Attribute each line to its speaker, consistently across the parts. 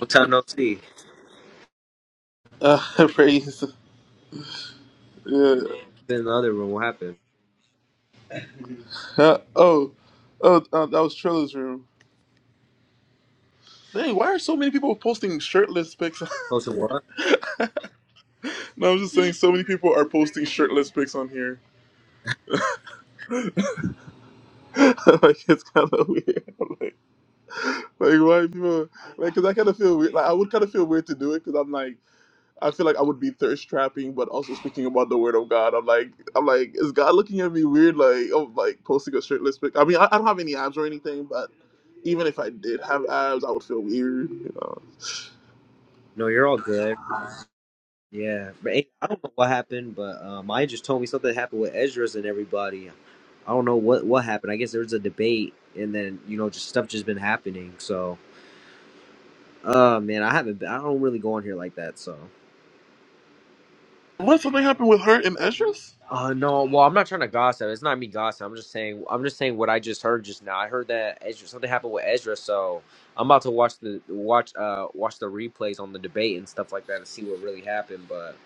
Speaker 1: Long time no see.
Speaker 2: Uh, praise. Yeah.
Speaker 1: Been in the other room. What happened?
Speaker 2: Uh, oh, oh, uh, that was Trilla's room. Dang, why are so many people posting shirtless pics?
Speaker 1: Oh, so what?
Speaker 2: no, I'm just saying, so many people are posting shirtless pics on here. like it's kind of weird. I'm like, like why people? Like, cause I kind of feel weird. Like, I would kind of feel weird to do it, cause I'm like. I feel like I would be thirst trapping, but also speaking about the word of God. I'm like, I'm like, is God looking at me weird? Like, oh, like posting a shirtless pic. I mean, I, I don't have any abs or anything, but even if I did have abs, I would feel weird. You know,
Speaker 1: No, you're all good. Yeah, but hey, I don't know what happened. But um, I just told me something happened with Ezra's and everybody. I don't know what what happened. I guess there was a debate, and then you know, just stuff just been happening. So, uh, man, I haven't. Been, I don't really go on here like that. So.
Speaker 2: what something happened with her and Estrus?
Speaker 1: Uh no, well I'm not trying to gossip. It's not me gossip. I'm just saying I'm just saying what I just heard just now. I heard that Ezra something happened with Ezra, so I'm about to watch the watch uh watch the replays on the debate and stuff like that and see what really happened. But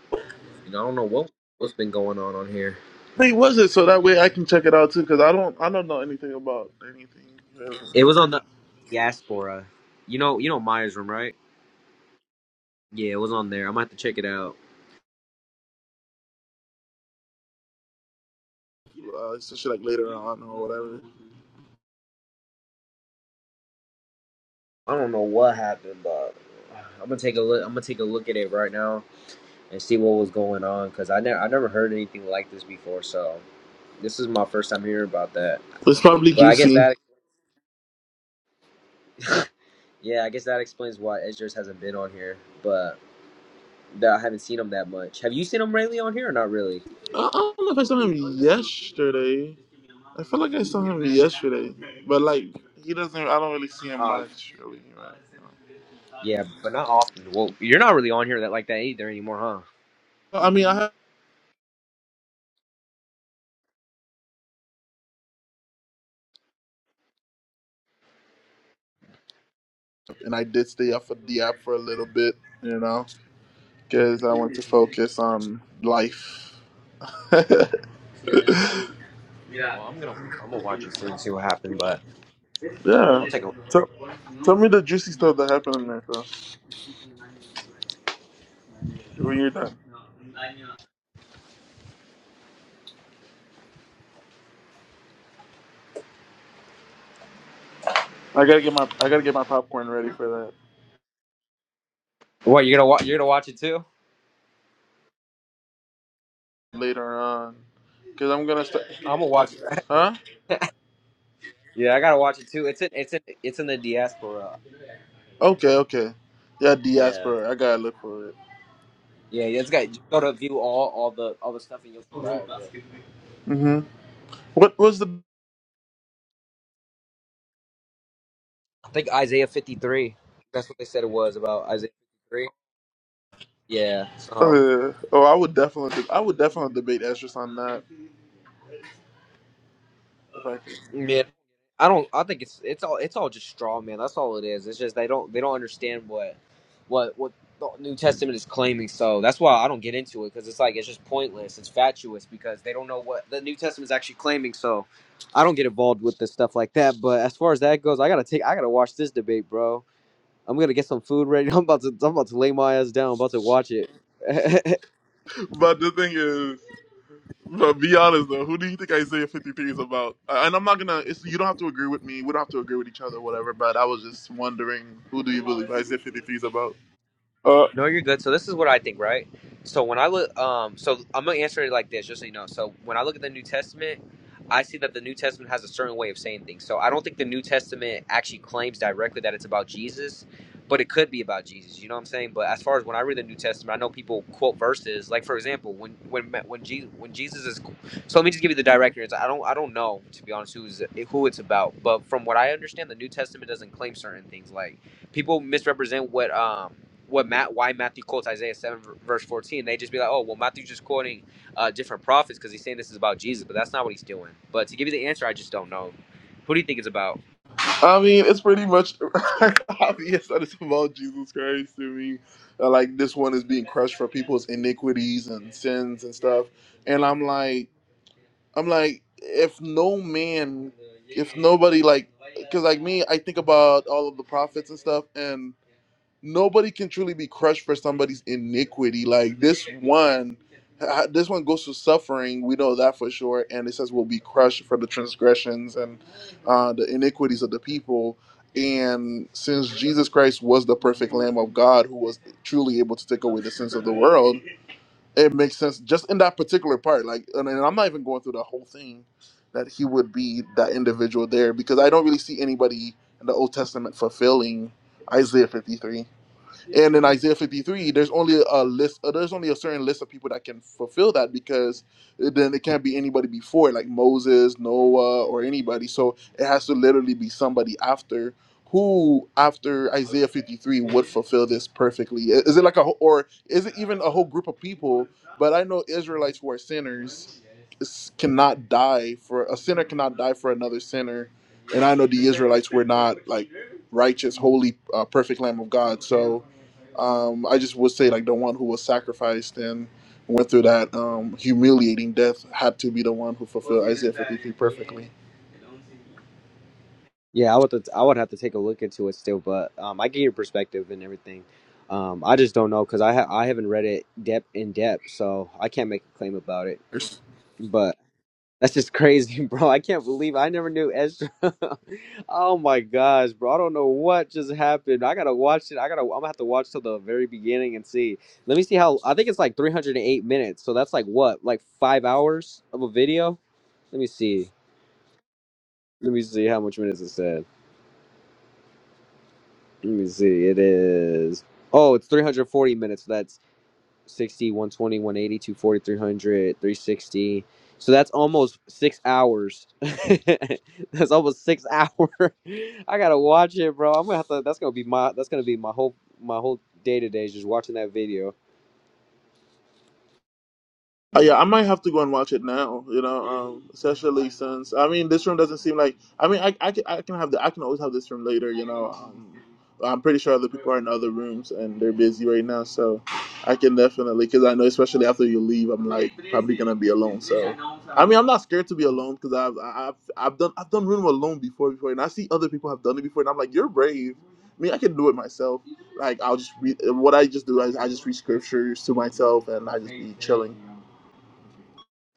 Speaker 1: you know I don't know what what's been going on on here.
Speaker 2: I was it so that way I can check it out too because I don't I don't know anything about anything. Really.
Speaker 1: It was on the uh, diaspora. You know you know Myers room right? Yeah, it was on there. I'm gonna have to check it out.
Speaker 2: Uh, especially like later on or whatever.
Speaker 1: I don't know what happened, but I'm gonna take a look. I'm gonna take a look at it right now. and see what was going on because I never I never heard anything like this before. So this is my first time hearing about that.
Speaker 2: It's probably
Speaker 1: But I guess
Speaker 2: juicy.
Speaker 1: that yeah, I guess that explains why Edgers hasn't been on here. But that I haven't seen him that much. Have you seen him lately on here or not really?
Speaker 2: I I don't know if I saw him yesterday. I feel like I saw him yesterday, but like he doesn't. I don't really see him
Speaker 1: Uh,
Speaker 2: much, really. Right?
Speaker 1: Yeah, but not often. Well, you're not really on here that like that either anymore, huh?
Speaker 2: I mean, I have, and I did stay off of the app for a little bit, you know, because I want to focus on life. yeah.
Speaker 1: well, I'm gonna I'm gonna watch it soon and see what happened. But I'll take a
Speaker 2: Tell, tell me the juicy stuff that happened in there, though. When you're done, I gotta get my I gotta get my popcorn ready for that
Speaker 1: What you're gonna watch? you're gonna watch it too?
Speaker 2: later on, cause I'm gonna start.
Speaker 1: I'm gonna watch it.
Speaker 2: Huh?
Speaker 1: Yeah, I gotta watch it too. It's in it's in it's in the diaspora.
Speaker 2: Okay, okay. Yeah,
Speaker 1: Yeah.
Speaker 2: diaspora. I gotta look for it.
Speaker 1: Yeah, you just got just go to view all all the all the stuff and you'll see all of it.
Speaker 2: Mhm. What was the
Speaker 1: I think Isaiah fifty three. That's what they said it was about Isaiah fifty three. Yeah. So
Speaker 2: Uh, oh, I would definitely, I would definitely debate Estrus on that. If I could.
Speaker 1: yeah, I don't. I think it's it's all it's all just straw man. That's all it is. It's just they don't they don't understand what what what the New Testament is claiming. So that's why I don't get into it because it's like it's just pointless. It's fatuous because they don't know what the New Testament is actually claiming. So I don't get involved with the stuff like that. But as far as that goes, I gotta take I gotta watch this debate, bro. I'm gonna get some food ready. I'm about to I'm about to lay my ass down. I'm about to watch it.
Speaker 2: But the thing is, but be honest though, who do you think Isaiah 53 is about? Uh, And I'm not gonna. It's, you don't have to agree with me. We don't have to agree with each other, whatever. But I was just wondering, who do you believe Isaiah 53 is about? Uh,
Speaker 1: No, you're good. So this is what I think, right? So when I look, um, so I'm gonna answer it like this, just so you know. So when I look at the New Testament, I see that the New Testament has a certain way of saying things. So I don't think the New Testament actually claims directly that it's about Jesus, but it could be about Jesus. You know what I'm saying? But as far as when I read the New Testament, I know people quote verses. Like for example, when when when Jesus when Jesus is, so let me just give you the direct answer. I don't I don't know to be honest who's who it's about, but from what I understand, the New Testament doesn't claim certain things like people misrepresent what um what Matt why Matthew quotes Isaiah seven v- verse fourteen. They just be like, oh well, Matthew's just quoting uh, different prophets because he's saying this is about Jesus, but that's not what he's doing. But to give you the answer, I just don't know. Who do you think it's about?
Speaker 2: I mean, it's pretty much obvious that it's about Jesus Christ to me. Uh, like this one is being crushed for people's iniquities and sins and stuff. And I'm like. I'm like, if no man, if nobody like, because like me, I think about all of the prophets and stuff, and nobody can truly be crushed for somebody's iniquity. Like this one, uh, this one goes through suffering. We know that for sure. And it says we'll be crushed for the transgressions and uh, the iniquities of the people. And since Jesus Christ was the perfect Lamb of God who was truly able to take away the sins of the world, it makes sense just in that particular part like and, and i'm not even going through the whole thing that he would be that individual there because i don't really see anybody in the old testament fulfilling isaiah 53 and in Isaiah 53, there's only a list. uh, There's only a certain list of people that can fulfill that because then it can't be anybody before, like Moses, Noah, or anybody. So it has to literally be somebody after who, after Isaiah 53, would fulfill this perfectly. I- Is it like a whole- or is it even a whole group of people? But I know Israelites who are sinners s- cannot die for a sinner cannot die for another sinner, and I know the Israelites were not like righteous, holy, uh, perfect Lamb of God. So um, I just would say like the one who was sacrificed and went through that um, humiliating death had to be the one who fulfilled Isaiah 53 perfectly.
Speaker 1: Yeah, I would th- I would have to take a look into it still, but um, I get your perspective and everything. Um, I just don't know because I ha- I haven't read it depth in depth, so I can't make a claim about it. but. That's just crazy, bro. I can't believe I never knew Ezra. oh my gosh, bro. I don't know what just happened. I gotta watch it. I gotta I'm gonna have to watch till the very beginning and see. Let me see how I think it's like 308 minutes. So that's like what? Like five hours of a video? Let me see. Let me see how much minutes it said. Let me see. It is Oh, it's 340 minutes. So That's. one 60, one twenty, one eighty, two forty, three hundred, three sixty. So that's almost six hours. that's almost six hour. I gotta watch it, bro. I'm gonna have to. That's gonna be my. That's gonna be my whole. My whole day today is just watching that video.
Speaker 2: Oh, yeah, I might have to go and watch it now. You know, um, especially since I mean, this room doesn't seem like. I mean, I, I, can, I can have the I can always have this room later. You know, um, I'm pretty sure other people are in other rooms and they're busy right now, so I can definitely because I know especially after you leave, I'm like probably gonna be alone. So, I mean, I'm not scared to be alone because I've I've I've done I've done room alone before before, and I see other people have done it before, and I'm like, you're brave. I mean, I can do it myself. Like I'll just read what I just do. I, I just read scriptures to myself, and I just be chilling.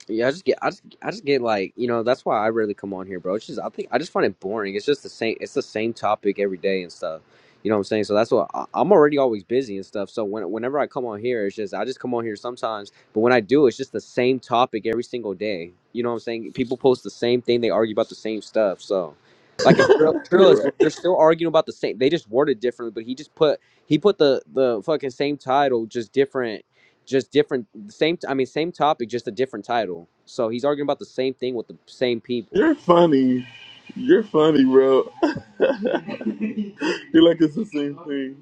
Speaker 1: Yeah, I just get, I just, I just get like, you know, that's why I rarely come on here, bro. It's just, I think, I just find it boring. It's just the same, it's the same topic every day and stuff. You know what I'm saying? So that's what I, I'm already always busy and stuff. So when, whenever I come on here, it's just, I just come on here sometimes. But when I do, it's just the same topic every single day. You know what I'm saying? People post the same thing, they argue about the same stuff. So, like, in Trill, Trill
Speaker 2: You're
Speaker 1: is, they're
Speaker 2: right.
Speaker 1: still arguing about the same. They just worded differently, but he just put, he put the, the fucking same title, just different just different the same t- i mean same topic just a different title so he's arguing about the same thing with the same people
Speaker 2: You're funny. You're funny, bro. You're like it's the same thing.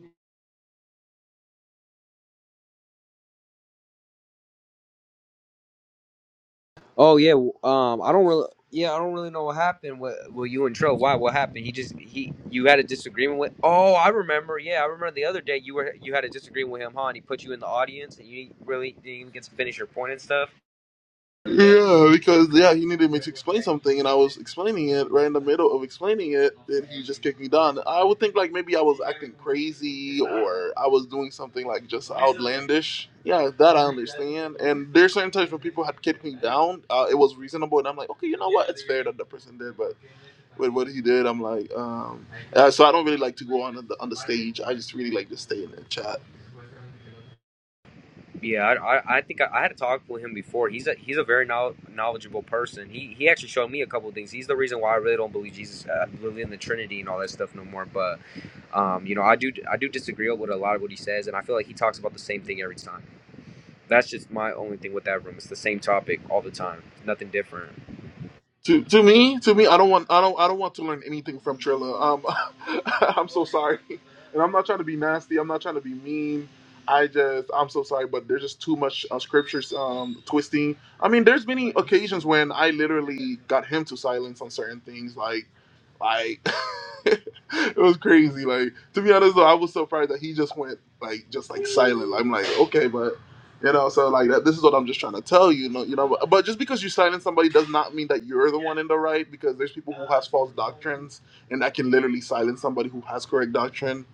Speaker 1: oh yeah w- um i don't really yeah i don't really know what happened with well you and Tro. why what happened he just he you had a disagreement with oh i remember yeah i remember the other day you were you had a disagreement with him huh and he put you in the audience and you really didn't even get to finish your point and stuff
Speaker 2: Yeah, because yeah, he needed me to explain something, and I was explaining it right in the middle of explaining it. Then he just kicked me down. I would think like maybe I was acting crazy or I was doing something like just outlandish. Yeah, that I understand. And there's certain times when people had kicked me down, uh, it was reasonable, and I'm like, okay, you know what? It's fair that the person did, but with what he did. I'm like, um, uh, so I don't really like to go on the on the stage. I just really like to stay in the chat.
Speaker 1: yeah i i, I think I, I had a talk with him before he's a he's a very knowl- knowledgeable person he he actually showed me a couple of things he's the reason why i really don't believe jesus uh, believe in the trinity and all that stuff no more but Um, you know, I do I do disagree with a lot of what he says, and I feel like he talks about the same thing every time. That's just my only thing with that room. It's the same topic all the time. Nothing different.
Speaker 2: To to me, to me, I don't want I don't I don't want to learn anything from Trilla. Um, I'm so sorry, and I'm not trying to be nasty. I'm not trying to be mean. I just I'm so sorry, but there's just too much uh, scriptures um, twisting. I mean, there's many occasions when I literally got him to silence on certain things, like. like it was crazy. Like to be honest though, I was surprised that he just went like just like silent. I'm like, okay, but you know, so like that, this is what I'm just trying to tell you, you know, you know. But, but just because you silence somebody does not mean that you're the one in the right, because there's people who has false doctrines and that can literally silence somebody who has correct doctrine,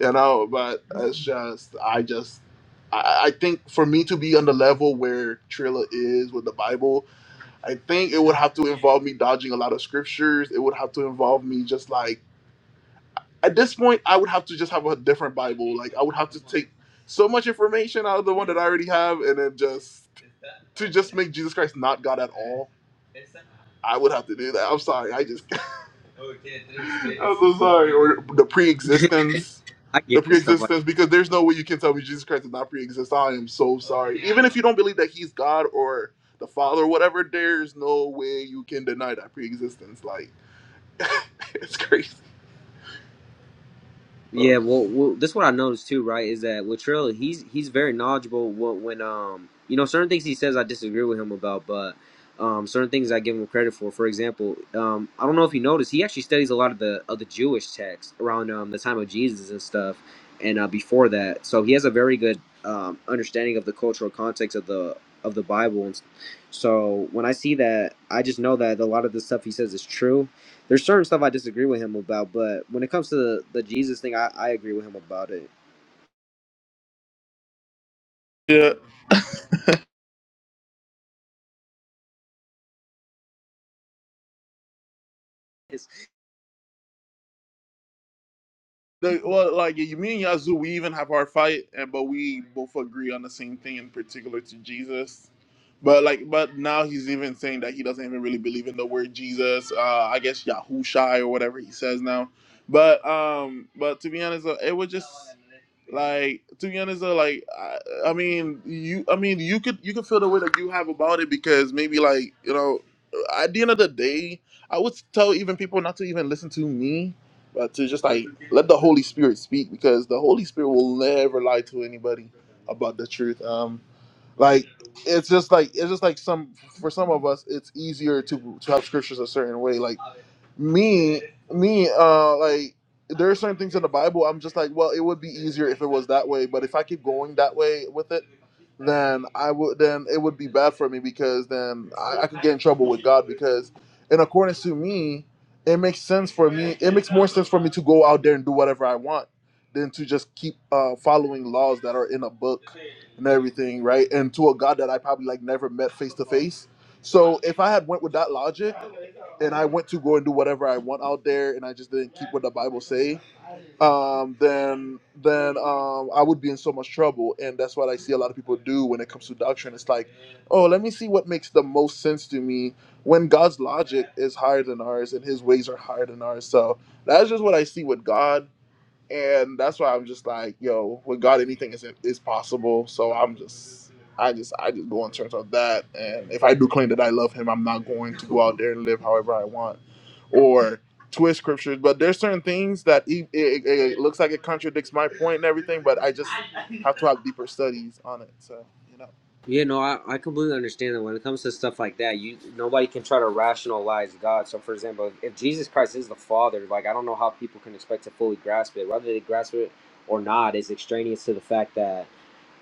Speaker 2: you know. But it's just, I just, I, I think for me to be on the level where Trilla is with the Bible, I think it would have to involve me dodging a lot of scriptures. It would have to involve me just like at this point, I would have to just have a different Bible. Like I would have to take so much information out of the one that I already have, and then just to just make Jesus Christ not God at all. I would have to do that. I'm sorry. I just. I'm so sorry. Or the
Speaker 1: yeah,
Speaker 2: pre-existence,
Speaker 1: I get
Speaker 2: the
Speaker 1: it stuff like
Speaker 2: pre-existence, because there's no way you can tell me Jesus Christ did not pre-exist. I am so sorry. Even if you don't believe that He's God or the Father or whatever, there's no way you can deny that pre-existence. Like it's crazy.
Speaker 1: Yeah, well, well, this what I noticed too, right? Is that with Trill, he's he's very knowledgeable. When, when um, you know, certain things he says I disagree with him about, but um, certain things I give him credit for. For example, um, I don't know if you noticed, he actually studies a lot of the of the Jewish texts around um the time of Jesus and stuff, and uh, before that. So he has a very good um understanding of the cultural context of the of the Bible, and s- so when I see that, I just know that a lot of the stuff he says is true there's certain stuff I disagree with him about, but when it comes to the, the Jesus thing, I, I agree with him about it.
Speaker 2: Yeah.
Speaker 1: It's,
Speaker 2: The, well, like you, me and Yazoo, we even have our fight, and but we both agree on the same thing in particular to Jesus. But like, but now he's even saying that he doesn't even really believe in the word Jesus. Uh, I guess Yahushai or whatever he says now. But um, but to be honest, uh, it was just. Like to be honest, though, like I, I mean, you, I mean, you could you could feel the way that you have about it because maybe like you know, at the end of the day, I would tell even people not to even listen to me, but to just like let the Holy Spirit speak because the Holy Spirit will never lie to anybody about the truth. Um, like it's just like it's just like some for some of us it's easier to to have scriptures a certain way. Like me me uh like there are certain things in the Bible I'm just like, well, it would be easier if it was that way, but if I keep going that way with it then I would then it would be bad for me because then I, I could get in trouble with God because in accordance to me, it makes sense for me. It makes more sense for me to go out there and do whatever I want than to just keep uh, following laws that are in a book and everything, right? And to a God that I probably like never met face to face. So if I had went with that logic and I went to go and do whatever I want out there and I just didn't keep what the Bible say, um, then then um, I would be in so much trouble. And that's what I see a lot of people do when it comes to doctrine. It's like, oh, let me see what makes the most sense to me when God's logic is higher than ours and His ways are higher than ours. So that's just what I see with God and that's why I'm just like, yo, with God, anything is is possible. So I'm just, I just, I just go in terms of that. And if I do claim that I love Him, I'm not going to go out there and live however I want, or twist scriptures. But there's certain things that e- it, it, it looks like it contradicts my point and everything. But I just have to have deeper studies on it. So you
Speaker 1: yeah, no, I, I completely understand that when it comes to stuff like that, you nobody can try to rationalize God. So, for example, if Jesus Christ is the Father, like I don't know how people can expect to fully grasp it. Whether they grasp it or not is extraneous to the fact that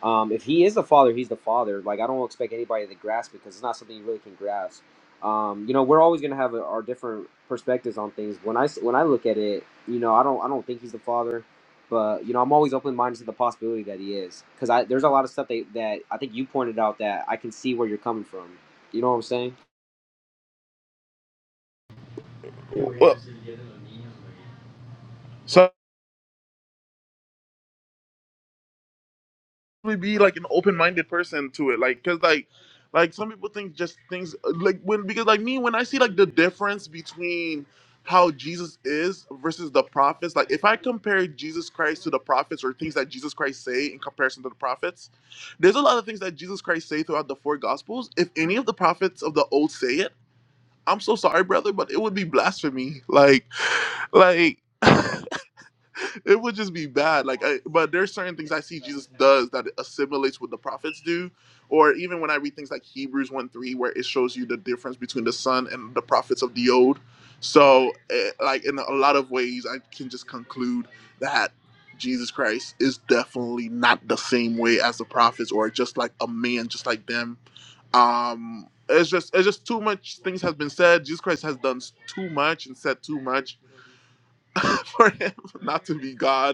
Speaker 1: Um, if he is the father, he's the father. Like I don't expect anybody to grasp it because it's not something you really can grasp. Um, you know, we're always gonna have our different perspectives on things. When I s- when I look at it, you know, I don't I don't think he's the father, but you know, I'm always open minded to the possibility that he is because I there's a lot of stuff that that I think you pointed out that I can see where you're coming from. You know what I'm saying?
Speaker 2: know, well, so. we be like an open-minded person to it like because like like some people think just things like when because like me when i see like the difference between how jesus is versus the prophets like if i compare jesus christ to the prophets or things that jesus christ say in comparison to the prophets there's a lot of things that jesus christ say throughout the four gospels if any of the prophets of the old say it i'm so sorry brother but it would be blasphemy like like it would just be bad. Like, I, but there's certain things I see Jesus does that assimilates what the prophets do, or even when I read things like Hebrews one three, where it shows you the difference between the son and the prophets of the old. So, eh, like in a lot of ways, I can just conclude that Jesus Christ is definitely not the same way as the prophets, or just like a man, just like them. Um, it's just it's just too much things has been said. Jesus Christ has done s- too much and said too much for him not to be God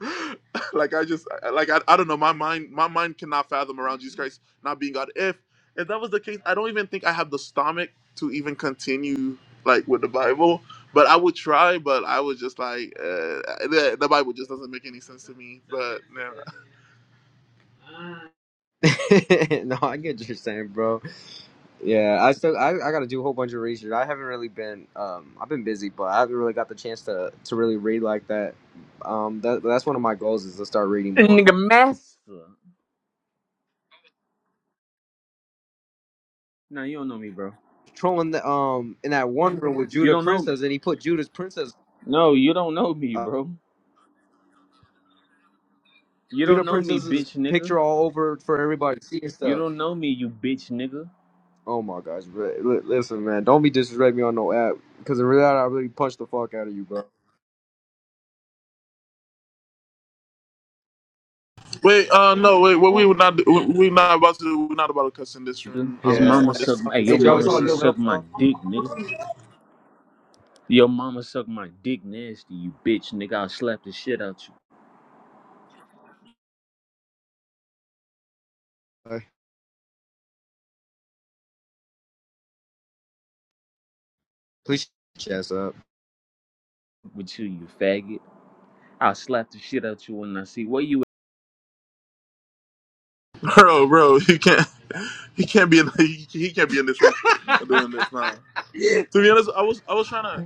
Speaker 2: like I just like I, I don't know my mind my mind cannot fathom around Jesus Christ not being God. If if that was the case, I don't even think I have the stomach to even continue like with the Bible. But I would try. But I was just like uh, the, the Bible just doesn't make any sense to me. But yeah.
Speaker 1: no, I get what you're saying, bro. Yeah, I still I, I got to do a whole bunch of research. I haven't really been um I've been busy, but I haven't really got the chance to to really read like that. Um, that that's one of my goals is to start reading more.
Speaker 3: Nigga, master. No, you don't know me, bro.
Speaker 1: Trolling the um in that one room with
Speaker 3: You
Speaker 1: Judah
Speaker 3: don't know.
Speaker 1: Princess, and he put Judah's princess,
Speaker 3: No, you don't know me,
Speaker 1: uh,
Speaker 3: bro. You don't
Speaker 1: Judah
Speaker 3: know me,
Speaker 1: Princess's
Speaker 3: bitch, nigga.
Speaker 1: picture all over for everybody to see and
Speaker 3: You
Speaker 1: stuff.
Speaker 3: don't know me, you bitch, nigga.
Speaker 1: Oh my gosh, bro. Li- listen, man, don't be disrespecting me on no app because in reality, I really punched the fuck out of you, bro.
Speaker 2: wait, uh, no, wait, what we were not we we not about to do. we're not about to cuss in this
Speaker 3: Nigga,
Speaker 2: room. I
Speaker 3: His
Speaker 2: am just
Speaker 1: Yeah,
Speaker 3: mama
Speaker 2: want this
Speaker 3: suck.
Speaker 2: to
Speaker 3: Hey,
Speaker 2: be a
Speaker 1: hey,
Speaker 3: your
Speaker 1: Joe, it's
Speaker 3: mama,
Speaker 2: spiritual
Speaker 1: all
Speaker 3: she
Speaker 1: good.
Speaker 2: room,
Speaker 1: Let him
Speaker 3: sucked my
Speaker 1: talk.
Speaker 3: dick, nigga. Your mama sucked my dick nasty, you bitch, nigga. I'll slap the shit out you
Speaker 1: Please, chest up.
Speaker 3: with you, you faggot. I'll slap the shit out you when I see where you
Speaker 2: bro, bro. You can't he can't be in he, he can't be in this room doing this now. To be honest, I was I was trying to.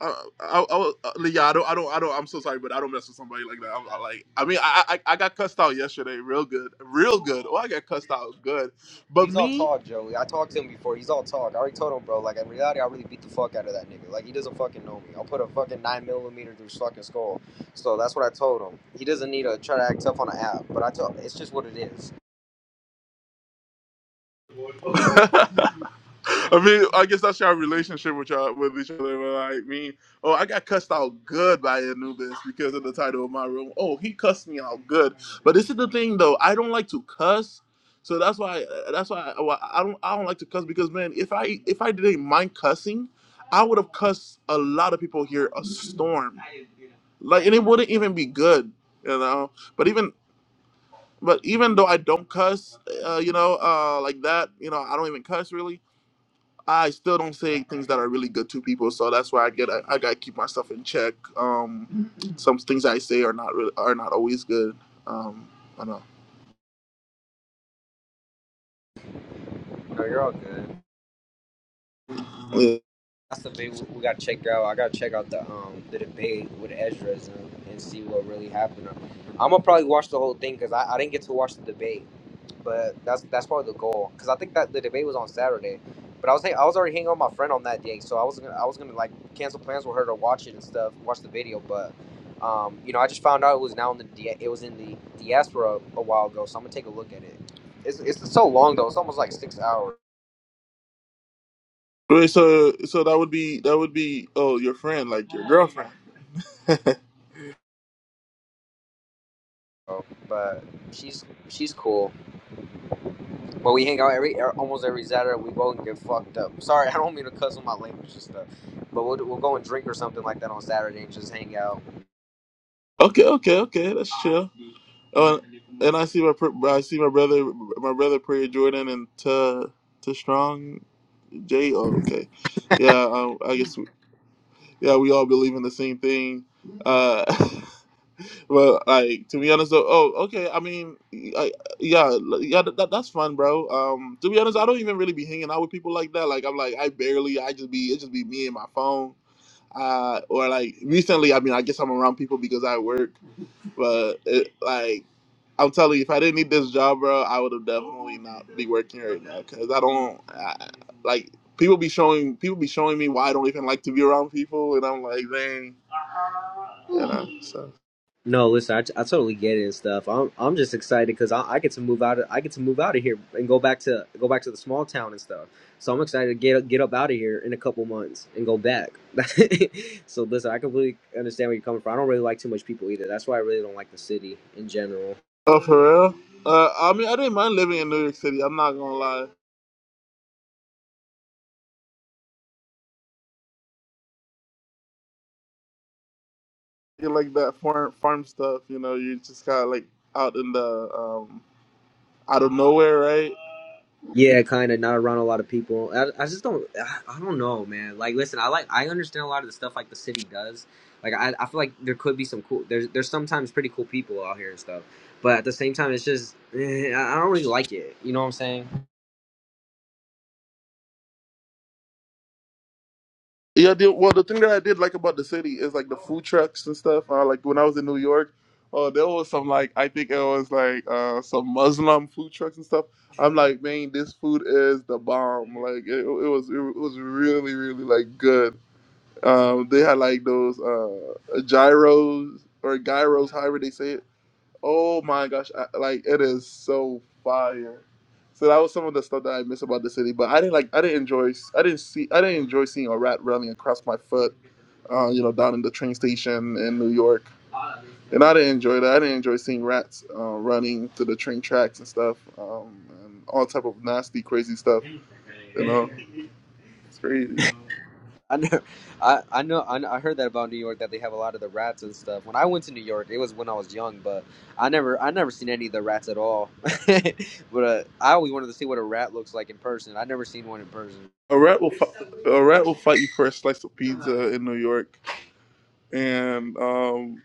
Speaker 2: I, I, I, I- yeah, I don't, I don't, I don't. I'm so sorry, but I don't mess with somebody like that. I'm I like, I mean, I, I, I got cussed out yesterday, real good, real good. Oh, I got cussed out, good. But
Speaker 1: He's all
Speaker 2: me,
Speaker 1: talk, Joey. I talked to him before. He's all talk. I already told him, bro. Like in reality, I really beat the fuck out of that nigga. Like he doesn't fucking know me. I'll put a fucking nine millimeter through his fucking skull. So that's what I told him. He doesn't need to try to act tough on an app. But I told him, it's just what it is.
Speaker 2: I mean, I guess that's our relationship with y'all with each other. But like I mean, oh, I got cussed out good by Anubis because of the title of my room. Oh, he cussed me out good. But this is the thing though, I don't like to cuss, so that's why that's why why- I don't I don't like to cuss because man, if I if I didn't mind cussing, I would have cussed a lot of people here a storm. Like, and it wouldn't even be good, you know. But even but even though I don't cuss, uh, you know, uh, like that, you know, I don't even cuss really I still don't say things that are really good to people, so that's why I get I, I gotta keep myself in check. Um, some things I say are not really, are not always good. Um, I don't
Speaker 1: No, you're all good.
Speaker 2: know. Yeah.
Speaker 1: That's something we, we gotta check out. I gotta check out the um the debate with Ezra's and, and see what really happened. I'm gonna probably watch the whole thing because I, I didn't get to watch the debate, but that's that's probably the goal. Because I think that the debate was on Saturday, but I was hang- I was already hanging out with my friend on that day, so I was gonna I was gonna like cancel plans with her to watch it and stuff, watch the video. But um you know I just found out it was now in the dia- it was in the diaspora a while ago, so I'm gonna take a look at it. It's it's so long though. It's almost like six hours,
Speaker 2: Wait, so so that would be that would be oh your friend like your girlfriend.
Speaker 1: bro, but she's she's cool. But we hang out every er, almost every Saturday. We go and get fucked up. Sorry, I don't mean to cuss on my language and stuff. But we'll, we'll go and drink or something like that on Saturday and just hang out.
Speaker 2: Okay, okay, okay, that's chill. Oh, and, and I see my pr- I see my brother my brother Prayer Jordan and to to strong J. Oh, okay, yeah. I, I guess we, yeah we all believe in the same thing. Uh, Well, like to be honest, though, oh, okay. I mean, I, yeah, l- yeah, that, that- that's fun, bro. Um, to be honest, I don't even really be hanging out with people like that. Like, I'm like, I barely, I just be, it just be me and my phone. Uh, or like recently, I mean, I guess I'm around people because I work, but it, like, I'm telling you, if I didn't need this job, bro, I would have definitely not be working right now because I don't, I, like, people be showing, people be showing me why I don't even like to be around people, and I'm like, dang, you know, so.
Speaker 1: No, listen, I I totally get it and stuff. I'm I'm just excited because I, I get to move out. Of, I get to move out of here and go back to go back to the small town and stuff. So I'm excited to get get up out of here in a couple months and go back. so listen, I completely understand where you're coming from. I don't really like too much people either. That's why I really don't like the city in general.
Speaker 2: Oh, for real? Uh, I mean, I didn't mind living in New York City. I'm not gonna lie. You like that farm farm stuff, you know? You just got like out in the um out of nowhere, right?
Speaker 1: Yeah, kind of not around a lot of people. I, I just don't. I, I don't know, man. Like, listen, I like. I understand a lot of the stuff like the city does. Like, I, I feel like there could be some cool. There's there's sometimes pretty cool people out here and stuff. But at the same time, it's just eh, I I don't really like it. You know what I'm saying?
Speaker 2: Yeah. The, well, the thing that I did like about the city is like the food trucks and stuff. Uh, like when I was in New York, oh, there was some like I think it was like uh some Muslim food trucks and stuff. I'm like, man, this food is the bomb. Like it, it was, it was really, really like good. Um, they had like those uh gyros or gyros, however they say it. Oh my gosh, I, like it is so fire. So that was some of the stuff that I miss about the city, but I didn't like. I didn't enjoy. I didn't see. I didn't enjoy seeing a rat running across my foot. Uh, you know, down in the train station in New York, and I didn't enjoy that. I didn't enjoy seeing rats uh, running to the train tracks and stuff, um, and all type of nasty, crazy stuff. You know, it's crazy.
Speaker 1: I know, I, I know, I, know- I heard that about New York that they have a lot of the rats and stuff. When I went to New York, it was when I was young, but I never, I never seen any of the rats at all. but uh, I always wanted to see what a rat looks like in person. I never seen one in person.
Speaker 2: A rat will fi- a rat will fight you for a slice of pizza in New York, and um,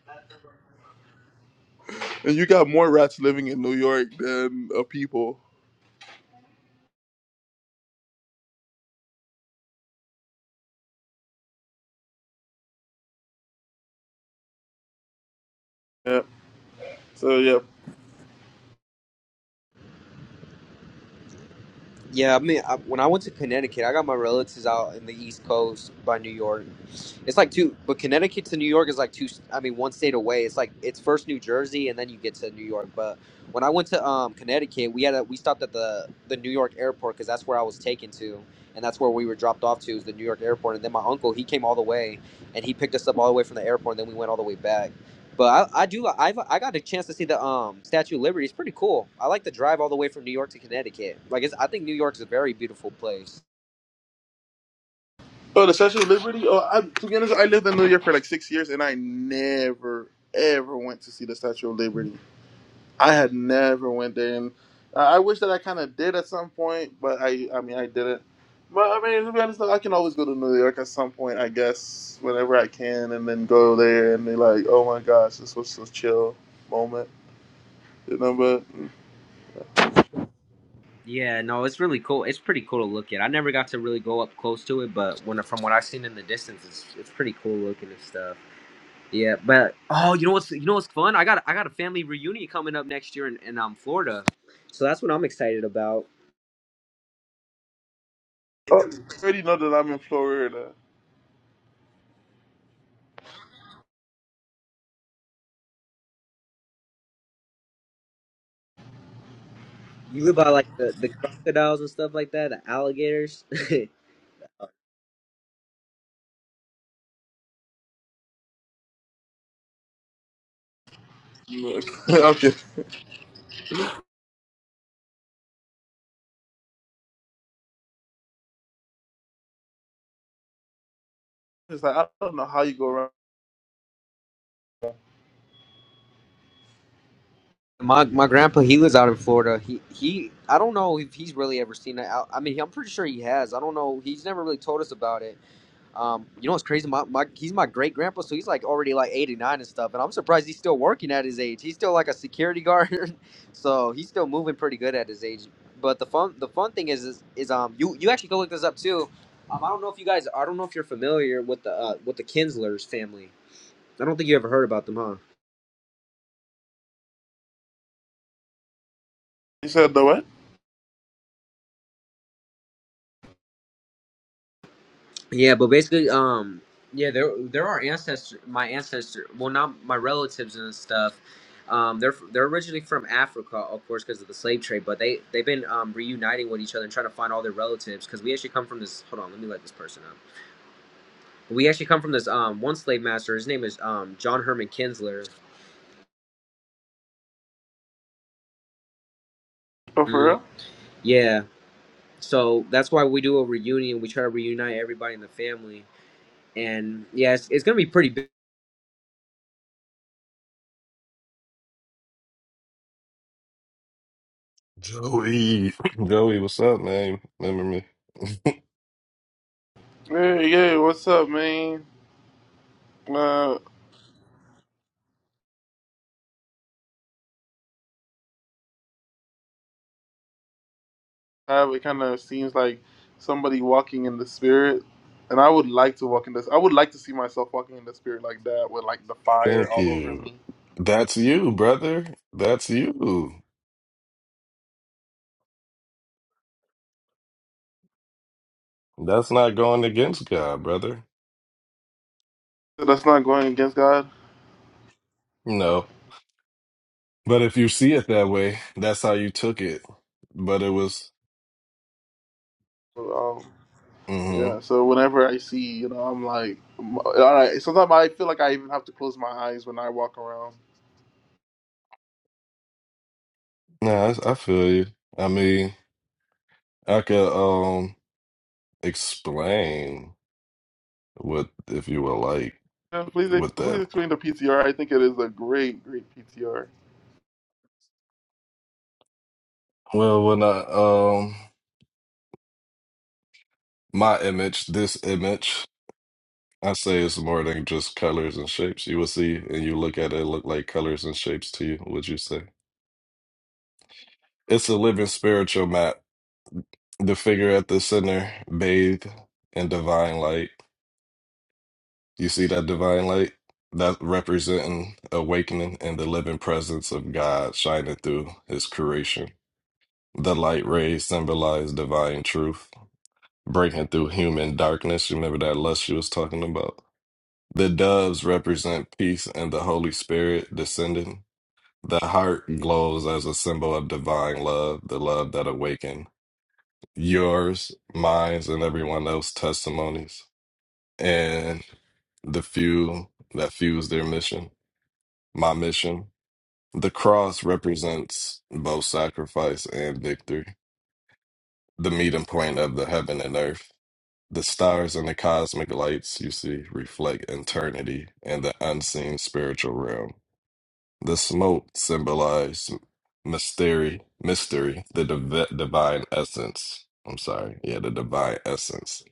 Speaker 2: and you got more rats living in New York than uh, people. Yeah. So yeah.
Speaker 1: Yeah, I mean, I, when I went to Connecticut, I got my relatives out in the East Coast by New York. It's like two, but Connecticut to New York is like two. I mean, one state away. It's like it's first New Jersey, and then you get to New York. But when I went to um, Connecticut, we had a, we stopped at the the New York airport because that's where I was taken to, and that's where we were dropped off to is the New York airport. And then my uncle he came all the way, and he picked us up all the way from the airport, and then we went all the way back. But I, I do I've I got a chance to see the um Statue of Liberty. It's pretty cool. I like the drive all the way from New York to Connecticut. Like it's I think New York's a very beautiful place.
Speaker 2: Oh, the Statue of Liberty. Oh, I, to be honest, I lived in New York for like six years, and I never ever went to see the Statue of Liberty. I had never went there, and I I wish that I kind of did at some point, but I I mean I didn't. But I mean to be honest, though, I can always go to New York at some point, I guess, whenever I can, and then go there and be like, oh my gosh, this was a chill moment, you know. But
Speaker 1: Yeah, no, it's really cool. It's pretty cool to look at. I never got to really go up close to it, but when from what I've seen in the distance, it's it's pretty cool looking and stuff. Yeah, but oh, you know what's you know what's fun? I got I got a family reunion coming up next year in, in um Florida, so that's what I'm excited about.
Speaker 2: oh, you already know that I'm in Florida.
Speaker 1: You live by like the, the crocodiles and stuff like that, the alligators.
Speaker 2: Look. okay, it's like I don't know how you go around.
Speaker 1: My my grandpa, he lives out in Florida. He he, I don't know if he's really ever seen it. I, I mean, I'm pretty sure he has. I don't know. He's never really told us about it. Um, you know what's crazy? My, my he's my great grandpa, so he's like already like 89 and stuff. And I'm surprised he's still working at his age. He's still like a security guard, so he's still moving pretty good at his age. But the fun the fun thing is is, is um you you actually go look this up too. Um, I don't know if you guys I don't know if you're familiar with the uh, with the Kinslers family. I don't think you ever heard about them, huh?
Speaker 2: You said the what?
Speaker 1: Yeah, but basically, um, yeah, there there are ancestor, my ancestor, well, not my relatives and stuff. Um, they're they're originally from Africa, of course, because of the slave trade. But they they've been um, reuniting with each other and trying to find all their relatives. Because we actually come from this. Hold on, let me let this person up. We actually come from this um one slave master. His name is um John Herman Kinsler.
Speaker 2: Oh, for
Speaker 1: Mhm.
Speaker 2: real?
Speaker 1: Yeah, so that's why we do a reunion. We try to reunite everybody in the family, and yes, it's, it's gonna be pretty. big
Speaker 4: Joey, Joey, what's up, man? Remember me?
Speaker 2: Hey, yeah, what's up, man? Uh, have, it kind of seems like somebody walking in the spirit. And I would like to walk in this. I would like to see myself walking in the spirit like that, with like the fire
Speaker 4: Thank
Speaker 2: all over
Speaker 4: you.
Speaker 2: me.
Speaker 4: That's you, brother. That's you. That's not going against God, brother.
Speaker 2: So that's not going against God.
Speaker 4: No. But if you see it that way, that's how you took it. But it was,
Speaker 2: But, um,
Speaker 4: mm-hmm.
Speaker 2: yeah. So whenever I see, you know, I'm like, m- all right. Sometimes I feel like I even have to close my eyes when I walk around.
Speaker 4: Nah, I, I feel you. I mean, I could um explain what if you were like
Speaker 2: Yeah, please, ex-
Speaker 4: with
Speaker 2: please
Speaker 4: that.
Speaker 2: explain the PTR. I think it is a great, great PTR.
Speaker 4: Well, when I um my image, this image. I say it's more than just colors and shapes. You will see, and you look at it, it look like colors and shapes to you. Would you say it's a living spiritual map? The figure at the center, bathed in divine light. You see that divine light that representing awakening and the living presence of God shining through His creation. The light rays symbolize divine truth breaking through human darkness. You remember that lust she was talking about. The doves represent peace and the Holy Spirit descending The heart glows as a symbol of divine love, the love that awakened yours, mine, and everyone else's testimonies, and the few that fuse their mission, my mission. The cross represents both sacrifice and victory, the meeting point of the heaven and earth. The stars and the cosmic lights you see reflect eternity and the unseen spiritual realm. The smoke symbolized mystery, mystery, the div- divine essence. I'm sorry. Yeah, the divine essence.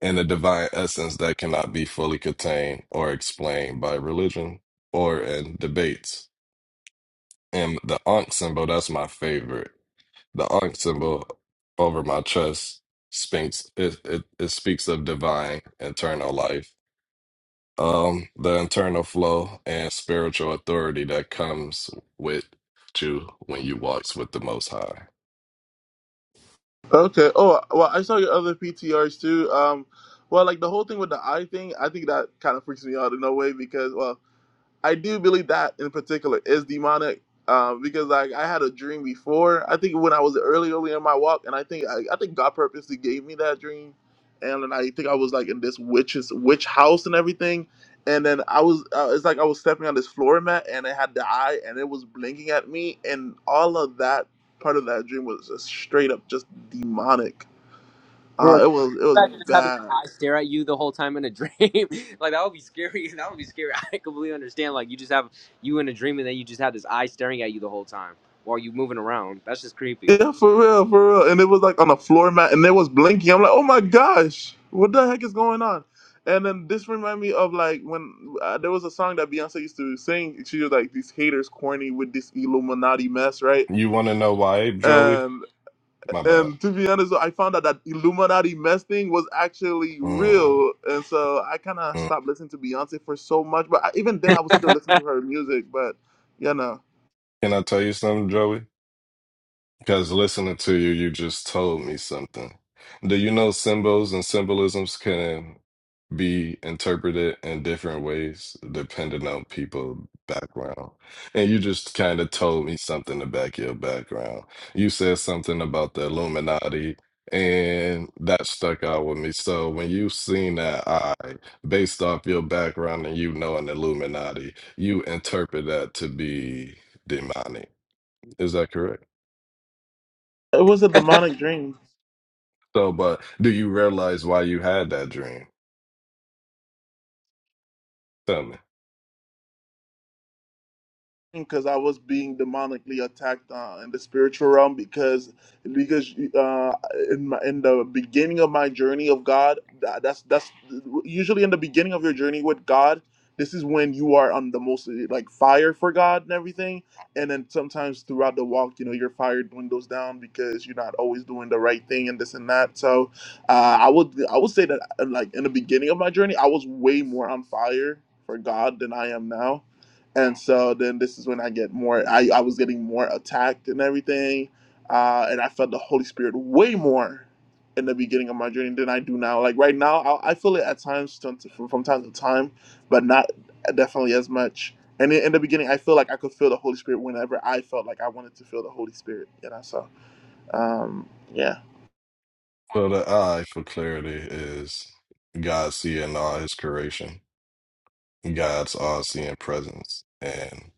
Speaker 4: And the divine essence that cannot be fully contained or explained by religion or in debates. And the Ankh symbol, that's my favorite. The Ankh symbol over my chest speaks it, it, it speaks of divine eternal life um, the internal flow and spiritual authority that comes with you when you walks with the Most High.
Speaker 2: Okay. Oh, well, I saw your other PTRs too. Um, well, like the whole thing with the eye thing, I think that kind of freaks me out in a way because, well. I do believe that in particular is demonic. Um, because like I had a dream before. I think when I was early, early in my walk, and I think I, I think God purposely gave me that dream. And then I think I was like in this witch's witch house and everything. And then I was uh, it's like I was stepping on this floor mat and it had the eye and it was blinking at me and all of that part of that dream was just straight up just demonic. Uh,
Speaker 1: Bro, can
Speaker 2: it was it was
Speaker 1: you imagine just having an
Speaker 2: bad.
Speaker 1: eye stare at you the whole time in a dream? like that would be scary. That would be scary. I completely understand. Like you just have you in a dream and then you just have this eye staring at you the whole time while you moving around. That's just creepy.
Speaker 2: Yeah, for real, for real. And it was like on a floor mat, and it was blinking. I'm like, oh my gosh, what the heck is going on? And then this reminded me of like when uh, there was a song that Beyonce used to sing. She was like, "These haters corny with this Illuminati mess, right?"
Speaker 4: You want to know why, Joey?
Speaker 2: And
Speaker 4: My bad.
Speaker 2: and to be honest, I found out that Illuminati mess thing was actually
Speaker 4: Mm,
Speaker 2: real, and so I kind of
Speaker 4: mm.
Speaker 2: stopped listening to Beyonce for so much. But I, even then, I was still listening to her music. But you know,
Speaker 4: Can I tell you something, Joey? Because listening to you, you just told me something. Do you know symbols and symbolisms can be interpreted in different ways depending on people background? And you just kind of told me something about your background. You said something about the Illuminati, and that stuck out with me. So when you seen that eye, based off your background and you knowing the Illuminati, you interpret that to be demonic. Is that correct?
Speaker 2: it was a demonic dream.
Speaker 4: So, but do you realize why you had that dream? Tell me.
Speaker 2: because I was being demonically attacked uh, in the spiritual realm because because uh, in my, in the beginning of my journey of God that, that's that's usually in the beginning of your journey with God this is when you are on the most like fire for God and everything and then sometimes throughout the walk you know your fire dwindles down because you're not always doing the right thing and this and that so uh, I would I would say that uh, like in the beginning of my journey I was way more on fire for God than I am now and so then this is when I get more. I, I was getting more attacked and everything, uh, and I felt the Holy Spirit way more in the beginning of my journey than I do now. Like right now, I, I feel it at times from, from time to time, but not definitely as much. And in, in the beginning, I feel like I could feel the Holy Spirit whenever I felt like I wanted to feel the Holy Spirit. You know, so um, yeah.
Speaker 4: So the eye for clarity is God seeing all his creation, God's all seeing presence. And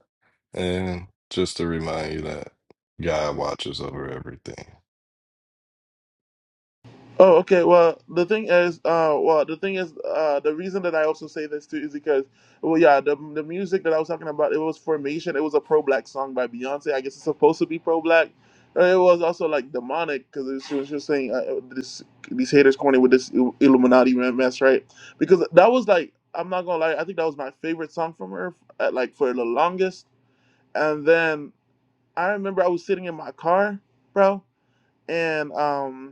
Speaker 4: and just to remind you that God watches over everything.
Speaker 2: Oh, okay. Well, the thing is, uh, well, the thing is, uh, the reason that I also say this too is because, well, yeah, the the music that I was talking about, it was Formation. It was a pro black song by Beyonce. I guess it's supposed to be pro black. It was also like demonic because she was just saying uh, uh, this these haters corny with this Ill- Illuminati mess, right? Because that was like, I'm not gonna lie, I think that was my favorite song from her, uh like for the longest. And then I remember I was sitting in my car, bro, and um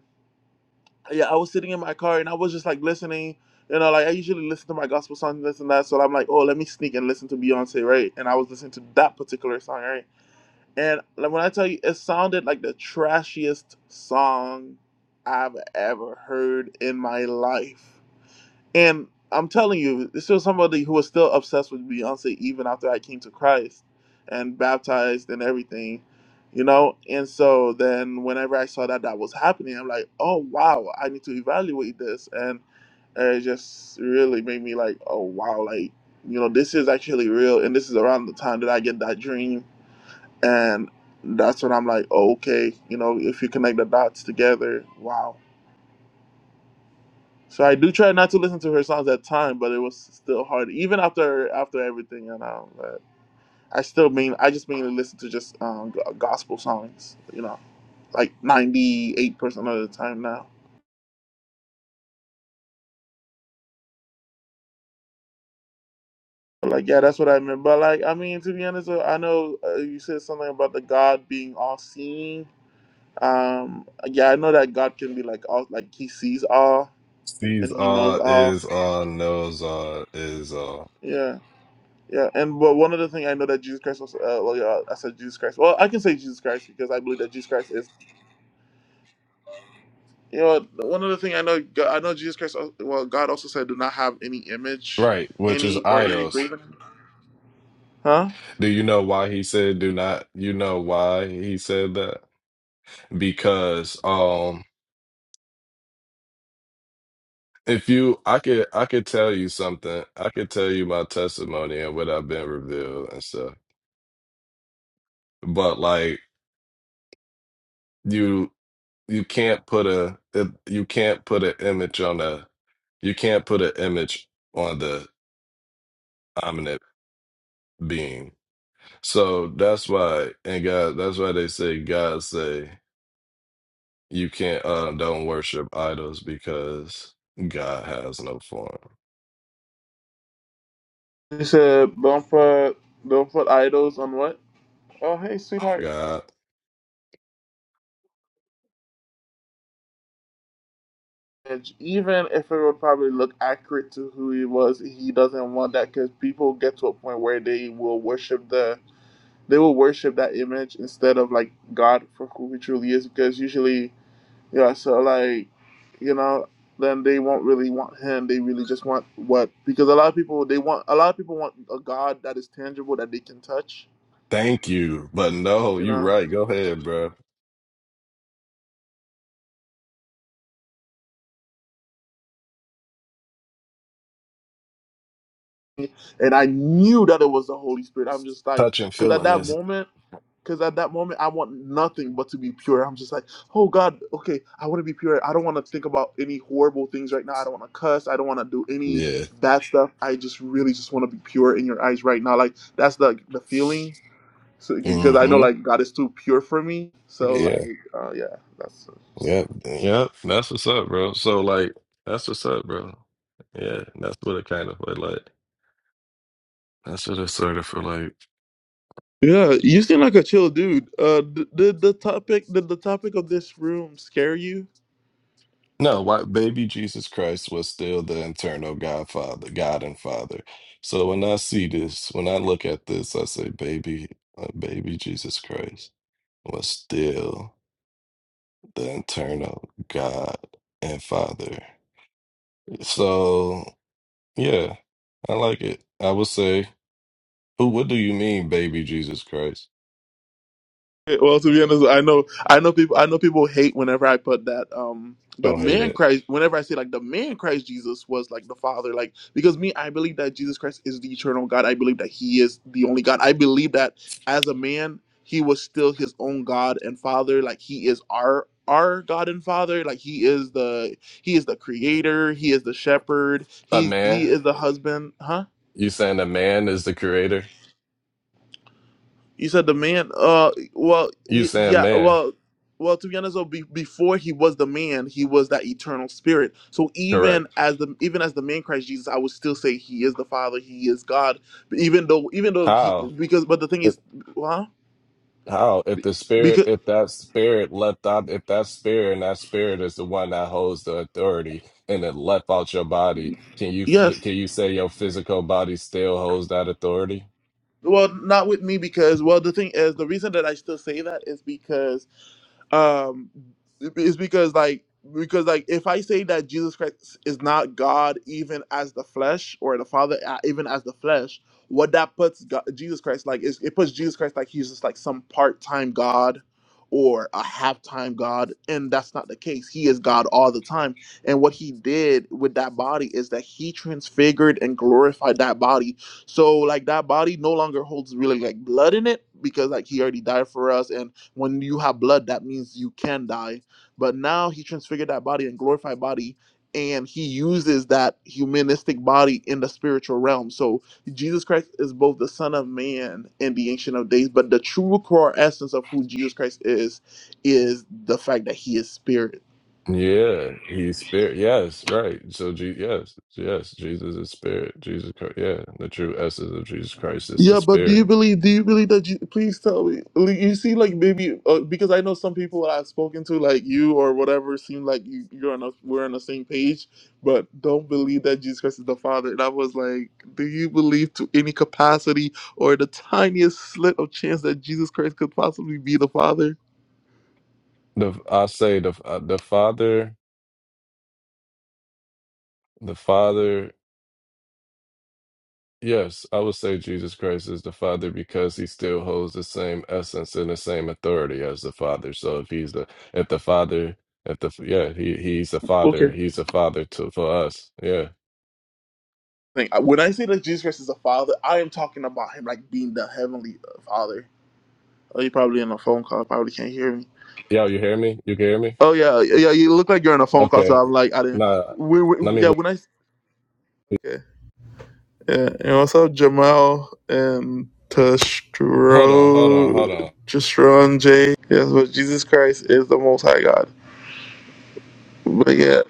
Speaker 2: yeah, I was sitting in my car and I was just like listening. You know, like I usually listen to my gospel songs, this and that. So I'm like, oh, let me sneak and listen to Beyonce, right? And I was listening to that particular song, right? And like, when I tell you, it sounded like the trashiest song I've ever heard in my life. And I'm telling you, this was somebody who was still obsessed with Beyonce even after I came to Christ and baptized and everything, you know? And so then whenever I saw that that was happening, I'm like, oh, wow, I need to evaluate this. And it just really made me like, oh, wow, like, you know, this is actually real. And this is around the time that I get that dream. And that's when I'm like, oh, okay, you know, if you connect the dots together, wow. So I do try not to listen to her songs at time, but it was still hard. Even after after everything, you know. But I still mean I just mainly listen to just um, g- gospel songs, you know, like ninety eight percent of the time now. But like yeah, that's what I meant. But like I mean, to be honest, uh, I know uh, you said something about the God being all seeing. Um, yeah, I know that God can be like all like He sees all
Speaker 4: Sees
Speaker 2: and He knows
Speaker 4: all,
Speaker 2: all.
Speaker 4: is all, knows all, is all.
Speaker 2: Yeah. Yeah, and but one other thing I know that Jesus Christ was. Uh, well, yeah, I said Jesus Christ. Well, I can say Jesus Christ because I believe that Jesus Christ is. You know, one other thing I know, God- I know Jesus Christ. al- Well, God also said, "Do not have any image,
Speaker 4: Right, which is
Speaker 2: any or any
Speaker 4: idols.
Speaker 2: graven." Huh?
Speaker 4: Do you know why he said do not? You know why he said that? Because um If you, I could, I could tell you something. I could tell you my testimony and what I've been revealed and stuff. But like you, you can't put a, it- you can't put an image on a, you can't put an image on the omnipotent being. So that's why, and God, that's why they say God say you can't, uh, don't worship idols because God has no form.
Speaker 2: He said, "Don't put don't put idols on what." Oh, hey, sweetheart.
Speaker 4: God,
Speaker 2: Image. Even if it would probably look accurate to who he was, he doesn't want that because people get to a point where they will worship the they will worship that image instead of like God for who he truly is because usually Yeah, so like, you know, then they won't really want him. They really just want what because a lot of people they want a lot of people want a God that is tangible that they can touch.
Speaker 4: thank you, but no,
Speaker 2: You
Speaker 4: you
Speaker 2: know,
Speaker 4: right. Go ahead, bro.
Speaker 2: and I knew that it was the Holy Spirit. I'm just like,
Speaker 4: Touching
Speaker 2: because at
Speaker 4: feeling
Speaker 2: that
Speaker 4: is
Speaker 2: moment, because at that moment, I want nothing but to be pure. I'm just like, oh God, okay, I want to be pure. I don't want to think about any horrible things right now. I don't want to cuss. I don't want to do any
Speaker 4: Yeah.
Speaker 2: bad stuff. I just really just want to be pure in your eyes right now. Like that's the the feeling. So, because I know
Speaker 4: hmm
Speaker 2: like God is too pure for me. So like,
Speaker 4: Yeah.
Speaker 2: uh, yeah, that's.
Speaker 4: Yep. Yep. That's what's up, bro. So like that's what's up, bro. Yeah. That's what it kind of feel like. That's what it sort of feel like.
Speaker 2: Yeah, you seem like a chill dude. Uh, d- did the topic did the topic of this room scare you?
Speaker 4: No, why baby Jesus Christ was still the internal Godfather, God and Father. So when I see this, when I look at this, I say, baby, uh, baby Jesus Christ was still the internal God and Father. So yeah, I like it. I would say, who? What do you mean, baby Jesus Christ?
Speaker 2: Well, to be honest, I know I know people I know people hate whenever I put that um the
Speaker 4: Don't hate
Speaker 2: man
Speaker 4: it.
Speaker 2: Christ whenever I say like the man Christ Jesus was like the Father like because me I believe that Jesus Christ is the eternal God. I believe that he is the only God. I believe that as a man he was still his own God and Father. Like he is our our God and Father. Like he is the he is the creator, he is the shepherd,
Speaker 4: A
Speaker 2: he's he
Speaker 4: man?
Speaker 2: is the husband, huh?
Speaker 4: You saying a man is the creator?
Speaker 2: You said the man. Uh, well,
Speaker 4: You
Speaker 2: y-
Speaker 4: saying
Speaker 2: yeah,
Speaker 4: man?
Speaker 2: well, well. To be honest, though, be- before he was the man, he was that eternal spirit. So
Speaker 4: Correct.
Speaker 2: even as the even as the man Christ Jesus, I would still say he is the Father. He is God. But even though, even though he
Speaker 4: How?
Speaker 2: because, but the thing
Speaker 4: If-
Speaker 2: is, huh?
Speaker 4: How? If the spirit,
Speaker 2: Because
Speaker 4: if that spirit left out, if that spirit and that spirit is the one that holds the authority, and it left out your body, can you
Speaker 2: yes,
Speaker 4: can you say your physical body still holds that authority?
Speaker 2: well, not with me because well, the thing is, the reason that I still say that is because um is because like because like if i say that jesus christ is not god even as the flesh or the father uh, even as the flesh what that puts god, jesus christ like is it puts jesus christ like he's just like some part-time god or a half-time god and that's not the case he is god all the time and what he did with that body is that he transfigured and glorified that body so like that body no longer holds really like blood in it because like he already died for us and when you have blood, that means you can die. But now he transfigured that body and glorified body, and he uses that humanistic body in the spiritual realm. So Jesus Christ is both the Son of Man and the Ancient of Days, but the true core essence of who Jesus Christ is is the fact that he is spirit
Speaker 4: Yeah, he's spirit. Yes, right. So, Je- yes, yes, Jesus is spirit. Jesus Christ. Yeah, the true essence of Jesus Christ is the
Speaker 2: Yeah, but do you
Speaker 4: spirit.
Speaker 2: believe? Do you believe that you? Please tell me. Like, You see, like maybe uh, because I know some people that I've spoken to, like you or whatever, seem like you, you're on a, we're on the same page, but don't believe that Jesus Christ is the Father. And I was like, do you believe to any capacity or the tiniest slit of chance that Jesus Christ could possibly be the Father?
Speaker 4: The I say the uh, the Father, the Father. Yes, I would say Jesus Christ is the Father because he still holds the same essence and the same authority as the Father. So if he's the if the Father, if the yeah, he he's the Father.
Speaker 2: Okay.
Speaker 4: He's the Father to for us. Yeah.
Speaker 2: thing. When I say that Jesus Christ is the Father, I am talking about him like being the heavenly uh, Father. Oh, you're probably in a phone call. Probably can't hear me.
Speaker 4: Yo, you hear me? You can hear me?
Speaker 2: Oh yeah, yeah. yeah, You look like you're in a phone call. So
Speaker 4: Okay.
Speaker 2: I'm like, I didn't.
Speaker 4: Nah,
Speaker 2: We,
Speaker 4: let
Speaker 2: we, yeah.
Speaker 4: me
Speaker 2: When I okay. Yeah. And what's up, Jamal and
Speaker 4: Hold on, hold on,
Speaker 2: Tashro
Speaker 4: hold on.
Speaker 2: Jastron J? Yes, but Jesus Christ is the Most High God. But yeah.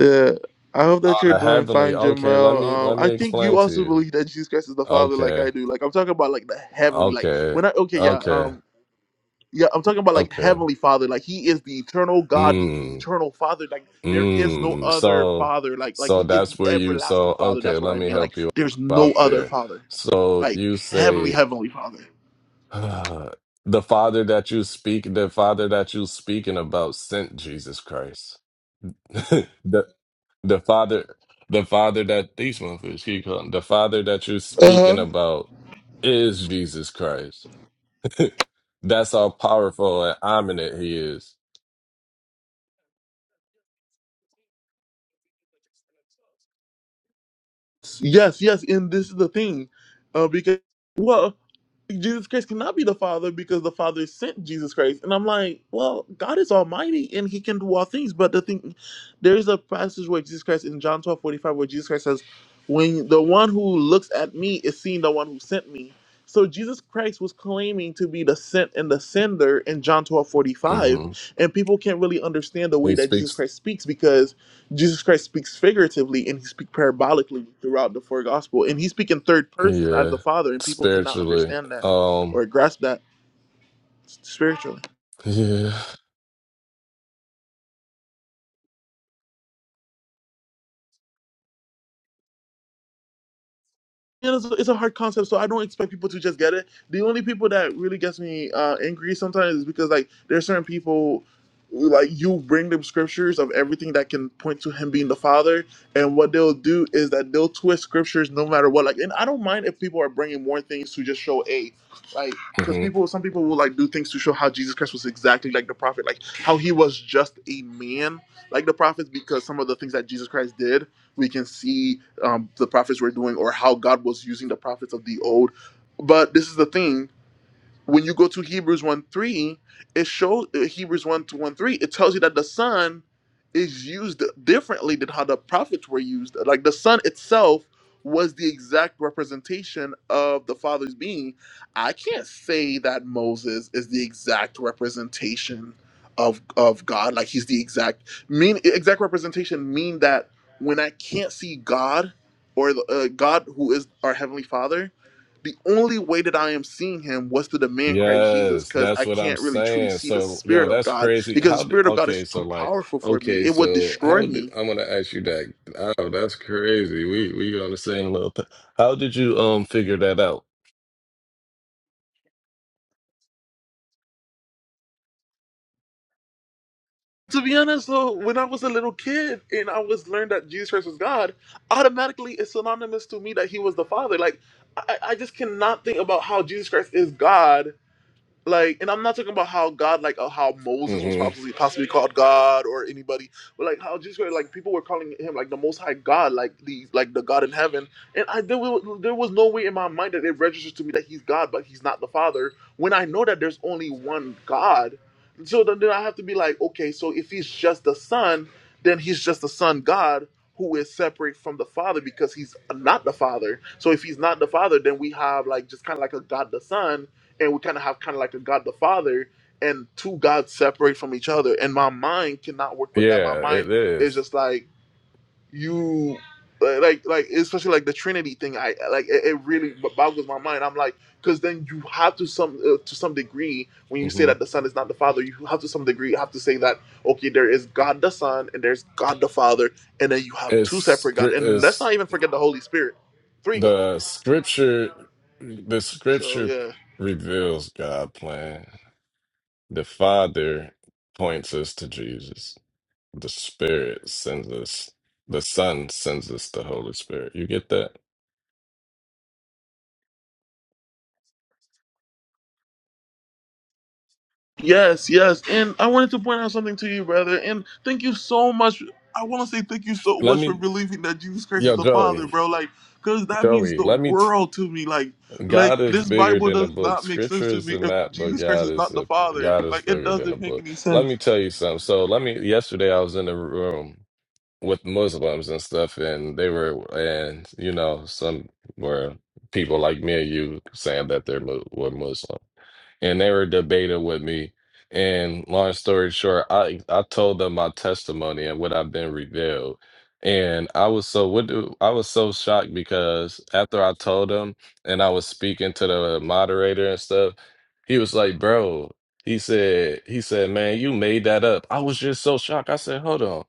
Speaker 2: Yeah, I hope that
Speaker 4: Oh,
Speaker 2: you're
Speaker 4: the
Speaker 2: doing
Speaker 4: heavenly.
Speaker 2: fine,
Speaker 4: Okay, let
Speaker 2: Jamel.
Speaker 4: me
Speaker 2: Um,
Speaker 4: let me
Speaker 2: I think
Speaker 4: explain
Speaker 2: you
Speaker 4: to
Speaker 2: also
Speaker 4: you.
Speaker 2: believe that Jesus Christ is the Father, like
Speaker 4: Okay,
Speaker 2: I do. Like I'm talking about, like the heavenly, like
Speaker 4: okay,
Speaker 2: when I okay, yeah,
Speaker 4: okay,
Speaker 2: um, yeah, I'm talking about like
Speaker 4: okay.
Speaker 2: heavenly Father, like He is the eternal God, the e-
Speaker 4: Mm,
Speaker 2: eternal Father. Like there is no
Speaker 4: mm.
Speaker 2: other
Speaker 4: So,
Speaker 2: Father, like like
Speaker 4: so
Speaker 2: He is
Speaker 4: that's
Speaker 2: the
Speaker 4: where you.
Speaker 2: everlasting
Speaker 4: So,
Speaker 2: Father.
Speaker 4: okay,
Speaker 2: That's what
Speaker 4: let
Speaker 2: I
Speaker 4: me
Speaker 2: mean. Like
Speaker 4: help you
Speaker 2: there's no
Speaker 4: out
Speaker 2: other
Speaker 4: there.
Speaker 2: Father,
Speaker 4: So
Speaker 2: like
Speaker 4: you say
Speaker 2: heavenly, heavenly Father.
Speaker 4: the Father that you speak, the Father that you speaking about sent Jesus Christ. the the father the father that these motherfuckers keep calling the father that you're
Speaker 2: Uh
Speaker 4: speaking
Speaker 2: huh.
Speaker 4: about is Jesus Christ. That's how powerful and ominous he is.
Speaker 2: Yes, yes, and this is the thing, uh, because well, Jesus Christ cannot be the Father because the Father sent Jesus Christ, and I'm like, well, God is Almighty and He can do all things. But the thing, there is a passage where Jesus Christ in John twelve forty five where Jesus Christ says, "When the one who looks at me is seeing the one who sent me." So Jesus Christ was claiming to be the sent and the sender in John twelve forty five,
Speaker 4: hmm
Speaker 2: And people can't really understand the
Speaker 4: He
Speaker 2: way that Jesus
Speaker 4: speaks,
Speaker 2: Christ speaks because Jesus Christ speaks figuratively and he speaks parabolically throughout the four gospel. And he speaks in third person as the
Speaker 4: yeah,
Speaker 2: Father, and people cannot
Speaker 4: spiritually.
Speaker 2: understand that
Speaker 4: Um,
Speaker 2: or grasp that spiritually.
Speaker 4: yeah.
Speaker 2: you know, it's, a, it's a hard concept, so I don't expect people to just get it. The only people that really gets me uh, angry sometimes is because like there are certain people, like you bring them scriptures of everything that can point to him being the father, and what they'll do is that they'll twist scriptures no matter what. Like, and I don't mind if people are bringing more things to just show a, like, because
Speaker 4: Mm-hmm.
Speaker 2: people, some people will like do things to show how Jesus Christ was exactly like the prophet, like how he was just a man, like the prophets, because some of the things that Jesus Christ did we can see um, the prophets were doing or how God was using the prophets of the old. But this is the thing when you go to Hebrews 1 3, it shows uh, Hebrews 1 to 1 3, it tells you that the son is used differently than how the prophets were used. Like the son itself was the exact representation of the Father's being. I can't say that Moses is the exact representation of of God. Like he's the exact mean exact representation mean that when I can't see God or the, uh, God who is our heavenly Father, the only way that I am seeing him was to demand Christ Jesus
Speaker 4: Yes,
Speaker 2: because
Speaker 4: that's
Speaker 2: I
Speaker 4: what I'm
Speaker 2: can't really truly
Speaker 4: saying.
Speaker 2: see the
Speaker 4: So, yo,
Speaker 2: Spirit of
Speaker 4: that's
Speaker 2: God
Speaker 4: crazy.
Speaker 2: because the
Speaker 4: How do,
Speaker 2: Spirit of God
Speaker 4: okay,
Speaker 2: is
Speaker 4: so
Speaker 2: too
Speaker 4: like,
Speaker 2: powerful for me.
Speaker 4: okay,
Speaker 2: It would
Speaker 4: so
Speaker 2: destroy
Speaker 4: how do,
Speaker 2: me.
Speaker 4: I'm gonna ask you that. Oh, that's crazy. We we on the same little thing. How did you um figure that out?
Speaker 2: To be honest, though, when I was a little kid and I was learned that Jesus Christ was God, automatically it's synonymous to me that he was the Father. Like, I, I just cannot think about how Jesus Christ is God like and i'm not talking about how god like uh, how moses was
Speaker 4: hmm
Speaker 2: possibly possibly called god or anybody but like how jesus Christ, like people were calling him like the most high god like the like the god in heaven and i there was, there was no way in my mind that it registers to me that he's god but he's not the father when i know that there's only one god so then, then i have to be like okay so if he's just the son then he's just the son god who is separate from the father because he's not the father so if he's not the father then we have like just kind of like a god the son and we kind of have kind of like a God the Father and two gods separate from each other. And my mind cannot work with that. My
Speaker 4: Yeah,
Speaker 2: mind
Speaker 4: it
Speaker 2: is
Speaker 4: is.
Speaker 2: just like you, like like like, especially like the Trinity thing. I like it, it really boggles my mind. I'm like, because then you have to some uh, to some degree when you say
Speaker 4: Mm-hmm.
Speaker 2: that the Son is not the Father, you have to some degree have to say that okay, there is God the Son and there's God the Father, and then you have
Speaker 4: It's
Speaker 2: two separate
Speaker 4: scr-
Speaker 2: God, and let's not
Speaker 4: it's
Speaker 2: even forget the Holy Spirit, three God.
Speaker 4: the scripture. The
Speaker 2: So
Speaker 4: scripture
Speaker 2: yeah.
Speaker 4: reveals God plan. The Father points us to Jesus. The Spirit sends us, the Son sends us the Holy Spirit. You get that?
Speaker 2: Yes, yes. And I wanted to point out something to you, brother. And thank you so much. I want to say thank you so
Speaker 4: Let
Speaker 2: much for
Speaker 4: me,
Speaker 2: believing that Jesus Christ is
Speaker 4: yo,
Speaker 2: the Father,
Speaker 4: Joey,
Speaker 2: bro. Like, because that means
Speaker 4: Joey,
Speaker 2: the
Speaker 4: let me. T-
Speaker 2: world to me. Like, like
Speaker 4: God is
Speaker 2: this
Speaker 4: bigger
Speaker 2: Bible
Speaker 4: than a
Speaker 2: does
Speaker 4: book.
Speaker 2: not make sense
Speaker 4: Scripture
Speaker 2: to
Speaker 4: is
Speaker 2: me
Speaker 4: the
Speaker 2: if
Speaker 4: map, but
Speaker 2: Jesus Christ
Speaker 4: God
Speaker 2: is
Speaker 4: is
Speaker 2: not the
Speaker 4: a,
Speaker 2: Father.
Speaker 4: God is
Speaker 2: Like, it
Speaker 4: bigger than a
Speaker 2: doesn't make
Speaker 4: book.
Speaker 2: any
Speaker 4: Let
Speaker 2: sense.
Speaker 4: me tell you something. So, let me. Yesterday, I was in a room with Muslims and stuff, and they were, and you know, some were people like me and you saying that they're mu- were Muslim. and they were debating with me. And long story short, I I told them my testimony and what I've been revealed. And I was so what do I was so shocked because after I told them and I was speaking to the moderator and stuff, he was like, "Bro," he said, "He said, man, you made that up." I was just so shocked. I said, "Hold on,"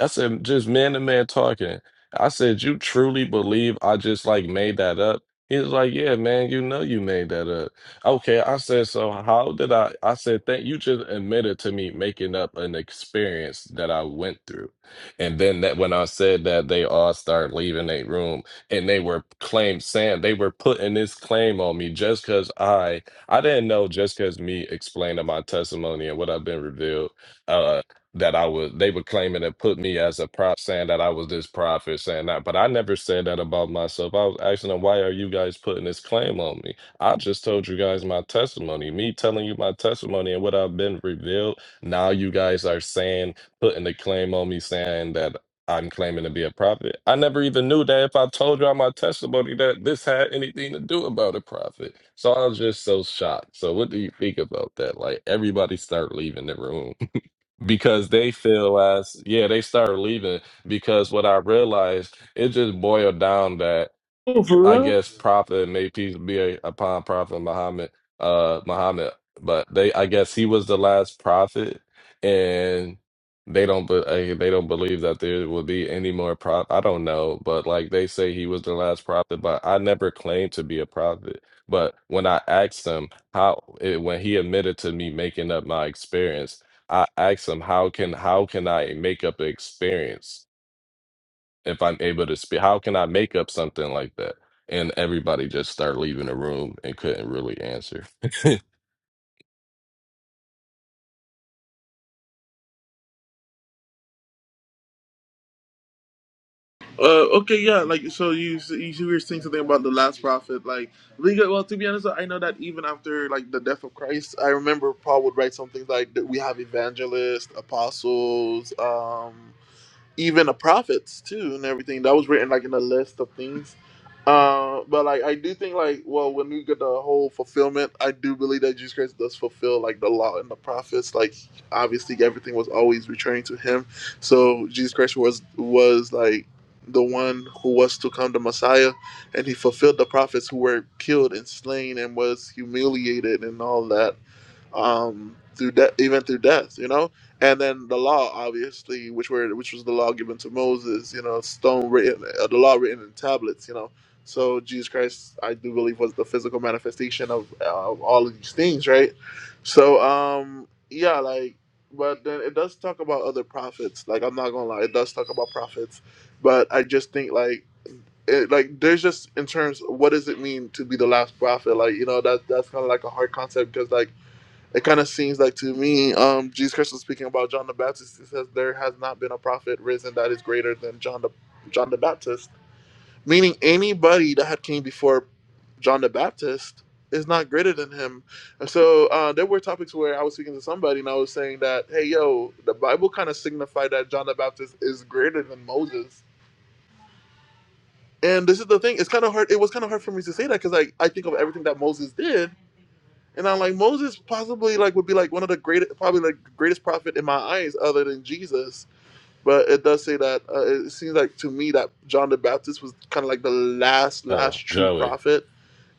Speaker 4: I said, "Just man to man talking." I said, "You truly believe I just like made that up?" He was like, "Yeah, man, you know you made that up." Okay, I said, so how did I? I said, thank you just admitted to me making up an experience that I went through. And then that when I said that they all started leaving their room and they were claim saying they were putting this claim on me just because I I didn't know just because me explaining my testimony and what I've been revealed, uh that I was they were claiming to put me as a prop saying that I was this prophet saying that but I never said that about myself. I was asking them why are you guys putting this claim on me? I just told you guys my testimony. Me telling you my testimony and what I've been revealed. Now you guys are saying, putting the claim on me saying that I'm claiming to be a prophet. I never even knew that if I told y'all my testimony that this had anything to do about a prophet. So I was just so shocked. So what do you think about that? Like everybody start leaving the room because they feel as yeah, they start leaving because what I realized it just boiled down that.
Speaker 2: Oh, for
Speaker 4: I
Speaker 2: real?
Speaker 4: guess Prophet may peace be upon Prophet Muhammad, uh, Muhammad. But they, I guess he was the last prophet, and they don't, be, uh, they don't believe that there will be any more prop. I don't know, but like they say, he was the last prophet. But I never claimed to be a prophet. But when I asked him how, it, when he admitted to me making up my experience, I asked him how can how can I make up an experience? if I'm able to speak? How can I make up something like that? And everybody just start leaving the room and couldn't really answer.
Speaker 2: Uh, okay, yeah, like so you you were saying something about the last prophet, like legal. Well, to be honest, I know that even after like the death of Christ, I remember Paul would write something like that we have evangelists, apostles, um, even the prophets too and everything that was written like in a list of things uh but like i do think like well when we get the whole fulfillment i do believe that jesus christ does fulfill like the law and the prophets like obviously everything was always returning to him so jesus christ was was like the one who was to come the messiah and he fulfilled the prophets who were killed and slain and was humiliated and all that um, through death, even through death, you know. And then the law, obviously, which were which was the law given to Moses, you know, stone written, uh, the law written in tablets, you know. So Jesus Christ, I do believe, was the physical manifestation of, uh, of all of these things, right? So, um, yeah, like, but then it does talk about other prophets. Like, I'm not gonna lie, it does talk about prophets, but I just think like. It, like there's just in terms of what does it mean to be the last prophet like you know that that's kind of like a hard concept because like it kind of seems like to me, um, Jesus Christ was speaking about John the Baptist. He says there has not been a prophet risen that is greater than John the John the Baptist. Meaning anybody that had came before John the Baptist is not greater than him. And so uh, there were topics where I was speaking to somebody and I was saying that, hey yo, the Bible kind of signified that John the Baptist is greater than Moses. And this is the thing; it's kind of hard. It was kind of hard for me to say that because I I think of everything that Moses did, and I'm like, Moses possibly like would be like one of the greatest, probably like greatest prophet in my eyes, other than Jesus. But it does say that uh, it seems like to me that John the Baptist was kind of like the last, last
Speaker 4: oh,
Speaker 2: true
Speaker 4: Joey,
Speaker 2: prophet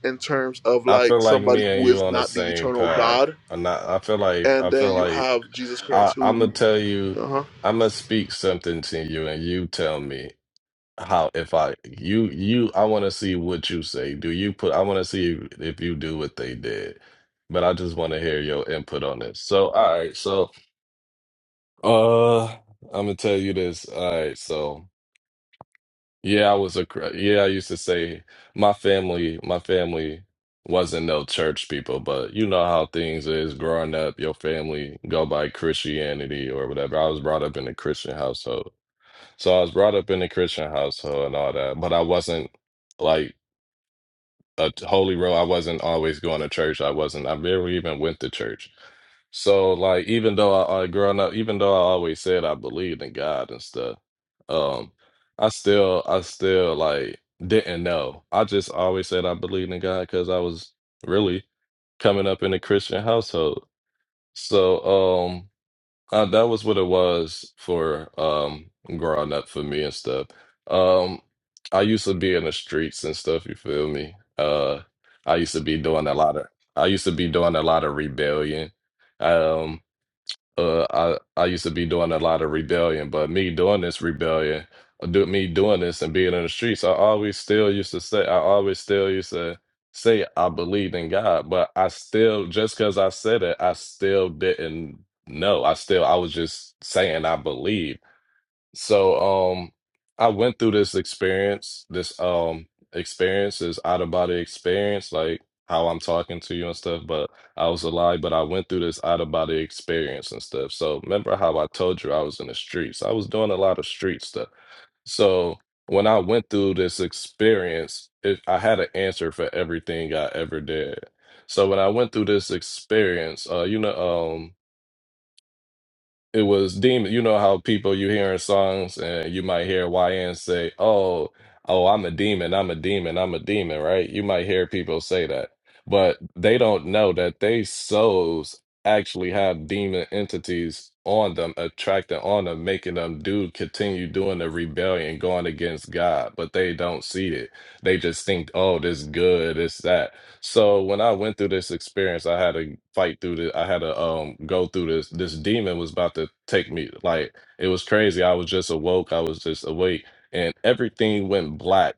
Speaker 2: in terms of
Speaker 4: I
Speaker 2: like
Speaker 4: feel like
Speaker 2: somebody
Speaker 4: me and
Speaker 2: who
Speaker 4: you
Speaker 2: is
Speaker 4: on the
Speaker 2: not the
Speaker 4: same
Speaker 2: eternal
Speaker 4: path.
Speaker 2: God.
Speaker 4: I'm not. I feel like I
Speaker 2: And then
Speaker 4: feel
Speaker 2: you
Speaker 4: like
Speaker 2: have Jesus
Speaker 4: I,
Speaker 2: Christ,
Speaker 4: I'm gonna
Speaker 2: who,
Speaker 4: tell you.
Speaker 2: uh huh.
Speaker 4: I'm gonna speak something to you, and you tell me how if I you you I want to see what you say. Do you put? I want to see if you do what they did. But I just want to hear your input on this. So, all right. So Uh, I'm gonna tell you this. All right, so yeah, I was a cr- yeah. I used to say my family, my family wasn't no church people, but you know how things is growing up. Your family go by Christianity or whatever. I was brought up in a Christian household, so I was brought up in a Christian household and all that. But I wasn't like a t- holy roll. I wasn't always going to church. I wasn't. I barely even went to church. So like even though I, I growing up, even though I always said I believed in God and stuff, um, I still I still like didn't know. I just always said I believed in God because I was really coming up in a Christian household. So um uh, that was what it was for um growing up for me and stuff. Um I used to be in the streets and stuff, you feel me? Uh I used to be doing a lot of I used to be doing a lot of rebellion. Um uh I I used to be doing a lot of rebellion, but me doing this rebellion, or do me doing this and being in the streets, I always still used to say I always still used to say I believed in God, but I still just because I said it, I still didn't know. I still I was just saying I believe. So um I went through this experience, this um experience, this out of body experience, like how I'm talking to you and stuff, but I was alive, but I went through this out of body experience and stuff. So remember how I told you I was in the streets. I was doing a lot of street stuff. So when I went through this experience, it, I had an answer for everything I ever did. So when I went through this experience, uh, you know, um, it was demon. You know how people you hear in songs and you might hear YN say, "Oh, oh, I'm a demon. I'm a demon. I'm a demon." Right? You might hear people say that, but they don't know that they souls actually have demon entities on them, attracting on them, making them do continue doing the rebellion, going against God. But they don't see it. They just think, "Oh, this good. It's that." So when I went through this experience, I had to fight through this. I had to um go through this. This demon was about to take me. Like it was crazy. I was just awoke. I was just awake, and everything went black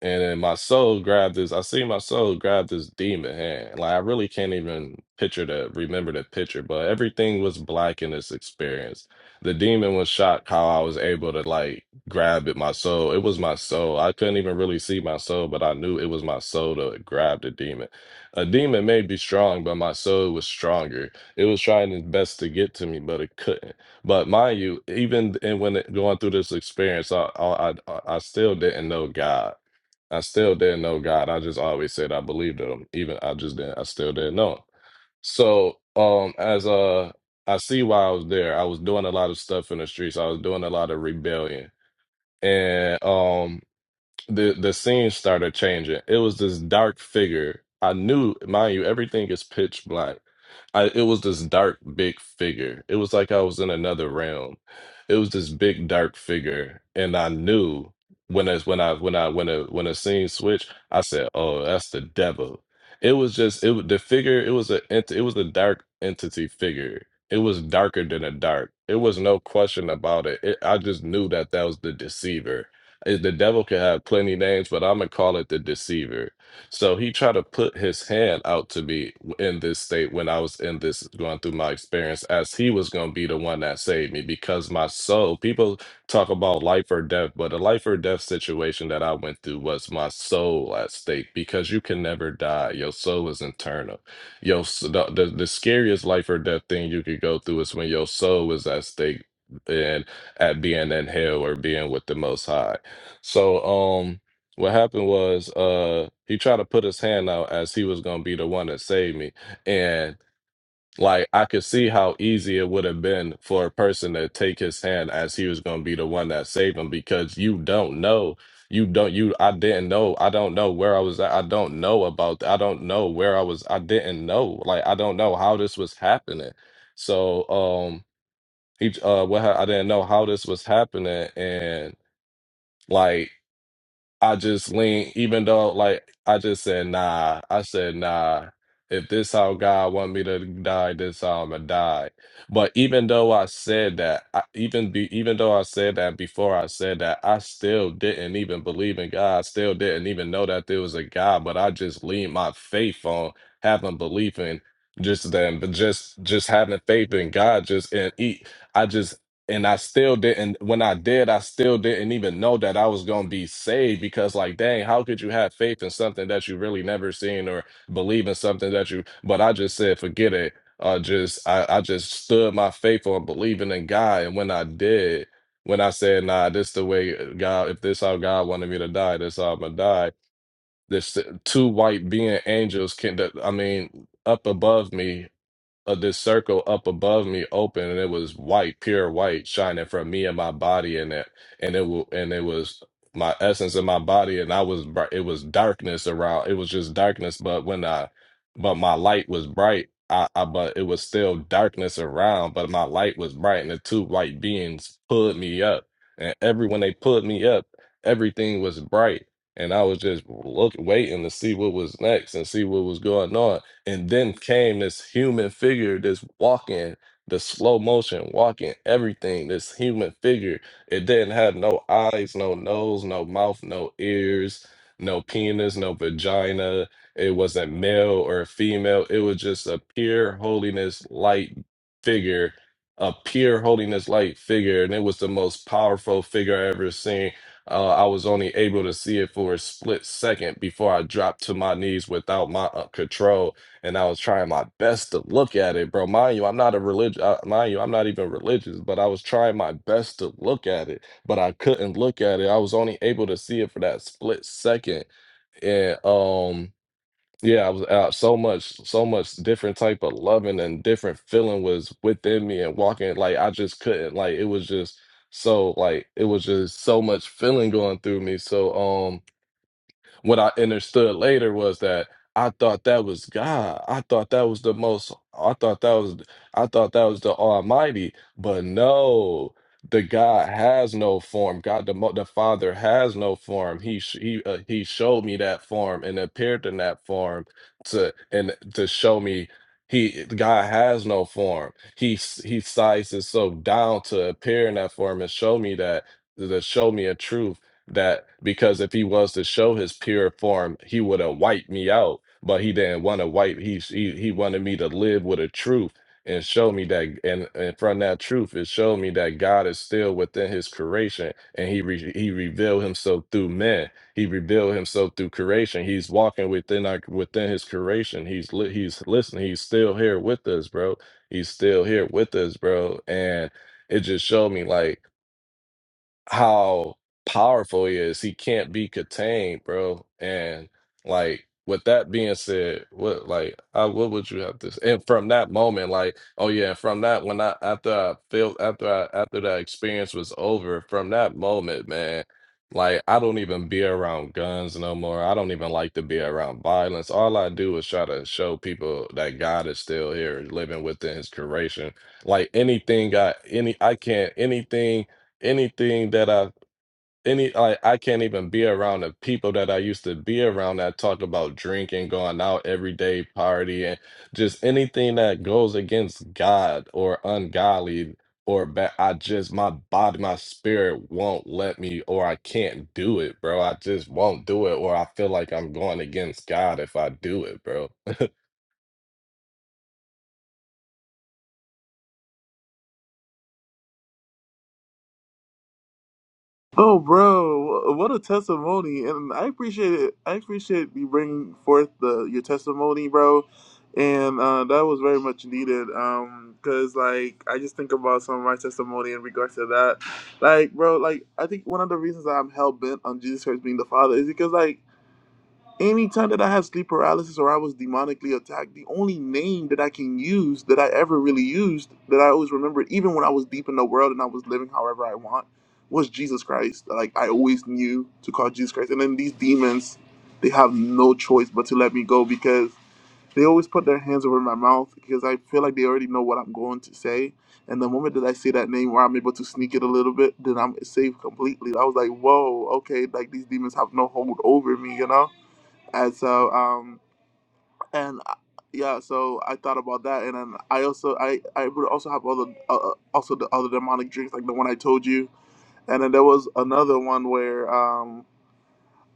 Speaker 4: and then my soul grabbed this. I see my soul grab this demon hand. Like I really can't even picture the remember the picture, but everything was black in this experience. The demon was shocked how I was able to like grab it. My soul, it was my soul. I couldn't even really see my soul, but I knew it was my soul to grab the demon. A demon may be strong, but my soul was stronger. It was trying its best to get to me, but it couldn't. But mind you, even and when it, going through this experience, I I I, I still didn't know God. I still didn't know God. I just always said I believed in him. Even I just didn't I still didn't know him. So um as uh I see why I was there, I was doing a lot of stuff in the streets. I was doing a lot of rebellion. And um the the scene started changing. It was this dark figure. I knew, mind you, everything is pitch black. I, it was this dark, big figure. It was like I was in another realm. It was this big, dark figure, and I knew when it's when I when I when a when a scene switched, I said, "Oh, that's the devil." It was just it was the figure. It was a ent- it was a dark entity figure. It was darker than a dark. It was no question about it. it. I just knew that that was the deceiver is the devil could have plenty names, but I'm gonna call it the deceiver. So he tried to put his hand out to me in this state when I was in this going through my experience, as he was gonna be the one that saved me because my soul. People talk about life or death, but a life or death situation that I went through was my soul at stake because you can never die. Your soul is eternal. Your s- the the, the scariest life or death thing you could go through is when your soul is at stake and at being in hell or being with the Most High. So um what happened was uh he tried to put his hand out as he was gonna be the one that saved me. And like I could see how easy it would have been for a person to take his hand as he was gonna be the one that saved him because you don't know. You don't you I didn't know. I don't know where I was at. I don't know about I don't know where I was. I didn't know. Like I don't know how this was happening. So um he uh what ha- I didn't know how this was happening and like I just lean, even though like I just said nah. I said nah. If this how God want me to die, this how I'ma die. But even though I said that, I, even be, even though I said that before I said that, I still didn't even believe in God. I still didn't even know that there was a God. But I just leaned my faith on having belief in just then, but just just having faith in God. Just and eat. I just and I still didn't when I did, I still didn't even know that I was gonna be saved because like dang, how could you have faith in something that you really never seen or believe in something that you but I just said forget it. Uh just I, I just stood my faith on believing in God and when I did, when I said, nah, this the way uh, God if this how God wanted me to die, this how I'm gonna die. This uh, two white being angels can I mean up above me of this circle up above me open and it was white pure white shining from me and my body and it and it wa- and it was my essence in my body and I was bri- it was darkness around it was just darkness but when I but my light was bright I, I but it was still darkness around but my light was bright and the two white beings pulled me up and every when they pulled me up everything was bright and I was just look waiting to see what was next and see what was going on and then came this human figure, this walking, the slow motion walking, everything, this human figure. It didn't have no eyes, no nose, no mouth, no ears, no penis, no vagina. It wasn't male or female. It was just a pure holiness light figure, a pure holiness light figure. And it was the most powerful figure I ever seen. Uh, I was only able to see it for a split second before I dropped to my knees without my uh, control and I was trying my best to look at it, bro. Mind you, I'm not a religious. Uh, mind you, I'm not even religious, but I was trying my best to look at it, but I couldn't look at it. I was only able to see it for that split second, and um, yeah, I was out so much, so much different type of loving and different feeling was within me and walking. Like I just couldn't. Like it was just so like it was just so much feeling going through me. So um what I understood later was that I thought that was God. I thought that was the most. I thought that was. I thought that was the Almighty. But no, the God has no form. God, the mo- the Father has no form. He sh- he uh, he showed me that form and appeared in that form to and to show me he God has no form. He s- he sizes so down to appear in that form and show me that to show me a truth that because if he was to show his pure form, he would have wiped me out. But he didn't want to wipe. He, he he wanted me to live with a truth and show me that. And, and from that truth, it showed me that God is still within His creation, and He re, He revealed Himself through men. He revealed Himself through creation. He's walking within our within His creation. He's li, He's listening. He's still here with us, bro. He's still here with us, bro. And it just showed me like how powerful he is. He can't be contained, bro. And like with that being said, what like I, what would you have to say? And from that moment, like oh yeah, from that when I after I feel after I after that experience was over, from that moment, man. Like I don't even be around guns no more. I don't even like to be around violence. All I do is try to show people that God is still here, living within His creation. Like anything, I any I can't anything anything that I any like I can't even be around the people that I used to be around that talk about drinking, going out every day, party, and just anything that goes against God or ungodly or bad. I just my body, my spirit won't let me, or I can't do it, bro. I just won't do it, or I feel like I'm going against God if I do it, bro.
Speaker 2: Oh, bro, what a testimony! And I appreciate it. I appreciate you bringing forth the your testimony, bro. And uh, that was very much needed. Um, cause like I just think about some of my testimony in regards to that. Like, bro, like I think one of the reasons that I'm hell bent on Jesus Christ being the Father is because like Anytime that I had sleep paralysis or I was demonically attacked, the only name that I can use that I ever really used that I always remembered, even when I was deep in the world and I was living however I want, was Jesus Christ. Like I always knew to call Jesus Christ. And then these demons, they have no choice but to let me go because they always put their hands over my mouth because I feel like they already know what I'm going to say. And the moment that I say that name where I'm able to sneak it a little bit, then I'm safe completely. I was like, whoa, okay, like these demons have no hold over me, you know? and so um and uh, yeah so i thought about that and then i also i i would also have other uh, uh, also the other demonic drinks like the one i told you and then there was another one where um,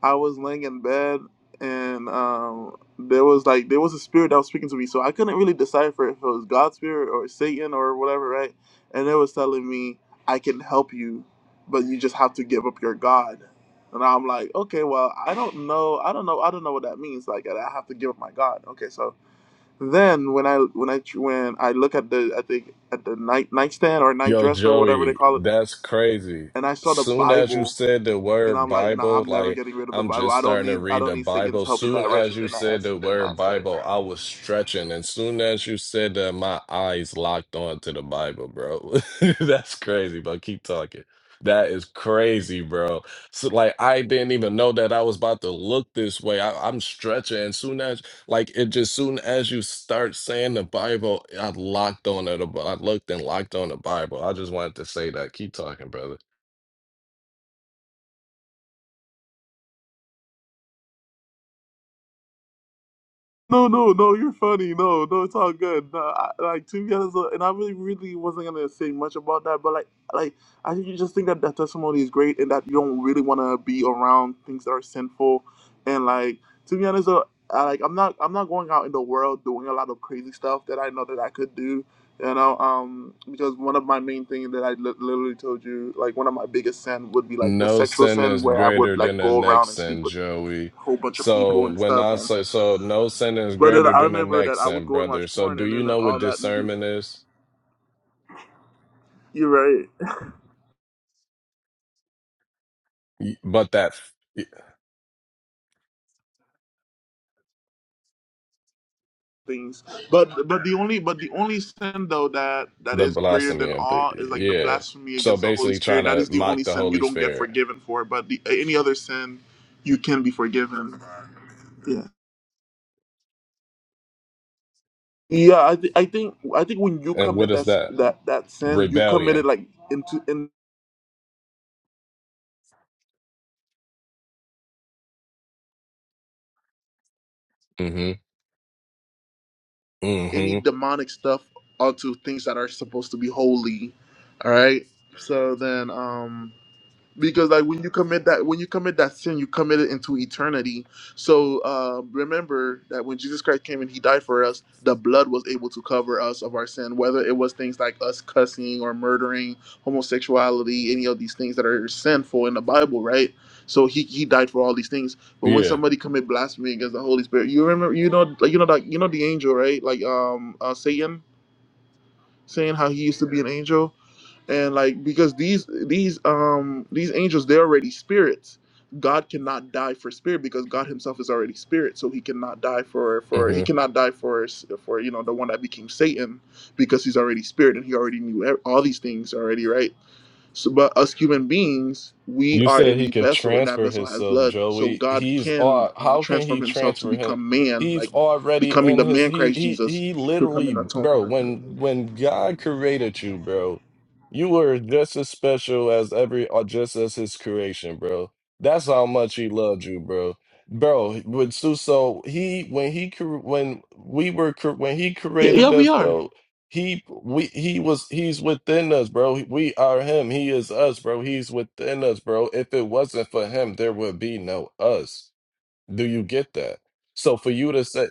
Speaker 2: I was laying in bed and um, there was like there was a spirit that was speaking to me, so I couldn't really decipher if it was God's spirit or Satan or whatever, right? And it was telling me, "I can help you, but you just have to give up your God." And I'm like, "Okay, well, I don't know, I don't know, I don't know what that means. Like, that I have to give up my God." Okay, so then when I when I when I look at the I think at the night nightstand or night
Speaker 4: Yo,
Speaker 2: dresser or whatever they
Speaker 4: Joey,
Speaker 2: call it,
Speaker 4: that's crazy.
Speaker 2: and I saw the
Speaker 4: Soon as you
Speaker 2: Bible
Speaker 4: said the
Speaker 2: and
Speaker 4: word
Speaker 2: I'm like, nah,
Speaker 4: Bible,
Speaker 2: I'm never
Speaker 4: like
Speaker 2: getting rid of the
Speaker 4: I'm
Speaker 2: Bible.
Speaker 4: just
Speaker 2: I don't
Speaker 4: starting to
Speaker 2: need I
Speaker 4: read
Speaker 2: don't
Speaker 4: the
Speaker 2: need Satan's
Speaker 4: Bible.
Speaker 2: help in
Speaker 4: Soon
Speaker 2: that
Speaker 4: as
Speaker 2: wretched
Speaker 4: you
Speaker 2: in that
Speaker 4: said the
Speaker 2: aspect. In that
Speaker 4: word
Speaker 2: aspect.
Speaker 4: Bible, I was stretching. And soon as you said that, my eyes locked on to the Bible, bro. That's crazy, but keep talking. That is crazy, bro. So like I didn't even know that I was about to look this way. I, I'm stretching. And soon as like it just soon as you start saying the Bible, I locked on to the Bi- I looked and locked on the Bible. I just wanted to say that. Keep talking, brother.
Speaker 2: No, no, no, you're funny. No, no, it's all good. No, I, like to be honest, uh, and I really, really wasn't gonna say much about that, but like, like I think you just think that that testimony is great, and that you don't really want to be around things that are sinful, and like to be honest, uh, I, like I'm not, I'm not going out in the world doing a lot of crazy stuff that I know that I could do, you know, um, because one of my main things that I li- literally told you, like one of my biggest sin would be like the
Speaker 4: No
Speaker 2: sexual
Speaker 4: sin
Speaker 2: sin,
Speaker 4: is
Speaker 2: where I
Speaker 4: greater
Speaker 2: would
Speaker 4: than
Speaker 2: like
Speaker 4: the
Speaker 2: go
Speaker 4: next
Speaker 2: around and sleep
Speaker 4: sin,
Speaker 2: with
Speaker 4: Joey.
Speaker 2: a whole bunch of people
Speaker 4: So
Speaker 2: and
Speaker 4: when
Speaker 2: stuff,
Speaker 4: I say so, no sin is
Speaker 2: but then
Speaker 4: greater
Speaker 2: I
Speaker 4: than the
Speaker 2: remember that
Speaker 4: next
Speaker 2: I would
Speaker 4: sin,
Speaker 2: go and
Speaker 4: brother.
Speaker 2: watch
Speaker 4: So
Speaker 2: porn,
Speaker 4: do
Speaker 2: and
Speaker 4: you
Speaker 2: then
Speaker 4: know what
Speaker 2: all that. And be,
Speaker 4: discernment is?
Speaker 2: you're right,
Speaker 4: Y- But that f-
Speaker 2: things. But but the only but the only sin though that that
Speaker 4: the
Speaker 2: is greater
Speaker 4: blasphemy
Speaker 2: than
Speaker 4: of the
Speaker 2: all is like the
Speaker 4: yeah.
Speaker 2: blasphemy
Speaker 4: So
Speaker 2: against the Holy
Speaker 4: basically, trying
Speaker 2: Spirit. That
Speaker 4: to
Speaker 2: is the
Speaker 4: mock
Speaker 2: only
Speaker 4: the
Speaker 2: sin you
Speaker 4: Holy
Speaker 2: don't get
Speaker 4: Spirit,
Speaker 2: forgiven for. But the, any other sin, you can be forgiven. Yeah. Yeah, I, th- I think I think when you
Speaker 4: and what
Speaker 2: commit
Speaker 4: is
Speaker 2: that s-
Speaker 4: that?
Speaker 2: that that sin, you commit it
Speaker 4: Rebellion.
Speaker 2: like into in
Speaker 4: Mm-hmm.
Speaker 2: any
Speaker 4: Mm-hmm.
Speaker 2: demonic stuff onto things that are supposed to be holy. All right. So then, um because like when you commit that when you commit that sin you commit it into eternity so uh, remember that when jesus christ came and he died for us the blood was able to cover us of our sin whether it was things like us cussing or murdering homosexuality any of these things that are sinful in the bible right so he, he died for all these things but when
Speaker 4: Yeah.
Speaker 2: somebody commit blasphemy against the holy spirit you remember you know like you know like you know the angel right like um uh, satan saying how he used to be an angel and like because these these um these angels they're already spirits god cannot die for spirit because god himself is already spirit so he cannot die for for
Speaker 4: Mm-hmm.
Speaker 2: he cannot die for for you know the one that became satan because he's already spirit and he already knew ev- all these things already right so but us human beings we
Speaker 4: You
Speaker 2: are
Speaker 4: said
Speaker 2: in
Speaker 4: he
Speaker 2: a
Speaker 4: could
Speaker 2: vessel and that
Speaker 4: transfer
Speaker 2: vessel has
Speaker 4: himself,
Speaker 2: blood so
Speaker 4: Joey.
Speaker 2: god
Speaker 4: He's
Speaker 2: can
Speaker 4: all.
Speaker 2: uh,
Speaker 4: How can
Speaker 2: transform
Speaker 4: he
Speaker 2: himself to
Speaker 4: transfer him?
Speaker 2: become man
Speaker 4: He's
Speaker 2: like
Speaker 4: already
Speaker 2: becoming
Speaker 4: in
Speaker 2: the
Speaker 4: his.
Speaker 2: man
Speaker 4: He
Speaker 2: christ
Speaker 4: he
Speaker 2: jesus
Speaker 4: he.
Speaker 2: to come
Speaker 4: Literally,
Speaker 2: and atone
Speaker 4: bro.
Speaker 2: for us
Speaker 4: When when God created you, bro, you were just as special as every, or just as His creation, bro. That's how much He loved you, bro. Bro, with Suso, he when he cre- when we were cre- when he
Speaker 2: yeah yeah,
Speaker 4: created
Speaker 2: we
Speaker 4: us,
Speaker 2: are
Speaker 4: bro. He we he was he's within us, bro. We are him. He is us, bro. He's within us, bro. If it wasn't for him, there would be no us. Do you get that? So for you to say,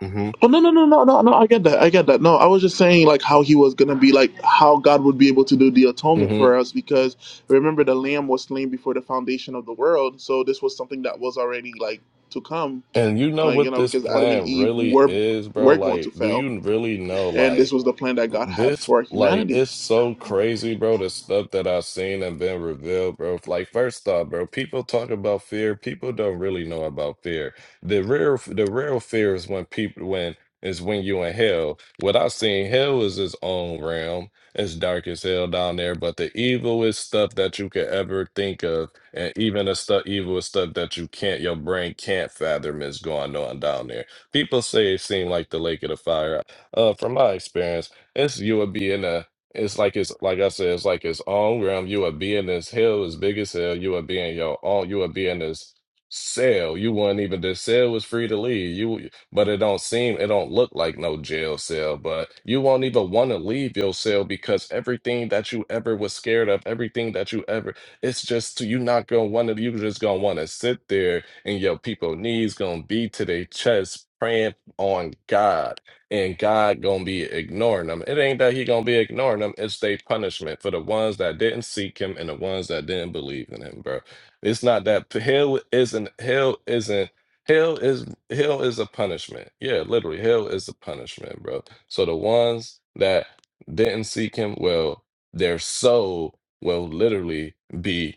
Speaker 4: hmm
Speaker 2: Oh no no no no no no! I get that. I get that. No, I was just saying like how he was gonna be like how God would be able to do the atonement
Speaker 4: hmm
Speaker 2: for us because remember the Lamb was slain before the foundation of the world, so this was something that was already like to come,
Speaker 4: and you know
Speaker 2: like you
Speaker 4: what
Speaker 2: know
Speaker 4: this
Speaker 2: because Adam and
Speaker 4: plan
Speaker 2: Eve
Speaker 4: really
Speaker 2: were
Speaker 4: is, bro.
Speaker 2: were going to
Speaker 4: Like, do
Speaker 2: fail,
Speaker 4: you really know,
Speaker 2: and
Speaker 4: like?
Speaker 2: this was the plan that God had
Speaker 4: This
Speaker 2: for
Speaker 4: like
Speaker 2: humanity.
Speaker 4: it's so crazy, bro. The stuff that I've seen and been revealed, bro. Like first off, bro, people talk about fear. People don't really know about fear. The real, the real fear is when people when is when you in hell. What I've seen, hell is its own realm. It's dark as hell down there, but the evilest stuff that you could ever think of, and even the stuff evilest stuff that you can't, your brain can't fathom is going on down there. People say it seemed like the lake of the fire. Uh, from my experience. It's you would be in a. It's like it's like I said. It's like its own realm. You would be in this hill as big as hell. You would be in your own. You would be in this cell. You wouldn't even. this cell was free to leave. You, but it don't seem. It don't look like no jail cell. But you won't even want to leave your cell because everything that you ever was scared of, everything that you ever. It's just you not gonna want to. You just gonna want to sit there and your people knees gonna be to their chest praying on God and God gonna be ignoring them. It ain't that he gonna be ignoring them, it's their punishment for the ones that didn't seek him and the ones that didn't believe in him, bro. It's not that hell isn't hell isn't hell is hell is a punishment. Yeah, literally, hell is a punishment, bro. So the ones that didn't seek him, well, their soul will literally be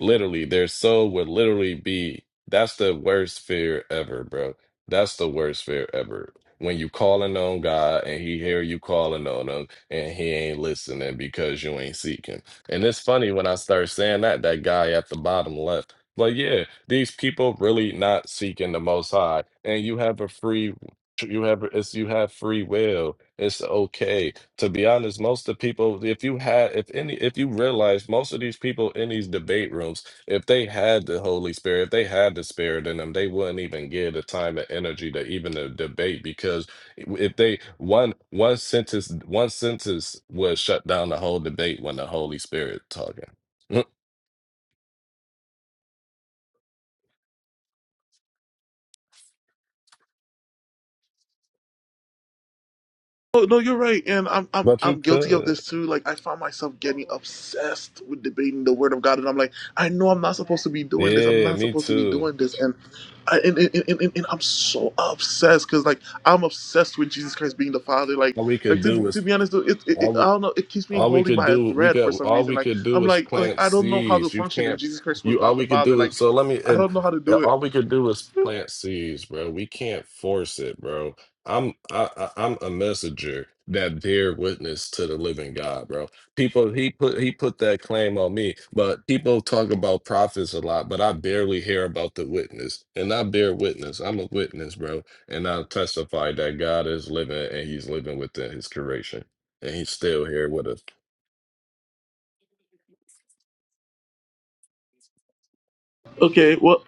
Speaker 4: Literally, their soul would literally be that's the worst fear ever, bro. That's the worst fear ever. When you calling on God and he hear you calling on him and he ain't listening because you ain't seeking. And it's funny when I start saying that, that guy at the bottom left. But yeah, these people really not seeking the most high. And you have a free you have it's you have free will. It's okay to be honest, most of the people, if you had, if any, if you realize most of these people in these debate rooms, if they had the Holy Spirit, if they had the Spirit in them, they wouldn't even give the time and energy to even to debate because if they one one sentence one sentence would shut down the whole debate when the Holy Spirit talking. Mm,
Speaker 2: Oh no, you're right, and I'm I'm
Speaker 4: But you
Speaker 2: I'm guilty of
Speaker 4: could,
Speaker 2: this too. Like I found myself getting obsessed with debating the Word of God, and I'm like, I know I'm not supposed to be doing this. I'm
Speaker 4: yeah,
Speaker 2: not
Speaker 4: me
Speaker 2: supposed to be
Speaker 4: too.
Speaker 2: doing this, and I, and, and, and, and and I'm so obsessed because like I'm obsessed with Jesus Christ being the Father. Like
Speaker 4: All we could
Speaker 2: like to be,
Speaker 4: do is.
Speaker 2: to be honest, though, it, it, it
Speaker 4: all we-
Speaker 2: I don't know. It keeps me
Speaker 4: All we
Speaker 2: holding
Speaker 4: could
Speaker 2: by a
Speaker 4: do, we
Speaker 2: thread for
Speaker 4: got
Speaker 2: some
Speaker 4: all
Speaker 2: reason.
Speaker 4: we
Speaker 2: Like
Speaker 4: could do
Speaker 2: I'm
Speaker 4: is
Speaker 2: like like
Speaker 4: plant
Speaker 2: I don't know how to
Speaker 4: seeds. You
Speaker 2: function if
Speaker 4: can't,
Speaker 2: Jesus Christ was
Speaker 4: you all
Speaker 2: not the
Speaker 4: we could
Speaker 2: Father.
Speaker 4: do
Speaker 2: Like
Speaker 4: is so let me.
Speaker 2: I
Speaker 4: If,
Speaker 2: don't know how to do it.
Speaker 4: all we could do is plant seeds, bro. We can't force it, bro. I'm I, I- I'm a messenger that bear witness to the living God, bro. People he put he put that claim on me, but people talk about prophets a lot, but I barely hear about the witness, and I bear witness. I'm a witness, bro, and I testify that God is living and He's living within His creation and he's still here with us.
Speaker 2: Okay, well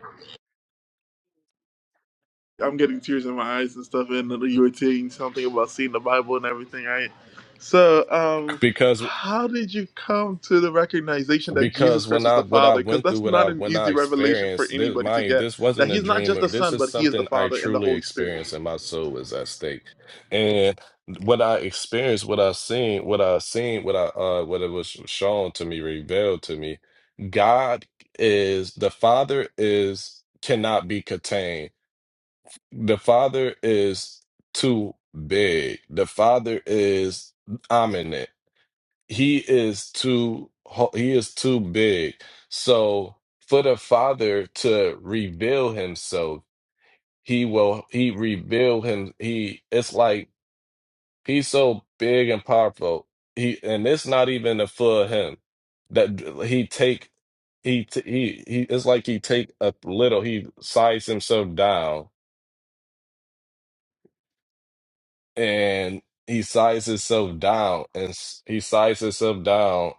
Speaker 2: I'm getting tears in my eyes and stuff, and you were saying something about seeing the Bible and everything, right? So, um,
Speaker 4: because
Speaker 2: how did you come to the recognition that Jesus
Speaker 4: because
Speaker 2: Christ
Speaker 4: when
Speaker 2: was
Speaker 4: I
Speaker 2: the
Speaker 4: what I
Speaker 2: Father? Because
Speaker 4: went through,
Speaker 2: that's
Speaker 4: what I
Speaker 2: not an
Speaker 4: when I
Speaker 2: easy revelation for
Speaker 4: experienced this,
Speaker 2: anybody to
Speaker 4: mind you,
Speaker 2: get.
Speaker 4: this
Speaker 2: That
Speaker 4: wasn't a
Speaker 2: He's not
Speaker 4: dream.
Speaker 2: just
Speaker 4: Or
Speaker 2: the
Speaker 4: this
Speaker 2: Son,
Speaker 4: is
Speaker 2: but He is the
Speaker 4: something I
Speaker 2: Father and the
Speaker 4: truly
Speaker 2: Holy Spirit.
Speaker 4: experienced, and my soul was at stake. And what I experienced, what I seen, what I seen, what I uh, what it was shown to me, revealed to me. God is the Father is cannot be contained. The Father is too big. The Father is ominous. he is too ho- he is too big so for the father to reveal himself he will he reveal him he it's like he's so big and powerful he and it's not even a full him that he take he t- he he it's like he take a little he size himself down and he sizes himself down and s- he sizes himself down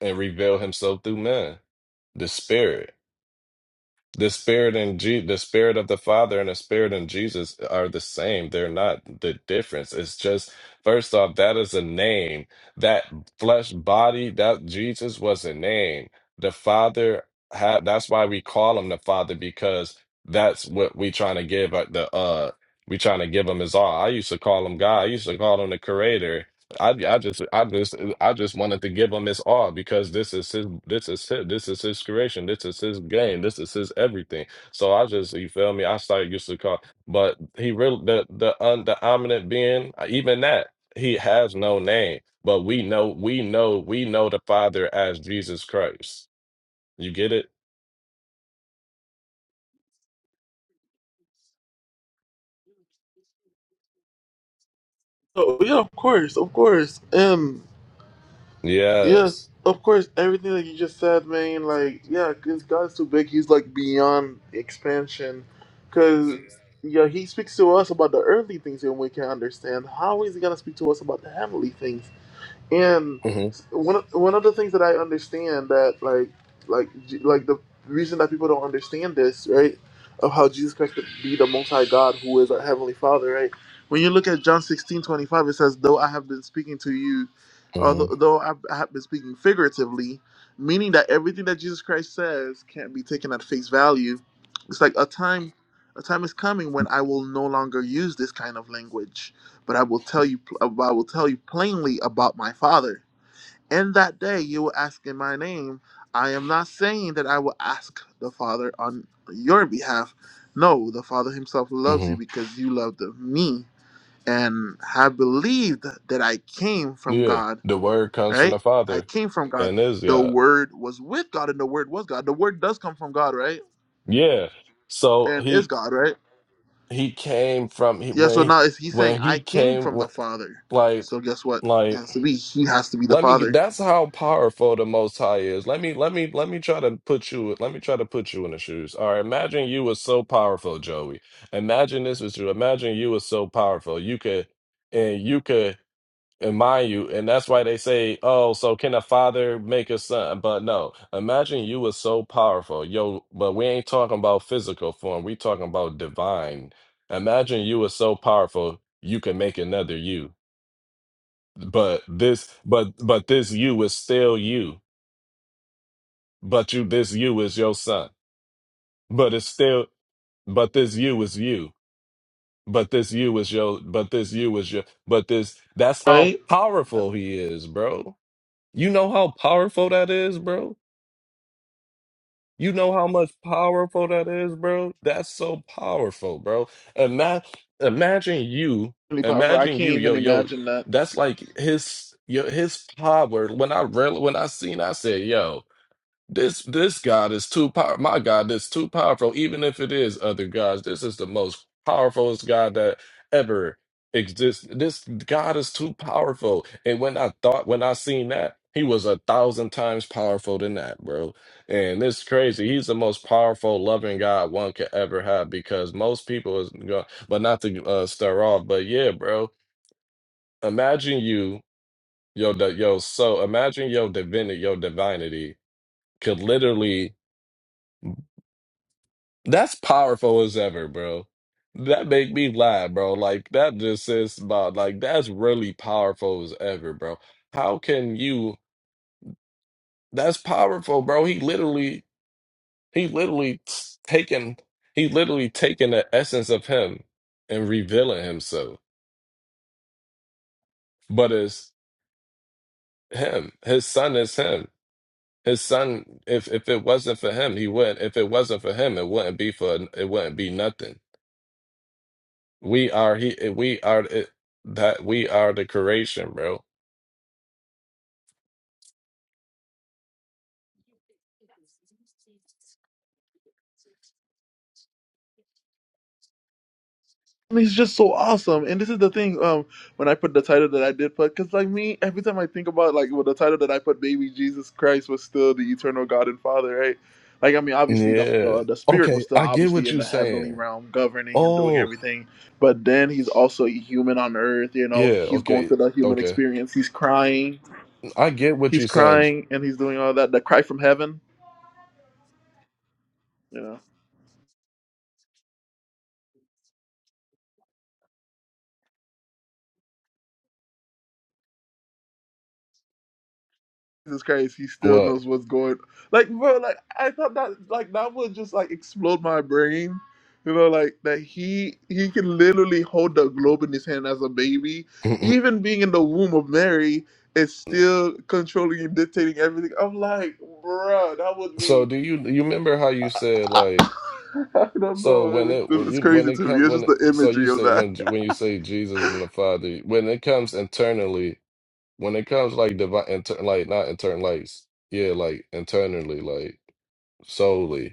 Speaker 4: and reveal himself through men. The spirit. The spirit and Je- the spirit of the Father and the spirit in Jesus are the same. They're not the difference. It's just first off, that is a name. That flesh body, that Jesus was a name. The Father had that's why we call him the Father, because that's what we trying to give uh, the uh we trying to give him his all. I used to call him God. I used to call him the creator. I, I just I just I just wanted to give him his all because this is his this is his, this is his creation this is his game this is his everything so I just you feel me I started used to call but he really the the un, the omniscient being even that he has no name but we know we know we know the Father as Jesus Christ you get it
Speaker 2: Oh yeah, of course, of course. Um. Yes,
Speaker 4: yes
Speaker 2: of course. Everything that you just said, man. Like, yeah, because God is too big. He's like beyond expansion. Because yeah, He speaks to us about the earthly things, and we can understand. How is He gonna speak to us about the heavenly things? and
Speaker 4: hmm
Speaker 2: one of, one of the things that I understand that like like J- like the reason that people don't understand this right of how Jesus Christ could be the Most High God who is our heavenly Father right when you look at John sixteen twenty five it says though I have been speaking to you
Speaker 4: hmm
Speaker 2: although though I I have been speaking figuratively meaning that everything that Jesus Christ says can't be taken at face value it's like a time a time is coming when I will no longer use this kind of language but I will tell you, I will tell you plainly about my Father. In that day, you will ask in my name. I am not saying that I will ask the Father on your behalf. No, the Father Himself loves
Speaker 4: hmm
Speaker 2: you because you loved me and have believed that I came from
Speaker 4: yeah
Speaker 2: God.
Speaker 4: the word comes from the
Speaker 2: Right? I
Speaker 4: Father
Speaker 2: came from God.
Speaker 4: and is
Speaker 2: The
Speaker 4: God
Speaker 2: Word was with God, and the Word was God. The Word does come from God, right?
Speaker 4: yeah so
Speaker 2: And is
Speaker 4: he
Speaker 2: God, right?
Speaker 4: he came from he,
Speaker 2: Yeah.
Speaker 4: when
Speaker 2: So
Speaker 4: he-
Speaker 2: now, if He's saying
Speaker 4: when
Speaker 2: I
Speaker 4: he
Speaker 2: came
Speaker 4: came
Speaker 2: from
Speaker 4: when,
Speaker 2: the Father,
Speaker 4: like
Speaker 2: so guess what? It
Speaker 4: like
Speaker 2: has to be He has to be the
Speaker 4: let me get
Speaker 2: Father
Speaker 4: that's how powerful the most high is let me let me let me try to put you let me try to put you in the shoes all right imagine you was so powerful joey imagine this was you imagine you was so powerful you could and you could and mind you, and that's why they say, "Oh, so can a father make a son?" But no, imagine you were so powerful, yo. But we ain't talking about physical form; we talking about divine. Imagine you were so powerful, you can make another you. But this, but but this you is still you. But you, this you is your son. But it's still, but this you is you. But this you is your. But this you is your. But this. That's how
Speaker 2: right? That's
Speaker 4: powerful he is, bro. You know how powerful that is, bro? You know how much powerful that is, bro? That's so powerful, bro. Ima- imagine you,
Speaker 2: really powerful. I
Speaker 4: imagine
Speaker 2: can't
Speaker 4: you, yo,
Speaker 2: even
Speaker 4: yo.
Speaker 2: imagine that.
Speaker 4: That's like his, yo, his power. When I really, when I seen, I said, yo. This this God is too powerful. My God, that's too powerful. Even if it is other gods, this is the most powerfulest God that ever exists. This God is too powerful. And when I thought, when I seen that, he was a thousand times powerful than that, bro. And it's crazy. He's the most powerful, loving God one could ever have because most people is going, but not to uh, stir off. But yeah, bro. Imagine you, yo, di- yo. So imagine your divinity, your divinity could literally That's powerful as ever, bro. That make me laugh, bro. Like that just says about like that's really powerful as ever, bro. How can you? That's powerful, bro. He literally, he literally t- taken, he literally taken the essence of him and revealing himself. But it's him. His son is him. His son. If if it wasn't for him, he wouldn't. If it wasn't for him, it wouldn't be for. It wouldn't be nothing. We are he. We are it, that. We are the creation, bro.
Speaker 2: And he's just so awesome. And this is the thing. Um, when I put the title that I did put, because like me, every time I think about like well, the title that I put, "Baby Jesus Christ" was still the eternal God and Father, right? Like I mean, obviously the,
Speaker 4: Yeah.
Speaker 2: the the Spirit
Speaker 4: Okay,
Speaker 2: was still
Speaker 4: I get
Speaker 2: obviously
Speaker 4: what
Speaker 2: in
Speaker 4: you're
Speaker 2: the
Speaker 4: saying.
Speaker 2: heavenly realm, governing and doing
Speaker 4: Oh,
Speaker 2: everything. But then he's also human on earth. You know,
Speaker 4: yeah.
Speaker 2: he's going
Speaker 4: Okay,
Speaker 2: through the human
Speaker 4: okay.
Speaker 2: experience. He's crying.
Speaker 4: I get what
Speaker 2: He's
Speaker 4: you're saying.
Speaker 2: crying, and he's doing all that. The cry from heaven. You know. Jesus Christ, he still
Speaker 4: What?
Speaker 2: knows what's going. Like, bro, like I thought that, like that would just like explode my brain. You know, like that he he can literally hold the globe in his hand as a baby, even being in the womb of Mary, is still controlling and dictating everything. I'm like, bro, that would
Speaker 4: so
Speaker 2: be.
Speaker 4: do you you remember how you said
Speaker 2: I,
Speaker 4: like
Speaker 2: I don't
Speaker 4: so when
Speaker 2: know.
Speaker 4: it
Speaker 2: It's,
Speaker 4: when
Speaker 2: it's
Speaker 4: you when
Speaker 2: crazy
Speaker 4: it
Speaker 2: to me.
Speaker 4: comes
Speaker 2: It's
Speaker 4: when
Speaker 2: just
Speaker 4: it,
Speaker 2: the
Speaker 4: so you
Speaker 2: imagery of
Speaker 4: say
Speaker 2: that.
Speaker 4: when when you say Jesus and the Father when it comes internally when it comes like divine inter, like not intern like s- yeah like internally like solely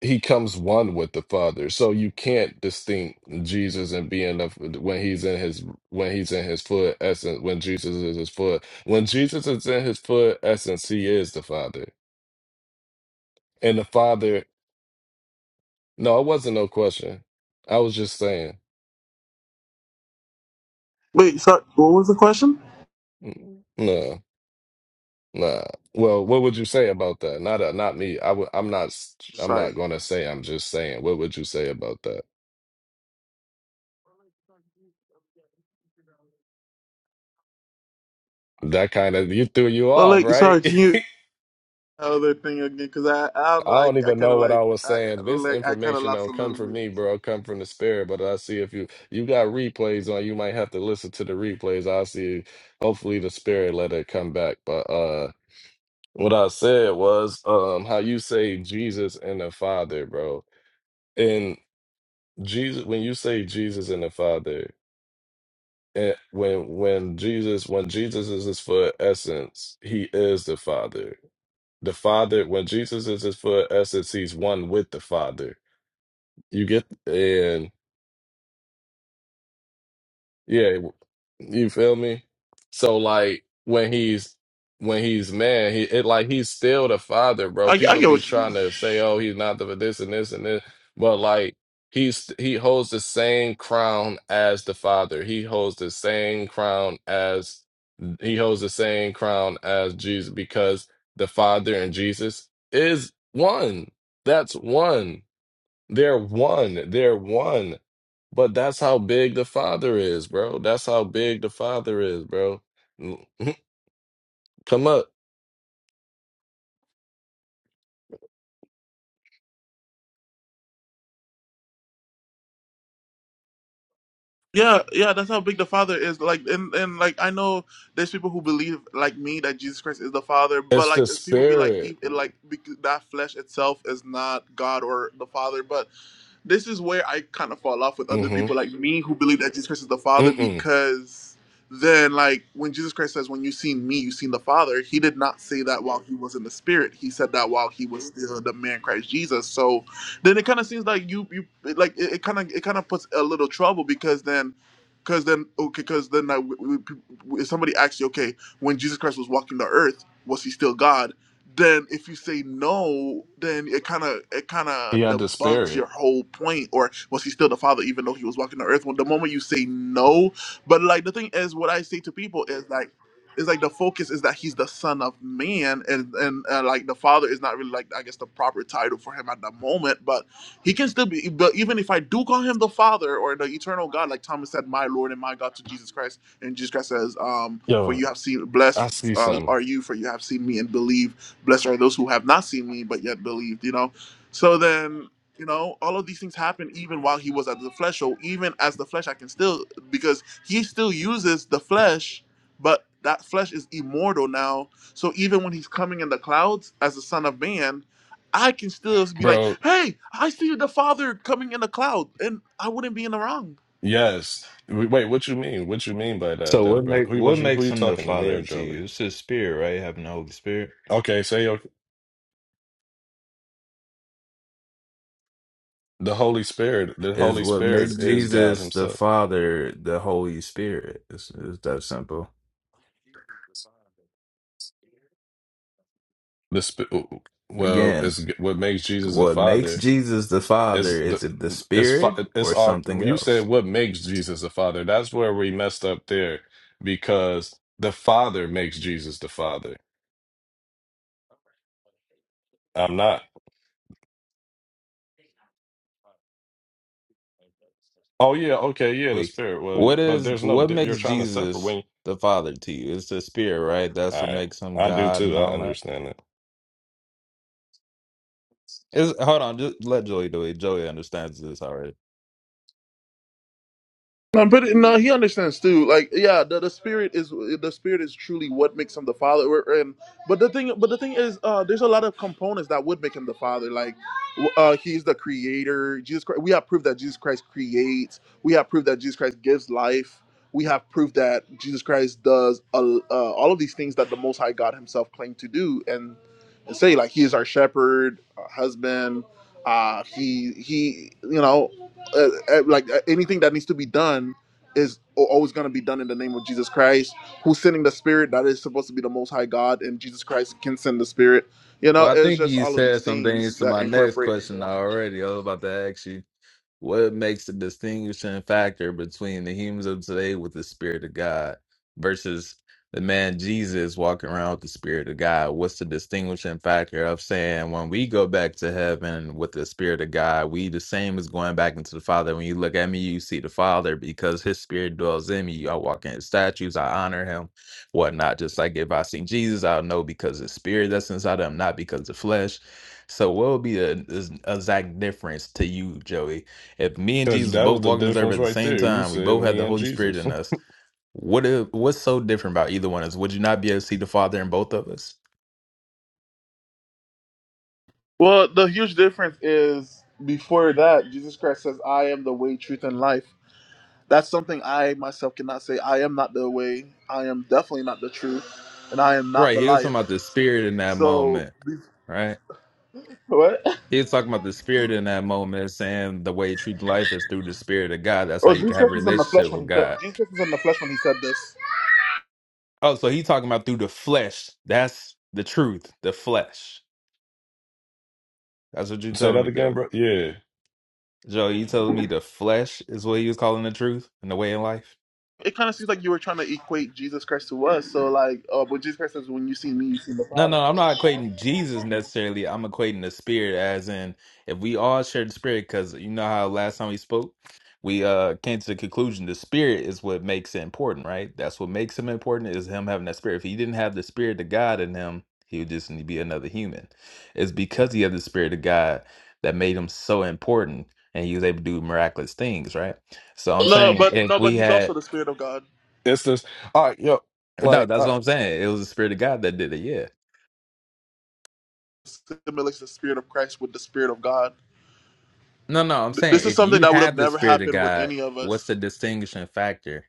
Speaker 4: he comes one with the father so you can't distinct jesus and being of when he's in his when he's in his full essence when jesus is his full when jesus is in his full essence he is the father and the father no it wasn't no question i was just saying
Speaker 2: Wait, sorry. What was the question?
Speaker 4: Mm, no nah well what would you say about that not uh, not me I would. i w- i'm not s- i'm not
Speaker 2: Sorry.
Speaker 4: gonna say i'm just saying what would you say about that that kind of you threw you
Speaker 2: Well,
Speaker 4: off
Speaker 2: like,
Speaker 4: right
Speaker 2: sorry. Can you? other thing again because I, I don't know
Speaker 4: I
Speaker 2: I,
Speaker 4: don't
Speaker 2: I
Speaker 4: even
Speaker 2: kind
Speaker 4: know
Speaker 2: of
Speaker 4: what I
Speaker 2: like
Speaker 4: was
Speaker 2: I
Speaker 4: saying. This
Speaker 2: like I kind of
Speaker 4: information
Speaker 2: lost a
Speaker 4: don't come
Speaker 2: little
Speaker 4: from me,
Speaker 2: bit.
Speaker 4: bro. It come from the spirit. But I see if you you got replays on, you might have to listen to the replays. I see. Hopefully, the spirit let it come back. But uh, what I said was um, how you say Jesus and the Father, bro. And Jesus, when you say Jesus and the Father, and when when Jesus when Jesus is his full essence, he is the Father. The Father when Jesus is his full essence, he's one with the Father You get and yeah, you feel me? So like when he's when he's man, he it like he's still the father,
Speaker 2: I,
Speaker 4: bro.
Speaker 2: I
Speaker 4: People
Speaker 2: get
Speaker 4: be
Speaker 2: what you
Speaker 4: trying
Speaker 2: mean.
Speaker 4: to say, oh, he's not the this and this and this, but like he's he holds the same crown as the father. He holds the same crown as he holds the same crown as Jesus because the father and Jesus is one. That's one They're one. They're one. But that's how big the Father is, bro. That's how big the Father is, bro. Mm, Come up.
Speaker 2: Yeah, yeah, that's how big the Father is. Like, and and like I know there's people who believe like me that Jesus Christ is the Father, but
Speaker 4: It's the
Speaker 2: like people be like,
Speaker 4: spirit.
Speaker 2: e- like bec- that flesh itself is not God or the Father. But this is where I kind of fall off with other
Speaker 4: Mm-hmm.
Speaker 2: people like me who believe that Jesus Christ is the Father
Speaker 4: Mm-mm.
Speaker 2: because then, like, when Jesus Christ says, When you've seen me, you've seen the Father, he did not say that while he was in the Spirit. He said that while he was still the man Christ Jesus. So then it kind of seems like you, you, like, it, it kind of, it kind of puts a little trouble because then. Because then, okay, because then, like, we, we, if somebody asks you, okay, when Jesus Christ was walking the earth, was he still God? then if you say no, then it kind of it kind
Speaker 4: He
Speaker 2: of
Speaker 4: had the
Speaker 2: debunks your
Speaker 4: spirit.
Speaker 2: whole point. Or was he still the father even though he was walking the earth? When the moment you say no, but like the thing is, what I say to people is like. Is like the focus is that he's the son of man, and and uh, like the father is not really like I guess the proper title for him at the moment, but he can still be. But even if I do call him the father or the eternal God, like Thomas said, my Lord and my God to Jesus Christ, and Jesus Christ says, um, "For
Speaker 4: Yo,
Speaker 2: you have seen,
Speaker 4: I
Speaker 2: blessed
Speaker 4: see
Speaker 2: uh,
Speaker 4: something.
Speaker 2: are you, for you have seen me and believe." Blessed are those who have not seen me, but yet believed, you know? So then, you know, all of these things happen even while he was at the flesh. So even as the flesh, I can still, because he still uses the flesh, but that flesh is immortal now. So even when he's coming in the clouds as the Son of Man, I can still be like,
Speaker 4: Bro,
Speaker 2: hey, I see the Father coming in the cloud, and I wouldn't be in the wrong
Speaker 4: Yes. W- Wait, what you mean? What you mean by that,
Speaker 5: So
Speaker 4: though,
Speaker 5: what
Speaker 4: brother?
Speaker 5: make
Speaker 4: Who was
Speaker 5: what
Speaker 4: you? Who
Speaker 5: makes
Speaker 4: you
Speaker 5: him the
Speaker 4: talking to, me
Speaker 5: Father
Speaker 4: or
Speaker 5: to
Speaker 4: Joey?
Speaker 5: you? It's his spirit, right? Having the Holy Spirit
Speaker 4: Okay, say your the Holy Spirit. The
Speaker 5: is
Speaker 4: Holy
Speaker 5: what
Speaker 4: Spirit
Speaker 5: makes
Speaker 4: is God
Speaker 5: Jesus the
Speaker 4: Himself.
Speaker 5: Father, the Holy Spirit. It's, it's that simple.
Speaker 4: The sp- well,
Speaker 5: Again,
Speaker 4: is what makes Jesus a
Speaker 5: what makes
Speaker 4: father
Speaker 5: Jesus the Father
Speaker 4: is the
Speaker 5: is it the
Speaker 4: is
Speaker 5: Spirit
Speaker 4: fa- it's
Speaker 5: or
Speaker 4: our.
Speaker 5: something
Speaker 4: You said
Speaker 5: else?
Speaker 4: what makes Jesus a father? That's where we messed up there because the Father makes Jesus the Father. I'm not. Oh yeah, okay, yeah, the
Speaker 5: Wait,
Speaker 4: Spirit. Well, you,
Speaker 5: what
Speaker 4: but
Speaker 5: is
Speaker 4: there's no.
Speaker 5: what
Speaker 4: di- You're
Speaker 5: makes
Speaker 4: trying to separate
Speaker 5: Jesus
Speaker 4: when.
Speaker 5: the Father to you? It's the Spirit, right? That's
Speaker 4: All
Speaker 5: what
Speaker 4: right,
Speaker 5: makes him
Speaker 4: I do
Speaker 5: God
Speaker 4: too.
Speaker 5: and
Speaker 4: I
Speaker 5: all that.
Speaker 4: understand that.
Speaker 5: Is hold on, just let Joey do it. Joey understands this already.
Speaker 2: No, but it- no, he understands too. Like, yeah, the, the spirit is the spirit is truly what makes him the father. We're- And but the thing, but the thing is, uh, there's a lot of components that would make him the father. Like, w- uh, he's the creator. Jesus Christ. We have proof that Jesus Christ creates. We have proof that Jesus Christ gives life. We have proof that Jesus Christ does uh, uh, all of these things that the Most High God Himself claimed to do. And and say like he is our shepherd, our husband. Uh, he he, you know, uh, uh, like uh, anything that needs to be done is al- always going to be done in the name of Jesus Christ, who's sending the Spirit that is supposed to be the Most High God, and Jesus Christ can send the Spirit. You know,
Speaker 5: Well, I
Speaker 2: it's
Speaker 5: think
Speaker 2: just
Speaker 5: you
Speaker 2: all of these
Speaker 5: said some
Speaker 2: things
Speaker 5: things to
Speaker 2: that
Speaker 5: my next
Speaker 2: incorporate into
Speaker 5: question
Speaker 2: one.
Speaker 5: already. I was about to ask you what makes the distinguishing factor between the humans of today with the Spirit of God versus the man Jesus walking around with the Spirit of God? What's the distinguishing factor of saying when we go back to heaven with the Spirit of God, we the same as going back into the Father? When you look at me, you see the Father because His Spirit dwells in me. I walk in His statues, I honor Him, whatnot. Just like if I see Jesus, I'll know because the Spirit that's inside of Him, not because the flesh. So, what would be the the exact difference to you, Joey? If me and
Speaker 4: Because
Speaker 5: Jesus
Speaker 4: that was
Speaker 5: both
Speaker 4: the
Speaker 5: walking this earth
Speaker 4: difference
Speaker 5: at the
Speaker 4: right
Speaker 5: same
Speaker 4: there. You
Speaker 5: time, we
Speaker 4: said
Speaker 5: both had
Speaker 4: me
Speaker 5: the
Speaker 4: and
Speaker 5: Holy Spirit
Speaker 4: Jesus.
Speaker 5: in us. What if, what's so different about either one of us? Would you not be able to see the Father in both of us?
Speaker 2: Well, the huge difference is before that, Jesus Christ says, "I am the way, truth, and life." That's something I myself cannot say. I am not the way. I am definitely not the truth, and I am not
Speaker 5: Right.
Speaker 2: the
Speaker 5: He was
Speaker 2: life.
Speaker 5: talking about the Spirit in that
Speaker 2: So
Speaker 5: moment.
Speaker 2: these-
Speaker 5: Right.
Speaker 2: what?
Speaker 5: He was talking about the Spirit in that moment, saying the way you treat life is through the Spirit of God. That's how
Speaker 2: Oh,
Speaker 5: you
Speaker 2: Jesus
Speaker 5: can have a
Speaker 2: Christ was in the flesh
Speaker 5: relationship
Speaker 2: when
Speaker 5: with
Speaker 2: he said
Speaker 5: God.
Speaker 2: Jesus Christ was in the flesh when he said this.
Speaker 5: Oh, so he talking about through the flesh. That's the truth. The flesh. That's what you
Speaker 4: Say
Speaker 5: telling
Speaker 4: that
Speaker 5: me,
Speaker 4: again,
Speaker 5: Joe.
Speaker 4: bro. Yeah.
Speaker 5: Joe, you telling me the flesh is what he was calling the truth and the way in life?
Speaker 2: It kind of seems like you were trying to equate Jesus Christ to us. So like, oh, but Jesus Christ says, "When you see me, you see the
Speaker 5: No, no,
Speaker 2: Father."
Speaker 5: I'm not equating Jesus necessarily. I'm equating the spirit as in if we all share the spirit, because you know how last time we spoke, we uh came to the conclusion the spirit is what makes it important, right? That's what makes him important is him having that spirit. If he didn't have the spirit of God in him, he would just be another human. It's because he had the spirit of God that made him so important and he was able to do miraculous things, right? So I'm
Speaker 2: No,
Speaker 5: saying
Speaker 2: but
Speaker 5: if
Speaker 2: no, but
Speaker 5: we
Speaker 2: he's also
Speaker 5: had
Speaker 2: the Spirit of God.
Speaker 4: It's just All right, yo,
Speaker 5: no,
Speaker 4: like,
Speaker 5: that's
Speaker 4: all
Speaker 5: what
Speaker 4: right,
Speaker 5: I'm saying. It was the spirit of God that did it, Yeah.
Speaker 2: Simulates the Spirit of Christ with the Spirit of God.
Speaker 5: No, no, I'm
Speaker 2: Th- This
Speaker 5: saying
Speaker 2: is
Speaker 5: if
Speaker 2: something
Speaker 5: you
Speaker 2: that would have
Speaker 5: have the
Speaker 2: never
Speaker 5: spirit of
Speaker 2: happened with
Speaker 5: God,
Speaker 2: any of
Speaker 5: what's
Speaker 2: us.
Speaker 5: the distinguishing factor?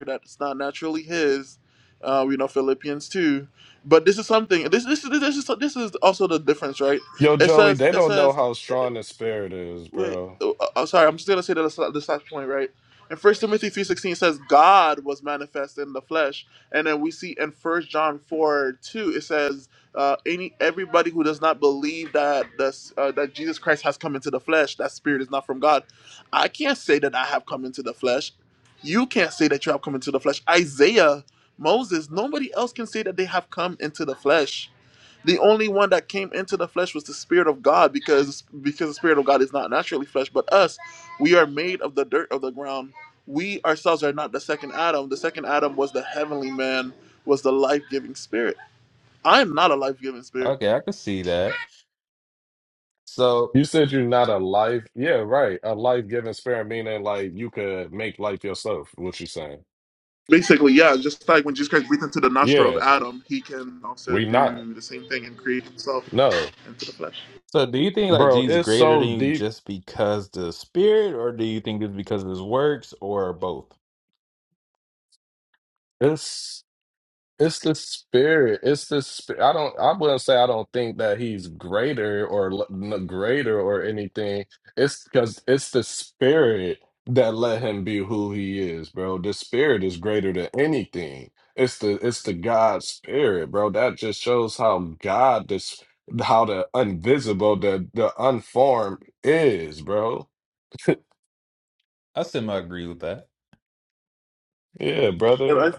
Speaker 2: That's not naturally his. Uh, we know Philippians two, but this is something. This this is this is this is also the difference, right?
Speaker 4: yo,
Speaker 2: It
Speaker 4: Joey,
Speaker 2: says
Speaker 4: they
Speaker 2: it
Speaker 4: don't know
Speaker 2: says
Speaker 4: how strong the spirit is,
Speaker 2: Wait,
Speaker 4: bro.
Speaker 2: oh, oh, I'm sorry. I'm still gonna say the this this last point, right? In First Timothy three sixteen says God was manifest in the flesh, and then we see in First John four two it says uh, any everybody who does not believe that this, uh, that Jesus Christ has come into the flesh, that spirit is not from God. I can't say that I have come into the flesh. You can't say that you have come into the flesh. Isaiah, Moses, nobody else can say that they have come into the flesh the only one that came into the flesh was the Spirit of God, because because the Spirit of God is not naturally flesh, but us, we are made of the dirt of the ground. We ourselves are not the second Adam. The second Adam was the heavenly man, was the life giving spirit. I am not a life giving spirit.
Speaker 5: Okay, I can see that. So,
Speaker 4: You said you're not a life. Yeah, right. A life giving spirit, meaning like you could make life yourself, what you saying.
Speaker 2: Basically, yeah, just like when Jesus Christ breathed into the nostril of
Speaker 4: Yeah,
Speaker 2: Adam, he can also
Speaker 4: we not.
Speaker 2: do the same thing and create himself
Speaker 4: No,
Speaker 2: into the flesh.
Speaker 5: so do you think like
Speaker 4: bro,
Speaker 5: Jesus
Speaker 4: it's
Speaker 5: greater
Speaker 4: so
Speaker 5: than you
Speaker 4: deep.
Speaker 5: just because the spirit, or do you think it's because of his works, or both?
Speaker 4: It's. It's the spirit. It's the spirit. I don't. I wouldn't say I don't think that he's greater or l- n- greater or anything. It's because it's the spirit that let him be who he is, bro. The spirit is greater than anything. It's the it's the God spirit, bro. That just shows how God this how the invisible the the unformed is, bro.
Speaker 5: I semi agree with that.
Speaker 4: Yeah,
Speaker 2: And
Speaker 4: brother.
Speaker 2: I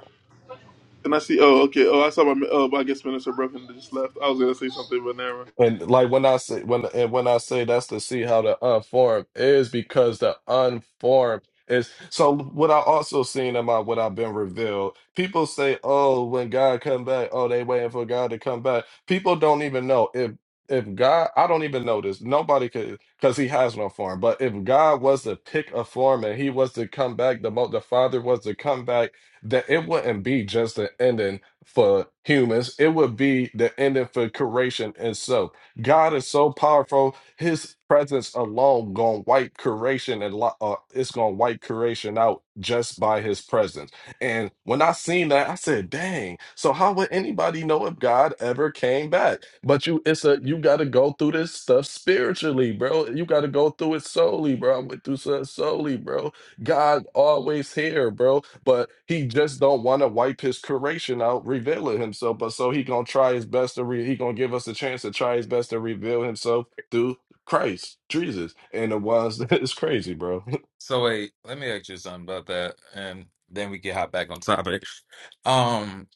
Speaker 2: and I see. Oh, okay. Oh, I saw my. Oh, I guess Minister Brooklyn just left. I was gonna say something, but
Speaker 4: And like when I say when and when I say that's to see how the unformed is because the unformed is so what I also seen in my what I've been revealed. People say, "Oh, when God come back, oh, they waiting for God to come back." People don't even know if if God. I don't even know this. Nobody could because He has no form. But if God was to pick a form and He was to come back, the mo- the Father was to come back, that it wouldn't be just an ending for humans, it would be the ending for creation itself. God is so powerful; His presence alone gonna wipe creation and lo- uh, it's gonna wipe creation out just by His presence. And when I seen that, I said, "Dang!" So how would anybody know if God ever came back? But you, it's a you got to go through this stuff spiritually, bro. You got to go through it solely, bro. I went through it solely, bro God always here, bro, but he just don't want to wipe his creation out, revealing himself. But so he gonna try his best to re- he gonna give us a chance to try his best to reveal himself through Christ, Jesus, and the ones that is crazy, bro.
Speaker 5: So wait, let me ask you something about that, and then we can hop back on topic. Um,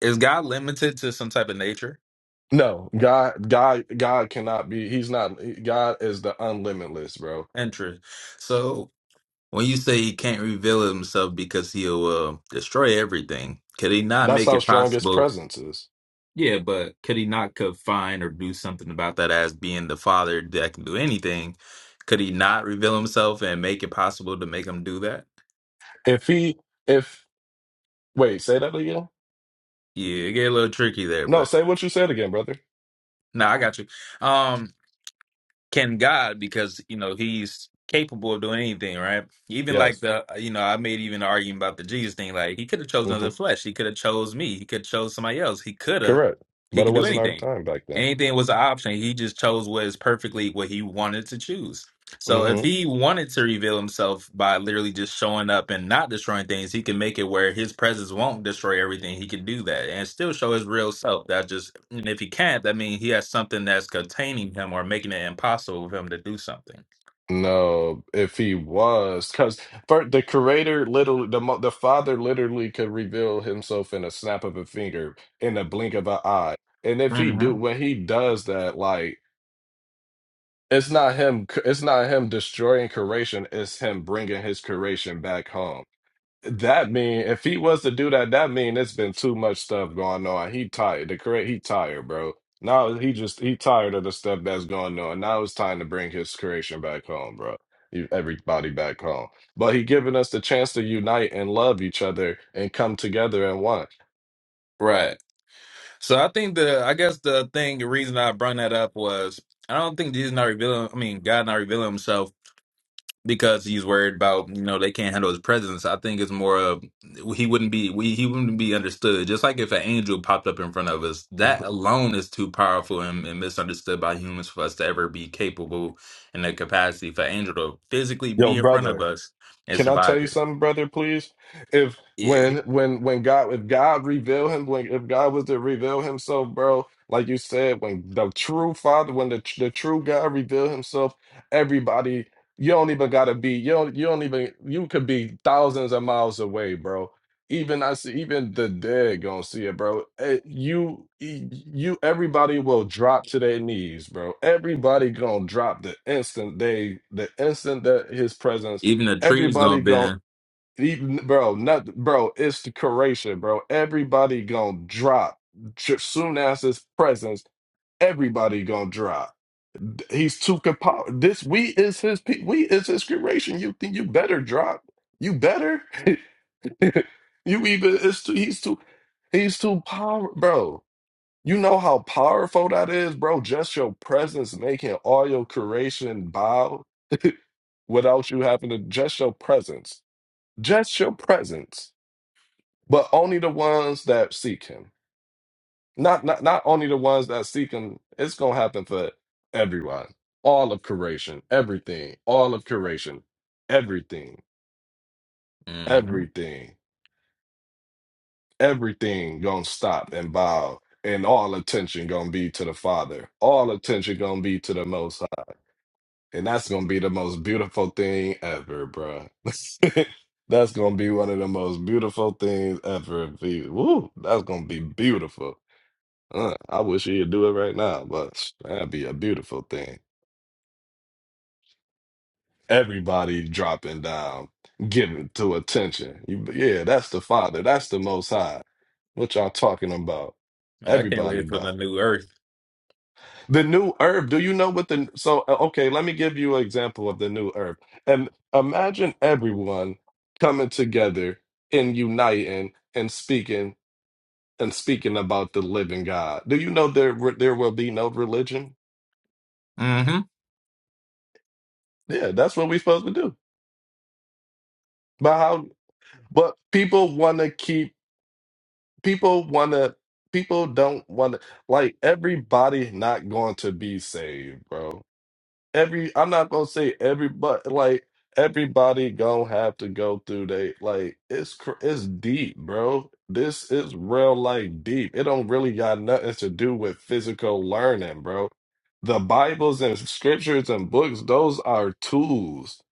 Speaker 5: is God limited to some type of nature?
Speaker 4: no, God, God, God cannot be. He's not. God is the unlimitless, bro.
Speaker 5: Interest. So When you say he can't reveal himself because he'll uh, destroy everything, could he not
Speaker 4: That's
Speaker 5: make
Speaker 4: how
Speaker 5: it
Speaker 4: strong his
Speaker 5: possible?
Speaker 4: presence is.
Speaker 5: Yeah, but could he not confine or do something about that as being the father that can do anything? Could he not reveal himself and make it possible to make him do that?
Speaker 4: If he, if wait, say that again.
Speaker 5: Yeah, it get a little tricky there,
Speaker 4: No,
Speaker 5: but
Speaker 4: say what you said again, brother.
Speaker 5: no, I got you. Um, can God because you know He's capable of doing anything, right? Even like
Speaker 4: Yes,
Speaker 5: the uh, you know I made even an argument about the Jesus thing. Like He could have chosen
Speaker 4: hmm
Speaker 5: another flesh. He could have chose me. He could have chose somebody else. He could have.
Speaker 4: correct.
Speaker 5: He
Speaker 4: But it
Speaker 5: could do
Speaker 4: wasn't our
Speaker 5: anything.
Speaker 4: time back then.
Speaker 5: Anything was an option. He just chose what is perfectly what He wanted to choose. So
Speaker 4: Mm-hmm.
Speaker 5: if he wanted to reveal himself by literally just showing up and not destroying things, he can make it where his presence won't destroy everything. He can do that and still show his real self. That just and if he can't, that means he has something that's containing him or making it impossible for him to do something.
Speaker 4: No, if he was, because the creator literally, the mo- the father literally could reveal himself in a snap of a finger, in a blink of an eye. And if he
Speaker 5: hmm
Speaker 4: do, when he does that, like it's not him, c- it's not him destroying creation, it's him bringing his creation back home. That mean if he was to do that, that mean it's been too much stuff going on. He tired. The correct he tired, bro. Now he just he tired of the stuff that's going on. Now it's time to bring his creation back home, bro. You- Everybody back home. But he giving us the chance to unite and love each other and come together and one.
Speaker 5: Right. So I think the I guess the thing the reason I brought that up was I don't think Jesus not revealing. I mean, God not revealing Himself because he's worried about you know they can't handle his presence. I think it's more of he wouldn't be we he wouldn't be understood. Just like if an angel popped up in front of us, that alone is too powerful and, and misunderstood by humans for us to ever be capable in the capacity for an angel to physically
Speaker 4: Yo,
Speaker 5: be in front of
Speaker 4: brother.
Speaker 5: us and
Speaker 4: Can I tell
Speaker 5: survive
Speaker 4: you
Speaker 5: it.
Speaker 4: something, brother, please? If
Speaker 5: Yeah,
Speaker 4: when when when God if God reveal him, like if God was to reveal himself, bro, like you said, when the true father, when the the true God reveal himself, everybody, you don't even gotta be, you don't you don't even you could be thousands of miles away, bro. Even I see even the dead gonna see it, bro. Eh, You you everybody will drop to their knees, bro. Everybody gonna drop the instant they the instant that his presence
Speaker 5: even the tree's gonna
Speaker 4: Everybody gon'
Speaker 5: bend.
Speaker 4: even bro, not bro, it's the curation, bro. Everybody gon' drop Ju- soon as his presence. Everybody gon' drop. He's too compo- This we is his pe- we is his curation. You think you better drop? You better? you even it's too he's too he's too power, bro. You know how powerful that is, bro. Just your presence making all your curation bow without you having to just your presence just your presence, but only the ones that seek him. Not not not only the ones that seek him. It's gonna happen for everyone. All of creation, everything, all of creation, everything,
Speaker 5: hmm
Speaker 4: everything, everything gonna stop and bow, and all attention gonna be to the Father. All attention gonna be to the Most High. And that's gonna be the most beautiful thing ever, bro. that's gonna be one of the most beautiful things ever. Be- Woo, that's gonna be beautiful. Uh, I wish he'd do it right now, but that'd be a beautiful thing. Everybody dropping down, giving to attention. You, yeah, that's the Father. That's the Most High. What y'all talking about?
Speaker 5: I can't wait
Speaker 4: Everybody
Speaker 5: for the new earth.
Speaker 4: The new herb. Do you know what the so uh, okay, let me give you an example of the new herb. And imagine everyone coming together and uniting and speaking and speaking about the living God. Do you know there there will be no religion?
Speaker 5: Mm-hmm.
Speaker 4: Yeah, that's what we're supposed to do. But how but people wanna keep people wanna people don't wanna like everybody not going to be saved, bro every I'm not gonna say everybody like everybody gonna have to go through they like it's cr- it's deep, bro. This is real life deep. It don't really got nothing to do with physical learning, bro. The Bibles and scriptures and books, those are tools.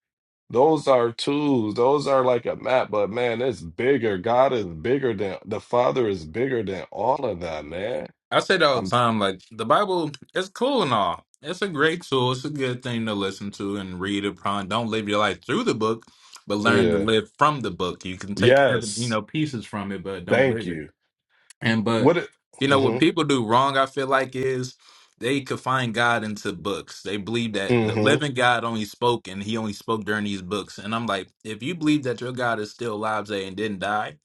Speaker 4: Those are tools. Those are like a map, but man, it's bigger. God is bigger than the Father is bigger than all of that, man.
Speaker 5: I say that all the
Speaker 4: I'm
Speaker 5: time. Like the Bible, it's cool and all. It's a great tool. It's a good thing to listen to and read upon. Don't live your life through the book, but learn to
Speaker 4: yeah.
Speaker 5: live from the book. You can take every, you
Speaker 4: Yes.
Speaker 5: know pieces from it, but don't
Speaker 4: Thank
Speaker 5: live it.
Speaker 4: you.
Speaker 5: And but
Speaker 4: What it
Speaker 5: you know
Speaker 4: mhm.
Speaker 5: what people do wrong, I feel like is they could find God into books. They believe that the
Speaker 4: hmm
Speaker 5: living God only spoke and he only spoke during these books. And I'm like, if you believe that your God is still alive today and didn't die,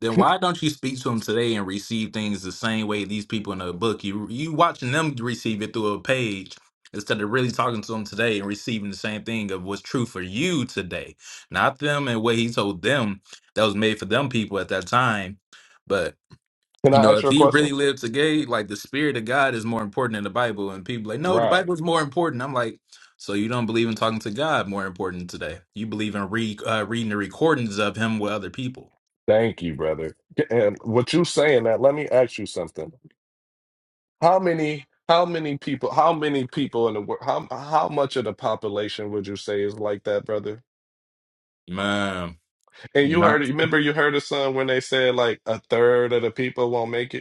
Speaker 5: then why don't you speak to him today and receive things the same way these people in the book? You you watching them receive it through a page instead of really talking to them today and receiving the same thing of what's true for you today. Not them and what he told them that was made for them people at that time. But
Speaker 4: Can
Speaker 5: you
Speaker 4: I
Speaker 5: know,
Speaker 4: ask
Speaker 5: if
Speaker 4: you a
Speaker 5: he really
Speaker 4: question?
Speaker 5: lived today, like the spirit of God is more important than the Bible, and people like, no, the
Speaker 4: Right.
Speaker 5: Bible is more important. I'm like, so you don't believe in talking to God more important today? You believe in re uh, reading the recordings of him with other people?
Speaker 4: Thank you, brother. And what you saying that, let me ask you something. How many how many people how many people in the world how how much of the population would you say is like that, brother?
Speaker 5: Man,
Speaker 4: And you heard it
Speaker 5: not
Speaker 4: remember you heard of some when they said like a third of the people won't make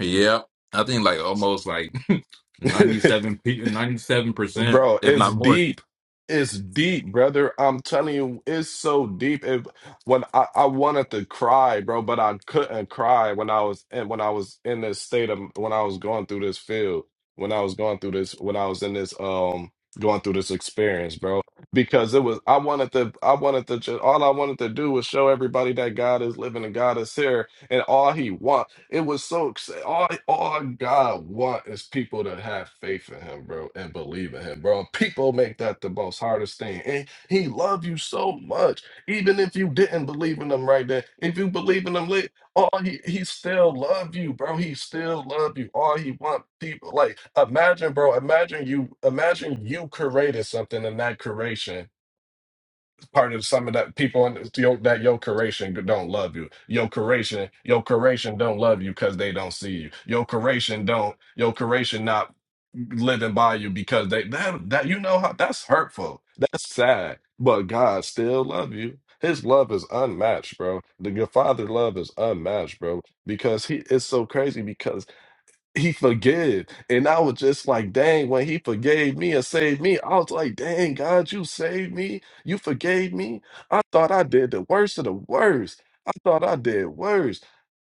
Speaker 5: yeah. I think like almost like
Speaker 4: it?
Speaker 5: 97 pe- 97 percent,
Speaker 4: Bro,
Speaker 5: if
Speaker 4: it's
Speaker 5: not more.
Speaker 4: deep. It's deep, brother. I'm telling you, it's so deep. It, when I, I wanted to cry, bro, but I couldn't cry when I was in, when I was in this state of when I was going through this field, when I was going through this, when I was in this um going through this experience, bro. Because it was I wanted to I wanted to just all I wanted to do was show everybody that God is living and God is here and all he want it was so exciting. All, all God want is people to have faith in him, bro, and believe in him, bro. People make that the most hardest thing. And he love you so much. Even if you didn't believe in him right then, if you believe in him late, all he, he still love you, bro. He still love you. All he want people like imagine, bro, imagine you imagine you created something in that creation part of some of that people in yo, that your curation don't love you. Your curation, your curation don't love you because they don't see you. Your curation don't. Your curation not living by you because they that that you know how that's hurtful. That's sad. But God still love you. His love is unmatched, bro. The your father love is unmatched, bro. Because he it's so crazy he forgave. And I was just like, dang, when he forgave me and saved me, I was like, dang, God, you saved me. You forgave me. I thought I did the worst of the worst. I thought I did worse.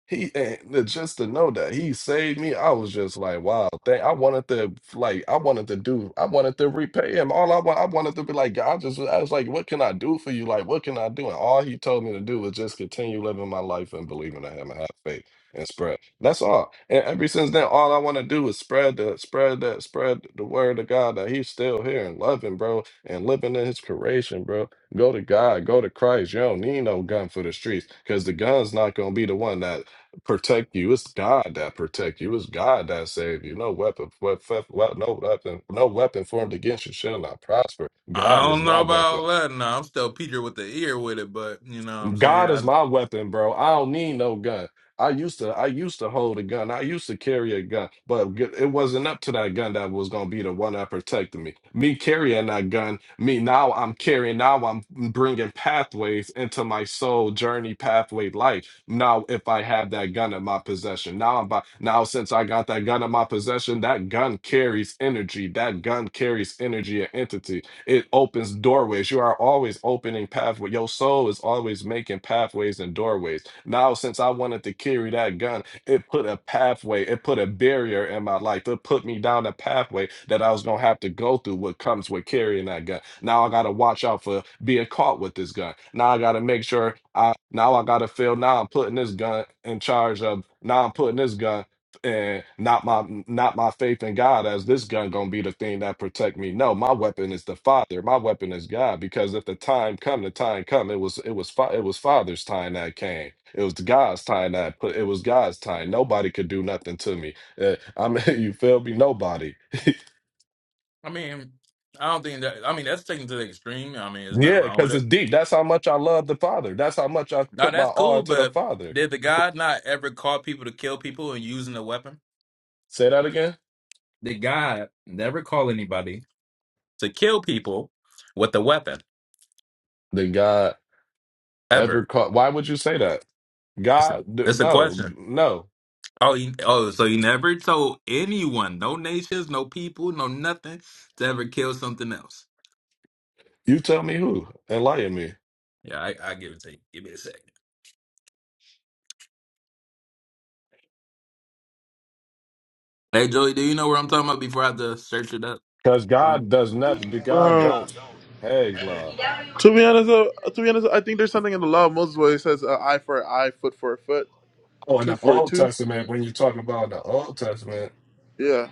Speaker 4: He and the- just to know that he saved me, I was just like, wow, thank I wanted to like I wanted to do, I wanted to repay him. All I want, I wanted to be like, God, just I was like, what can I do for you? Like, what can I do? And all he told me to do was just continue living my life and believing in him and have faith and spread. That's all. And ever since then, all I want to do is spread the spread that spread the word of God that He's still here and loving, bro, and living in His creation, bro. Go to God, go to Christ. You don't need no gun for the streets, because the gun's not gonna be the one that protect you. It's God that protect you. It's God that save you. No weapon, what, no weapon, no weapon formed against you shall not prosper.
Speaker 5: I
Speaker 4: God is
Speaker 5: don't know
Speaker 4: my weapon.
Speaker 5: about that. No, I'm still Peter with the ear with it, but you know what I'm saying.
Speaker 4: God is
Speaker 5: I
Speaker 4: my weapon, bro. I don't need no gun. I used to I used to hold a gun. I used to carry a gun, but g- it wasn't up to that gun that was gonna be the one that protected me. Me carrying that gun, me now I'm carrying now I'm bringing pathways into my soul journey pathway life. Now if I have that gun in my possession, now I'm by, now since I got that gun in my possession, that gun carries energy. That gun carries energy and entity. It opens doorways. You are always opening pathways. Your soul is always making pathways and doorways. Now, since I wanted to carry that gun, it put a pathway, it put a barrier in my life. It put me down a pathway that I was gonna have to go through what comes with carrying that gun. Now I gotta watch out for being caught with this gun. Now I gotta make sure I now I gotta feel now I'm putting this gun in charge of now I'm putting this gun and not my not my faith in God as this gun gonna be the thing that protect me. No, my weapon is the Father. My weapon is God. Because if the time come, the time come. It was it was fa- it was Father's time that came. It was God's time that put. It was God's time. Nobody could do nothing to me. Uh, I mean, you feel me? Nobody.
Speaker 5: I mean, I don't think that. I mean, that's taken to the extreme. I mean, there's nothing
Speaker 4: Yeah,
Speaker 5: wrong with
Speaker 4: because
Speaker 5: it.
Speaker 4: it's deep. That's how much I love the Father. That's how much I
Speaker 5: No,
Speaker 4: put my
Speaker 5: that's
Speaker 4: all
Speaker 5: cool,
Speaker 4: into the
Speaker 5: but
Speaker 4: Father.
Speaker 5: did the God not ever call people to kill people and using a weapon?
Speaker 4: Say that again.
Speaker 5: Did God never call anybody? To kill people with a weapon,
Speaker 4: Did God ever
Speaker 5: ever?
Speaker 4: call? Why would you say that?
Speaker 5: It's a,
Speaker 4: God, d-
Speaker 5: it's a
Speaker 4: no,
Speaker 5: question.
Speaker 4: no.
Speaker 5: Oh, he, oh, so he never told anyone, no nations, no people, no nothing, to ever kill something else.
Speaker 4: You tell me who. Enlighten me.
Speaker 5: Yeah, I, I give it to you. Give me a second. Hey, Joey, do you know where I'm talking about before I have to search it up?
Speaker 4: Because God
Speaker 5: Fine.
Speaker 4: does not, the God
Speaker 2: never.
Speaker 4: don't, hey, nah.
Speaker 2: To be honest, uh, to be honest, I think there's something in the law of Moses where it says uh, eye for an eye, foot for a foot,
Speaker 4: Oh, in the
Speaker 2: tooth for a
Speaker 4: Old
Speaker 2: tooth.
Speaker 4: Testament, when you talk about the Old Testament,
Speaker 2: Yeah,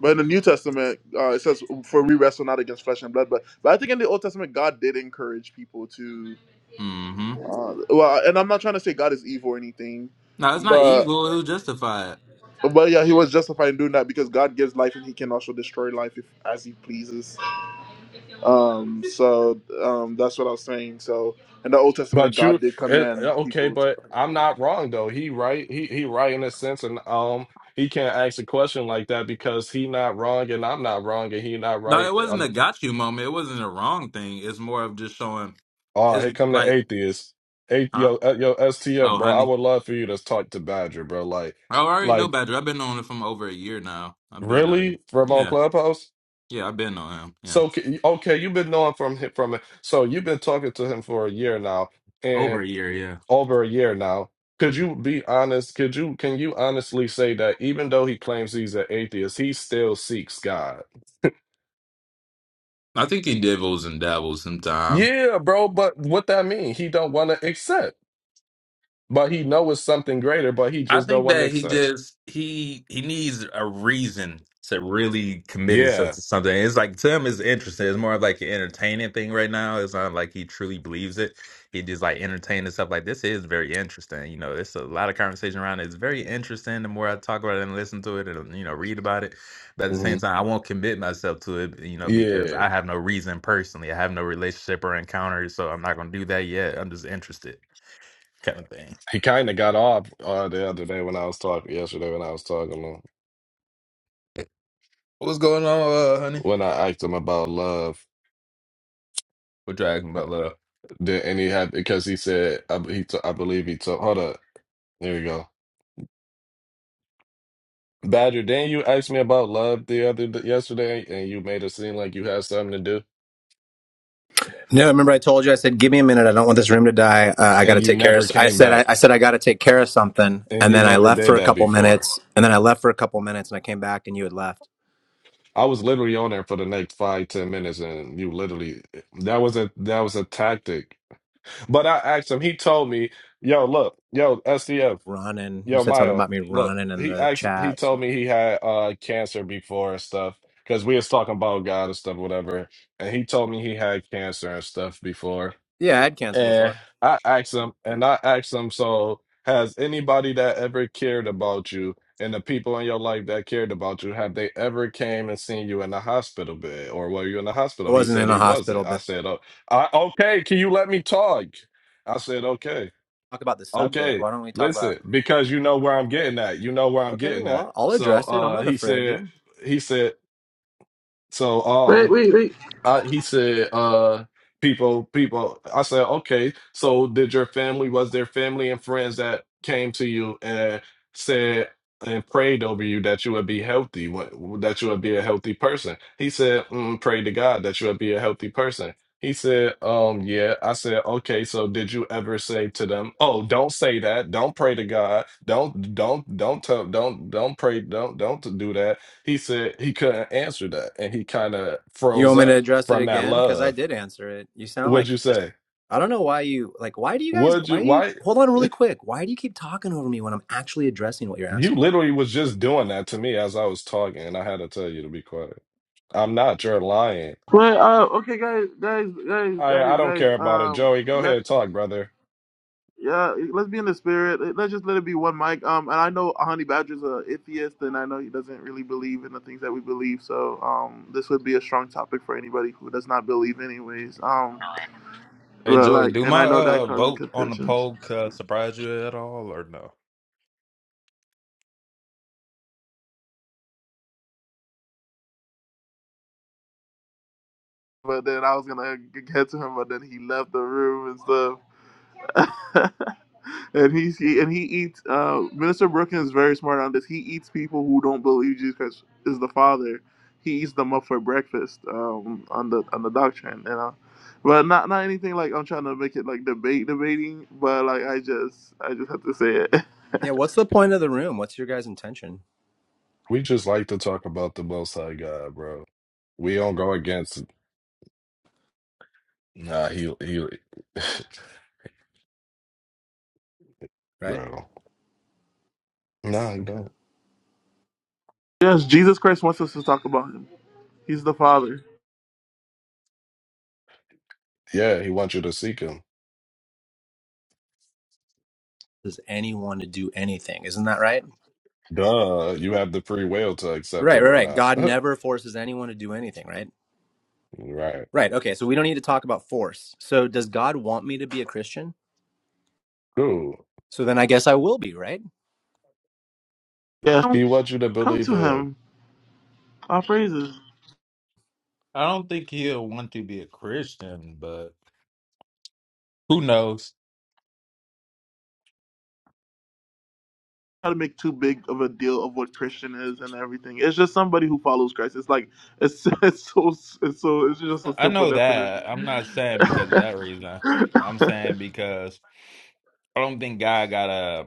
Speaker 2: but in the New Testament, uh, it says for we wrestle not against flesh and blood. But but I think in the Old Testament, God did encourage people to.
Speaker 5: Mm-hmm.
Speaker 2: Uh, well, and I'm not trying to say God is evil or anything,
Speaker 5: No, it's not
Speaker 2: but
Speaker 5: evil. It was justified.
Speaker 2: but yeah, he was justified in doing that because God gives life and He can also destroy life if, as He pleases. Um, so um, that's what I was saying. So in the Old Testament,
Speaker 4: But you,
Speaker 2: God did
Speaker 4: it,
Speaker 2: command
Speaker 4: uh, okay,
Speaker 2: people
Speaker 4: but I'm not wrong though. He right, he he right in a sense, and um, he can't ask a question like that because he not wrong and I'm not wrong and he not
Speaker 5: No,
Speaker 4: right.
Speaker 5: it wasn't a
Speaker 4: Um,
Speaker 5: got you moment. It wasn't a wrong thing. It's more of just showing.
Speaker 4: oh,
Speaker 5: It's
Speaker 4: here come the
Speaker 5: like,
Speaker 4: atheists. Athe
Speaker 5: huh?
Speaker 4: yo, uh, yo, STF,
Speaker 5: Oh,
Speaker 4: bro. I
Speaker 5: honey.
Speaker 4: would love for you to talk to Badger, bro. Like,
Speaker 5: I already know
Speaker 4: like
Speaker 5: Badger. I've been on it from over a year now. I've been already.
Speaker 4: really from on
Speaker 5: Yeah.
Speaker 4: Clubhouse.
Speaker 5: Yeah, I've been on him. Yeah.
Speaker 4: So okay, okay, you've been knowing from him from so you've been talking to him for a year now,
Speaker 5: Over
Speaker 4: and
Speaker 5: a year, yeah.
Speaker 4: over a year now. Could
Speaker 5: Mhm.
Speaker 4: you be honest? Could you can you honestly say that even though he claims he's an atheist, he still seeks God?
Speaker 5: I think he dibbles and dabbles sometimes.
Speaker 4: Yeah, bro, but what that mean? He don't want to accept, but he know it's something greater, but he
Speaker 5: I
Speaker 4: just don't
Speaker 5: think
Speaker 4: want to
Speaker 5: that he
Speaker 4: accept.
Speaker 5: just he he needs a reason to really commit himself
Speaker 4: Yeah.
Speaker 5: to something. It's like to him is interesting. It's more of like an entertaining thing right now. It's not like he truly believes it. He just like entertaining stuff like this is very interesting. You know, there's a lot of conversation around it. It's very interesting. The more I talk about it and listen to it and you know read about it, but at the
Speaker 4: hmm
Speaker 5: same time, I won't commit myself to it. You know, because
Speaker 4: Yeah.
Speaker 5: I have no reason personally. I have no relationship or encounter, so I'm not gonna do that yet. I'm just interested, kind of thing.
Speaker 4: He kind of got off uh, the other day when I was talking yesterday when I was talking to him
Speaker 5: What's going on, uh, honey?
Speaker 4: when I asked him about love.
Speaker 5: We're with about love.
Speaker 4: Then and he had because he said I b- he t- I believe he told. Hold up, there we go. Badger, then you asked me about love the other d- yesterday, and you made it seem like you had something to do,
Speaker 6: No, remember I told you I said, "Give me a minute. I don't want this room to die. Uh, I got
Speaker 4: and
Speaker 6: to
Speaker 4: you
Speaker 6: take care of."
Speaker 4: never
Speaker 6: I
Speaker 4: came
Speaker 6: said, "I,
Speaker 4: back,
Speaker 6: I said I got to take care of something,"
Speaker 4: and
Speaker 6: and
Speaker 4: you
Speaker 6: then I
Speaker 4: never
Speaker 6: left
Speaker 4: did
Speaker 6: for a
Speaker 4: that
Speaker 6: couple
Speaker 4: before.
Speaker 6: minutes, and then I left for a couple minutes, and I came back, and you had left
Speaker 4: I was literally on there for the next five ten minutes, and you literally that was a that was a tactic. But I asked him. He told me, "Yo, look, yo, SDF."
Speaker 6: running. You
Speaker 4: Yo,
Speaker 6: said something
Speaker 4: Mayo,
Speaker 6: about me
Speaker 4: look,
Speaker 6: running in
Speaker 4: he
Speaker 6: the
Speaker 4: actually he
Speaker 6: chat. So.
Speaker 4: told me he had uh cancer before and stuff because we was talking about God and stuff, whatever. And he told me he had cancer and stuff before.
Speaker 6: Yeah, I had cancer
Speaker 4: And
Speaker 6: before.
Speaker 4: I asked him, and I asked him, so has anybody that ever cared about you and the people in your life that cared about you, have they ever came and seen you in the hospital bed or were you in the
Speaker 6: I
Speaker 4: hospital? He
Speaker 6: wasn't
Speaker 4: said
Speaker 6: in a
Speaker 4: he
Speaker 6: hospital
Speaker 4: wasn't. I
Speaker 6: bed.
Speaker 4: said, oh, I, okay, can you let me talk? I said, okay.
Speaker 6: Talk about the subject.
Speaker 4: Okay,
Speaker 6: Why don't we talk about?
Speaker 4: listen, because you know where I'm getting at. You know where I'm
Speaker 6: Okay,
Speaker 4: getting at.
Speaker 6: well, I'll
Speaker 4: So
Speaker 6: address it. I'm
Speaker 4: uh
Speaker 6: not
Speaker 4: he
Speaker 6: afraid,
Speaker 4: said
Speaker 6: dude.
Speaker 4: he said so um I, he said, uh, people, people. I said, okay, so did your family, was there family and friends that came to you and said and prayed over you that you would be healthy, wh- that you would be a healthy person? He said, mm, pray to God that you would be a healthy person. He said, um, yeah. I said, okay, so did you ever say to them, oh, don't say that. Don't pray to God. Don't, don't, don't tell, don't, don't pray. Don't, don't do that. He said he couldn't answer that and he kind of
Speaker 6: You
Speaker 4: froze
Speaker 6: want me
Speaker 4: up
Speaker 6: to address it
Speaker 4: from that
Speaker 6: again? Because I
Speaker 4: love.
Speaker 6: did answer it. You sound
Speaker 4: What'd
Speaker 6: like
Speaker 4: you
Speaker 6: you're just.
Speaker 4: say?
Speaker 6: I don't know why you like. Why do you guys?
Speaker 4: Would
Speaker 6: Why
Speaker 4: you
Speaker 6: do you
Speaker 4: why
Speaker 6: hold on really quick? Why do you keep talking over me when I'm actually addressing what you're
Speaker 4: you
Speaker 6: asking?
Speaker 4: literally was just doing that to me as I was talking and I had to tell you to be quiet. I'm not, you're lying.
Speaker 2: Well, uh, okay, guys, guys, guys,
Speaker 4: I
Speaker 2: guys,
Speaker 4: I don't
Speaker 2: guys.
Speaker 4: care about it.
Speaker 2: Um,
Speaker 4: Joey, go
Speaker 2: let
Speaker 4: ahead, talk, brother.
Speaker 2: yeah, let's be in the spirit. Let's just let it be one mic. Um, and I know Honey Badger's a atheist, and I know he doesn't really believe in the things that we believe. So, um, this would be a strong topic for anybody who does not believe, anyways. Um,
Speaker 5: Hey
Speaker 2: but
Speaker 5: Joey,
Speaker 2: like,
Speaker 5: do
Speaker 2: and I
Speaker 5: my
Speaker 2: know that
Speaker 5: uh
Speaker 2: causing
Speaker 5: vote on the
Speaker 2: contentions.
Speaker 5: poll uh, surprise you at all or no?
Speaker 2: But then I was gonna get to him, but then he left the room and stuff. And he's he and he eats. Uh, Minister Brookins is very smart on this. He eats people who don't believe Jesus Christ is the Father. He eats them up for breakfast um, on the on the doctrine, you know. But not not anything like I'm trying to make it like debate debating. But like I just I just have to say it.
Speaker 6: Yeah. What's the point of the room? What's your guys' intention?
Speaker 4: We just like to talk about the most high God, bro. We don't go against nah, he he
Speaker 6: Right.
Speaker 4: bro. Nah, you
Speaker 6: Okay.
Speaker 4: don't.
Speaker 2: Yes, Jesus Christ wants us to talk about him. He's the Father.
Speaker 4: Yeah, he wants you to seek him.
Speaker 6: Does anyone to do anything? Isn't that right?
Speaker 4: Duh, you have the free will to accept
Speaker 6: Right.
Speaker 4: him
Speaker 6: Right.
Speaker 4: or
Speaker 6: Right.
Speaker 4: not.
Speaker 6: God never forces anyone to do anything. Right.
Speaker 4: right.
Speaker 6: Right. Okay. So we don't need to talk about force. So does God want me to be a Christian?
Speaker 4: Cool.
Speaker 6: So then I guess I will be. Right.
Speaker 2: Yeah, come,
Speaker 4: He wants you to
Speaker 2: come
Speaker 4: believe
Speaker 2: to
Speaker 4: him.
Speaker 2: him. Our praises.
Speaker 5: I don't think he'll want to be a Christian, but who knows?
Speaker 2: try to make too big of a deal of what Christian is and everything. It's just somebody who follows Christ. It's like it's it's so it's so it's just a
Speaker 5: I
Speaker 2: simple
Speaker 5: know
Speaker 2: definition.
Speaker 5: that. I'm not saying because of that reason. I'm saying because I don't think God got a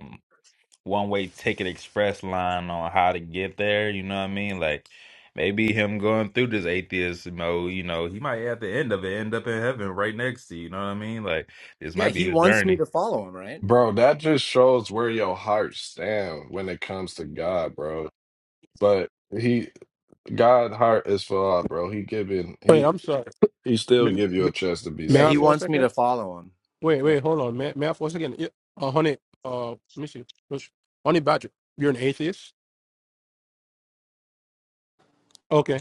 Speaker 5: one way ticket express line on how to get there. You know what I mean? Like maybe him going through this atheist mode, you know, he might at the end of it end up in heaven right next to you. You know what I mean? Like this
Speaker 6: Yeah.
Speaker 5: might
Speaker 6: He
Speaker 5: be his
Speaker 6: wants me
Speaker 5: journey.
Speaker 6: to follow him. Right.
Speaker 4: Bro, that just shows where your heart stand when it comes to God, bro. But he God heart is for all, bro. He giving
Speaker 7: Wait,
Speaker 4: he
Speaker 7: I'm sorry.
Speaker 4: he still
Speaker 7: May
Speaker 4: give you
Speaker 7: m-
Speaker 4: a chance to be
Speaker 6: Yeah.
Speaker 7: May I
Speaker 6: He
Speaker 4: saved.
Speaker 7: for a
Speaker 6: wants me
Speaker 7: second?
Speaker 6: to follow him.
Speaker 7: Wait,
Speaker 6: Yeah.
Speaker 7: wait, hold on. May, may I for a second? Yeah, uh, honey, uh, let me see. Let's- Honey Badger, you're an atheist? Okay.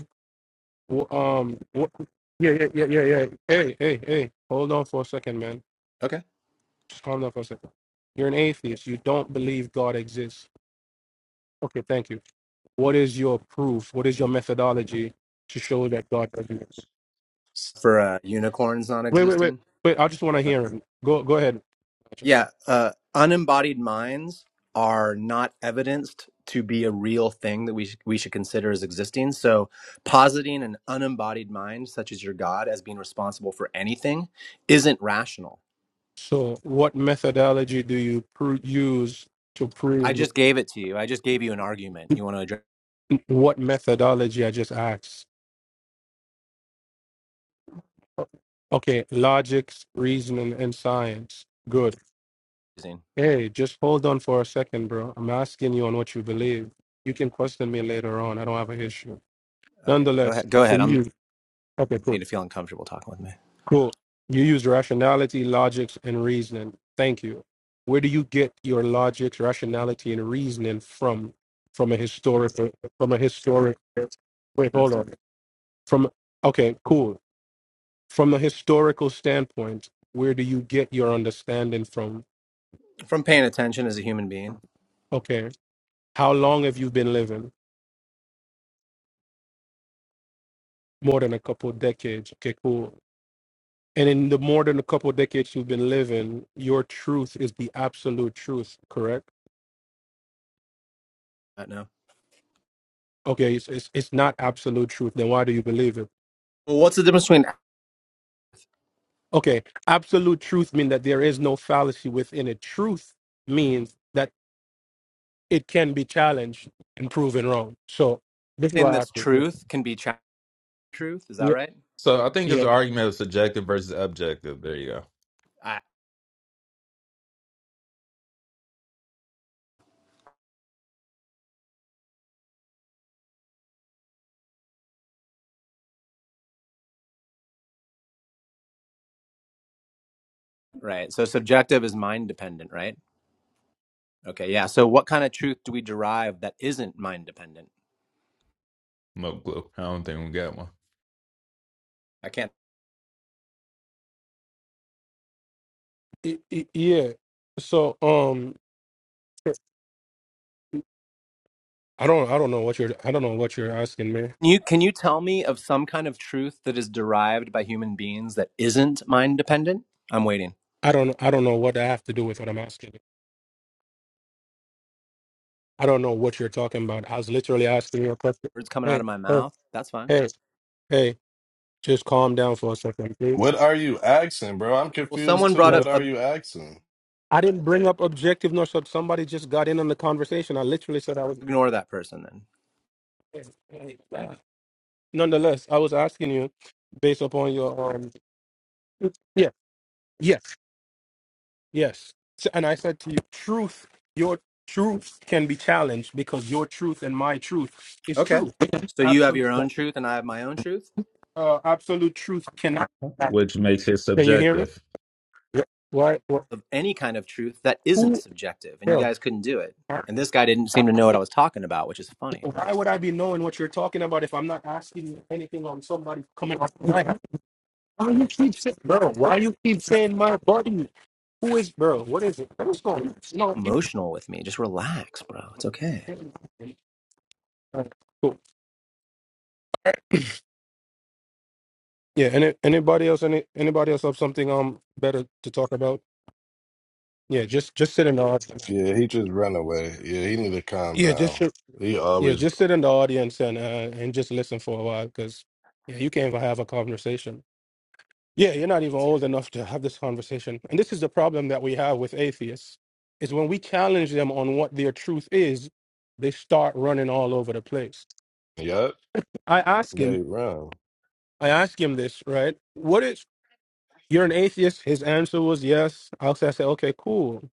Speaker 7: Well, um, what, yeah, yeah, yeah, yeah, yeah. Hey, hey, hey, hold on for a second, man.
Speaker 6: Okay.
Speaker 7: Just calm down for a second. You're an atheist. You don't believe God exists. Okay, thank you. What is your proof? What is your methodology to show that God doesn't? exist?
Speaker 6: for uh, unicorns not
Speaker 7: Wait, wait, wait,
Speaker 6: existing.
Speaker 7: wait. I just want to hear him. Go, go ahead.
Speaker 6: Yeah, uh, unembodied minds are not evidenced to be a real thing that we sh- we should consider as existing. So, positing an unembodied mind, such as your God, as being responsible for anything, isn't rational.
Speaker 7: So, what methodology do you pr- use to
Speaker 6: I
Speaker 7: prove
Speaker 6: just gave it to you. I just gave you an argument. You want to address?
Speaker 7: what methodology I just asked? Okay, logic, reasoning, and science. Good. Hey, just hold on for a second, bro. I'm asking you on what you believe. You can question me later on. I don't have an issue.
Speaker 6: Okay, go
Speaker 7: Nonetheless,
Speaker 6: ahead. Go
Speaker 7: so
Speaker 6: ahead. I'm
Speaker 7: you, okay,
Speaker 6: I
Speaker 7: cool.
Speaker 6: need to feel uncomfortable talking with me.
Speaker 7: Cool. You used rationality, logics, and reasoning. Thank you. Where do you get your logics, rationality, and reasoning from? From a historical, from a historic. Wait, hold
Speaker 6: existent
Speaker 7: on. From okay, cool. From a historical standpoint, where do you get your understanding from?
Speaker 6: from paying attention as a human being.
Speaker 7: Okay, how long have you been living? More than a couple decades. Okay, cool. And in the more than a couple decades you've been living, your truth is the absolute truth, correct?
Speaker 6: I don't know.
Speaker 7: Okay, it's, it's it's not absolute truth. Then why do you believe it?
Speaker 6: Well, what's the difference between
Speaker 7: Okay, absolute truth means that there is no fallacy within it. Truth means that it can be challenged and proven wrong. So this is
Speaker 6: acting
Speaker 7: why I
Speaker 6: that's
Speaker 7: think
Speaker 6: truth can be cha- truth? Is that
Speaker 7: yeah,
Speaker 6: right?
Speaker 5: So I think it's
Speaker 7: yeah,
Speaker 5: an argument of subjective versus objective. There you go.
Speaker 6: Ah, right. So subjective is mind dependent, right? Okay. Yeah. So what kind of truth do we derive that isn't mind dependent?
Speaker 5: No clue. I don't think we got one.
Speaker 6: I can't.
Speaker 7: yeah. I- I- yeah. So um, I don't I don't know what you're I don't know what you're asking me.
Speaker 6: You can you tell me of some kind of truth that is derived by human beings that isn't mind dependent? I'm waiting.
Speaker 7: I don't I don't know what I have to do with what I'm asking. you. I don't know what you're talking about. I was literally asking you a question.
Speaker 6: Words coming out
Speaker 7: Hey,
Speaker 6: of my
Speaker 7: hey,
Speaker 6: mouth. That's fine.
Speaker 7: hey, hey, just calm down for a second, please.
Speaker 4: What are you asking, bro? I'm
Speaker 6: Well,
Speaker 7: Like,
Speaker 4: confused
Speaker 6: someone
Speaker 4: too.
Speaker 6: brought
Speaker 7: like,
Speaker 6: up
Speaker 4: What
Speaker 6: uh,
Speaker 4: are you asking?
Speaker 7: I didn't bring up objective nor sub. Somebody just got in on the conversation. I literally said I was.
Speaker 6: ignore that person then.
Speaker 7: Nonetheless, I was asking you based upon your um. Yeah. Yes. Yes. So- And I said to you, truth. Your truth can be challenged because your truth and my truth is
Speaker 6: Okay.
Speaker 7: true.
Speaker 6: So you have
Speaker 7: Absolute.
Speaker 6: your own truth and I have my own truth
Speaker 7: Uh, absolute truth cannot. Can
Speaker 5: Which makes it
Speaker 7: you hear me?
Speaker 5: subjective.
Speaker 7: Yeah. Why? wh-
Speaker 6: of any kind of truth that isn't
Speaker 7: Who?
Speaker 6: subjective and you
Speaker 7: Bro,
Speaker 6: guys couldn't do it. And this guy didn't seem to know what I was talking about, which is funny.
Speaker 7: why would I be knowing what you're talking about if I'm not asking you anything on somebody coming off? the mic? Why you keep saying, bro? Why you keep saying my buddy? Who is, bro? What is it? What's going on? No, you.
Speaker 6: Emotional with me. Just relax, bro. It's okay.
Speaker 7: Alright, Cool. Yeah. Any, anybody else? Any anybody else have something um better to talk about? Yeah. Just just sit in the audience.
Speaker 4: Yeah, he just ran away. Yeah, he need to calm
Speaker 7: Yeah. Just
Speaker 4: down.
Speaker 7: sit-
Speaker 4: He
Speaker 7: yeah.
Speaker 4: always,
Speaker 7: Just sit in the audience and uh, and just listen for a while because yeah, you can't even have a conversation. Yeah, you're not even old enough to have this conversation. And this is the problem that we have with atheists is when we challenge them on what their truth is, they start running all over the place
Speaker 4: yep,
Speaker 7: I asked
Speaker 4: they
Speaker 7: him,
Speaker 4: run.
Speaker 7: I asked him this, right? What is, you're an atheist? His answer was yes. I also said, okay, cool.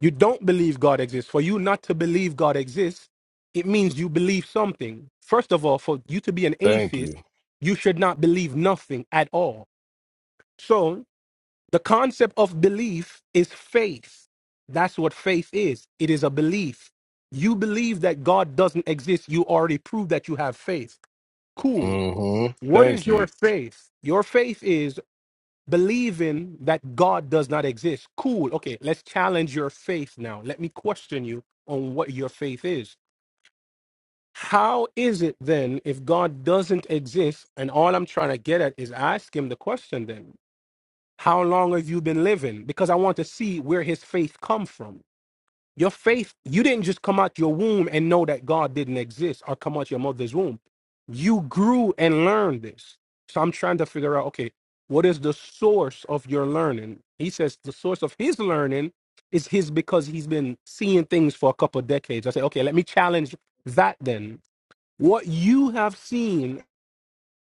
Speaker 7: You don't believe God exists. For you not to believe God exists, it means you believe something. First of all, for you to be an
Speaker 4: Thank
Speaker 7: atheist,
Speaker 4: you.
Speaker 7: you should not believe nothing at all. So the concept of belief is faith. That's what faith is. It is a belief. You believe that God doesn't exist. You already proved that you have faith. Cool
Speaker 4: hmm
Speaker 7: What
Speaker 4: Thank
Speaker 7: is your
Speaker 4: you.
Speaker 7: faith? Your faith is believing that God does not exist. Cool. Okay, let's challenge your faith now. Let me question you on what your faith is. How is it then if God doesn't exist? And all I'm trying to get at is ask him the question then. How long have you been living? Because I want to see where his faith come from. Your faith, you didn't just come out your womb and know that God didn't exist or come out your mother's womb. You grew and learned this. So I'm trying to figure out, okay, what is the source of your learning? He says the source of his learning is his because he's been seeing things for a couple of decades. I say, okay, let me challenge that then. What you have seen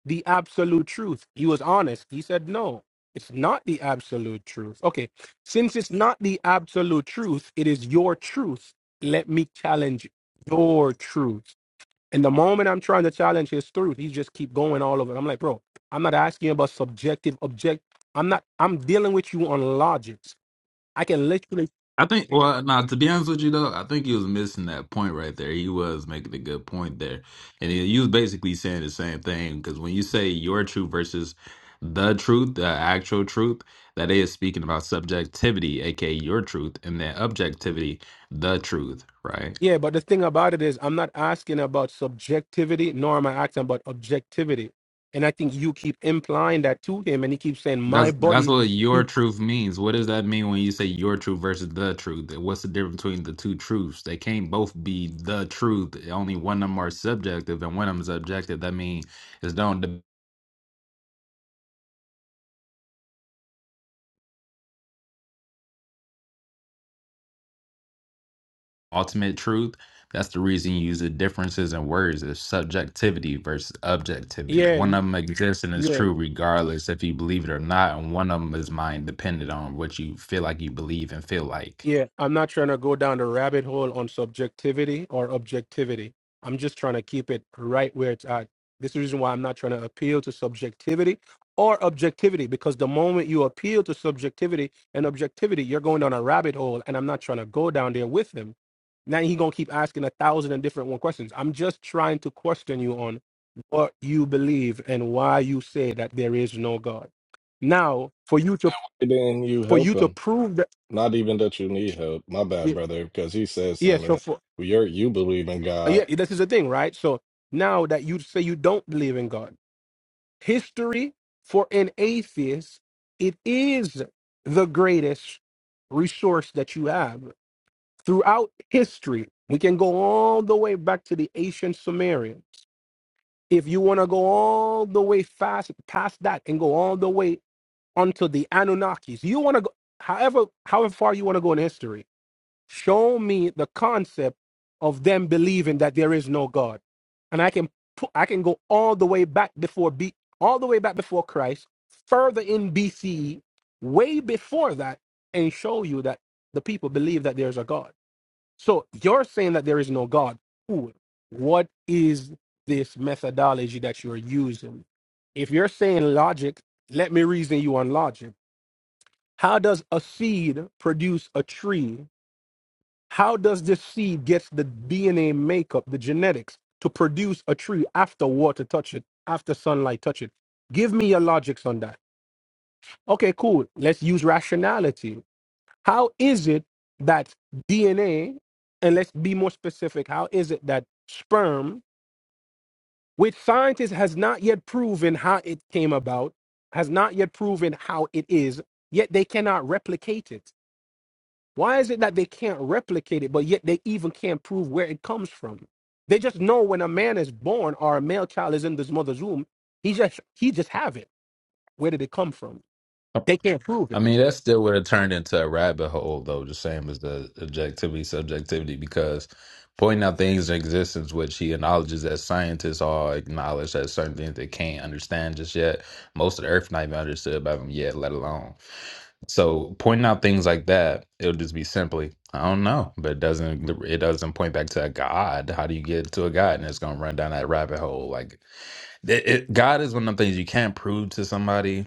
Speaker 7: the absolute truth. He was honest. He said, no, it's not the absolute truth. Okay, since it's not the absolute truth, it is your truth. Let me challenge your truth. And the moment I'm trying to challenge his truth, he just keep going all over. I'm like, bro, I'm not asking you about subjective, object. I'm not, I'm dealing with you on logics. I can literally
Speaker 5: I think. Well, now to be honest with you though, I think he was missing that point right there. He was making a good point there, and he, he was basically saying the same thing because when you say your truth versus the truth, the actual truth, that is speaking about subjectivity, aka your truth, and then objectivity, the truth, right?
Speaker 7: Yeah, but the thing about it is, I'm not asking about subjectivity, nor am I asking about objectivity. And I think you keep implying that to him, and he keeps saying, "My
Speaker 5: That's that's
Speaker 7: body."
Speaker 5: what your
Speaker 7: He,
Speaker 5: truth means. What does that mean when you say your truth versus the truth? What's the difference between the two truths? They can't both be the truth. Only one of them are subjective and one of them is objective. That means it's not the ultimate truth. That's the reason you use the differences in words is subjectivity versus objectivity.
Speaker 7: yeah,
Speaker 5: One of them exists and is
Speaker 7: yeah.
Speaker 5: true regardless if you believe it or not, and one of them is mind dependent on what you feel like you believe and feel like.
Speaker 7: Yeah, I'm not trying to go down the rabbit hole on subjectivity or objectivity. I'm just trying to keep it right where it's at. This is the reason why I'm not trying to appeal to subjectivity or objectivity, because the moment you appeal to subjectivity and objectivity, you're going down a rabbit hole, and I'm not trying to go down there with him. Now he gonna keep asking a thousand and different one questions. I'm just trying to question you on what you believe and why you say that there is no God. Now, for you to
Speaker 4: Then you
Speaker 7: for
Speaker 4: help
Speaker 7: you to
Speaker 4: him.
Speaker 7: prove that,
Speaker 4: Not even that you need help. My bad, brother, because he said something.
Speaker 7: yes,
Speaker 4: You're you believe in
Speaker 7: Uh,
Speaker 4: God
Speaker 7: Yeah, this is the thing, right? So now that you say you don't believe in God, history for an atheist, it is the greatest resource that you have throughout history. We can go all the way back to the ancient Sumerians. If you want to go all the way fast past that and go all the way onto the Anunnakis, you want to go however however far you want to go in history Show me the concept of them believing that there is no God. And I can pu- I can go all the way back before B all the way back before Christ, further in BCE, way before that, and show you that the people believe that there's a God. So you're saying that there is no God. Cool. What is this methodology that you're using? If you're saying logic, let me reason you on logic. How does a seed produce a tree how does this seed get the DNA makeup, the genetics, to produce a tree after water touch it, after sunlight touch it? Give me your logics on that. Okay, cool. Let's use rationality. How is it that DNA, and let's be more specific, how is it that sperm, which scientists has not yet proven how it came about, has not yet proven how it is, yet they cannot replicate it? Why is it that they can't replicate it, but yet they even can't prove where it comes from? They just know when a man is born or a male child is in this mother's womb, he just he just have it. Where did it come from? They can't prove
Speaker 5: I
Speaker 7: it.
Speaker 5: mean, that still would have turned into a rabbit hole, though, the same as the objectivity, subjectivity, because pointing out things in existence, which he acknowledges that scientists all acknowledge that certain things they can't understand just yet. Most of the earth not even understood by them yet, let alone. So pointing out things like that, it will just be simply, I don't know, but it doesn't it doesn't point back to a god. How do you get to a god? And it's gonna run down that rabbit hole. Like it, it- God is one of them things you can't prove to somebody,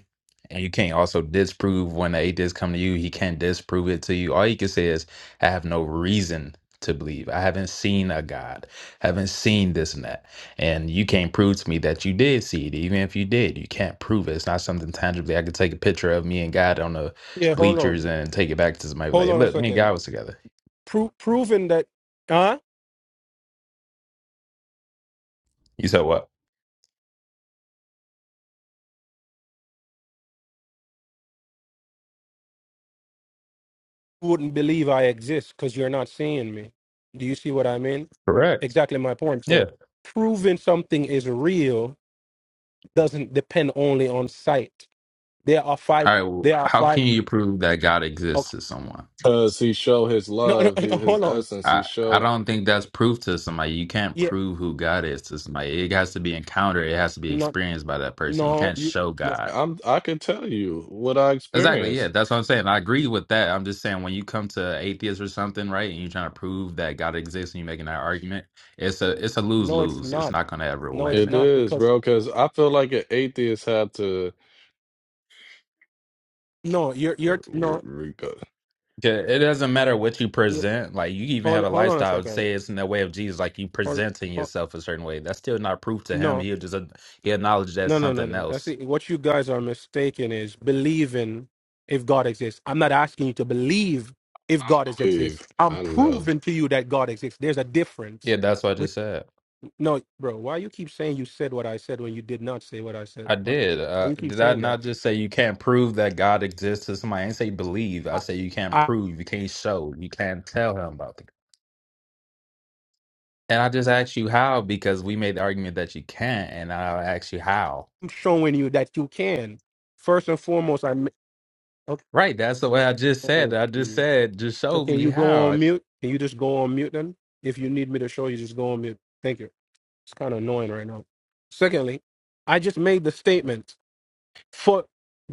Speaker 5: and you can't also disprove when the atheists come to you. He can't disprove it to you. All he can say is, I have no reason to believe. I haven't seen a God. I haven't seen this and that. And you can't prove to me that you did see it. Even if you did, you can't prove it. It's not something tangibly. I could take a picture of me and God on the
Speaker 7: Yeah, hold on,
Speaker 5: bleachers and take it back to somebody
Speaker 7: hold
Speaker 5: like,
Speaker 7: on a
Speaker 5: look, me and God
Speaker 7: second.
Speaker 5: was together.
Speaker 7: Pro- proving that, huh?
Speaker 5: You said what?
Speaker 7: You wouldn't believe I exist because you're not seeing me. Do you see what I mean?
Speaker 5: Correct.
Speaker 7: Exactly my point. So
Speaker 5: Yeah.
Speaker 7: proving something is real doesn't depend only on sight. There are five.
Speaker 5: All right. Well,
Speaker 7: There are
Speaker 5: how
Speaker 7: five.
Speaker 5: can you prove that God
Speaker 7: oh,
Speaker 5: exists to someone?
Speaker 4: because he show his
Speaker 7: no, no,
Speaker 4: love,
Speaker 7: no,
Speaker 4: his, his
Speaker 7: hold on.
Speaker 4: essence. He
Speaker 5: I I
Speaker 4: show.
Speaker 5: don't think that's proof to somebody. You can't
Speaker 7: Yeah,
Speaker 5: prove who God is to somebody. It has to be encountered. It has to be
Speaker 7: no,
Speaker 5: experienced by that person. You
Speaker 7: no,
Speaker 5: can't
Speaker 7: you,
Speaker 5: show
Speaker 7: no,
Speaker 5: God.
Speaker 4: I'm. I can tell you what I
Speaker 5: Exactly. Yeah,
Speaker 4: experienced.
Speaker 5: that's what I'm saying. I agree with that. I'm just saying when you come to atheists or something, right, and you're trying to prove that God exists and you're making that argument, it's a it's a lose
Speaker 7: no, it's
Speaker 5: lose. It's
Speaker 7: not.
Speaker 5: not going to ever
Speaker 7: No, it's
Speaker 5: win.
Speaker 4: It
Speaker 7: not
Speaker 4: is,
Speaker 7: because
Speaker 4: bro, because I feel like an atheist had to.
Speaker 7: no, you're
Speaker 4: I
Speaker 7: you're no.
Speaker 4: don't
Speaker 5: Yeah, It doesn't matter what you
Speaker 7: You,
Speaker 5: present. Like you even
Speaker 7: hold
Speaker 5: have a
Speaker 7: hold on a
Speaker 5: lifestyle.
Speaker 7: second.
Speaker 5: Say it's in the way of Jesus. Like you
Speaker 7: Hold,
Speaker 5: presenting
Speaker 7: hold,
Speaker 5: yourself a certain way. That's still not proof to him.
Speaker 7: no,
Speaker 5: He'll just uh, he acknowledge that's
Speaker 7: no, no, no,
Speaker 5: something
Speaker 7: no. I
Speaker 5: else.
Speaker 7: see what you guys are mistaken is believing if God exists. I'm not asking you to believe if God is
Speaker 4: believe.
Speaker 7: exists. I'm
Speaker 4: I know.
Speaker 7: proving to you that God exists. There's a difference.
Speaker 5: Yeah, that's what I just
Speaker 7: With
Speaker 5: said.
Speaker 7: no, bro, why you keep saying you said what I said when you did not say what I said?
Speaker 5: I
Speaker 7: Why,
Speaker 5: did.
Speaker 7: why
Speaker 5: Uh,
Speaker 7: you keep
Speaker 5: did I
Speaker 7: saying
Speaker 5: not just say you can't prove that God exists to somebody? I didn't say believe. I say you can't
Speaker 7: that?
Speaker 5: prove, you can't show, you can't tell him about the. And I just asked you how because we made the argument that you can't, and I asked you how.
Speaker 7: I'm showing you that you can. First and foremost, I ma- okay.
Speaker 5: Right, that's the way I just said.
Speaker 7: Oh,
Speaker 5: I just
Speaker 7: geez.
Speaker 5: said, just
Speaker 7: So
Speaker 5: show
Speaker 7: can
Speaker 5: me
Speaker 7: you go
Speaker 5: how.
Speaker 7: on
Speaker 5: It
Speaker 7: mute? Can you just go on mute then? If you need me to show you, just go on mute. Thank you. It's kind of annoying right now. Secondly, I just made the statement for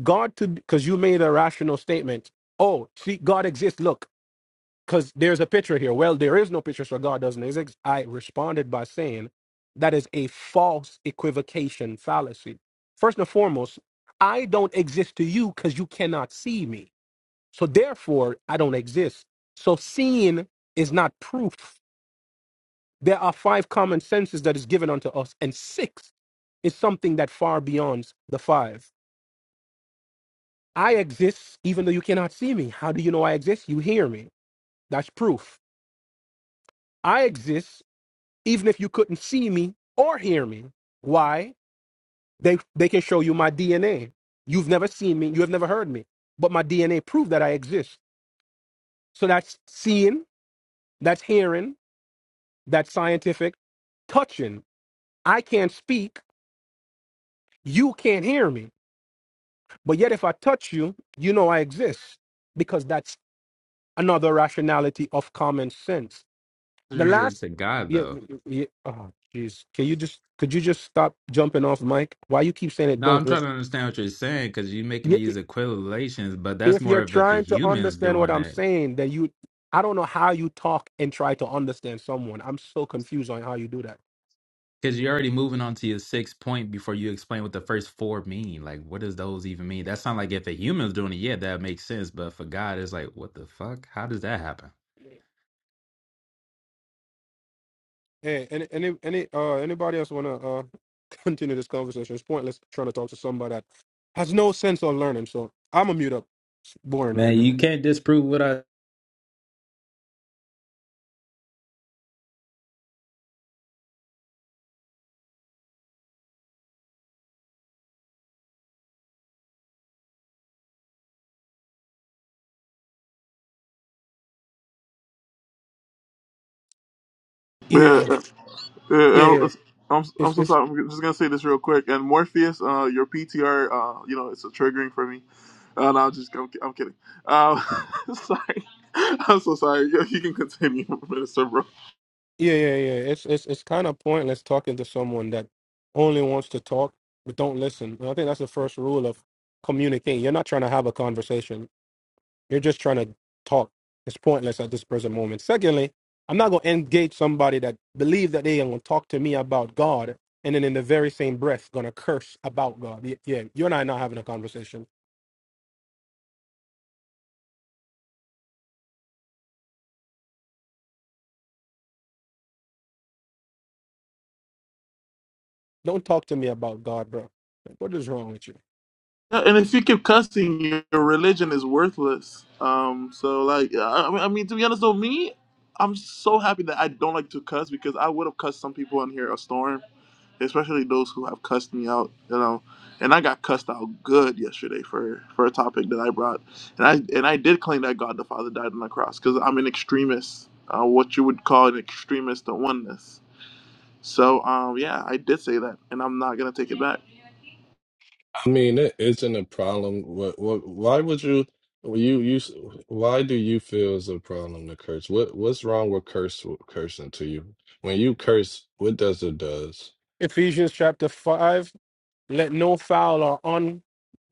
Speaker 7: God to because you made a rational statement. Oh, see, God exists. Look, because there's a picture here. Well, there is no picture, so God doesn't exist. I responded by saying that is a false equivocation fallacy. First and foremost, I don't exist to you because you cannot see me. So therefore, I don't exist. So seeing is not proof. There are five common senses that is given unto us, and six is something that far beyonds the five. I exist even though you cannot see me. How do you know I exist? You hear me. That's proof. I exist even if you couldn't see me or hear me. Why? They they can show you my DNA. You've never seen me, you have never heard me, but my DNA proved that I exist. So that's seeing, that's hearing, that's scientific, touching. I can't speak, you can't hear me. But yet if I touch you, you know I exist because that's another rationality of common sense.
Speaker 5: does
Speaker 7: The
Speaker 5: relate
Speaker 7: last
Speaker 5: to God
Speaker 7: yeah,
Speaker 5: though.
Speaker 7: yeah oh jeez. Can you just could you just stop jumping off mic? Why you keep saying it
Speaker 5: No,
Speaker 7: don't
Speaker 5: I'm trying to
Speaker 7: work?
Speaker 5: understand what you're saying because you're making these equivocations, but that's
Speaker 7: if you're
Speaker 5: more of if a
Speaker 7: trying to
Speaker 5: human's
Speaker 7: understand what
Speaker 5: doing
Speaker 7: I'm
Speaker 5: it.
Speaker 7: saying, then you I don't know how you talk and try to understand someone. I'm so confused on how you do that.
Speaker 5: Because you're already moving on to your sixth point before you explain what the first four mean. Like, what does those even mean? That sounds like if a human's doing it, yeah, that makes sense. But for God, it's like, what the fuck? How does that happen?
Speaker 7: Hey, any any any uh anybody else wanna uh continue this conversation? It's pointless trying to talk to somebody that has no sense of learning. So I'm a mute up. It's boring right
Speaker 5: Man, you
Speaker 7: now.
Speaker 5: can't disprove what I
Speaker 2: Yeah,
Speaker 7: Yeah,
Speaker 2: yeah,
Speaker 7: yeah,
Speaker 2: yeah,
Speaker 7: yeah.
Speaker 2: it's- I'm I'm
Speaker 7: It's
Speaker 2: so
Speaker 7: it's
Speaker 2: sorry. I'm just gonna say this real quick. And Morpheus, uh, your PTR, uh, you know, it's a triggering for me. Uh, no, I'm just I'm, I'm kidding. Uh, sorry, I'm so sorry. You you can continue, Minister, bro.
Speaker 7: yeah, yeah, yeah. It's it's it's kind of pointless talking to someone that only wants to talk but don't listen. And I think that's the first rule of communicating. You're not trying to have a conversation. You're just trying to talk. It's pointless at this present moment. Secondly, I'm not going to engage somebody that believes that they are going to talk to me about God and then in the very same breath going to curse about God. Y- Yeah, you and I are not having a conversation. Don't talk to me about God, bro. Like, What is wrong with you?
Speaker 2: Yeah, and if you keep cussing, your religion is worthless. Um, so like, I, I mean, I mean, to be honest though, me, I'm so happy that I don't like to cuss because I would have cussed some people on here a storm, especially those who have cussed me out, you know. And I got cussed out good yesterday for for a topic that I brought, and I and I did claim that God the Father died on the cross because I'm an extremist, uh, what you would call an extremist of oneness. So um, yeah, I did say that, and I'm not gonna take it back.
Speaker 4: I mean, it isn't a problem. What, what, why would you, you, you, why do you feel it's a problem to curse? What, what's wrong with curse, cursing to you? When you curse, what does it does?
Speaker 7: Ephesians chapter 5, let no foul or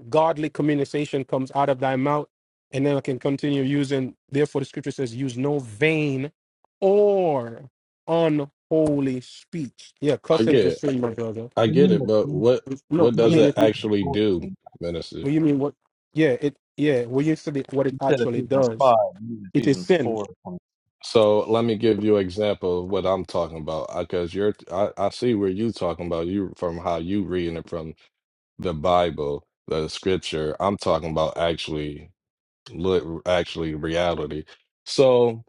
Speaker 7: godly communication comes out of thy mouth. And then I can continue using, therefore, the scripture says, use no vain or unholy speech. Yeah,
Speaker 4: I
Speaker 7: cussing
Speaker 4: get
Speaker 7: is
Speaker 4: it.
Speaker 7: sin, my brother.
Speaker 4: I
Speaker 8: You mean
Speaker 4: get it, but
Speaker 8: Ephesians,
Speaker 4: what,
Speaker 7: No,
Speaker 4: what
Speaker 8: you
Speaker 7: I
Speaker 4: does
Speaker 8: mean
Speaker 7: mean,
Speaker 4: it
Speaker 7: if you,
Speaker 8: Ephesians
Speaker 4: actually
Speaker 8: 4.
Speaker 4: do,
Speaker 8: You
Speaker 4: minister?
Speaker 7: what you mean what, yeah, it, yeah, when you said it, what it
Speaker 8: said
Speaker 7: actually
Speaker 8: Ephesians
Speaker 7: does,
Speaker 8: 5. You mean
Speaker 7: it is
Speaker 8: Ephesians
Speaker 7: sin.
Speaker 8: 4.
Speaker 4: So let me give you an example of what I'm talking about, because you're, I, I see where you talking about you from how you reading it from the Bible, the scripture. I'm talking about actually. look actually reality. So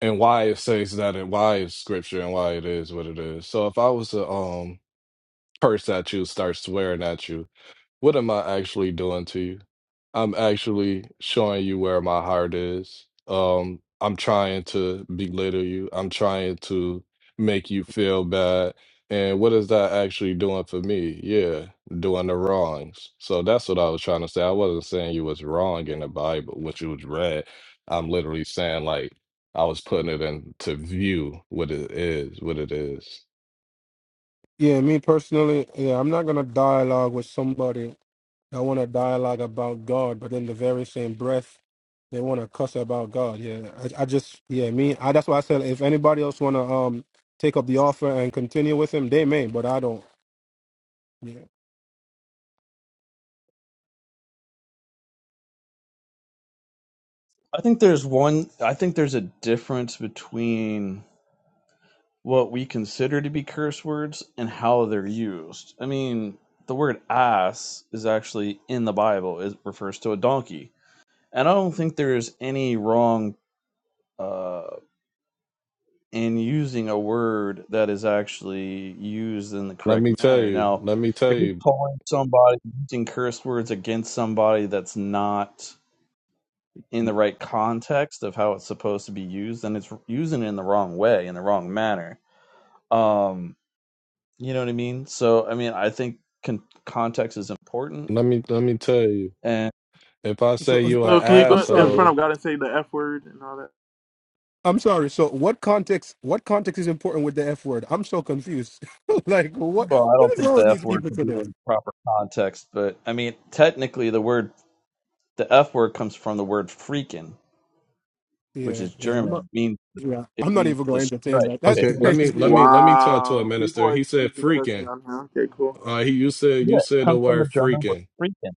Speaker 4: and why it says that and why it's scripture and why it is what it is. So if I was to um curse at you, start swearing at you. What am I actually doing to you? I'm actually showing you where my heart is. Um, I'm trying to belittle you. I'm trying to make you feel bad. And what is that actually doing for me? Yeah, doing the wrongs. So that's what I was trying to say. I wasn't saying you was wrong in the Bible, what you was read. I'm literally saying like I was putting it into view what it is, what it is.
Speaker 7: Yeah, me personally, yeah, I'm not gonna dialogue with somebody that want to dialogue about God, but in the very same breath, they want to cuss about God. Yeah, I, I just, yeah, me. I, that's why I said if anybody else wanna um take up the offer and continue with him, they may, but I don't. Yeah.
Speaker 8: I think there's one, I think there's a difference between what we consider to be curse words and how they're used. I mean, the word ass is actually in the Bible, it refers to a donkey. And I don't think there is any wrong. uh, and using a word that is actually used in the
Speaker 4: Let
Speaker 8: correct
Speaker 4: me tell
Speaker 8: manner.
Speaker 4: you,
Speaker 8: Now,
Speaker 4: let me tell
Speaker 8: if you're
Speaker 4: you,
Speaker 8: calling somebody using curse words against somebody that's not in the right context of how it's supposed to be used, then it's using it in the wrong way, in the wrong manner. Um, you know what I mean? So, I mean, I think con- context is important.
Speaker 4: let me let me tell you.
Speaker 8: And,
Speaker 4: If I
Speaker 7: So
Speaker 4: say you
Speaker 7: uh, um,
Speaker 4: an
Speaker 2: So can
Speaker 7: wait,
Speaker 2: you
Speaker 7: I'm
Speaker 2: go in
Speaker 7: sorry.
Speaker 2: front
Speaker 4: asshole,
Speaker 2: of God and say the F word and all that?
Speaker 7: I'm sorry. So what context? What context is important with the F word? I'm so confused. like what?
Speaker 8: well, I
Speaker 7: What
Speaker 8: don't
Speaker 7: is
Speaker 8: think
Speaker 7: wrong
Speaker 8: the
Speaker 7: with
Speaker 8: F
Speaker 7: these
Speaker 8: word
Speaker 7: people
Speaker 8: can be
Speaker 7: today?
Speaker 8: in proper context, but I mean, technically, the word, the F word comes from the word freaking, which
Speaker 7: Yeah,
Speaker 8: is
Speaker 7: yeah. I'm
Speaker 8: German. It
Speaker 7: not.
Speaker 8: means
Speaker 7: Yeah, I'm not
Speaker 8: means
Speaker 7: even gonna
Speaker 8: just
Speaker 7: entertain
Speaker 8: right.
Speaker 7: that. That's
Speaker 8: It
Speaker 4: Okay, let
Speaker 8: is,
Speaker 4: me
Speaker 7: crazy.
Speaker 8: uh,
Speaker 4: let me let me talk to a
Speaker 2: Wow. People
Speaker 4: minister.
Speaker 2: are
Speaker 4: He said
Speaker 2: excusing cussing
Speaker 4: freaking.
Speaker 2: on here. Okay, cool.
Speaker 4: Uh, he you said
Speaker 8: yeah,
Speaker 4: you
Speaker 8: it
Speaker 4: said the
Speaker 8: comes from the
Speaker 4: word
Speaker 8: German word
Speaker 4: freaking.
Speaker 8: freaking.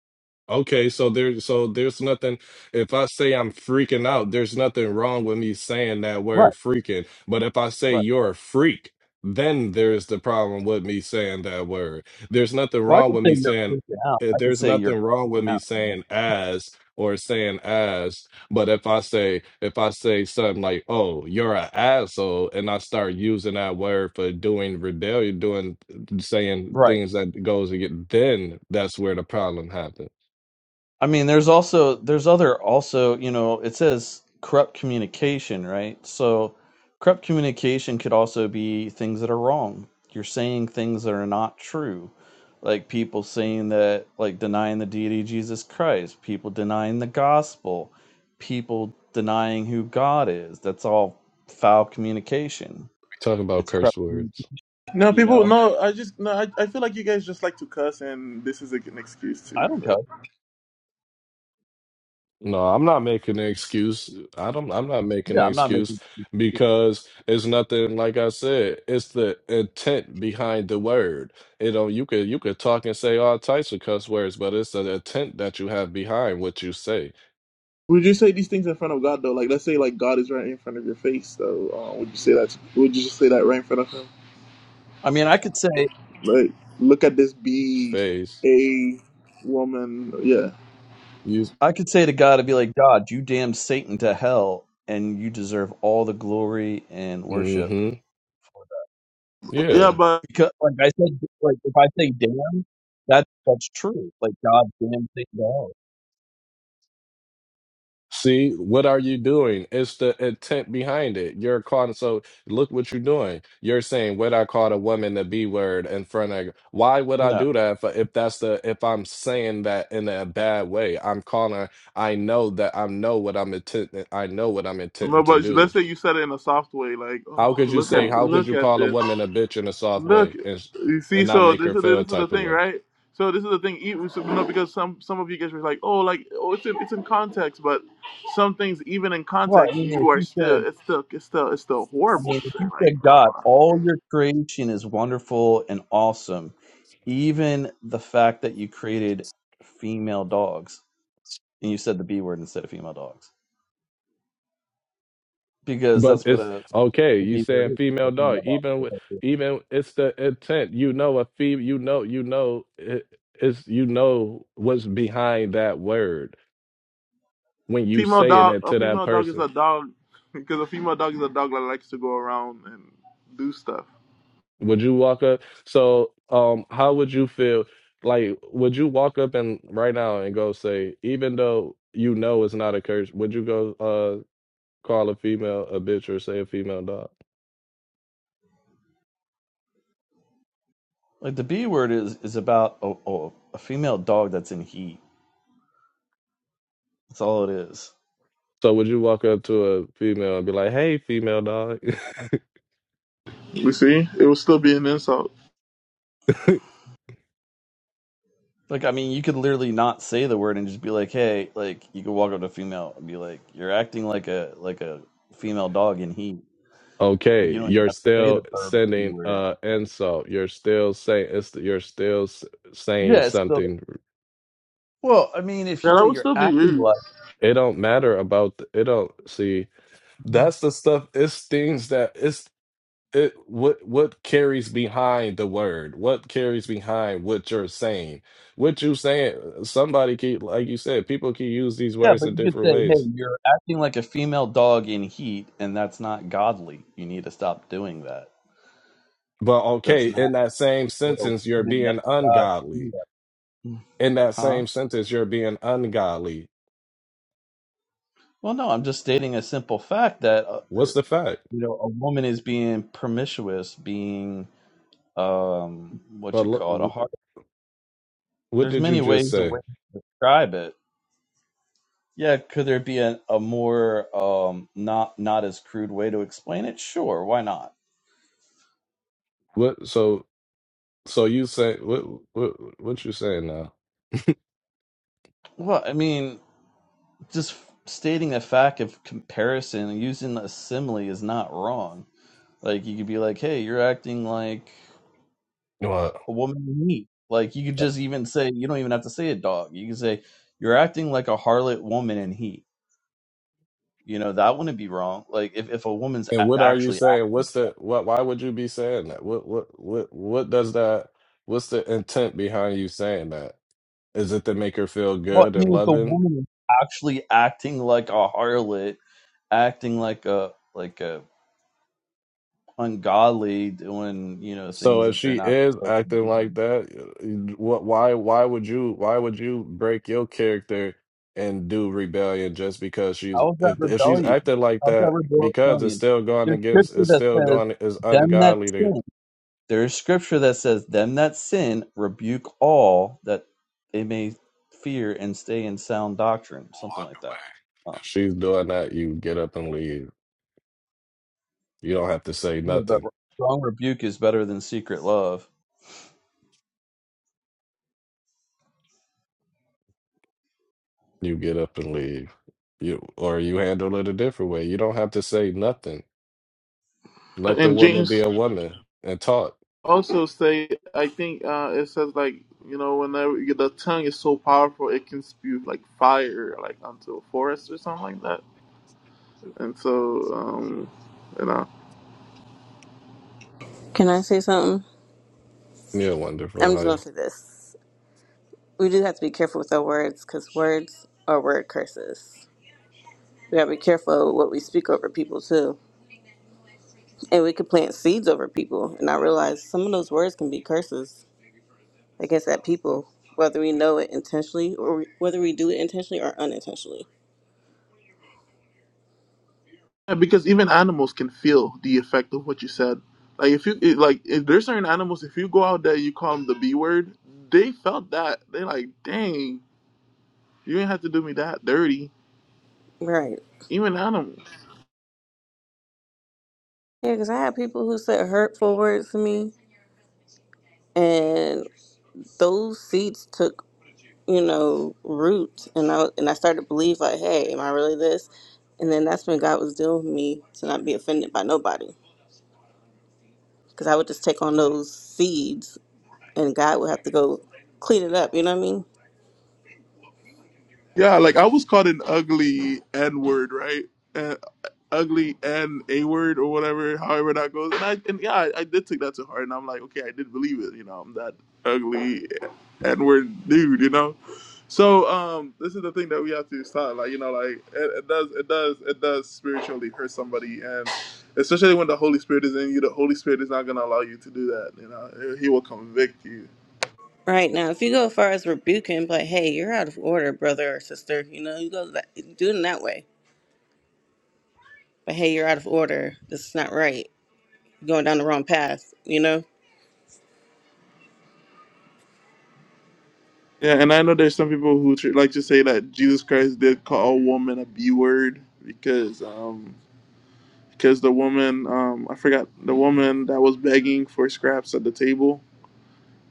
Speaker 4: Okay, so there, so there's nothing. If I say I'm freaking out, there's nothing wrong with me saying that
Speaker 8: Right,
Speaker 4: word freaking. But if I say
Speaker 8: right.
Speaker 4: you're a freak, then there's the problem with me saying that word. There's nothing
Speaker 8: Well, I
Speaker 4: wrong
Speaker 8: could
Speaker 4: with
Speaker 8: say
Speaker 4: me
Speaker 8: you're
Speaker 4: saying.
Speaker 8: freaking out.
Speaker 4: eh,
Speaker 8: I could
Speaker 4: There's
Speaker 8: say you're
Speaker 4: nothing wrong with
Speaker 8: freaking
Speaker 4: me
Speaker 8: out.
Speaker 4: saying as or saying as. But if I say if I say something like, "Oh, you're an asshole," and I start using that word for doing rebellion, doing saying
Speaker 8: Right.
Speaker 4: things that goes against, then that's where the problem happens.
Speaker 8: I mean, there's also there's other also you know it says corrupt communication, right? So corrupt communication could also be things that are wrong. You're saying things that are not true, like people saying that like denying the deity of Jesus Christ, people denying the gospel, people denying who God is. That's all foul communication.
Speaker 4: Talk about
Speaker 8: It's
Speaker 4: curse
Speaker 8: corrupt. communication,
Speaker 4: words.
Speaker 2: No,
Speaker 8: You
Speaker 2: people,
Speaker 8: know,
Speaker 2: no, I just, no, I, I feel like you guys just like to cuss and this is like an excuse
Speaker 8: I
Speaker 2: too
Speaker 8: don't
Speaker 2: for
Speaker 8: care.
Speaker 2: it.
Speaker 4: No, I'm not making an excuse. I don't I'm not making
Speaker 8: Yeah,
Speaker 4: an
Speaker 8: I'm not making.
Speaker 4: excuse because it's nothing like I said, it's the intent behind the word. You know, you could you could talk and say all types of cuss words, but it's the intent that you have behind what you say.
Speaker 2: Would you say these things in front of God though? Like, let's say like God is right in front of your face though. Uh, would you say that, would you just say that right in front of him?
Speaker 8: I mean, I could say.
Speaker 2: Like, look at this be
Speaker 4: Phase.
Speaker 2: a woman. Yeah.
Speaker 4: You
Speaker 8: I could say to God, I'd be like, God, you damn Satan to hell, and you deserve all the glory and worship.
Speaker 4: mm-hmm. Yeah.
Speaker 2: Yeah, but,
Speaker 8: Because, like I said, like if I say damn, that that's true. Like God damn Satan to hell.
Speaker 4: See, what are you doing? It's the intent behind it. You're calling, so look what you're doing. You're saying, "Would I call a woman the B word in front of?" Why would I
Speaker 8: No.
Speaker 4: do that if, if that's the if I'm saying that in a bad way? I'm calling. her- I know that I know what I'm intent. I know what I'm intending
Speaker 2: but
Speaker 4: to
Speaker 2: but let's
Speaker 4: do.
Speaker 2: say you said it in a soft way, like,
Speaker 4: How
Speaker 2: oh,
Speaker 4: could you
Speaker 2: look
Speaker 4: say?
Speaker 2: at,
Speaker 4: How could
Speaker 2: look
Speaker 4: you
Speaker 2: at
Speaker 4: call a
Speaker 2: this.
Speaker 4: woman a bitch in a soft
Speaker 2: Look,
Speaker 4: way and
Speaker 2: you see,
Speaker 4: and not
Speaker 2: so
Speaker 4: make
Speaker 2: this is
Speaker 4: her
Speaker 2: the,
Speaker 4: feel a
Speaker 2: this is the
Speaker 4: type of
Speaker 2: thing,
Speaker 4: way?
Speaker 2: right? So this is the thing. Even so, you know, because some some of you guys were like, oh, like oh, it's in, it's in context, but some things even in
Speaker 8: Well, I
Speaker 2: context,
Speaker 8: mean, if
Speaker 2: you are
Speaker 8: you
Speaker 2: still
Speaker 8: said,
Speaker 2: it's still it's still it's still
Speaker 8: I
Speaker 2: horrible
Speaker 8: mean,
Speaker 2: to
Speaker 8: if
Speaker 2: say.
Speaker 8: you
Speaker 2: Like,
Speaker 8: said,
Speaker 2: come
Speaker 8: God,
Speaker 2: on,
Speaker 8: all your creation is wonderful and awesome, even the fact that you created female dogs, and you said the B word instead of female dogs, because
Speaker 4: But
Speaker 8: that's what
Speaker 4: it's
Speaker 8: a
Speaker 4: okay.
Speaker 8: the
Speaker 4: You
Speaker 8: B word
Speaker 4: saying
Speaker 8: is, a
Speaker 4: female dog?
Speaker 8: female
Speaker 4: Even with
Speaker 8: dog.
Speaker 4: even it's the intent. You know a fee. You know you know it, it's you know what's behind that word when you
Speaker 2: female
Speaker 4: saying
Speaker 2: dog,
Speaker 4: it
Speaker 2: a
Speaker 4: to that
Speaker 2: female dog is
Speaker 4: person.
Speaker 2: a dog because a female dog is a dog that likes to go around and do stuff.
Speaker 4: Would you walk up? So um, how would you feel? Like, would you walk up and right now and go say, even though you know it's not a curse, would you go uh call a female a bitch or say a female dog?
Speaker 8: Like the B word is is about a, a, a female dog that's in heat. That's all it is.
Speaker 4: So would you walk up to a female and be like, "Hey, female dog"?
Speaker 2: You see, it would still be an insult.
Speaker 8: Like I mean, you could literally not say the word and just be like, "Hey," like you could walk up to a female and be like, "You're acting like a like a female dog in heat." Like you
Speaker 4: Okay,
Speaker 8: don't even
Speaker 4: you're
Speaker 8: have to say the
Speaker 4: still
Speaker 8: verb B
Speaker 4: sending
Speaker 8: word.
Speaker 4: uh insult. You're still saying it's you're still s- saying
Speaker 8: Yeah, it's still.
Speaker 4: something.
Speaker 8: Well, I mean, if you
Speaker 2: Yeah, that
Speaker 8: say
Speaker 2: would
Speaker 8: you're
Speaker 2: still be
Speaker 8: acting
Speaker 2: rude.
Speaker 8: like,
Speaker 4: It don't matter about the, it don't see that's the stuff. It's things that it's it what what carries behind the word. What carries behind what you're saying. What you saying. Somebody keep like you said. People can use these
Speaker 8: yeah,
Speaker 4: words
Speaker 8: but
Speaker 4: in
Speaker 8: you could
Speaker 4: different
Speaker 8: say,
Speaker 4: ways.
Speaker 8: "Hey, you're acting like a female dog in heat," and that's not godly. You need to stop doing that.
Speaker 4: But
Speaker 8: That's
Speaker 4: okay,
Speaker 8: not
Speaker 4: in that same
Speaker 8: what a
Speaker 4: sentence, you're
Speaker 8: woman of
Speaker 4: being
Speaker 8: God should
Speaker 4: ungodly.
Speaker 8: do.
Speaker 4: In that
Speaker 8: Huh?
Speaker 4: same sentence, you're being ungodly.
Speaker 8: Well, no, I'm just stating a simple fact that uh, uh,
Speaker 4: What's the fact?
Speaker 8: you know a woman is being promiscuous, being um, what you
Speaker 4: But
Speaker 8: call it, a
Speaker 4: lo-
Speaker 8: hard.
Speaker 4: what
Speaker 8: There's
Speaker 4: did you
Speaker 8: many ways
Speaker 4: just
Speaker 8: a
Speaker 4: say?
Speaker 8: way to describe it. Yeah, could there be a, a more um, not not as crude way to explain it? Sure, why not?
Speaker 4: What so so you say what what what you saying now?
Speaker 8: Well, I mean, just stating a fact of comparison, using a simile is not wrong. Like you could be like, "Hey, you're acting like."
Speaker 4: What?
Speaker 8: a woman you meet. Like you could just even say you don't even have to say a dog. You can say you're acting like a harlot woman in heat. You know that wouldn't be wrong. Like if, if a woman's
Speaker 4: And
Speaker 8: a-
Speaker 4: what are you
Speaker 8: actually
Speaker 4: saying? What's the what? Why would you be saying that? What what what what does that? What's the intent behind you saying that? Is it to make her feel
Speaker 8: well,
Speaker 4: good
Speaker 8: I
Speaker 4: and
Speaker 8: mean if a
Speaker 4: loving?
Speaker 8: woman is actually acting like a harlot, acting like a like a ungodly, doing you know
Speaker 4: So
Speaker 8: things
Speaker 4: if
Speaker 8: that they're
Speaker 4: she
Speaker 8: not
Speaker 4: is
Speaker 8: supposed to
Speaker 4: acting
Speaker 8: do.
Speaker 4: like that, what? Why? Why would you? Why would you break your character and do rebellion just because she's
Speaker 8: How is that
Speaker 4: if if she's
Speaker 8: rebellion?
Speaker 4: acting like
Speaker 8: How is
Speaker 4: that
Speaker 8: that
Speaker 4: because it's
Speaker 8: rebellion?
Speaker 4: still going
Speaker 8: There's
Speaker 4: against
Speaker 8: scripture
Speaker 4: it's
Speaker 8: that
Speaker 4: still
Speaker 8: says
Speaker 4: going it's
Speaker 8: them that
Speaker 4: ungodly to
Speaker 8: sin. There is scripture that says, Them that sin, rebuke all that they may fear and stay in sound doctrine, something
Speaker 4: walk
Speaker 8: like
Speaker 4: away.
Speaker 8: that. Um,
Speaker 4: If she's doing that, you get up and leave. You don't have to say
Speaker 8: yeah, but
Speaker 4: nothing.
Speaker 8: strong rebuke is better than secret love.
Speaker 4: You get up and leave. You or you handle it a different way. You don't have to say nothing. Let the
Speaker 2: And
Speaker 4: woman be
Speaker 2: James
Speaker 4: a woman and talk.
Speaker 2: also say I think uh, it says like you know whenever the tongue is so powerful it can spew like fire like onto a forest or something like that. And so um, you know
Speaker 9: Can I say something?
Speaker 4: Yeah,
Speaker 9: I'm just gonna
Speaker 4: wonderful.
Speaker 9: say this. We do have to be careful with our words because words are word curses. We gotta be careful what we speak over people too. And we could plant seeds over people. And I realize some of those words can be curses against that people, whether we know it intentionally or we- whether we do it intentionally or unintentionally.
Speaker 2: And because even animals can feel the effect of what you said. Like if you it- like if there's certain animals if you go out there you call them the B word they felt that they like dang you didn't have to do me that dirty
Speaker 9: Right.
Speaker 2: even animals.
Speaker 9: Yeah, because I had people who said hurtful words to me, and those seeds took you know, root. And I and I started to believe like, hey, am I really this? And then that's when God was dealing with me to not be offended by nobody, because I would just take on those seeds, and God would have to go clean it up. You know what I mean?
Speaker 2: Yeah, like I was called an ugly N word, right? Uh, ugly N A word or whatever, however that goes. And I and yeah, I, I did take that to heart, and I'm like, okay, I did believe it. You know, I'm that ugly N word dude. You know, so um, this is the thing that we have to stop. Like, you know, like it, it does, it does, it does spiritually hurt somebody, and especially when the Holy Spirit is in you, the Holy Spirit is not gonna allow you to do that. You know, he will convict you
Speaker 9: Right now, if you go as far as rebuking, like, hey, you're out of order, brother or sister. You know, you go that, do it in that way. But hey, you're out of order. This is not right. You're going down the wrong path. You know.
Speaker 2: Yeah, and I know there's some people who tr- like to say that Jesus Christ did call a woman a B word because um because the woman um I forgot the woman that was begging for scraps at the table.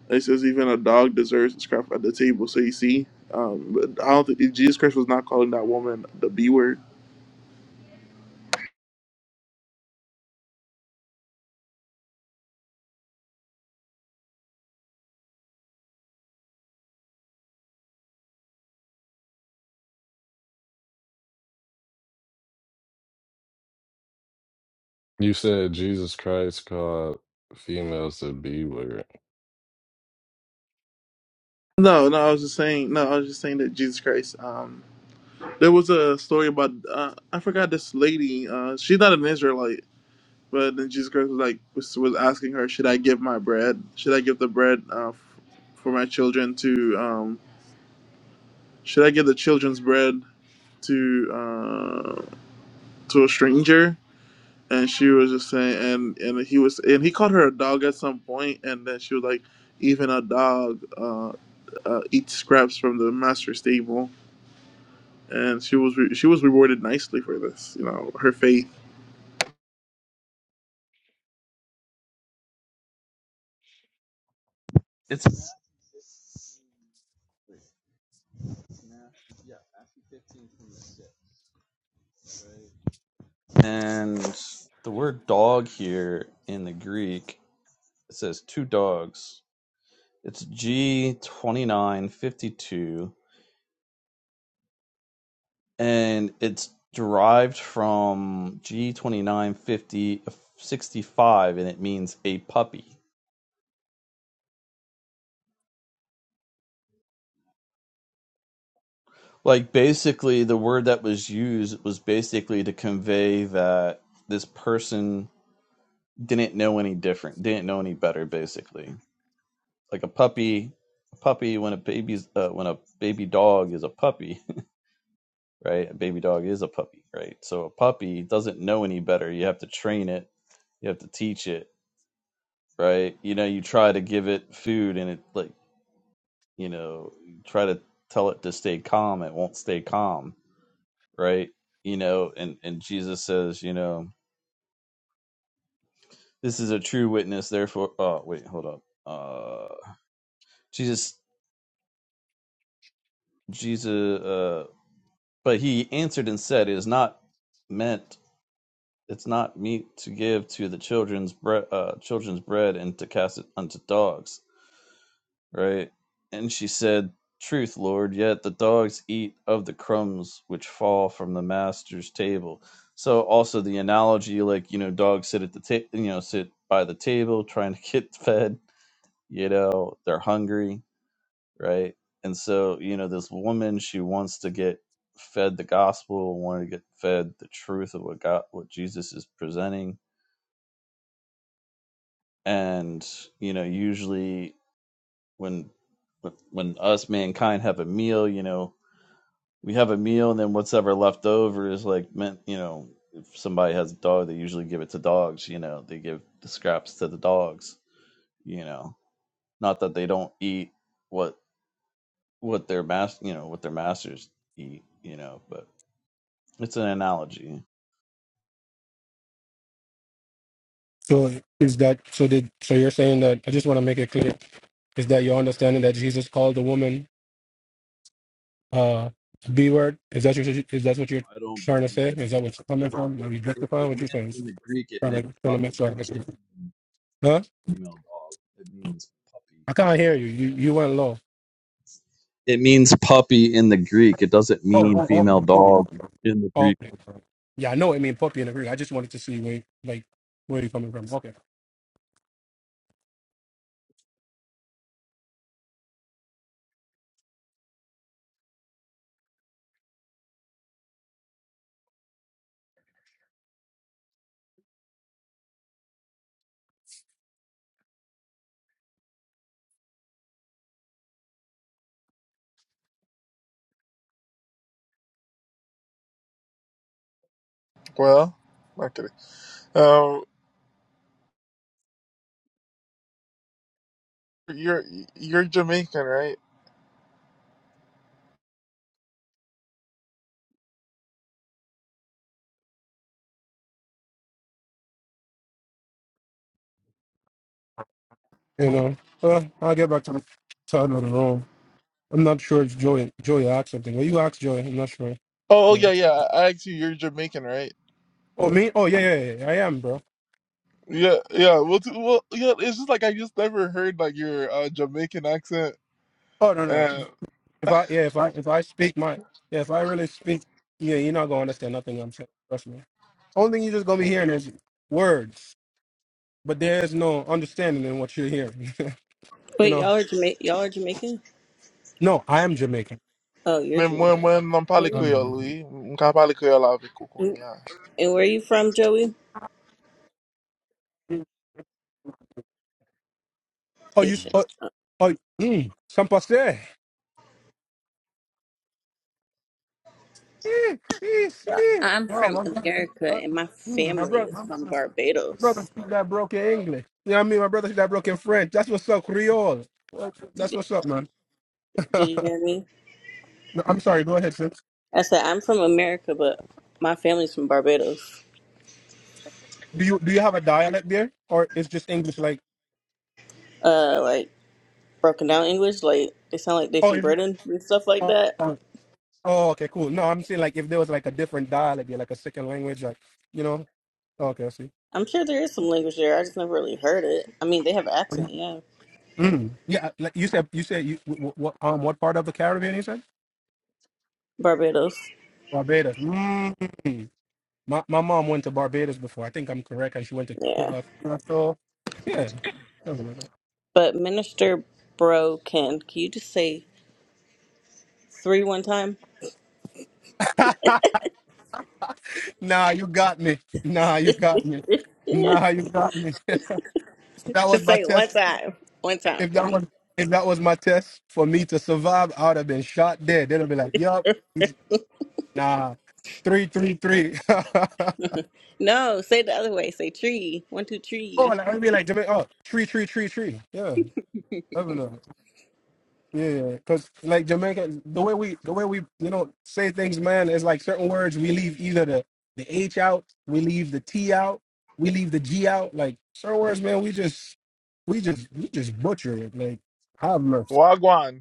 Speaker 2: It says even a dog deserves a scrap at the table. So you see, um, but I don't think Jesus Christ was not calling that woman the B word.
Speaker 4: You said Jesus Christ called females to be with.
Speaker 2: No, no, I was just saying. No, I was just saying that Jesus Christ. Um, there was a story about uh, I forgot this lady. Uh, she's not an Israelite But then Jesus Christ was like was, was asking her, "Should I give my bread? Should I give the bread uh, f- for my children to? Um, should I give the children's bread to uh, to a stranger?" And she was just saying, and and he was, and he called her a dog at some point, and then she was like, "Even a dog uh, uh, eats scraps from the master's table." And she was re- she was rewarded nicely for this, you know, her faith.
Speaker 8: It's and the word dog here in the Greek it says two dogs. It's G twenty nine fifty two and it's derived from g twenty nine fifty sixty five, and it means a puppy. Like basically the word that was used was basically to convey that this person didn't know any different, didn't know any better basically. Like a puppy, a puppy when a baby's uh, when a baby dog is a puppy, right? A baby dog is a puppy, right? So a puppy doesn't know any better. You have to train it, you have to teach it right? You know, you try to give it food and it like, you know, you try to tell it to stay calm, it won't stay calm, right? You know, and and Jesus says, you know, this is a true witness, therefore oh wait, hold up. Uh Jesus Jesus uh but he answered and said, It is not meant it's not meat to give to the children's bread uh children's bread and to cast it unto dogs right? And she said, Truth, Lord, yet the dogs eat of the crumbs which fall from the master's table. So also the analogy, like, you know, dogs sit at the table, you know, sit by the table trying to get fed, you know, they're hungry, right? And so, you know, this woman, she wants to get fed the gospel, wanted to get fed the truth of what God, what Jesus is presenting. And, you know, usually when when when us mankind have a meal, you know, we have a meal, and then what's ever left over is like meant, you know, if somebody has a dog, they usually give it to dogs. You know, they give the scraps to the dogs. You know, not that they don't eat what what their mas you know, what their masters eat. You know, but it's an analogy.
Speaker 7: So is that so? Did so? You're saying that I just want to make it clear is that your understanding that Jesus called the woman uh B word? Is that your, is that what you're
Speaker 8: I don't
Speaker 7: trying to
Speaker 8: believe
Speaker 7: say?
Speaker 8: that
Speaker 7: Is that what's coming from? Are you
Speaker 8: it, it
Speaker 7: justifying what you're
Speaker 8: meant
Speaker 7: saying?
Speaker 8: in the Greek. It
Speaker 7: Trying to
Speaker 8: meant
Speaker 7: trying to
Speaker 8: puppy,
Speaker 7: make sure. I get you. Huh?
Speaker 8: female dog. It means puppy.
Speaker 7: I can't hear you. You you went low.
Speaker 8: It means puppy in the Greek. It doesn't
Speaker 7: Oh
Speaker 8: mean
Speaker 7: oh
Speaker 8: female
Speaker 7: oh.
Speaker 8: dog
Speaker 7: oh.
Speaker 8: in the
Speaker 7: oh,
Speaker 8: Greek.
Speaker 7: Okay. Yeah, I know. I mean, puppy and agree. I just wanted to see where like where you coming from. Okay.
Speaker 2: Well, not kidding. Um, you're you're Jamaican, right?
Speaker 7: You know. Uh, I'll get back to the to another room. I'm not sure if Joey Joey asked something. Well, you asked Joey. I'm not sure.
Speaker 2: Oh, oh,
Speaker 7: Yeah.
Speaker 2: yeah, yeah. I asked you, are Jamaican, right?
Speaker 7: Oh me? Oh yeah, yeah, yeah. I am, bro.
Speaker 2: Yeah, yeah. Well, t- well, yeah. It's just like I just never heard like your uh, Jamaican accent.
Speaker 7: Oh no, no.
Speaker 2: Uh,
Speaker 7: If I yeah, if I if I speak my yeah, if I really speak, yeah, you're not gonna understand nothing I'm saying. Trust me. Only thing you're just gonna be hearing is words, but there is no understanding in what you're hearing. you
Speaker 9: Wait,
Speaker 7: know?
Speaker 9: y'all are Jama- y'all are Jamaican?
Speaker 7: No, I am Jamaican.
Speaker 9: Oh, you're
Speaker 2: me mwen
Speaker 9: Jamaican.
Speaker 2: mwen nan pale
Speaker 9: Where
Speaker 7: I'm
Speaker 2: Creole,
Speaker 7: Jamaican.
Speaker 2: oui. Mka pale Creole avek ou kon
Speaker 9: you? And where are you from, Joey?
Speaker 7: Oh, you? s-
Speaker 9: Haitian.
Speaker 7: Oh, oh mm, some passe. Eh, eh, eh.
Speaker 9: I'm
Speaker 7: Oh
Speaker 9: from
Speaker 7: my brother,
Speaker 9: America
Speaker 7: Uh,
Speaker 9: and my
Speaker 7: mm, my
Speaker 9: family
Speaker 7: brother,
Speaker 9: is
Speaker 7: my
Speaker 9: from
Speaker 7: brother, my brother
Speaker 9: Barbados.
Speaker 7: speak that broken English. You know what I mean? My brother speak that broken French. That's what's up, Creole. That's what's up, man.
Speaker 9: Did you hear me?
Speaker 7: No, I'm sorry. Go ahead, sis.
Speaker 9: I said I'm from America, but my family's from Barbados.
Speaker 7: Do you do you have a dialect there, or it's just English? Like,
Speaker 9: Uh, like broken down English, like they sound like they
Speaker 7: oh,
Speaker 9: from
Speaker 7: it's,
Speaker 9: Britain and stuff like
Speaker 7: oh,
Speaker 9: that.
Speaker 7: oh, oh, okay, cool. No, I'm saying like if there was like a different dialect, there, like a second language, like you know. okay, I see.
Speaker 9: I'm sure there is some language there. I just never really heard it. I mean, they have an accent, yeah.
Speaker 7: Mm. Yeah, like you said, you said you what, um what part of the Caribbean you said?
Speaker 9: Barbados,
Speaker 7: Barbados. Mm. My my mom went to Barbados before. I think I'm correct, and she went to Cro-
Speaker 9: yeah.
Speaker 7: uh, Curacao. Yeah. something like
Speaker 9: But Minister Bro can, can you just say three one time?
Speaker 7: that. nah, you got me. Nah, you got me. Nah, you got me. If that was
Speaker 9: Just
Speaker 7: my
Speaker 9: say it one
Speaker 7: test.
Speaker 9: time, one time
Speaker 7: If
Speaker 9: for
Speaker 7: that
Speaker 9: me.
Speaker 7: was if that was my test for me to survive, I would have been shot dead. They'd be like, "Yup, he's- nah, three, three, three.
Speaker 9: No, say it the other way. Say tree, one two
Speaker 7: oh,
Speaker 9: tree.
Speaker 7: like I'd be like, Jamaica, oh, tree, tree, tree, tree. Yeah, Yeah, because like Jamaica, the way we the way we you know say things, man, is like certain words we leave either the the H out, we leave the T out, we leave the G out. Like certain words, man, we just we just we just butcher it. Like have mercy,
Speaker 2: Wagwan.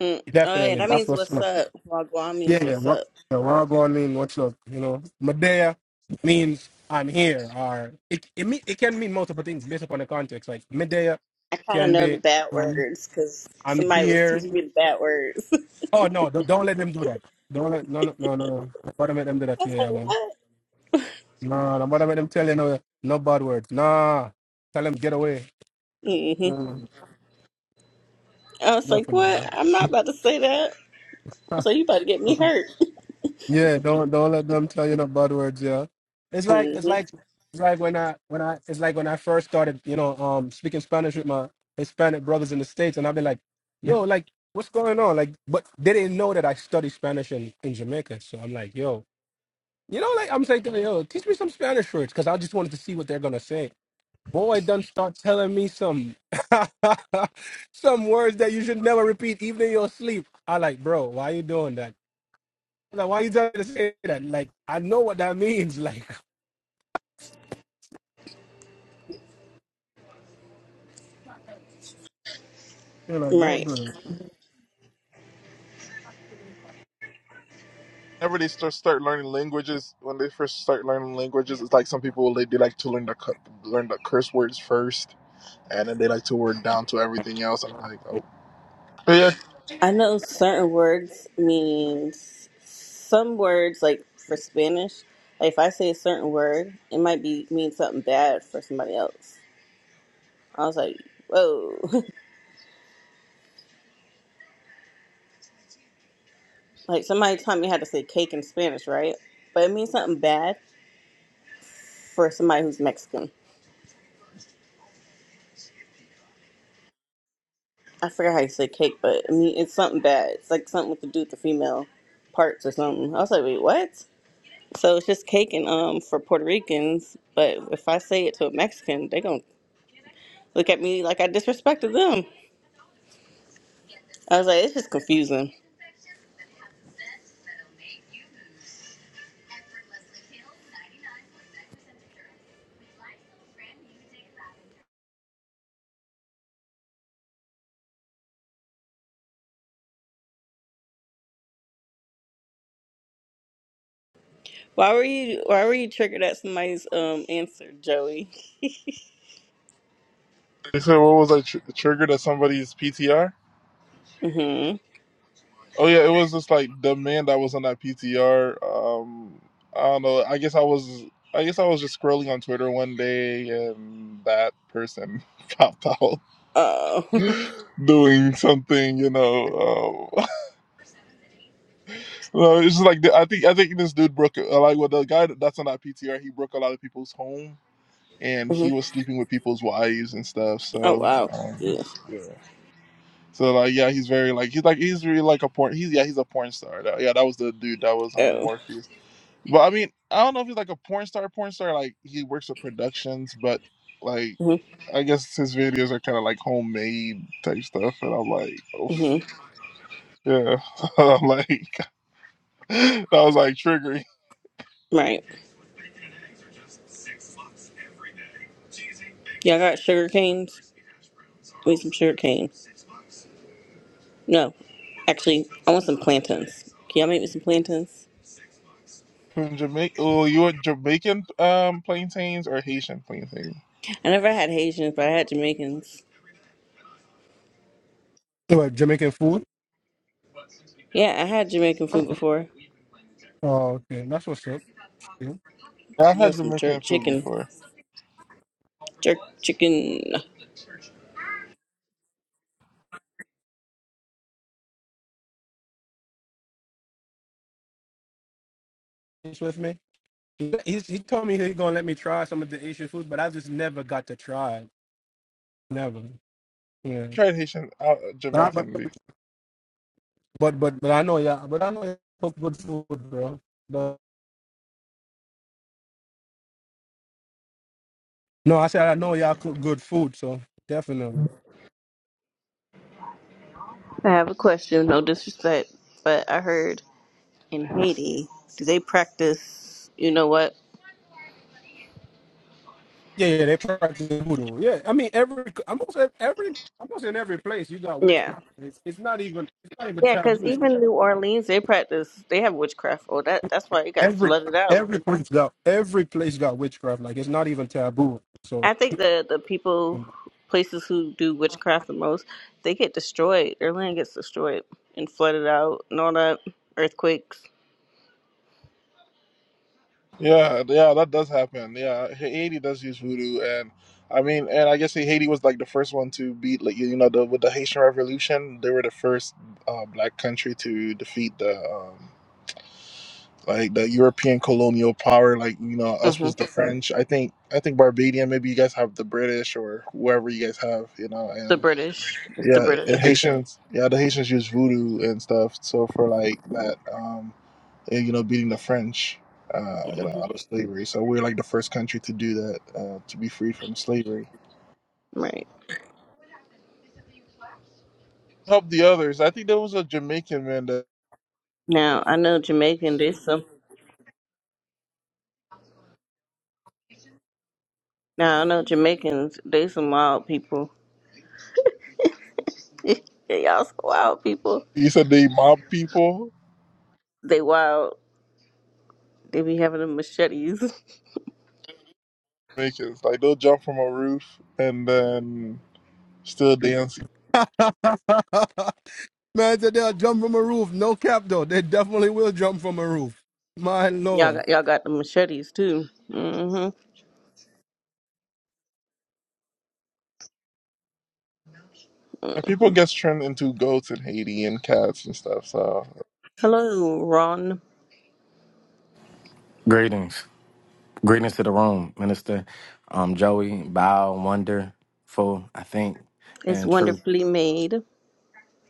Speaker 9: Mm. Oh, yeah,
Speaker 7: definitely.
Speaker 9: that
Speaker 7: That's
Speaker 9: means
Speaker 7: what's
Speaker 9: what's
Speaker 7: up.
Speaker 9: up. Wagwan means
Speaker 7: Yeah, yeah.
Speaker 9: what's
Speaker 7: What
Speaker 9: up.
Speaker 7: yeah, Wagwan mean? What's up? You know, Medea means I'm here, or it it mean, it can mean multiple things based upon the context. Like Medea
Speaker 9: I kind of
Speaker 7: can
Speaker 9: know the
Speaker 7: be
Speaker 9: bad
Speaker 7: I'm
Speaker 9: words because
Speaker 7: I'm
Speaker 9: somebody was
Speaker 7: here.
Speaker 9: teaching me the bad words. I
Speaker 7: Oh no, don't, don't let them do that. Don't let no no no no. no. do to let them do that to
Speaker 9: was
Speaker 7: you,
Speaker 9: like,
Speaker 7: yeah, man.
Speaker 9: what?
Speaker 7: No, am do to let them tell you no no bad words. Nah, tell them get away.
Speaker 9: hmm
Speaker 7: Mm,
Speaker 9: I was like, what?
Speaker 7: definitely.
Speaker 9: I'm not about to say that. I was like, you about to get me hurt.
Speaker 7: yeah, don't don't let them tell you no bad words. Yeah, it's like it's
Speaker 9: hmm
Speaker 7: like it's like when I when I it's like when I first started, you know, um, speaking Spanish with my Hispanic brothers in the states, and I've been like, yo, like what's going on? Like, but they didn't know that I studied Spanish in in Jamaica, so I'm like, yo. You know, like I'm thinking, yo, teach me some Spanish words because I just wanted to see what they're gonna say. Boy, done start telling me some some words that you should never repeat, even in your sleep. I like, bro, why you doing that? I'm Like, why you trying to say that? Like, I know what that means. Like, you know, don't
Speaker 9: Right.
Speaker 7: do that.
Speaker 2: Whenever they start start learning languages, when they first start learning languages, it's like some people they, they like to learn the cu- learn the curse words first, and then they like to work down to everything else. I'm like, oh, but yeah.
Speaker 9: I know certain words means some words, like for Spanish, like if I say a certain word, it might be mean something bad for somebody else. I was like, whoa. Like somebody taught me how to say cake in Spanish, right? But it means something bad for somebody who's Mexican. I forgot how you say cake, but I mean it's something bad. It's like something with to do with the female parts or something. I was like, wait, what? So it's just cake and um for Puerto Ricans, but if I say it to a Mexican, they gonna look at me like I disrespected them. I was like, it's just confusing. Why were you why were you triggered at somebody's um answer, Joey?
Speaker 2: They said what was I tr- triggered at somebody's PTR?
Speaker 9: Mm-hmm.
Speaker 2: Oh yeah, it was just like the man that was on that PTR. Um, I don't know. I guess I was. I guess I was just scrolling on Twitter one day, and that person popped out
Speaker 9: Oh.
Speaker 2: doing something. You know, um, no, it's just like the- I think I think this dude broke uh, like well, the guy that's on that PTR. He broke a lot of people's home, and
Speaker 9: hmm
Speaker 2: he was sleeping with people's wives and stuff.
Speaker 9: Oh
Speaker 2: So,
Speaker 9: wow.
Speaker 2: um,
Speaker 9: Yeah.
Speaker 2: yeah. So like yeah, he's very like he's like he's really like a porn. He's yeah, he's a porn star. That- yeah, that was the dude that was on
Speaker 9: Oh.
Speaker 2: Morpheus. But I mean, I don't know if he's like a porn star, porn star. Like he works with productions, but like
Speaker 9: Mm-hmm.
Speaker 2: I guess his videos are kind of like homemade type stuff. And I'm like, oh
Speaker 9: Mm-hmm.
Speaker 2: yeah, I'm like that was like triggering.
Speaker 9: Right. Yeah, I got sugar canes. I need some sugar canes. No, actually, I want some plantains. Can y'all make me some plantains?
Speaker 2: From Jamaica, oh, you were Jamaican um plantains or Haitian plantains?
Speaker 9: I never had Haitians, but I had Jamaicans.
Speaker 7: What Jamaican food?
Speaker 9: Yeah, I had Jamaican food before.
Speaker 7: Oh, okay, that's what's up. Yeah.
Speaker 2: Yeah,
Speaker 9: I
Speaker 2: I've had
Speaker 9: love some jerk
Speaker 2: Jamaican food
Speaker 9: chicken.
Speaker 2: before.
Speaker 9: Jerk chicken.
Speaker 7: He's with me. He, he's, he told me he's gonna let me try some of the Asian food, but I just never got to try. it. Never. Yeah.
Speaker 2: tried Haitian, uh, Jamaican before.
Speaker 7: But but but I know y'all. But I know y'all cook good food, bro. But, no, I said I know y'all cook good food, so definitely.
Speaker 9: I have a question, no disrespect, but I heard in Haiti, do they practice, you know what?
Speaker 7: Yeah, yeah, they practice voodoo. Yeah, I mean every almost ev- every almost in every place you got
Speaker 9: Yeah.
Speaker 7: witchcraft. It's, it's not even it's not even
Speaker 9: Yeah, because
Speaker 7: taboo.
Speaker 9: even New Orleans, they practice, they have witchcraft. Oh, that that's why it got
Speaker 7: Every
Speaker 9: flooded out.
Speaker 7: every place got every place got witchcraft. Like it's not even taboo. So
Speaker 9: I think the the people, places who do witchcraft the most, they get destroyed. Their land gets destroyed and flooded out, and all that earthquakes.
Speaker 2: Yeah, yeah, that does happen. Yeah, Ha- Haiti does use voodoo, and I mean, and I guess Haiti was like the first one to beat, like you know, the with the Haitian Revolution, they were the first uh, black country to defeat the um, like the European colonial power. Like you know, us
Speaker 9: hmm
Speaker 2: was the French. I think I think Barbadian. Maybe you guys have the British or whoever you guys have. You know,
Speaker 9: The
Speaker 2: and
Speaker 9: British, it's the
Speaker 2: yeah,
Speaker 9: British,
Speaker 2: and Haitians. Yeah, the Haitians use voodoo and stuff. So for like that. um, eh, you know, beating the French, uh, you know,
Speaker 9: hmm
Speaker 2: out of slavery. So we're like the first country to do that, uh, to be free from slavery.
Speaker 9: right?
Speaker 2: Help the others. I think there was a Jamaican man that
Speaker 9: Now I know Jamaican. They some. Now I know Jamaicans. They some wild people. they y'all some wild people.
Speaker 2: he said they mob people.
Speaker 9: They wild. They be having the machetes.
Speaker 2: Jamaicans, like they'll jump from a roof and then still dance.
Speaker 7: man said they'll jump from a roof. No cap though. They definitely will jump from a roof. My
Speaker 9: Y'all
Speaker 7: lord.
Speaker 9: got y'all got the machetes too. hmm
Speaker 2: And people get turned into goats in Haiti and cats and stuff. So
Speaker 9: Hello, Ron.
Speaker 10: Greetings. Greetings to the room, Minister. Um, Joey, Bow, Wonderful, I think,
Speaker 9: It's
Speaker 10: and True.
Speaker 9: wonderfully made.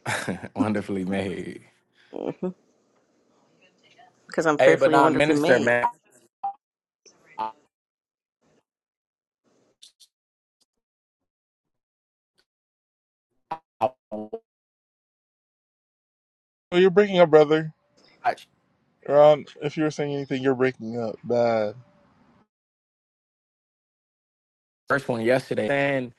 Speaker 10: Wonderfully made.
Speaker 9: because I'm
Speaker 10: Hey, but
Speaker 9: fearfully and
Speaker 10: not
Speaker 9: wonderfully
Speaker 10: Minister,
Speaker 9: made.
Speaker 10: man. I
Speaker 2: oh, you're breaking up, brother.
Speaker 10: watched
Speaker 2: Ron, if you are saying anything, you're breaking up bad.
Speaker 10: first one yesterday and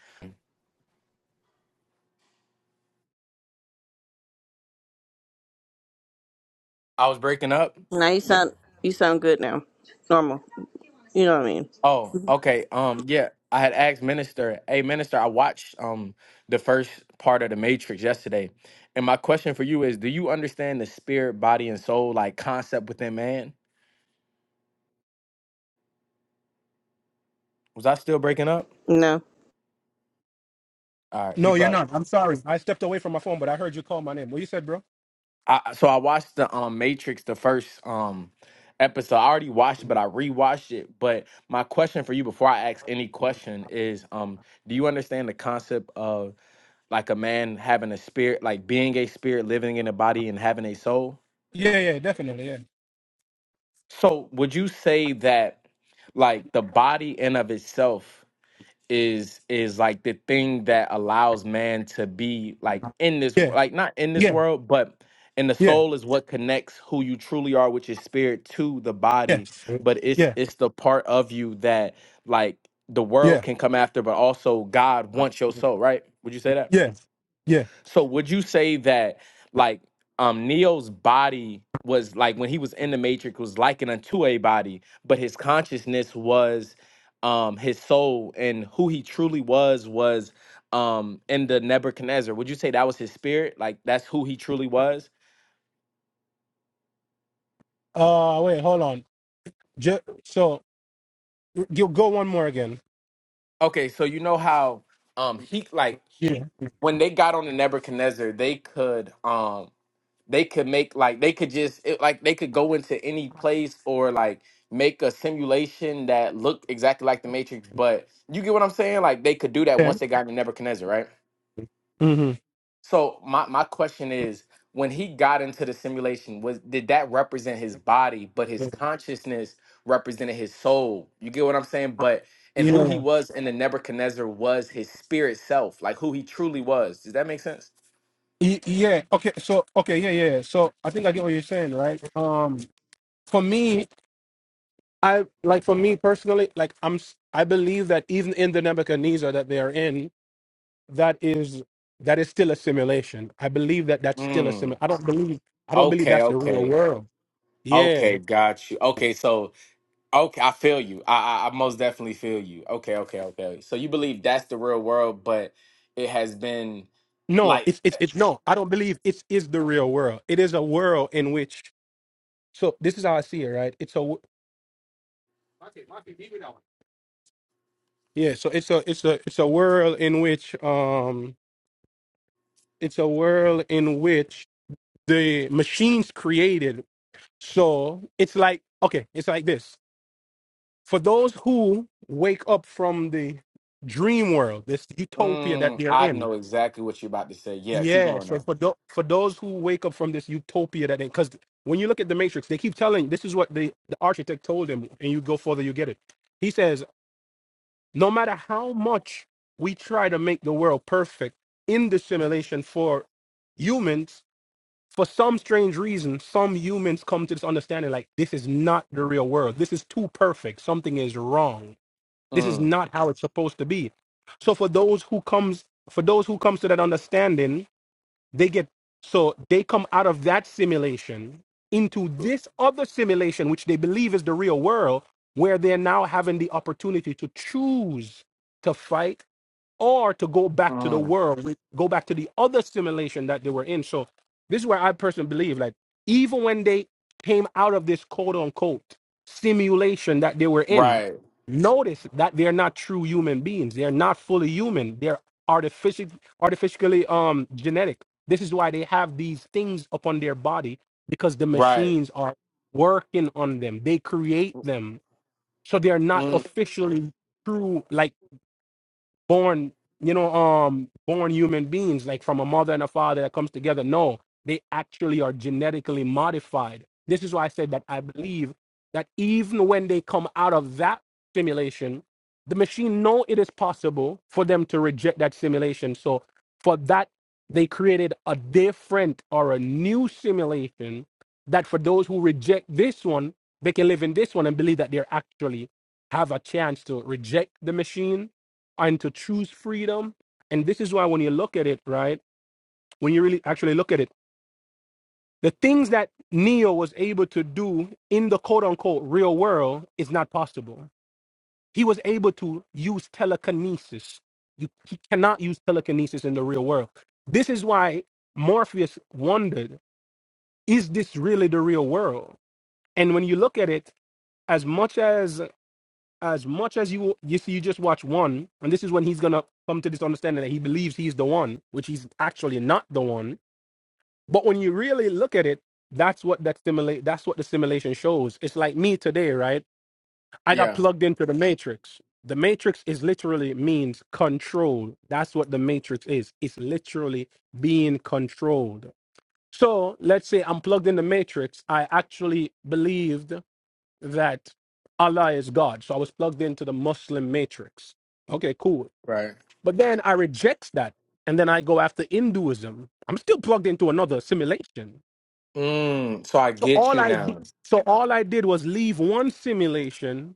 Speaker 10: I was breaking up.
Speaker 9: Now you sound you sound good now, normal. You know what I mean?
Speaker 10: Oh, okay. Um, yeah. I had asked Minister, hey Minister, I watched um the first part of the Matrix yesterday. And my question for you is, do you understand the spirit, body, and soul like concept within man? Was I still breaking up?
Speaker 9: No.
Speaker 10: All right, he
Speaker 7: No, you're
Speaker 10: probably
Speaker 7: not. I'm sorry. I stepped away from my phone, but I heard you call my name. What you said, bro?
Speaker 10: I so I watched the um Matrix the first um episode. I already watched it, but I rewatched it. But my question for you before I ask any question is um do you understand the concept of like a man having a spirit, like being a spirit, living in a body and having a soul?
Speaker 7: Yeah, yeah, definitely.
Speaker 10: So would you say that like the body in of itself is is like the thing that allows man to be like in this
Speaker 7: Yeah. Yeah.
Speaker 10: like not in this
Speaker 7: Yeah.
Speaker 10: world but and the
Speaker 7: Yeah.
Speaker 10: soul is what connects who you truly are which is spirit to the body
Speaker 7: Yes.
Speaker 10: but it's
Speaker 7: Yeah.
Speaker 10: it's the part of you that like the world
Speaker 7: Yeah.
Speaker 10: can come after but also god wants your soul right would you say that
Speaker 7: Yeah. Yeah.
Speaker 10: so would you say that like um Neo's body was like when he was in the matrix was likened unto a body, but his consciousness was um his soul and who he truly was was um in the Nebuchadnezzar. Would you say that was his spirit? Like that's who he truly was?
Speaker 7: Uh wait, hold on. Ju- so you go one more again.
Speaker 10: Okay, so you know how um he like
Speaker 7: Yeah.
Speaker 10: when they got on the Nebuchadnezzar, they could um they could make like they could just it, like they could go into any place or like make a simulation that looked exactly like the Matrix. But you get what I'm saying? Like they could do that
Speaker 7: Yeah.
Speaker 10: once they got to Nebuchadnezzar, right?
Speaker 7: Mm-hmm.
Speaker 10: So my my question is, when he got into the simulation, was did that represent his body, but his consciousness represented his soul? You get what I'm saying? But and who he
Speaker 7: Yeah.
Speaker 10: was in the Nebuchadnezzar was his spirit self, like who he truly was. Does that make sense?
Speaker 7: Y- Yeah. Okay. So okay, yeah, yeah. yeah. So I think I get what you're saying, right? Um for me, I like for me personally, like I'm s- I believe that even in the Nebuchadnezzar that they are in, that is that is still a simulation. I believe that that's still a sim.
Speaker 10: Mm,
Speaker 7: I don't believe I don't believe
Speaker 10: okay,
Speaker 7: that's the real
Speaker 10: okay.
Speaker 7: world.
Speaker 10: Okay,
Speaker 7: Yeah.
Speaker 10: got you. Okay, so okay, I feel you. I, I I most definitely feel you. Okay, okay, okay. So you believe that's the real world, but it has been
Speaker 7: No,
Speaker 10: like,
Speaker 7: it's
Speaker 10: eh,
Speaker 7: it's it's no. I don't believe it's is the real world. It is a world in which so this is how I see it, right? It's a w- yeah. So it's a it's a it's a world in which um it's a world in which the machines created. So it's like okay, it's like this. for those who wake up from the dream world, this utopia that
Speaker 10: mm,
Speaker 7: they're
Speaker 10: I
Speaker 7: in.
Speaker 10: know exactly what you're about to say. Yeah, keep
Speaker 7: Yeah,
Speaker 10: going
Speaker 7: so
Speaker 10: on.
Speaker 7: for tho- for those who wake up from this utopia that they, because when you look at the Matrix, they keep telling this is what the the architect told them, and you go further, you get it. He says, no matter how much we try to make the world perfect in the simulation for humans, for some strange reason, some humans come to this understanding like this is not the real world. This is too perfect. Something is wrong this is
Speaker 10: Mm,
Speaker 7: not how it's supposed to be. So for those who comes for those who comes to that understanding, they get so they come out of that simulation into this other simulation which they believe is the real world where they're now having the opportunity to choose to fight or to go back to the
Speaker 10: mm,
Speaker 7: world, we- go back to the other simulation that they were in. So this is where I personally believe, like even when they came out of this quote unquote simulation that they were in,
Speaker 10: right,
Speaker 7: notice that they're not true human beings. They're not fully human. They're artificial, artificially um genetic. This is why they have these things upon their body because the
Speaker 10: right.
Speaker 7: machines are working on them. They create
Speaker 10: Mm,
Speaker 7: them, so they're not
Speaker 10: mm,
Speaker 7: officially true. Like born, you know, um, born human beings, like from a mother and a father that comes together. No, they actually are genetically modified. This is why I said that I believe that even when they come out of that simulation, the machine know it is possible for them to reject that simulation. So for that, they created a different or a new simulation that for those who reject this one, they can live in this one and believe that they actually have a chance to reject the machine and to choose freedom. And this is why when you look at it, right, when you really actually look at it, the things that Neo was able to do in the quote unquote real world is not possible. He was able to use telekinesis. You he cannot use telekinesis in the real world. This is why Morpheus wondered, is this really the real world? And when you look at it, as much as as much as you you see you just watch one and this is when he's gonna come to this understanding that he believes he's the one which he's actually not the one but when you really look at it that's what that simulate that's what the simulation shows it's like me today right i got
Speaker 10: yeah,
Speaker 7: plugged into the matrix the matrix is literally means control that's what the matrix is it's literally being controlled so let's say i'm plugged in the matrix i actually believed that Allah is God. So I was plugged into the Muslim matrix. Okay, cool.
Speaker 10: right.
Speaker 7: But then I reject that. And then I go after Hinduism. I'm still plugged into another simulation.
Speaker 10: Mm, so I
Speaker 7: So
Speaker 10: get
Speaker 7: all
Speaker 10: you
Speaker 7: I did,
Speaker 10: now.
Speaker 7: so all I did was leave one simulation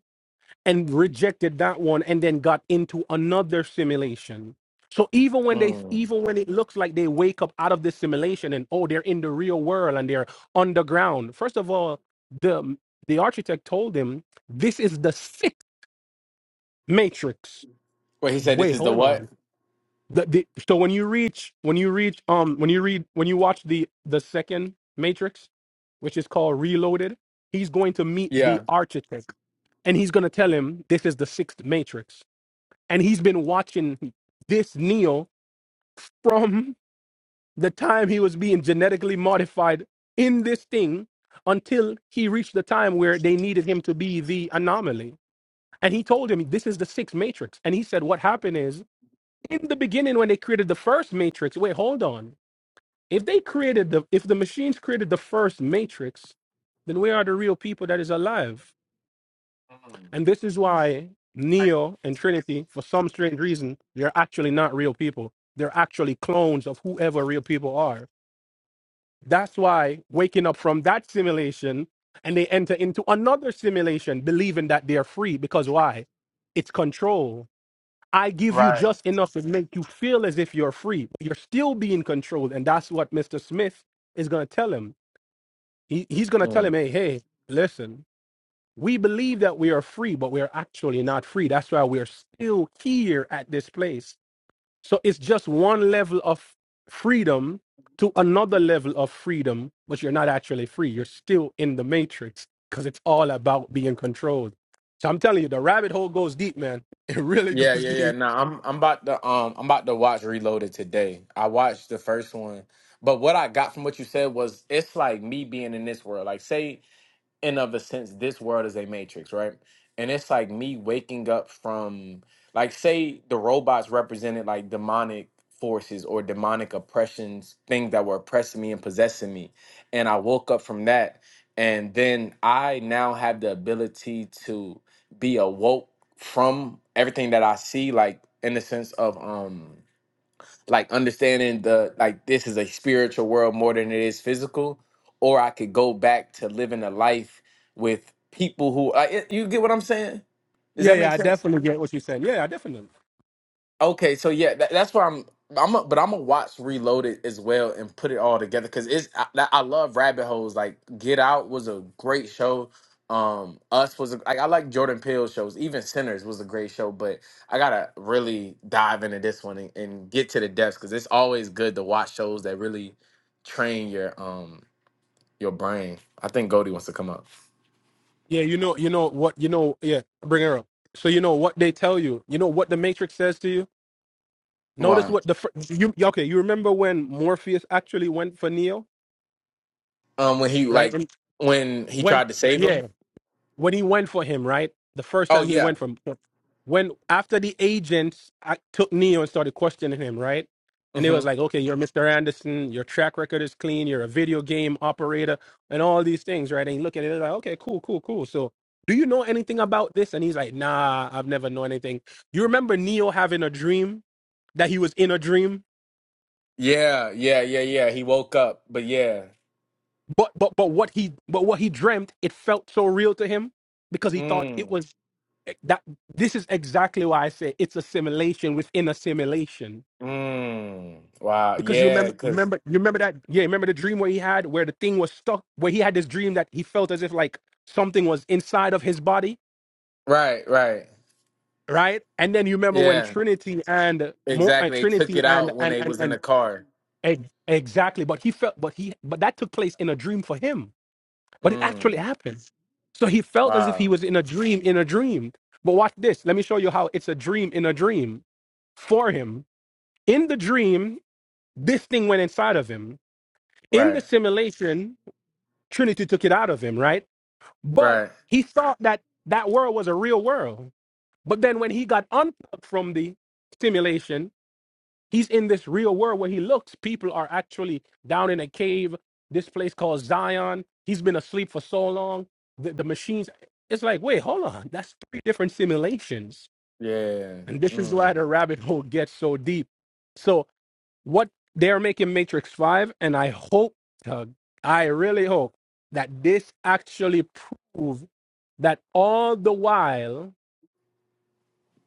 Speaker 7: and rejected that one and then got into another simulation. So even when they
Speaker 10: Mm.
Speaker 7: even when it looks like they wake up out of this simulation and oh they're in the real world and they're underground. First of all, the the architect told him this is the sixth. Matrix.
Speaker 10: Wait, he said this
Speaker 7: Wait,
Speaker 10: is the
Speaker 7: hold
Speaker 10: what?
Speaker 7: on. The, the, so when you reach, when you reach, um, when you read, when you watch the the second Matrix, which is called Reloaded, he's going to meet
Speaker 10: Yeah.
Speaker 7: the architect, and he's going to tell him this is the sixth Matrix, and he's been watching this Neo from the time he was being genetically modified in this thing until he reached the time where they needed him to be the anomaly. And he told him this is the sixth Matrix, and he said what happened is in the beginning when they created the first matrix wait hold on if they created the if the machines created the first matrix then where are the real people that is alive
Speaker 10: Mm,
Speaker 7: and this is why neo and trinity for some strange reason they're actually not real people they're actually clones of whoever real people are that's why waking up from that simulation and they enter into another simulation believing that they're free because why it's control I give you
Speaker 10: right.
Speaker 7: just enough to make you feel as if you're free. But you're still being controlled. And that's what Mr. Smith is going to tell him. He, he's going to
Speaker 10: Mm.
Speaker 7: tell him, hey, hey, listen, we believe that we are free, but we are actually not free. That's why we are still here at this place. So it's just one level of freedom to another level of freedom, but you're not actually free. You're still in the matrix because it's all about being controlled. So I'm telling you, the rabbit hole goes deep, man. It really
Speaker 10: Yeah,
Speaker 7: goes
Speaker 10: yeah, yeah.
Speaker 7: deep.
Speaker 10: Nah, I'm I'm about to um I'm about to watch Reloaded today. I watched the first one, but what I got from what you said was it's like me being in this world. Like, say in of a sense this world is a matrix right and it's like me waking up from like say the robots represented like demonic forces or demonic oppressions things that were oppressing me and possessing me and i woke up from that and then i now have the ability to be awoke from everything that i see like in the sense of um like understanding the like this is a spiritual world more than it is physical, or I could go back to living a life with people who I, you get what I'm saying? Does
Speaker 7: Yeah,
Speaker 10: that
Speaker 7: yeah,
Speaker 10: make
Speaker 7: I
Speaker 10: sense?
Speaker 7: definitely get what you're saying. Yeah, I definitely.
Speaker 10: Okay, so yeah, that, that's where I'm. I'm, a, but I'm gonna watch Reloaded as well and put it all together because it's. I, that- I love rabbit holes. Like Get Out was a great show. Um, Us was a, like I like Jordan Peele shows. Even Sinners was a great show, but I gotta really dive into this one and, and get to the depths because it's always good to watch shows that really train your um your brain. I think Goldie wants to come up.
Speaker 7: Yeah, you know, you know what, you know, yeah, bring her up. So you know what they tell you. You know what the Matrix says to you. Notice
Speaker 10: Why?
Speaker 7: what the fir- you okay. You remember when Morpheus actually went for Neo,
Speaker 10: Um, when he
Speaker 7: right?
Speaker 10: like
Speaker 7: And
Speaker 10: when he
Speaker 7: when
Speaker 10: tried to save
Speaker 7: yeah,
Speaker 10: him.
Speaker 7: when he went for him, right? The first
Speaker 10: Oh
Speaker 7: time he
Speaker 10: yeah.
Speaker 7: went for him, when after the agents I took Neo and started questioning him, right? And they
Speaker 10: Mm-hmm.
Speaker 7: was like, okay, you're Mr. Anderson, your track record is clean, you're a video game operator, and all these things, right? And you look at it they're like, okay, cool, cool, cool. So do you know anything about this? And he's like, nah, I've never known anything. You remember Neo having a dream that he was in a dream,
Speaker 10: Yeah, yeah, yeah, yeah. He woke up, but yeah.
Speaker 7: but but but what he but what he dreamt, it felt so real to him because he thought it
Speaker 10: Mm.
Speaker 7: was that this is exactly why I say it's assimilation within assimilation.
Speaker 10: Mm. Wow.
Speaker 7: Because you
Speaker 10: Yeah,
Speaker 7: remember,
Speaker 10: cuz
Speaker 7: remember, you remember that, yeah, remember the dream where he had, where the thing was stuck, where he had this dream that he felt as if like something was inside of his body,
Speaker 10: right, right.
Speaker 7: right? And then you remember when
Speaker 10: Yeah.
Speaker 7: Trinity and Mo, uh,
Speaker 10: Exactly. They took
Speaker 7: Trinity
Speaker 10: it
Speaker 7: and
Speaker 10: out when
Speaker 7: and
Speaker 10: they
Speaker 7: and
Speaker 10: was in
Speaker 7: and
Speaker 10: the car.
Speaker 7: ex- exactly, but he felt, but he, but that took place in a dream for him, but it actually
Speaker 10: Mm.
Speaker 7: happened. So he felt as if he
Speaker 10: Wow.
Speaker 7: was in a dream in a dream. But watch this. Let me show you how it's a dream in a dream for him In the dream, this thing went inside of him. In
Speaker 10: Right.
Speaker 7: the simulation, Trinity took it out of him, right? But
Speaker 10: Right.
Speaker 7: he thought that that world was a real world. But then when he got unplugged from the simulation, he's in this real world where he looks. People are actually down in a cave, this place called Zion. He's been asleep for so long. The, the machines, it's like, wait, hold on. That's three different simulations.
Speaker 10: Yeah.
Speaker 7: And this is why
Speaker 10: Mm.
Speaker 7: the rabbit hole gets so deep. So. what they're making Matrix 5, and I hope, uh, I really hope that this actually proves that all the while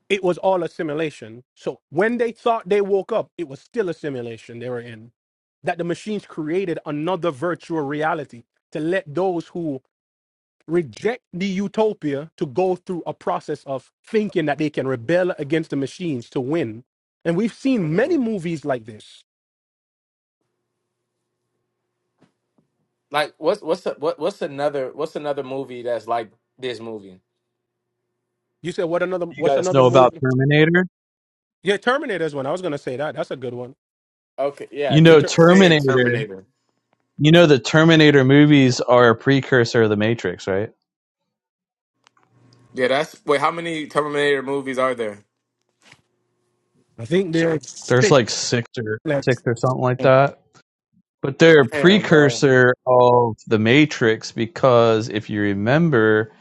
Speaker 7: it was all a simulation. So when they thought they woke up, it was still a simulation they were in. That the machines created another virtual reality to let those who reject the utopia to go through a process of thinking that they can rebel against the machines to win. And we've seen many
Speaker 10: mm.
Speaker 7: movies like this
Speaker 10: Like what's what's a, what what's another what's another movie that's like this movie?
Speaker 7: You said what another?
Speaker 8: You
Speaker 7: What's
Speaker 8: guys
Speaker 7: another
Speaker 8: know about
Speaker 7: movie?
Speaker 8: Terminator?
Speaker 7: Yeah, Terminator's one. I was gonna say that. That's a good one.
Speaker 10: Okay, yeah,
Speaker 8: You
Speaker 7: And
Speaker 8: know,
Speaker 10: people
Speaker 7: Ter-
Speaker 10: saying
Speaker 8: Terminator.
Speaker 10: Terminator.
Speaker 8: You know, the Terminator movies are a precursor of the Matrix, right?
Speaker 10: Yeah, that's wait, how many Terminator movies are there?
Speaker 7: I think there's
Speaker 8: There's
Speaker 7: six
Speaker 8: like six or six
Speaker 7: left.
Speaker 8: or something like that, but they're a
Speaker 10: Damn, bro.
Speaker 8: precursor of the Matrix because if you remember,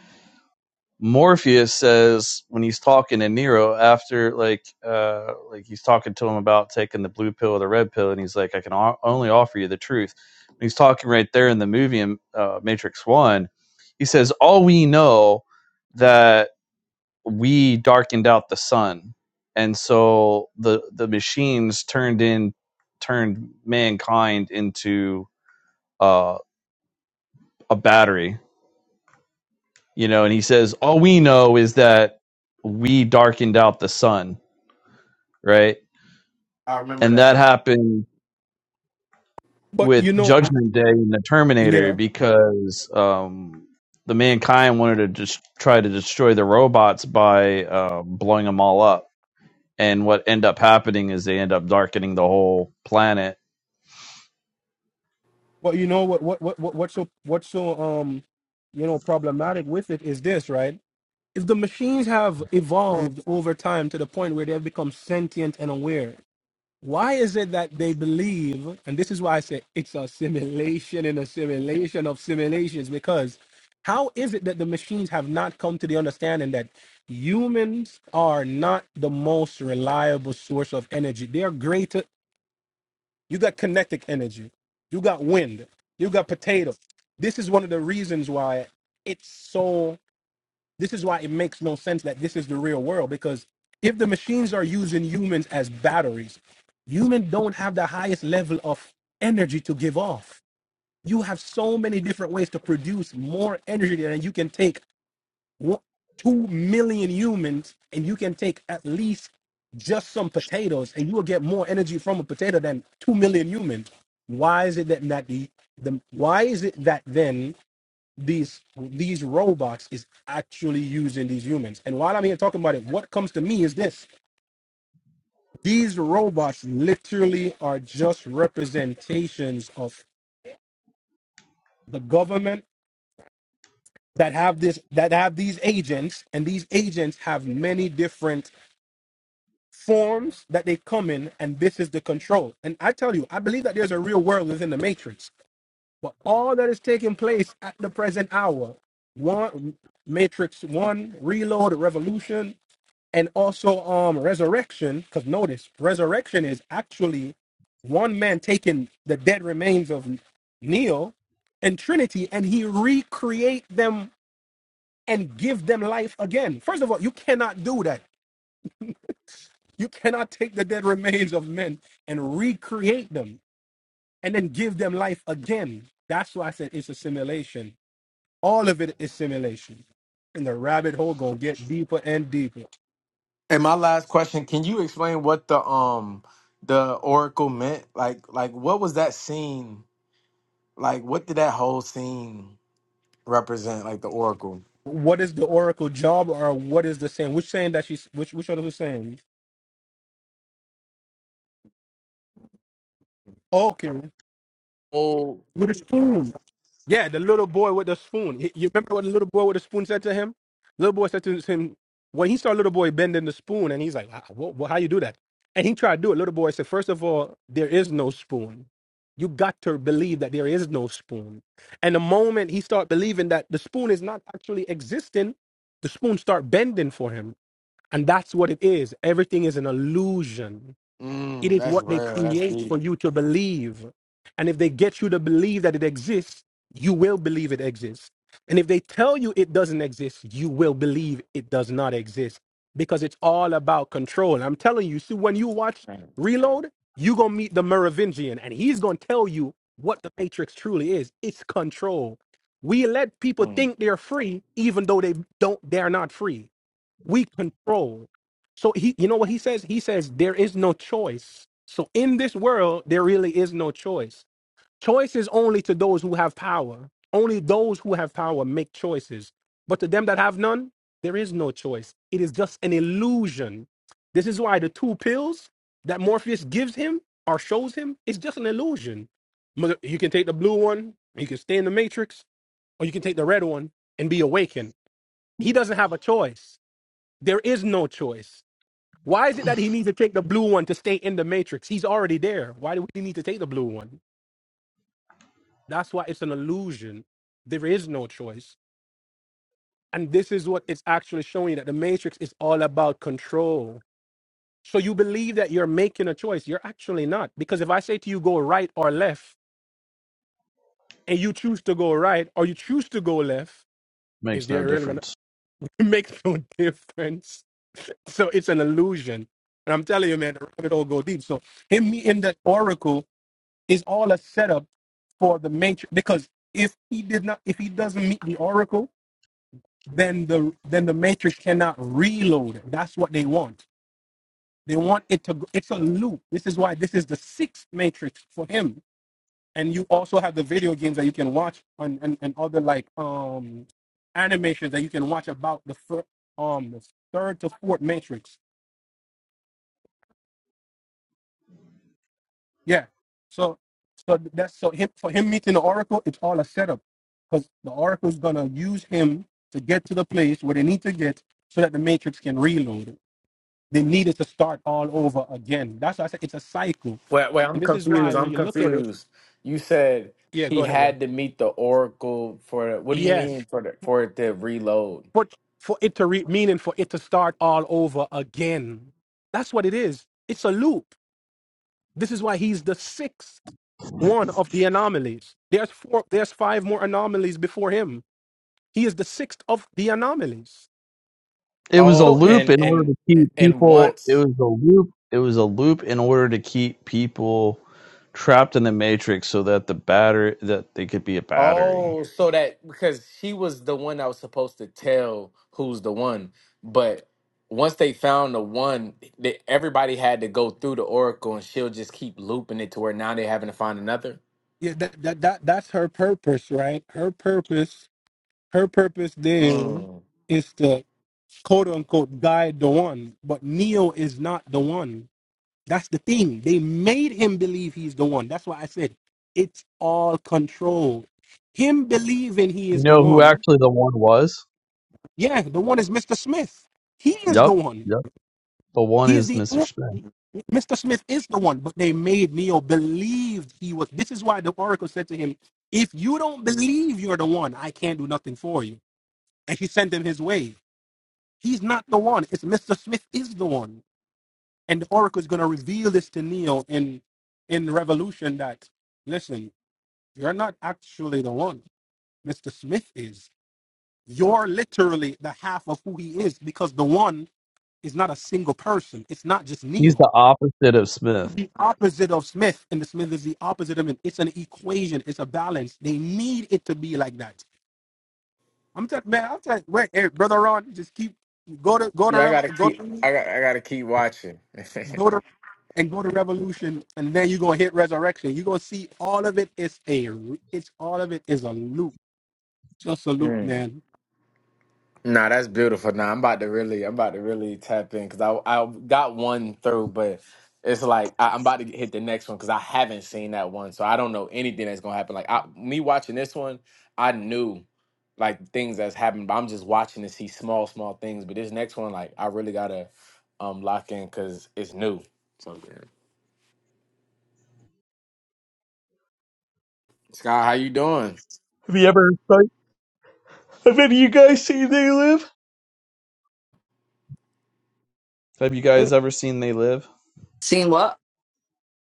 Speaker 8: Morpheus says when he's talking to Neo after like uh like he's talking to him about taking the blue pill or the red pill, and he's like, "I can o- only offer you the truth." And he's talking right there in the movie in uh, Matrix One. He says, "All we know." that we darkened out the sun and so the the machines turned in turned mankind into uh, a battery you know and he says all we know is that we darkened out the sun right
Speaker 10: I remember
Speaker 8: and
Speaker 10: that.
Speaker 8: that happened
Speaker 7: But you
Speaker 8: with
Speaker 7: know,
Speaker 8: judgment day and the terminator
Speaker 7: yeah.
Speaker 8: because um the mankind wanted to just try to destroy the robots by uh, blowing them all up and what end up happening is they end up darkening the whole planet
Speaker 7: But you know what? What? What? what what's so? What's so? Um, you know, problematic with it is this, right? If the machines have evolved over time to the point where they have become sentient and aware, Why is it that they believe, and this is why I say it's a simulation in a simulation of simulations, because how is it that the machines have not come to the understanding that humans are not the most reliable source of energy? They are greater. You got kinetic energy, you got wind, you got potato. This is one of the reasons why it's so. This is why it makes no sense that this is the real world because if the machines are using humans as batteries, humans don't have the highest level of energy to give off. You have so many different ways to produce more energy than you can take one- two million humans, and you can take at least just some potatoes, and you will get more energy from a potato than two million humans. Why is it that, that the, the why is it that then these these robots is actually using these humans. And while I'm here talking about it, what comes to me is this: these robots literally are just representations of the government that have this that have these agents, and these agents have many different forms that they come in, and this is the control. And I tell you, I believe that there's a real world within the matrix. But all that is taking place at the present hour, one matrix one, reload, revolution, and also um resurrection because notice resurrection is actually one man taking the dead remains of neil and trinity and he recreate them and give them life again first of all you cannot do that you cannot take the dead remains of men and recreate them and then give them life again that's why i said it's a simulation all of it is simulation and the rabbit hole gonna get deeper and deeper
Speaker 10: And my last question, can you explain what the um the oracle meant? Like like what was that scene? Like what did that whole scene represent? Like the oracle.
Speaker 7: What is the oracle job, or what is the saying? Which saying that she's which which other was the saying? Okay,
Speaker 10: Oh,
Speaker 7: with a spoon. Yeah, the little boy with the spoon. He- You remember what the little boy with the spoon said to him? Little boy said to him when he saw little boy bending the spoon, and he's like, "Ah, wha- wha- "How you do that?" And he tried to do it. Little boy said, first of all, there is no spoon. You got to believe that there is no spoon." And the moment he start believing that the spoon is not actually existing, the spoon start bending for him And that's what it is. Everything is an illusion. It
Speaker 10: mm,
Speaker 7: is
Speaker 10: that's
Speaker 7: what they
Speaker 10: real. That's
Speaker 7: create
Speaker 10: deep.
Speaker 7: for you to believe. And if they get you to believe that it exists, you will believe it exists. And if they tell you it doesn't exist, you will believe it does not exist because it's all about control. I'm telling you, see, when you watch Reload, you're going to meet the Merovingian and he's going to tell you what the Matrix truly is it's control. We let people
Speaker 10: Mm.
Speaker 7: think they're free, even though they don't, they're not free we control. So he, you know what he says? He says there is no choice. So in this world, there really is no choice. Choice is only to those who have power. Only those who have power make choices. But to them that have none, there is no choice. It is just an illusion. This is why the two pills that Morpheus gives him or shows him is just an illusion. Mother- You can take the blue one, you can stay in the matrix, or you can take the red one and be awakened. He doesn't have a choice there is no choice. Why is it that he needs to take the blue one to stay in the matrix? He's already there. Why do we need to take the blue one? That's why it's an illusion. There is no choice. And this is what it's actually showing you that the matrix is all about control. So you believe that you're making a choice. You're actually not. Because if I say to you, go right or left, and you choose to go right or you choose to go left, is
Speaker 8: Makes no
Speaker 7: there really going
Speaker 8: difference.
Speaker 7: to make no difference? So it's an illusion. And I'm telling you, man, the rabbit hole go deep. So him meeting that oracle It's all a setup for the matrix because if he did not if he doesn't meet the oracle, then the then the matrix cannot reload. That's what they want. They want it to go- it's a loop. This is why this is the sixth matrix for him. And you also have the video games that you can watch on and, and other like um animations that you can watch about the fir- um the third to fourth matrix Yeah. So so that's so him for him meeting the oracle, it's all a setup. Because the oracle is gonna use him to get to the place where they need to get so that the matrix can reload it. They need it to start all over again. That's why I said it's a cycle.
Speaker 10: Wait, wait, I'm
Speaker 7: And this is why
Speaker 10: confused.
Speaker 7: when
Speaker 10: I'm
Speaker 7: you look at it,
Speaker 10: confused. You said
Speaker 7: yeah, go
Speaker 10: he
Speaker 7: ahead, right?
Speaker 10: had to meet the oracle for what do you
Speaker 7: Yes.
Speaker 10: mean for the, for it to reload?
Speaker 7: For for it to re meaning for it to start all over again. That's what it is. It's a loop. This is why he's the sixth one of the anomalies. There's four there's five more anomalies before him He is the sixth of the anomalies.
Speaker 8: It was a
Speaker 7: So
Speaker 10: Oh,
Speaker 7: it's
Speaker 8: loop
Speaker 10: and
Speaker 8: in order to
Speaker 10: and
Speaker 8: keep
Speaker 10: and
Speaker 8: people. It
Speaker 10: once
Speaker 8: was a loop. It was a loop in order to keep people trapped in the matrix, so that the battery that they could be a battery.
Speaker 10: Oh, so that because she was the one that was supposed to tell who's the one, but once they found the one, they, everybody had to go through the oracle, and she'll just keep looping it to where now they're having to find another.
Speaker 7: Yeah, that, that that that's her purpose, right? Her purpose, her purpose then
Speaker 10: Mm.
Speaker 7: is to quote unquote guide the one, but Neo is not the one. That's the thing. They made him believe he's the one. That's why I said it's all controlled. Him believing he
Speaker 8: You
Speaker 7: is the
Speaker 8: know who
Speaker 7: one.
Speaker 8: actually the one was?
Speaker 7: Yeah, the one is Mr. Smith. He is the
Speaker 8: Yep.
Speaker 7: one.
Speaker 8: Yep. The one
Speaker 7: He is
Speaker 8: is
Speaker 7: the
Speaker 8: Mr.
Speaker 7: o-
Speaker 8: Smith.
Speaker 7: Mr. Smith is the one, but they made Neo believe he was. This is why the oracle said to him, "If you don't believe you're the one, I can't do nothing for you." And he sent him his way. He's not the one. It's Mr. Smith is the one, and the oracle is going to reveal this to Neo in in Revolution. That listen, you're not actually the one. Mr. Smith is. You're literally the half of who he is because the one is not a single person. It's not just Neo
Speaker 8: He's the opposite of Smith.
Speaker 7: the opposite of Smith, and the Smith is the opposite of him. It's an equation. It's a balance. They need it to be like that. I'm telling man. I'm telling wait, hey, brother Ron, just keep go to go to
Speaker 10: Yeah, I gotta
Speaker 7: Rev- go
Speaker 10: keep.
Speaker 7: to
Speaker 10: I got. I gotta keep watching.
Speaker 7: go to and go to Revolution, and then you gonna hit Resurrection. You are gonna see all of it is a it's all of it is a loop, just a loop,
Speaker 10: Mm.
Speaker 7: man.
Speaker 10: Nah, that's beautiful. Nah, I'm about to really, I'm about to really tap in because I I got one through, but it's like I, I'm about to hit the next one because I haven't seen that one, so I don't know anything that's gonna happen. Like I, me watching this one, I knew like things that's happened, but I'm just watching to see small, small things. But this next one, like I really gotta um lock in because it's new. So yeah. Sky, how you doing?
Speaker 8: Have you ever? Have any of you guys seen They Live? Have you guys ever seen They Live?
Speaker 11: Seen what?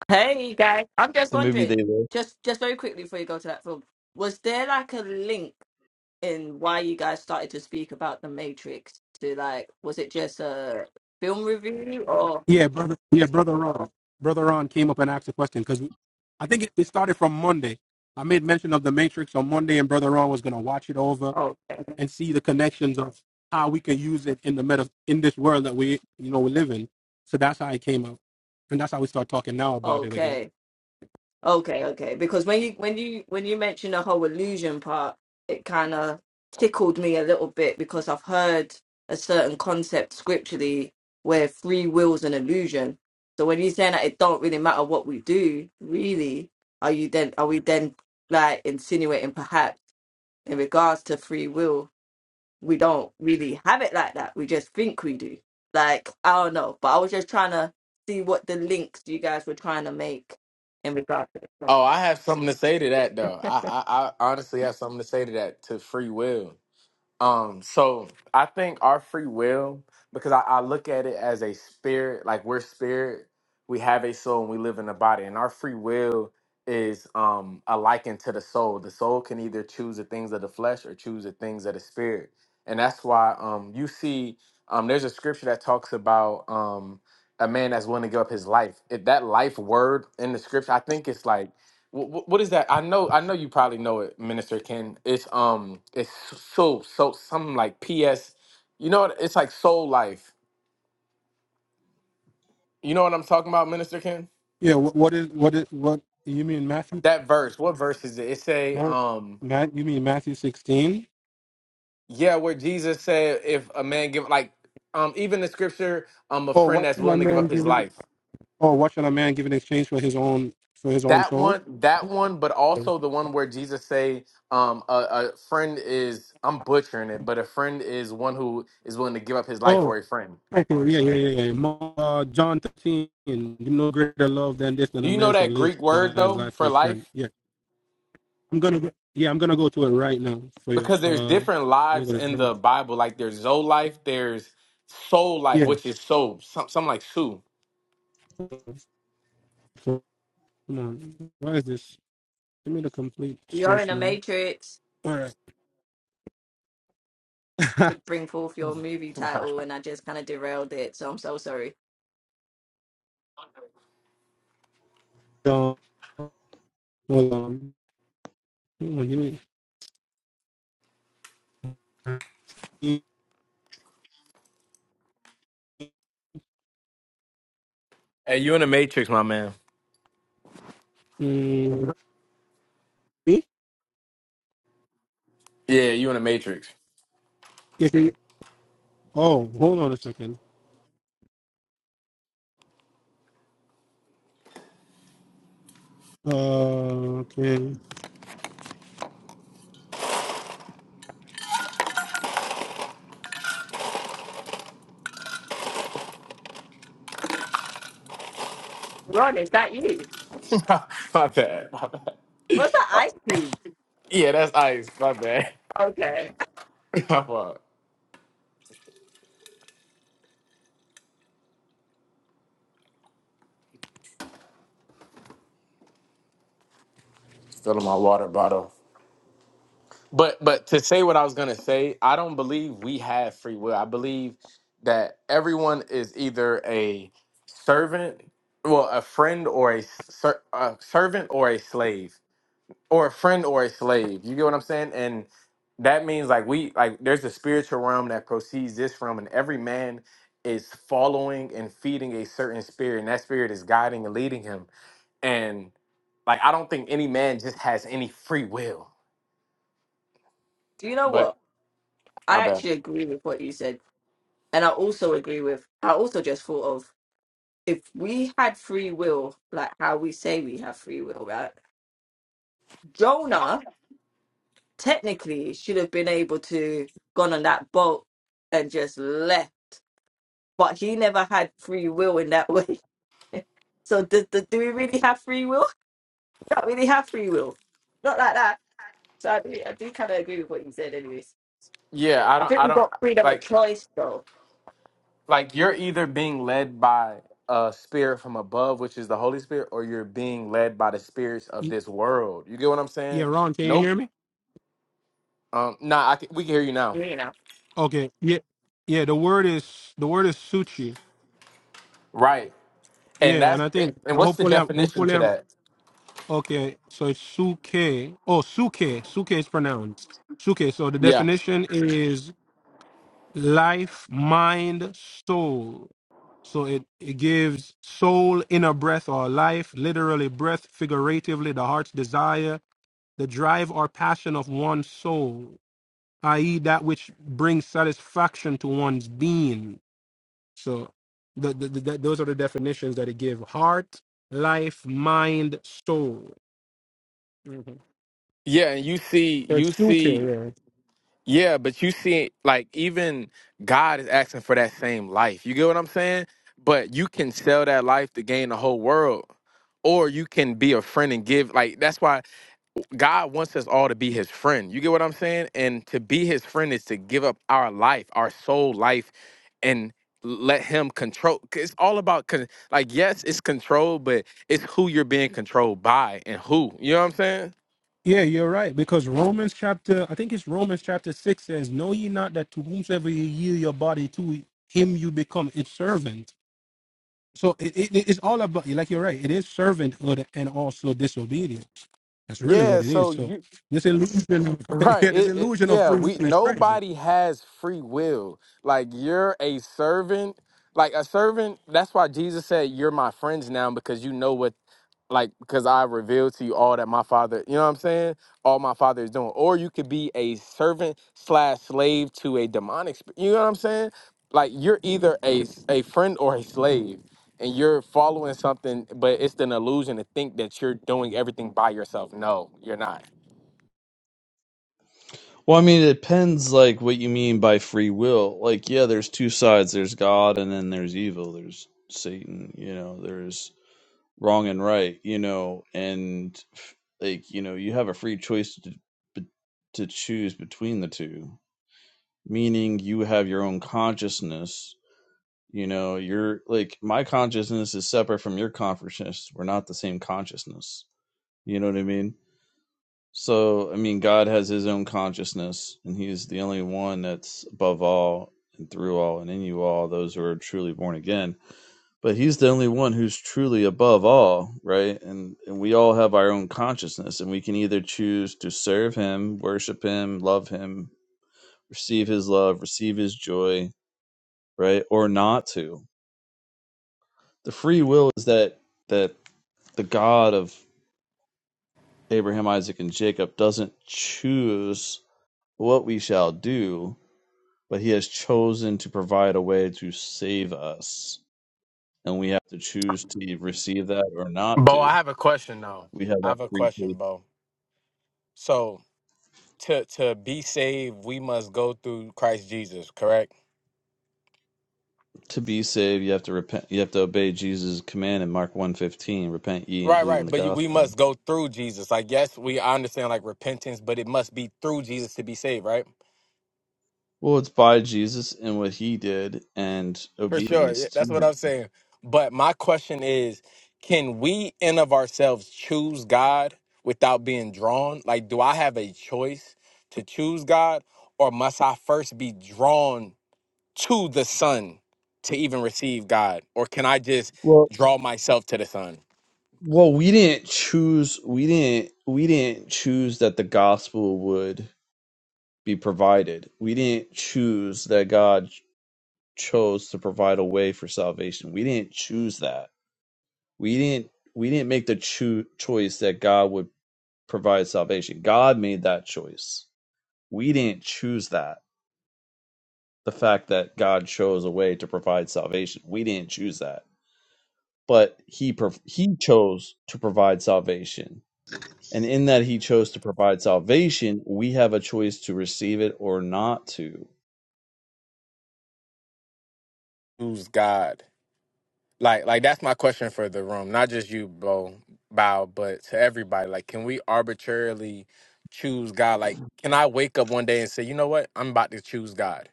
Speaker 11: Hey you guys, I'm just
Speaker 8: The movie They
Speaker 11: wondering,
Speaker 8: Live.
Speaker 11: just just very quickly before you go to that film, was there like a link in why you guys started to speak about the Matrix? To like, was it just a film review or
Speaker 7: Yeah, brother. Yeah, brother Ron. Brother Ron came up and asked a question because I think it, it started from Monday. I made mention of the Matrix on Monday, and brother Ron was gonna watch it over
Speaker 11: okay,
Speaker 7: and see the connections of how we can use it in the meta in this world that we you know we live in. So that's how it came up, and that's how we start talking now about it again.
Speaker 11: okay, Okay, okay. Because when you when you when you mentioned the whole illusion part, it kind of tickled me a little bit because I've heard a certain concept scripturally where free will's an illusion. So when you're saying that it don't really matter what we do, really, are you then are we then like insinuating perhaps in regards to free will, we don't really have it like that. We just think we do. Like, I don't know. But I was just trying to see what the links you guys were trying to make in regards to it.
Speaker 10: Oh, I have something to say to that though. I, I I honestly have something to say to that to free will. Um, so I think our free will, because I, I look at it as a spirit, like we're spirit, we have a soul and we live in a body, and our free will is um a liken to the soul. The soul can either choose the things of the flesh or choose the things of the spirit. And that's why um you see um there's a scripture that talks about um a man that's willing to give up his life. If that life word in the scripture, I think it's like what, what is that? I know, I know you probably know it, Minister Ken. It's um, it's so so something like P.S. You know, what? it's like Soul Life. You know what I'm talking about, Minister Ken?
Speaker 7: Yeah, what, what is what is what you mean Matthew?
Speaker 10: That verse. What verse is it? It say
Speaker 7: Matt,
Speaker 10: um,
Speaker 7: Matt, you mean Matthew sixteen?
Speaker 10: yeah, where Jesus said, if a man give like um, even the scripture um, a
Speaker 7: Oh,
Speaker 10: friend
Speaker 7: what
Speaker 10: that's
Speaker 7: shall a
Speaker 10: willing to give
Speaker 7: man
Speaker 10: up his
Speaker 7: give? In,
Speaker 10: life.
Speaker 7: oh, what shall a man give in exchange for his own for his own
Speaker 10: That
Speaker 7: soul?
Speaker 10: one, that one, but also the one where Jesus say, um, a, a friend is. I'm butchering it, but a friend is one who is willing to give up his life
Speaker 7: Oh,
Speaker 10: for a friend.
Speaker 7: okay, yeah, yeah, yeah, yeah. Mo- Uh, John thirteen. No greater love than this than
Speaker 10: Do
Speaker 7: a
Speaker 10: you know
Speaker 7: man should
Speaker 10: that
Speaker 7: live
Speaker 10: Greek
Speaker 7: than
Speaker 10: word
Speaker 7: his
Speaker 10: though
Speaker 7: life for
Speaker 10: for
Speaker 7: his
Speaker 10: life?
Speaker 7: friend. I'm gonna go, yeah, I'm gonna go to it right now for you.
Speaker 10: Because there's
Speaker 7: Uh,
Speaker 10: different
Speaker 7: let me go
Speaker 10: lives
Speaker 7: to
Speaker 10: in the
Speaker 7: jump.
Speaker 10: Bible. Like there's Zoe life, there's soul life,
Speaker 7: Yeah.
Speaker 10: which is soul. Some something like Sue.
Speaker 7: So, come on. Why is this? Give me the complete
Speaker 11: You're in
Speaker 7: source,
Speaker 11: a
Speaker 7: man.
Speaker 11: matrix
Speaker 7: All right.
Speaker 11: to bring forth your movie title, and I just kind of derailed it, so I'm so sorry.
Speaker 7: so, hold on. Hold on, Give me.
Speaker 10: hey, you in the Matrix, my man.
Speaker 7: Mm, me?
Speaker 10: Yeah, you in the Matrix.
Speaker 7: Yeah, can you- oh, hold on a second. Uh, okay.
Speaker 11: Ron, is that you?
Speaker 10: my bad. My bad.
Speaker 11: What's that ice cube?
Speaker 10: Yeah, that's ice. My bad.
Speaker 11: Okay.
Speaker 10: my fault. Filling my water bottle. But but to say what I was gonna say, I don't believe we have free will. I believe that everyone is either a servant, well, a friend or a, ser- a servant or a slave, or a friend or a slave. You get what I'm saying? And that means like we like there's a spiritual realm that proceeds this realm, and every man is following and feeding a certain spirit, and that spirit is guiding and leading him. And like I don't think any man just has any free will.
Speaker 11: Do you know
Speaker 10: But
Speaker 11: what?
Speaker 10: my
Speaker 11: I
Speaker 10: bad.
Speaker 11: actually agree with what you said, and I also agree with. I also just thought of if we had free will, like how we say we have free will, right? Jonah technically should have been able to gone on that boat and just left, but he never had free will in that way. So, do, do, do we really have free will? can't really have free will. Not like that. So I do, I do kind of agree with what you said, anyways.
Speaker 10: Yeah, I
Speaker 11: I
Speaker 10: don't
Speaker 11: think
Speaker 10: I
Speaker 11: we've
Speaker 10: don't
Speaker 11: got freedom of
Speaker 10: like
Speaker 11: choice, though.
Speaker 10: like you're either being led by a spirit from above, which is the Holy Spirit, or you're being led by the spirits of
Speaker 7: Y-
Speaker 10: this world. You get what I'm
Speaker 7: Yeah,
Speaker 10: saying?
Speaker 7: Ron, can you
Speaker 10: Nope.
Speaker 7: hear me?
Speaker 10: Um nah, I can, we can hear you now.
Speaker 11: You know,
Speaker 7: Okay. Yeah. Yeah. The word is the word is suchi.
Speaker 10: Right. And
Speaker 7: Yeah, and
Speaker 10: that's
Speaker 7: I think
Speaker 10: and what's the
Speaker 7: hopefully I'm
Speaker 10: definition
Speaker 7: hopefully
Speaker 10: to
Speaker 7: I'm
Speaker 10: that?
Speaker 7: Okay, so it's suke. Oh, suke. Suke is pronounced. Suke. So the
Speaker 10: Yeah.
Speaker 7: definition is life, mind, soul. So it, it gives soul, inner breath, or life, literally breath, figuratively, the heart's desire, the drive or passion of one's soul, i.e., that which brings satisfaction to one's being. So the, the, the, those are the definitions that it gives heart, life, mind, soul. Mm-hmm.
Speaker 10: Yeah, and you see
Speaker 7: So
Speaker 10: you
Speaker 7: It's true kill,
Speaker 10: see
Speaker 7: yeah.
Speaker 10: yeah, but you see like even God is asking for that same life. You get what I'm saying? But you can sell that life to gain the whole world or you can be a friend and give like that's why God wants us all to be his friend. You get what I'm saying? And to be his friend is to give up our life, our soul life, and let him control. 'cause It's all about, con- like, yes, it's control, but it's who you're being controlled by and who. You know what I'm saying?
Speaker 7: Yeah, you're right. Because Romans chapter, I think it's Romans chapter 6 says, Know ye not that to whomsoever ye yield your body to, him you become its servant. So it, it, it's all about, like you're right, it is servanthood and also disobedience. That's really
Speaker 10: Yeah,
Speaker 7: what it is.
Speaker 10: so
Speaker 7: So
Speaker 10: you
Speaker 7: this illusion,
Speaker 10: Right.
Speaker 7: yeah, this
Speaker 10: It, it,
Speaker 7: illusion of
Speaker 10: yeah,
Speaker 7: free
Speaker 10: we
Speaker 7: will is crazy.
Speaker 10: nobody has free will. Like you're a servant. Like a servant, that's why Jesus said, You're my friends now because you know what like because I revealed to you all that my father, you know what I'm saying? All my father is doing. Or you could be a servant slash slave to a demonic sp- you know what I'm saying? Like you're either a s- a friend or a slave. And you're following something, but it's an illusion to think that you're doing everything by yourself. No, you're not.
Speaker 8: Well, I mean, it depends, like, what you mean by free will. Like, yeah, there's two sides. There's God, and then there's evil. There's Satan. You know, there's wrong and right. You know, and like, you know, you have a free choice to be- to choose between the two. Meaning, you have your own consciousness. You know, you're like my consciousness is separate from your consciousness. We're not the same consciousness. You know what I mean? So, I mean, God has his own consciousness, and he is the only one that's above all and through all and in you all, those who are truly born again. But he's the only one who's truly above all, right? And, and we all have our own consciousness, and we can either choose to serve him, worship him, love him, receive his love, receive his joy, right? Or not to. The free will is that that the God of Abraham, Isaac, and Jacob doesn't choose what we shall do but he has chosen to provide a way to save us. And we have to choose to receive that or not
Speaker 10: Bo,
Speaker 8: to.
Speaker 10: I have a question now.
Speaker 8: We have
Speaker 10: I
Speaker 8: that
Speaker 10: have a
Speaker 8: free
Speaker 10: question,
Speaker 8: choice.
Speaker 10: Bo. So to to be saved, we must go through Christ Jesus, correct?
Speaker 8: To be saved, you have to repent you have to obey Jesus' command in Mark one fifteen. repent ye and
Speaker 10: Right,
Speaker 8: believe in
Speaker 10: right.
Speaker 8: the
Speaker 10: But you, we
Speaker 8: gospel.
Speaker 10: must go through Jesus. Like, yes, we I understand like repentance, but it must be through Jesus to be saved, right?
Speaker 8: Well, it's by Jesus and what he did and
Speaker 10: For sure.
Speaker 8: obedience
Speaker 10: Yeah,
Speaker 8: to
Speaker 10: that's what
Speaker 8: him.
Speaker 10: I'm saying. But my question is, can we in of ourselves choose God without being drawn? Like, do I have a choice to choose God, or must I first be drawn to the Son to even receive God, or can I just
Speaker 8: Well
Speaker 10: draw myself to the Son?
Speaker 8: well we didn't choose we didn't we didn't choose that the gospel would be provided. We didn't choose that God chose to provide a way for salvation. We didn't choose that. We didn't we didn't make the cho- choice that God would provide salvation. God made that choice. We didn't choose that. The fact that God chose a way to provide salvation. We didn't choose that. But he prov- he chose to provide salvation. And in that he chose to provide salvation, we have a choice to receive it or not to.
Speaker 10: Who's God? Like, like that's my question for the room. Not just you, Bo, Bow, but to everybody. Like, can we arbitrarily choose God? Like, can I wake up one day and say, you know what, I'm about to choose God?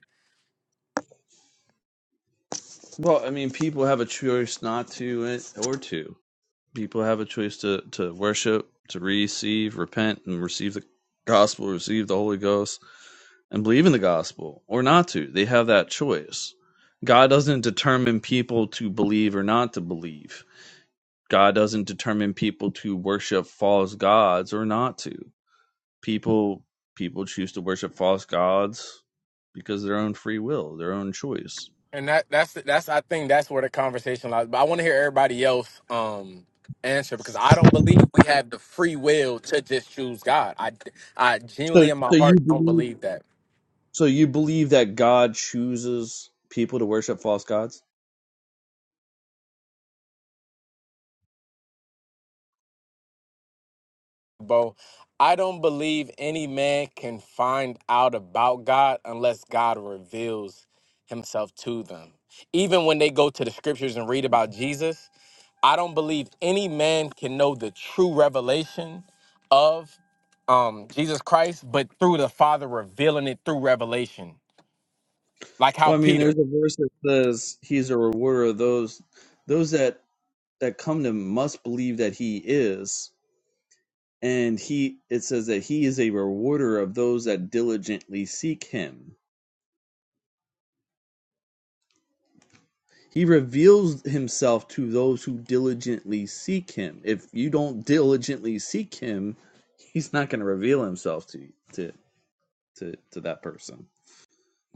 Speaker 8: Well, I mean, people have a choice not to and- or to. People have a choice to, to worship, to receive, repent, and receive the gospel, receive the Holy Ghost, and believe in the gospel or not to. They have that choice. God doesn't determine people to believe or not to believe. God doesn't determine people to worship false gods or not to. People people choose to worship false gods because of their own free will, their own choice.
Speaker 10: And that that's that's I think that's where the conversation lies. But I want to hear everybody else um answer because I don't believe we have the free will to just choose God. I I
Speaker 8: So
Speaker 10: genuinely in my
Speaker 8: so you
Speaker 10: heart don't
Speaker 8: believe
Speaker 10: believe that.
Speaker 8: so you believe that God chooses people to worship false gods?
Speaker 10: bro. I don't believe any man can find out about God unless God reveals himself to them. Even when they go to the scriptures and read about Jesus, I don't believe any man can know the true revelation of um, Jesus Christ, but through the Father revealing it through revelation. Like how
Speaker 8: Well, I mean, there's
Speaker 10: Peter,
Speaker 8: a verse that says he's a rewarder of those those that that come to him must believe that he is, and he it says that he is a rewarder of those that diligently seek him. He reveals himself to those who diligently seek him. If you don't diligently seek him, he's not going to reveal himself to to to to that person.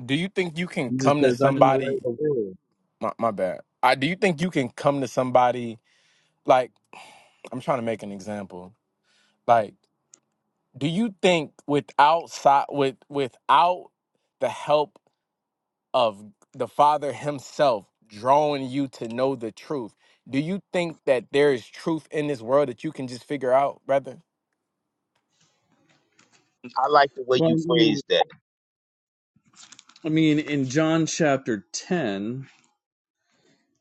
Speaker 10: do you think you can
Speaker 8: He just
Speaker 10: come to
Speaker 8: says, "I am the light of
Speaker 10: somebody?
Speaker 8: the world."
Speaker 10: My, my bad. I do you think you can come to somebody like I'm trying to make an example. like. do you think without si- with without the help of the father himself drawing you to know the truth do you think that there is truth in this world that you can just figure out brother
Speaker 12: I like the way
Speaker 8: Well, I
Speaker 12: you
Speaker 8: mean,
Speaker 12: phrase that.
Speaker 8: I mean, in John chapter ten,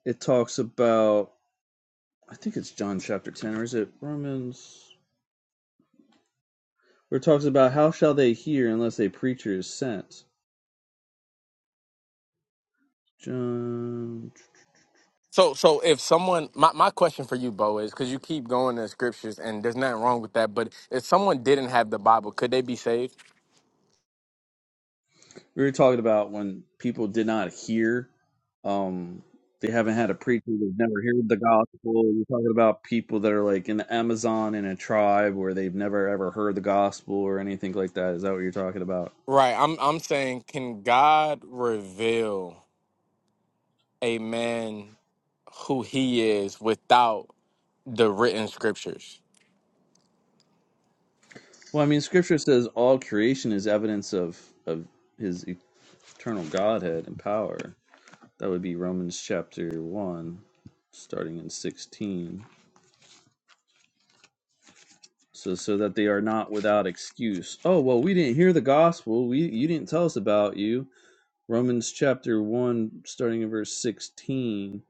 Speaker 8: it talks about. I think it's John chapter 10, or is it Romans? Where it talks about how shall they hear unless a preacher is sent? John.
Speaker 10: so so if someone my, my question for you bo is because you keep going to scriptures and there's nothing wrong with that but if someone didn't have the bible could they be saved
Speaker 8: We were talking about when people did not hear. Um, they haven't had a preacher. They've never heard the gospel. we are talking about people that are like in the Amazon in a tribe where they've never ever heard the gospel or anything like that. Is that what you're talking about?
Speaker 10: right i'm i'm saying can god reveal a man who he is without the written scriptures
Speaker 8: Well, I mean, Scripture says all creation is evidence of of His eternal Godhead and power. That would be Romans chapter 1, starting in 16. So, so that they are not without excuse. Oh, well, we didn't hear the gospel. We, you didn't tell us about you. Romans chapter 1, starting in verse 16.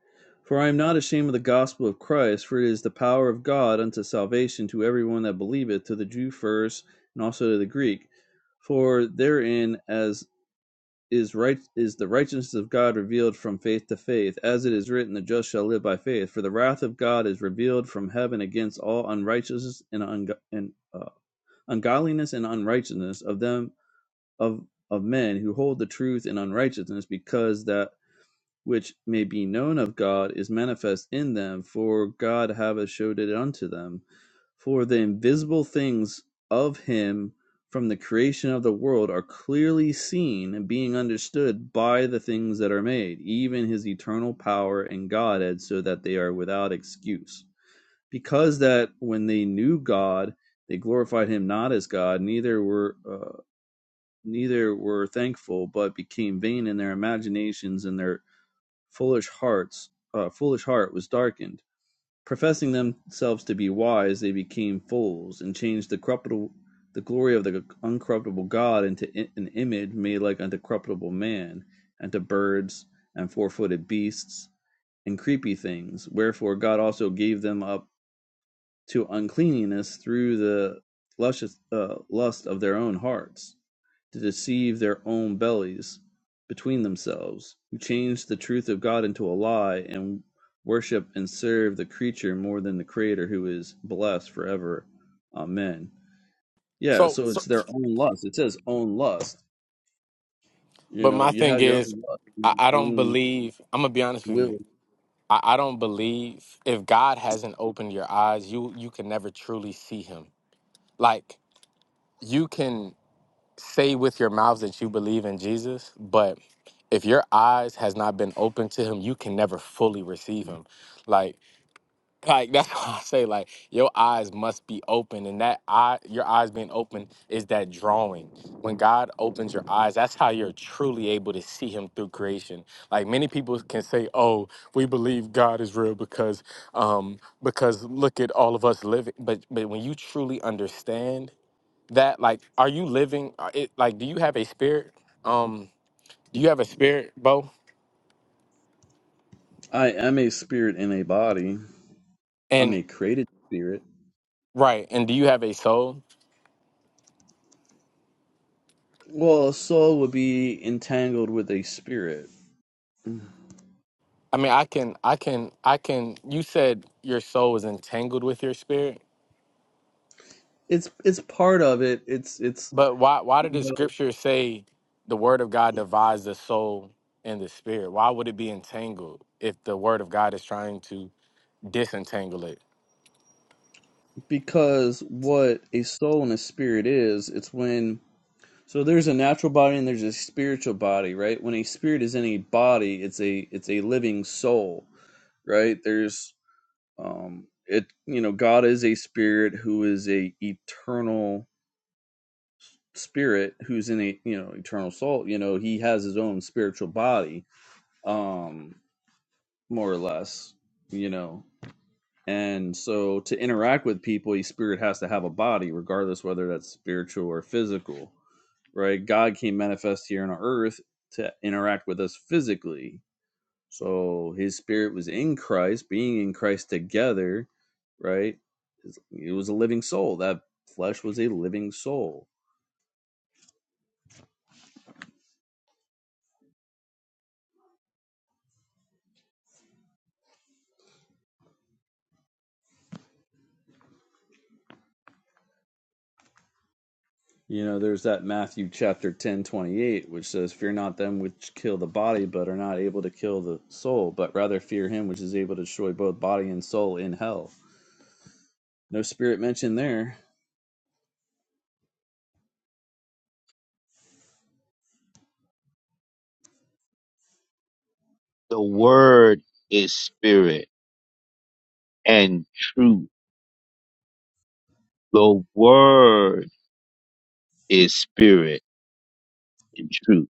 Speaker 8: For I am not ashamed of the gospel of Christ, for it is the power of God unto salvation to everyone that believeth, to the Jew first, and also to the Greek. For therein, as is right is the righteousness of God revealed from faith to faith, as it is written, the just shall live by faith. For the wrath of God is revealed from heaven against all unrighteousness and, ungo- and uh, ungodliness and unrighteousness of them of of men who hold the truth in unrighteousness, because that which may be known of God is manifest in them, for God hath showed it unto them. For the invisible things of him from the creation of the world are clearly seen, and being understood by the things that are made, even his eternal power and Godhead, so that they are without excuse. Because that when they knew God, they glorified him not as God, neither were uh, neither were thankful, but became vain in their imaginations, and their Foolish hearts uh, foolish heart was darkened. Professing themselves to be wise, they became fools, and changed the corruptible the glory of the uncorruptible God into in, an image made like unto corruptible man, and to birds, and four footed beasts, and creepy things. Wherefore God also gave them up to uncleanness through the luscious, uh, lust of their own hearts to deceive their own bellies between themselves, who change the truth of God into a lie and worship and serve the creature more than the creator who is blessed forever. Amen. Yeah,
Speaker 10: So,
Speaker 8: so
Speaker 10: so
Speaker 8: it's their own lust. It says own lust. You
Speaker 10: but
Speaker 8: know,
Speaker 10: my
Speaker 8: you
Speaker 10: thing
Speaker 8: have your
Speaker 10: is,
Speaker 8: own lust, your
Speaker 10: I, I don't
Speaker 8: own
Speaker 10: believe. I'm gonna be honest with you.
Speaker 8: will.
Speaker 10: I, I don't believe if God hasn't opened your eyes, you you can never truly see Him. Like you can say with your mouth that you believe in Jesus, but if your eyes has not been opened to Him, you can never fully receive Him. Like Like that's why I say like your eyes must be open, and that eye, your eyes being open is that drawing. When God opens your eyes, that's how you're truly able to see Him through creation. Like many people can say, "Oh, we believe God is real because um because look at all of us living." But but when you truly understand that, like, are you living? are It like, do you have a spirit? Um, do you have a spirit, Bo?
Speaker 8: I am a spirit in a body. I'm
Speaker 10: And
Speaker 8: a created spirit.
Speaker 10: right, and do you have a soul?
Speaker 8: Well, a soul would be entangled with a spirit.
Speaker 10: I mean, I can, I can, I can. You said your soul is entangled with your spirit,
Speaker 8: It's it's part of it. It's it's
Speaker 10: but why? Why
Speaker 8: you
Speaker 10: did the
Speaker 8: know.
Speaker 10: scripture say the word of God divides the soul and the spirit? Why would it be entangled if the word of God is trying to disentangle it?
Speaker 8: Because what a soul and a spirit is, it's when so there's a natural body and there's a spiritual body, right? When a spirit is in a body, it's a it's a living soul, right? There's um it you know, God is a spirit who is a eternal spirit who's in a you know, eternal soul, you know, he has his own spiritual body, um, more or less, you know. And so to interact with people, your spirit has to have a body, regardless whether that's spiritual or physical, right? God came manifest here on earth to interact with us physically. So his spirit was in Christ, being in Christ together, right? It was a living soul. That flesh was a living soul. You know, there's that Matthew chapter 10 28, which says, Fear not them which kill the body, but are not able to kill the soul, but rather fear him which is able to destroy both body and soul in hell. No spirit mentioned there.
Speaker 12: The word is spirit and truth. The word is spirit and truth.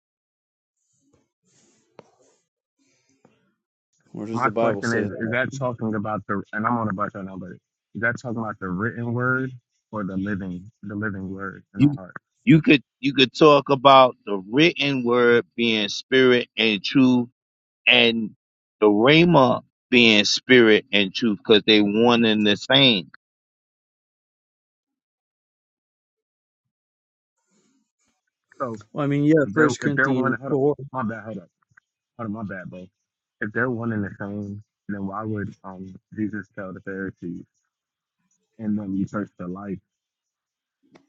Speaker 8: Where does the
Speaker 10: My
Speaker 8: Bible
Speaker 10: question
Speaker 8: say
Speaker 10: is,
Speaker 8: that?
Speaker 10: is that talking about the and I'm on a bus right now, but is that talking about the written word or the living the living word in our
Speaker 12: You
Speaker 10: heart?
Speaker 12: you could you could talk about the written word being spirit and truth and the rhema being spirit and truth because they one and the same.
Speaker 10: So
Speaker 8: Well, I mean, yeah,
Speaker 10: if they're
Speaker 8: First
Speaker 10: if they're one
Speaker 8: Corinthians
Speaker 10: hold up,
Speaker 8: 4.
Speaker 10: my bad, hold up. Oh, my bad, bro. If they're one and the same, then why would um Jesus tell the Pharisees and them you search for life,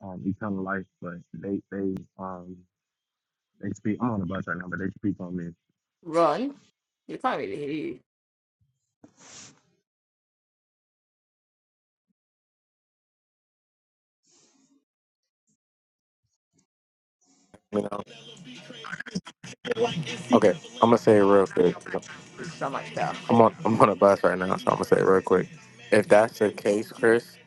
Speaker 10: um eternal life, but they they um they speak. I'm on a bus right now, but they speak on me.
Speaker 11: Ron, you can't really hear you.
Speaker 10: You know? Okay, I'm gonna say it real quick.
Speaker 11: It's so much better.
Speaker 10: I'm on I'm on a bus right now, so I'm gonna say it real quick. If that's the case, Chris,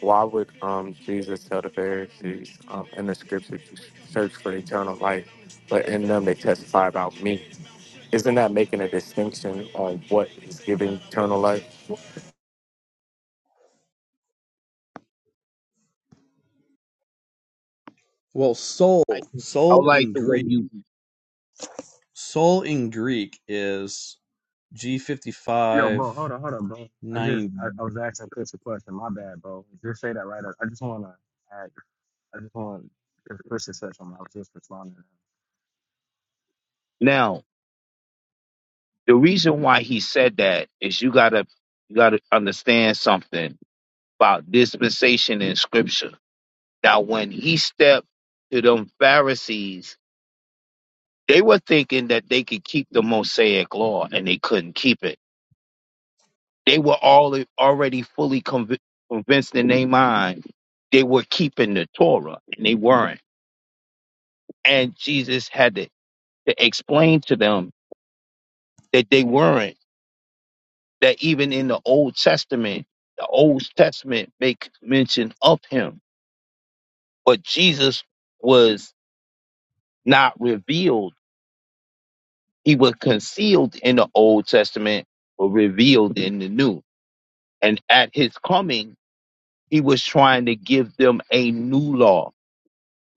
Speaker 10: why would um Jesus tell the Pharisees um in the scripture to search for eternal life, but in them they testify about me? Isn't that making a distinction on what is giving eternal life?
Speaker 8: Well, soul,
Speaker 12: I, I
Speaker 8: soul
Speaker 12: like
Speaker 8: in
Speaker 12: the way
Speaker 8: Greek.
Speaker 12: you
Speaker 8: Soul in Greek is g fifty
Speaker 10: Yo,
Speaker 8: five
Speaker 10: bro, hold on, hold on, bro. I just
Speaker 8: ninety.
Speaker 10: I, I was asking Chris a question. My bad, bro. Just say that right. I, I just wanna add. I just want to Chris is such. something. I was just responding. to him.
Speaker 12: now the reason why he said that is you gotta you gotta understand something about dispensation in scripture Now, when he stepped to them Pharisees, they were thinking that they could keep the Mosaic law, and they couldn't keep it. They were all already fully conv- convinced in their mind they were keeping the Torah, and they weren't. And Jesus had to, to explain to them that they weren't. That even in the Old Testament, the Old Testament make mention of him, but Jesus was not revealed He was concealed in the Old Testament, but revealed in the New. And at his coming, he was trying to give them a new law.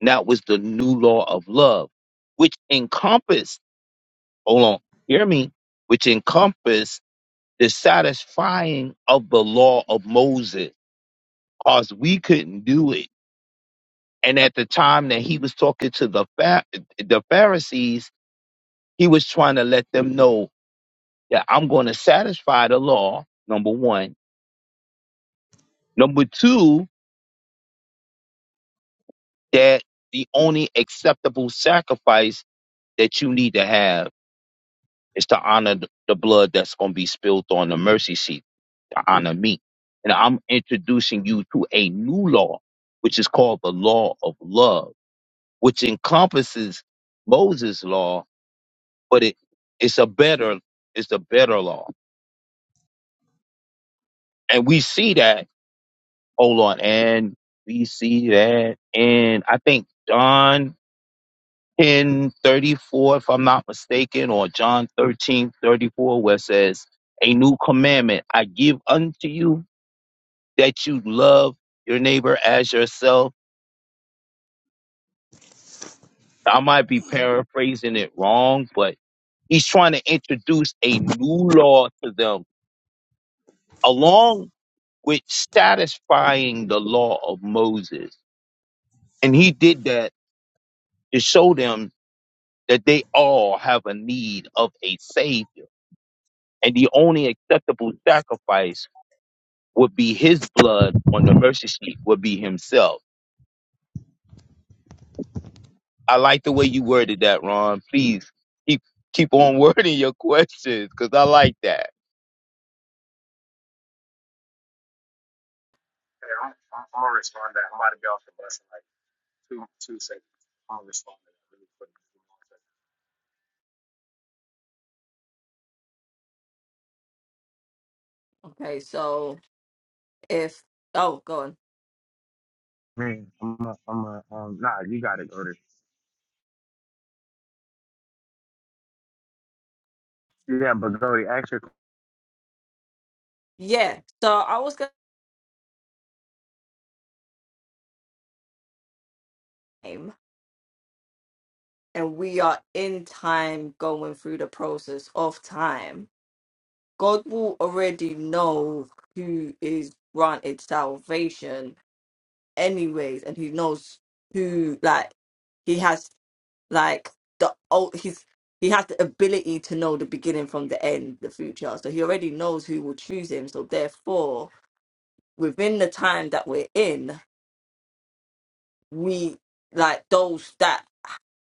Speaker 12: And that was the new law of love, which encompassed, hold on, hear me, which encompassed the satisfying of the law of Moses, because we couldn't do it. And at the time that he was talking to the, Phar- the Pharisees, he was trying to let them know that I'm going to satisfy the law, number one Number two, that the only acceptable sacrifice that you need to have is to honor th- the blood that's going to be spilled on the mercy seat, to honor me. And I'm introducing you to a new law, which is called the law of love, which encompasses Moses' law, but it, it's a better, it's a better law. And we see that, hold on, and we see that, and I think John 10 34, if I'm not mistaken, or John 13 34, where it says, A new commandment I give unto you that you love your neighbor as yourself. I might be paraphrasing it wrong, but he's trying to introduce a new law to them along with satisfying the law of Moses. And he did that to show them that they all have a need of a savior. And the only acceptable sacrifice would be his blood on the mercy seat would be himself. I like the way you worded that, Ron. Please keep keep on wording your questions because I like that.
Speaker 10: Yeah, I'm, I'm, I'm gonna respond to that. I'm about to be off the bus in like two two seconds. I'm gonna respond to that
Speaker 11: Okay, so if oh, go on.
Speaker 10: really quick. Man, I'm a, I'm a, um nah. You got it, Gordy. Yeah, but Gordy, ask your
Speaker 11: Yeah, so I was gonna name, and we are in time going through the process of time. God will already know who is granted salvation, anyways, and He knows who like he has like the old he's he has the ability to know the beginning from the end the future so he already knows who will choose him so therefore within the time that we're in we like those that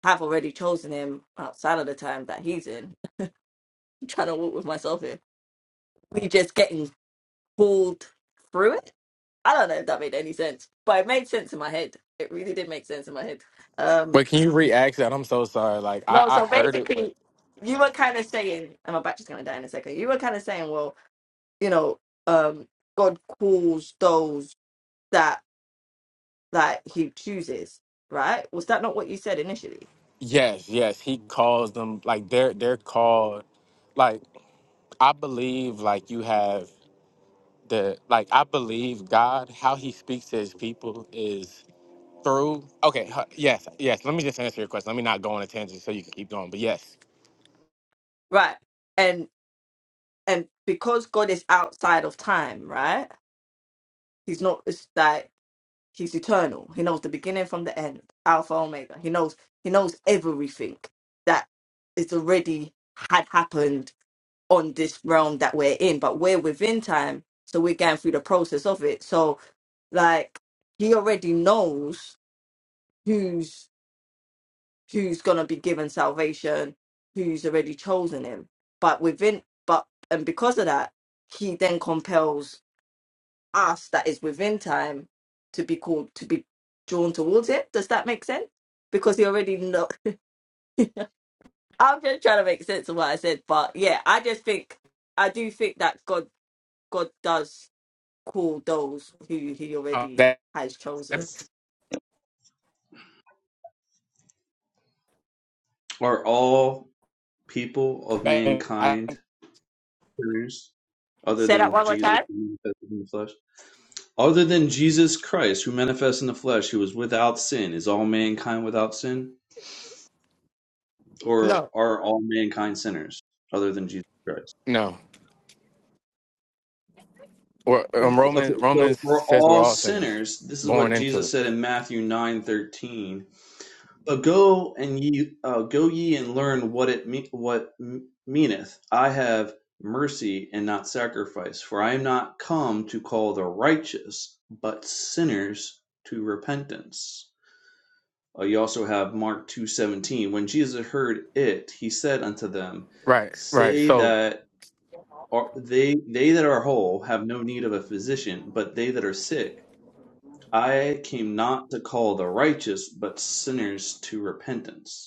Speaker 11: have already chosen him outside of the time that he's in I'm trying to walk with myself here we just getting pulled through it i don't know if that made any sense but it made sense in my head it really did make sense in my head um
Speaker 10: Wait, can you re-ask that? I'm so sorry. Like I,
Speaker 11: no
Speaker 10: I
Speaker 11: so
Speaker 10: heard it. but.
Speaker 11: basically you were kind of saying and my battery's going to die in a second you were kind of saying well you know, um, God calls those that that He chooses, right? Was that not what you said initially,
Speaker 10: Yes, yes, he calls them like they're they're called like I believe like you have the like I believe God how he speaks to his people is through okay huh, yes yes let me just answer your question let me not go on a tangent so you can keep going but yes
Speaker 11: right? And and because God is outside of time, right? He's not. It's like He's eternal. He knows the beginning from the end, Alpha Omega. He knows. He knows everything that is already had happened on this realm that we're in, but we're within time, so we're going through the process of it. So like He already knows who's who's going to be given salvation, who's already chosen him. But within, but, and because of that, he then compels us that is within time to be called, to be drawn towards him. Does that make sense? Because he already know. I'm just trying to make sense of what I said. But yeah, I just think, I do think that God, God does call those who he
Speaker 10: Uh,
Speaker 11: already
Speaker 10: that,
Speaker 11: has chosen.
Speaker 8: Are all people of
Speaker 10: that- I
Speaker 8: mankind sinners other
Speaker 11: Say that
Speaker 8: than
Speaker 11: one more
Speaker 8: Jesus
Speaker 11: time.
Speaker 8: in the flesh? Other than Jesus Christ, who manifests in the flesh, who was without sin, is all mankind without sin?
Speaker 11: No.
Speaker 8: Or are all mankind sinners, other than Jesus Christ?
Speaker 10: no or um,
Speaker 8: Okay,
Speaker 10: Roman
Speaker 8: so
Speaker 10: Romans
Speaker 8: we're
Speaker 10: says we're
Speaker 8: all
Speaker 10: all sinners
Speaker 8: sinners. This is
Speaker 10: born
Speaker 8: what
Speaker 10: into
Speaker 8: Jesus
Speaker 10: it
Speaker 8: said in Matthew nine thirteen. But go and ye uh, go ye and learn what it me- what m- meaneth. I have mercy and not sacrifice, for I am not come to call the righteous, but sinners to repentance. Uh, you also have Mark 2:17. When Jesus heard it, he said unto them,
Speaker 10: right right
Speaker 8: Say
Speaker 10: so
Speaker 8: that are, they they that are whole have no need of a physician, but they that are sick. I came not to call the righteous, but sinners to repentance.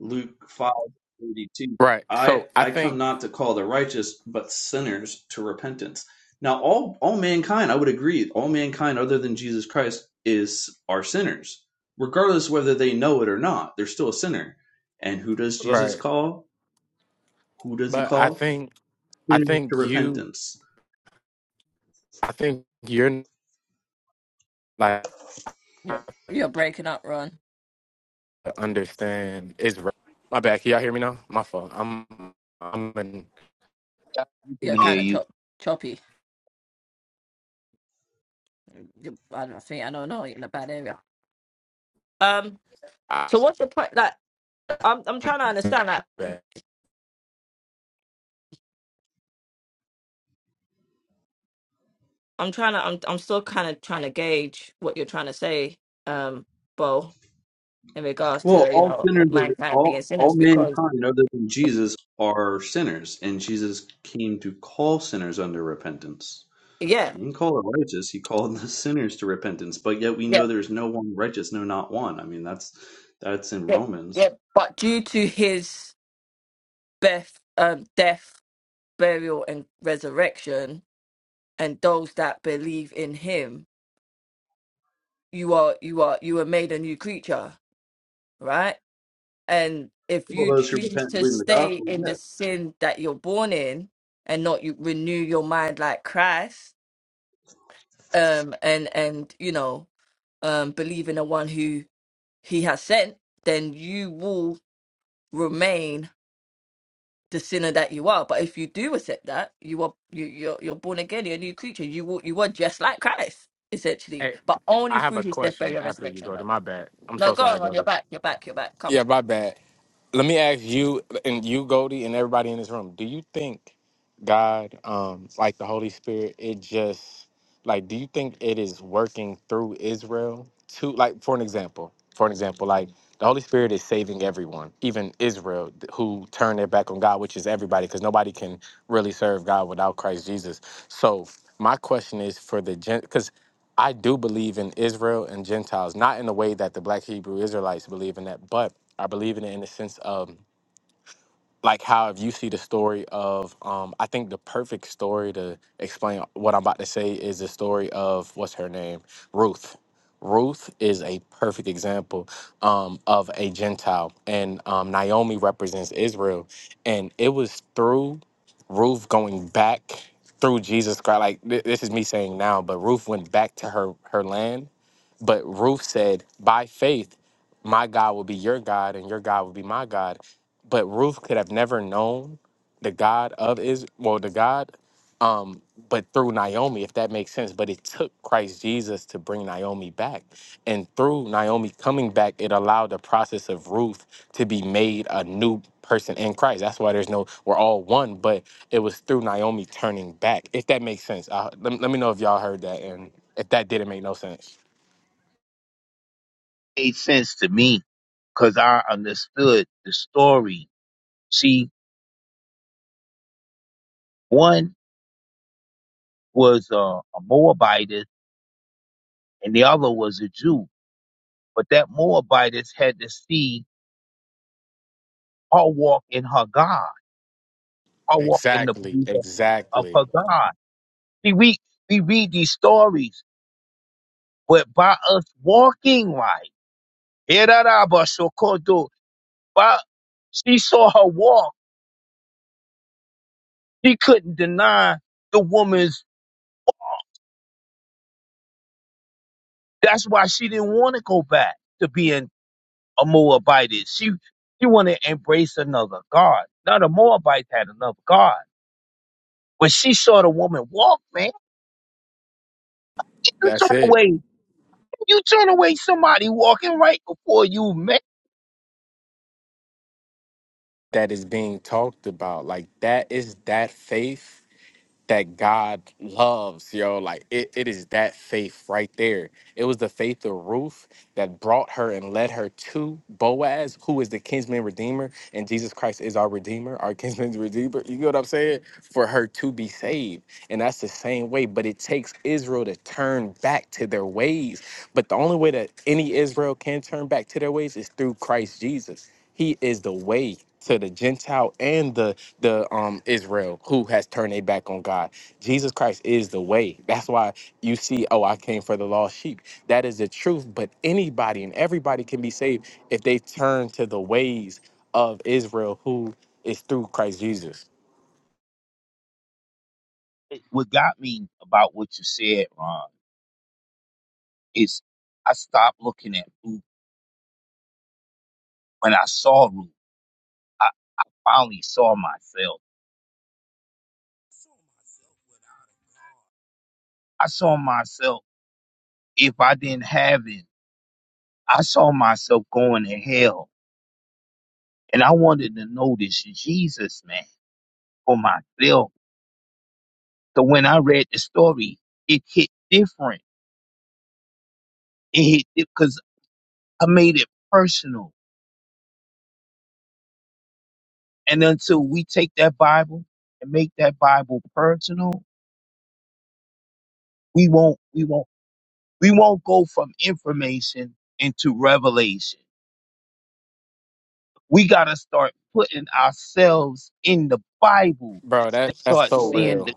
Speaker 8: Luke 5:32.
Speaker 10: right
Speaker 8: I
Speaker 10: so I
Speaker 8: I come
Speaker 10: think
Speaker 8: not to call the righteous but sinners to repentance. Now all all mankind, I would agree, all mankind other than Jesus Christ is are sinners. Regardless whether they know it or not, they're still a sinner. And who does Jesus
Speaker 10: right
Speaker 8: call? Who does he
Speaker 10: but I
Speaker 8: call?
Speaker 10: think I
Speaker 8: Sinners to
Speaker 10: think you
Speaker 8: repentance.
Speaker 10: I think you're like
Speaker 11: You're, you're breaking up, Ron.
Speaker 10: to understand is re- my bad. Can y'all hear me now? My fault. I'm I'm in
Speaker 12: I can
Speaker 11: You're
Speaker 12: hear
Speaker 11: kind of
Speaker 12: you.
Speaker 11: chop, choppy. I don't think I don't know in a bad area. Um.
Speaker 10: I-
Speaker 11: So what's the point? Like, I'm I'm trying to understand. Like,
Speaker 10: bad.
Speaker 11: I'm trying to I'm I'm still kind of trying to gauge what you're trying to say, um, Bo, in regards
Speaker 8: Well,
Speaker 11: to you
Speaker 8: all
Speaker 11: know
Speaker 8: sinners are
Speaker 11: mankind
Speaker 8: all
Speaker 11: being
Speaker 8: all
Speaker 11: sinners because
Speaker 8: mankind other than Jesus are sinners, and Jesus came to call sinners under repentance.
Speaker 11: yeah,
Speaker 8: He didn't call the righteous, he called the sinners to repentance, but yet we
Speaker 11: yeah,
Speaker 8: know there's no one righteous, no not one. I mean that's that's in
Speaker 11: yeah, yeah.
Speaker 8: Romans.
Speaker 11: But due to his death, um, death, burial, and resurrection, and those that believe in him, you are you are you are made a new creature, right? And if
Speaker 8: All
Speaker 11: you
Speaker 8: those who
Speaker 11: choose
Speaker 8: repent and
Speaker 11: to
Speaker 8: believe in the
Speaker 11: stay
Speaker 8: gospel,
Speaker 11: in the
Speaker 8: yeah.
Speaker 11: sin that you're born in and not you renew your mind like Christ, um, and and you know, um, believe in the one who He has sent, then you will remain the sinner that you are. But if you do accept that, you are you you're, you're born again, you're a new creature. You will you are just like Christ essentially,
Speaker 10: Hey,
Speaker 11: but only
Speaker 10: I have
Speaker 11: through
Speaker 10: a
Speaker 11: His death,
Speaker 10: question
Speaker 11: burial, and
Speaker 10: after you
Speaker 11: resurrection.
Speaker 10: go to
Speaker 11: Though.
Speaker 10: my bad. I'm
Speaker 11: No,
Speaker 10: so
Speaker 11: go
Speaker 10: sorry,
Speaker 11: on,
Speaker 10: go
Speaker 11: you're
Speaker 10: to.
Speaker 11: back, you're back, you're back. Come,
Speaker 10: Yeah, my bad. let me ask you and you goldie and everybody in this room do you think god um like the holy spirit it just like do you think it is working through israel to like for an example for an example like the holy spirit is saving everyone even israel th- who turned their back on god which is everybody because nobody can really serve god without christ jesus so my question is for the gent because I do believe in Israel and Gentiles, not in the way that the black Hebrew Israelites believe in that, but I believe in it in the sense of like how if you see the story of um I think the perfect story to explain what I'm about to say is the story of what's her name? Ruth. Ruth is a perfect example um, of a Gentile, and um, Naomi represents Israel. And it was through Ruth going back through Jesus Christ. Like th- this is me saying now, but Ruth went back to her her land but Ruth said, by faith, my God will be your God and your God will be my God. But Ruth could have never known the God of Israel, well, the God, um, but through Naomi, if that makes sense. But it took Christ Jesus to bring Naomi back. And through Naomi coming back, it allowed the process of Ruth to be made a new person in Christ. That's why there's no, we're all one, but it was through Naomi turning back, if that makes sense. Uh, let, let me know if y'all heard that and if that didn't make no sense.
Speaker 12: Made sense to me because I understood the story. See, one was uh, a Moabitess and the other was a Jew, but that Moabitess had to see her walk in her God, her walk in the
Speaker 10: Exactly,
Speaker 12: belief of of her
Speaker 10: exactly.
Speaker 12: God. See, we we read these stories But by us walking right, Erarabashokoto, by she saw her walk, she couldn't deny the woman's. That's why she didn't want to go back to being a Moabite. She she wanted to embrace another God. Now the Moabites had another God, but she saw the woman walk. Man, you turn
Speaker 10: That's it.
Speaker 12: away, you turn away somebody walking right before you, man.
Speaker 10: That is being talked about. Like that is that faith that God loves, yo. Like it, it is that faith right there. It was the faith of Ruth that brought her and led her to Boaz, who is the kinsman redeemer, and Jesus Christ is our redeemer, our kinsman's redeemer. You get what I'm saying? For her to be saved. And that's the same way. But it takes Israel to turn back to their ways. But the only way that any Israel can turn back to their ways is through Christ Jesus. He is the way to the Gentile and the the um Israel who has turned their back on God. Jesus Christ is the way. That's why you see, oh, I came for the lost sheep. That is the truth. But anybody and everybody can be saved if they turn to the ways of Israel who is through Christ Jesus.
Speaker 12: What got me about what you said, Ron, is I stopped looking at Ruth when I saw Ruth. I finally saw myself. I saw myself, if I didn't have it, I saw myself going to hell. And I wanted to know this Jesus, man, for myself. So when I read the story, it hit different. It hit because I made it personal. And until we take that Bible and make that Bible personal, we won't, we won't, we won't go from information into revelation. We got to start putting ourselves in the Bible
Speaker 10: Bro, that
Speaker 12: and
Speaker 10: that's
Speaker 12: start
Speaker 10: so
Speaker 12: seeing
Speaker 10: real.
Speaker 12: the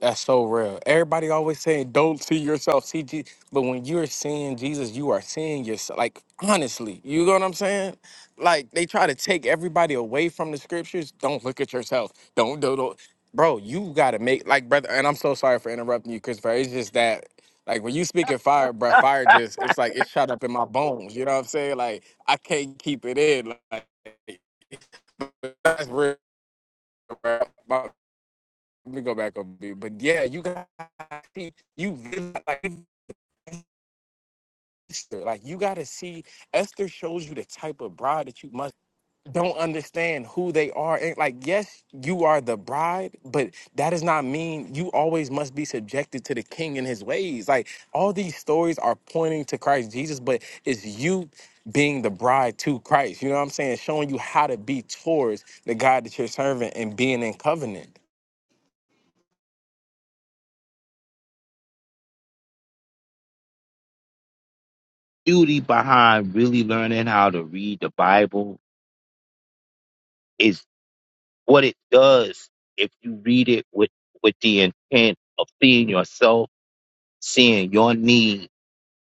Speaker 10: That's so real. Everybody always saying, "Don't see yourself, see Jesus," but when you're seeing Jesus, you are seeing yourself. Like honestly, you know what I'm saying? Like they try to take everybody away from the scriptures. Don't look at yourself. Don't do, don't. not Bro, you gotta make like brother. And I'm so sorry for interrupting you, Christopher. It's just that like when you speak of fire, bro, fire just it's like it's shot up in my bones. You know what I'm saying? Like I can't keep it in. Like that's real, bro. Let me go back up, dude. But yeah, you got to see you really like Esther. Like you got to see Esther shows you the type of bride that you must don't understand who they are. And like, yes, you are the bride, but that does not mean you always must be subjected to the king and his ways. Like all these stories are pointing to Christ Jesus, but it's you being the bride to Christ. You know what I'm saying? Showing you how to be towards the God that you're serving and being in covenant.
Speaker 12: beauty behind really learning how to read the Bible is what it does if you read it with, with the intent of seeing yourself, seeing your need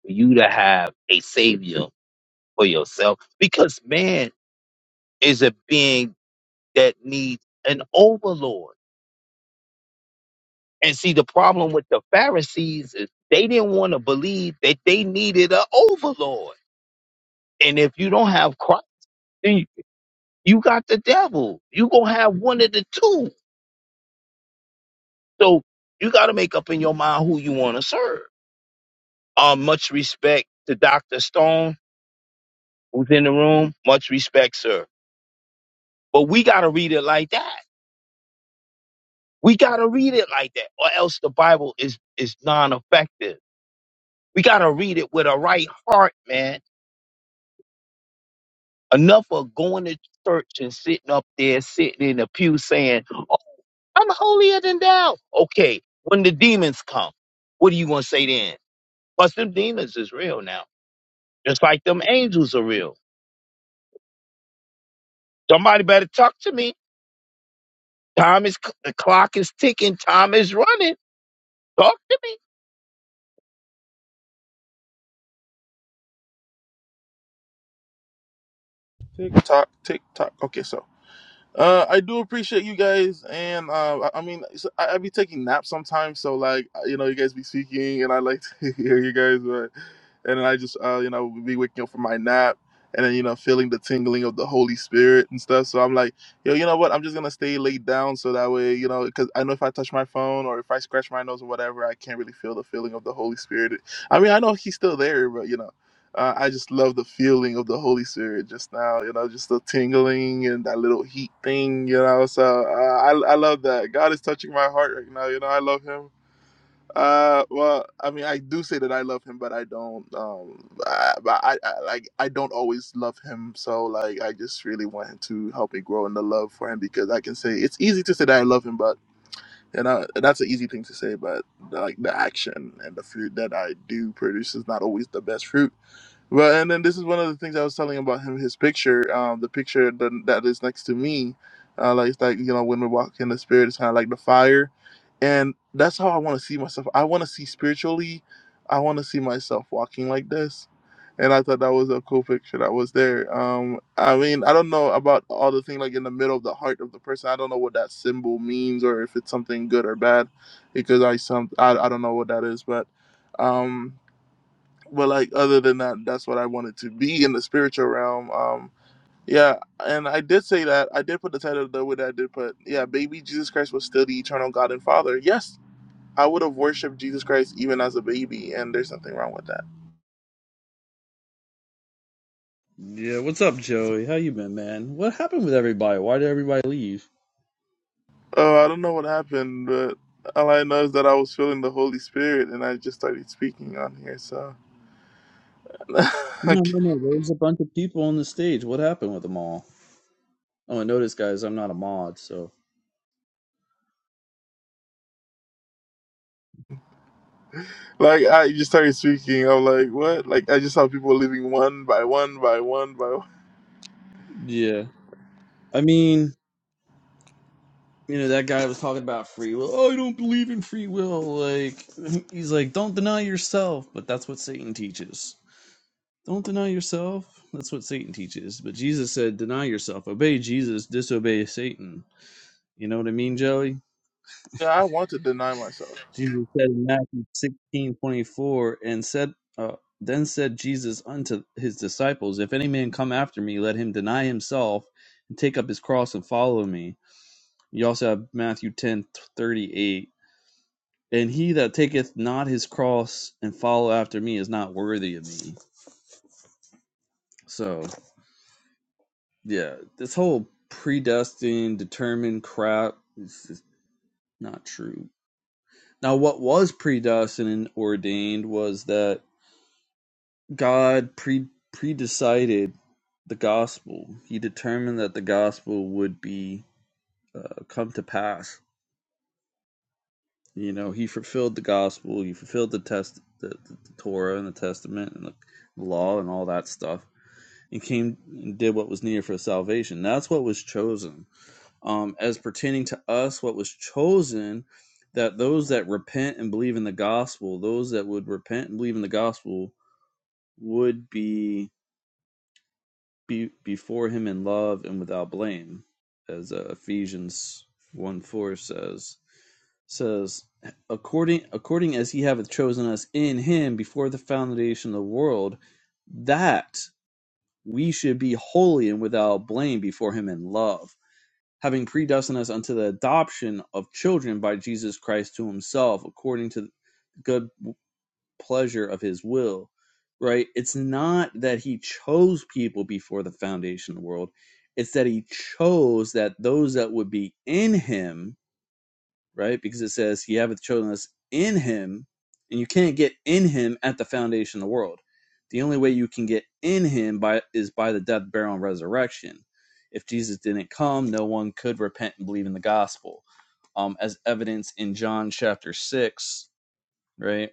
Speaker 12: for you to have a savior for yourself. Because man is a being that needs an overlord. And see, the problem with the Pharisees is they didn't want to believe that they needed an overlord. And if you don't have Christ, then you you got the devil. You gonna have one of the two. So you got to make up in your mind who you want to serve. Uh, much respect to Dr. Stone, who's in the room. Much respect, sir. But we got to read it like that. We got to read it like that, or else the Bible is is non-effective. We got to read it with a right heart, man Enough of going to church and sitting up there, sitting in the pew saying, oh, I'm holier than thou. Okay, when the demons come, what are you going to say then? Plus, them demons is real now, just like them angels are real. Somebody better talk to me. Time is, the clock is ticking, time is running. Talk to me.
Speaker 2: Tick tock, tick tock. Okay, so Uh, I do appreciate you guys, and uh, I I mean, so I, I be taking naps sometimes, so like you know, you guys be speaking, and I like to hear you guys, but and then I just uh, you know be waking up from my nap, and then you know feeling the tingling of the Holy Spirit and stuff. So I'm like, yo, you know what? I'm just gonna stay laid down, so that way you know, because I know if I touch my phone or if I scratch my nose or whatever, I can't really feel the feeling of the Holy Spirit. I mean, I know He's still there, but you know. Uh, I just love the feeling of the Holy Spirit just now, you know, just the tingling and that little heat thing, you know. So uh, I, I love that. God is touching my heart right now, you know. I love Him. Uh, well, I mean, I do say that I love Him, but I don't. Um, I, but I, I like I don't always love Him. So like, I just really want Him to help me grow in the love for Him because I can say it's easy to say that I love Him, but you know that's an easy thing to say, but like the action and the fruit that I do produce is not always the best fruit well, and then this is one of the things I was telling about him. His picture, um, the picture that, that is next to me, uh, like it's like you know when we walk in the spirit, it's kind of like the fire, and that's how I want to see myself. I want to see spiritually. I want to see myself walking like this, and I thought that was a cool picture that was there. Um, I mean, I don't know about all the thing like in the middle of the heart of the person. I don't know what that symbol means or if it's something good or bad, because I some I, I don't know what that is, but. Um, but like other than that that's what i wanted to be in the spiritual realm um yeah and i did say that i did put the title though with that i did put yeah baby jesus christ was still the eternal god and father yes i would have worshiped jesus christ even as a baby and there's nothing wrong with that
Speaker 8: Yeah, what's up, Joey? How you been, man? What happened with everybody? Why did everybody leave?
Speaker 2: oh i don't know what happened but all i know is that i was feeling the holy spirit and i just started speaking on here so
Speaker 8: No,
Speaker 2: like
Speaker 8: no, no. There was a bunch of people on the stage. What happened with them all? Oh, and notice, guys, I'm not a mod, so
Speaker 2: i just started speaking i'm like what like i just saw people leaving one by one by one by one
Speaker 8: yeah. I mean, you know, that guy was talking about free will. Oh, I don't believe in free will. Like he's like, don't deny yourself, but that's what Satan teaches. Don't deny yourself. That's what Satan teaches. But Jesus said, deny yourself. Obey Jesus, disobey Satan. You know what I mean, Joey?
Speaker 2: yeah i want to deny myself
Speaker 8: Jesus said in Matthew sixteen twenty four, and said, uh, Then said Jesus unto his disciples, If any man come after me, let him deny himself and take up his cross and follow me. You also have Matthew ten thirty eight, And he that taketh not his cross and follow after me is not worthy of me. So. Yeah, this whole predestined, determined crap is just not true. Now, what was predestined and ordained was that God pre predecided the gospel. He determined that the gospel would be uh, come to pass. You know, he fulfilled the gospel. He fulfilled the test, the, the, the Torah and the Testament and the law and all that stuff, and came and did what was needed for salvation. That's what was chosen um, as pertaining to us what was chosen that those that repent and believe in the gospel those that would repent and believe in the gospel would be, be before him in love and without blame as uh, ephesians 1 4 says says according according as he hath chosen us in him before the foundation of the world that we should be holy and without blame before him in love having predestined us unto the adoption of children by Jesus Christ to himself according to the good pleasure of his will right it's not that he chose people before the foundation of the world it's that he chose that those that would be in him right? Because it says he hath chosen us in him, and you can't get in him at the foundation of the world. The only way you can get in him by is by the death, burial, and resurrection. If Jesus didn't come, no one could repent and believe in the gospel. Um, as evidence in John chapter six, right?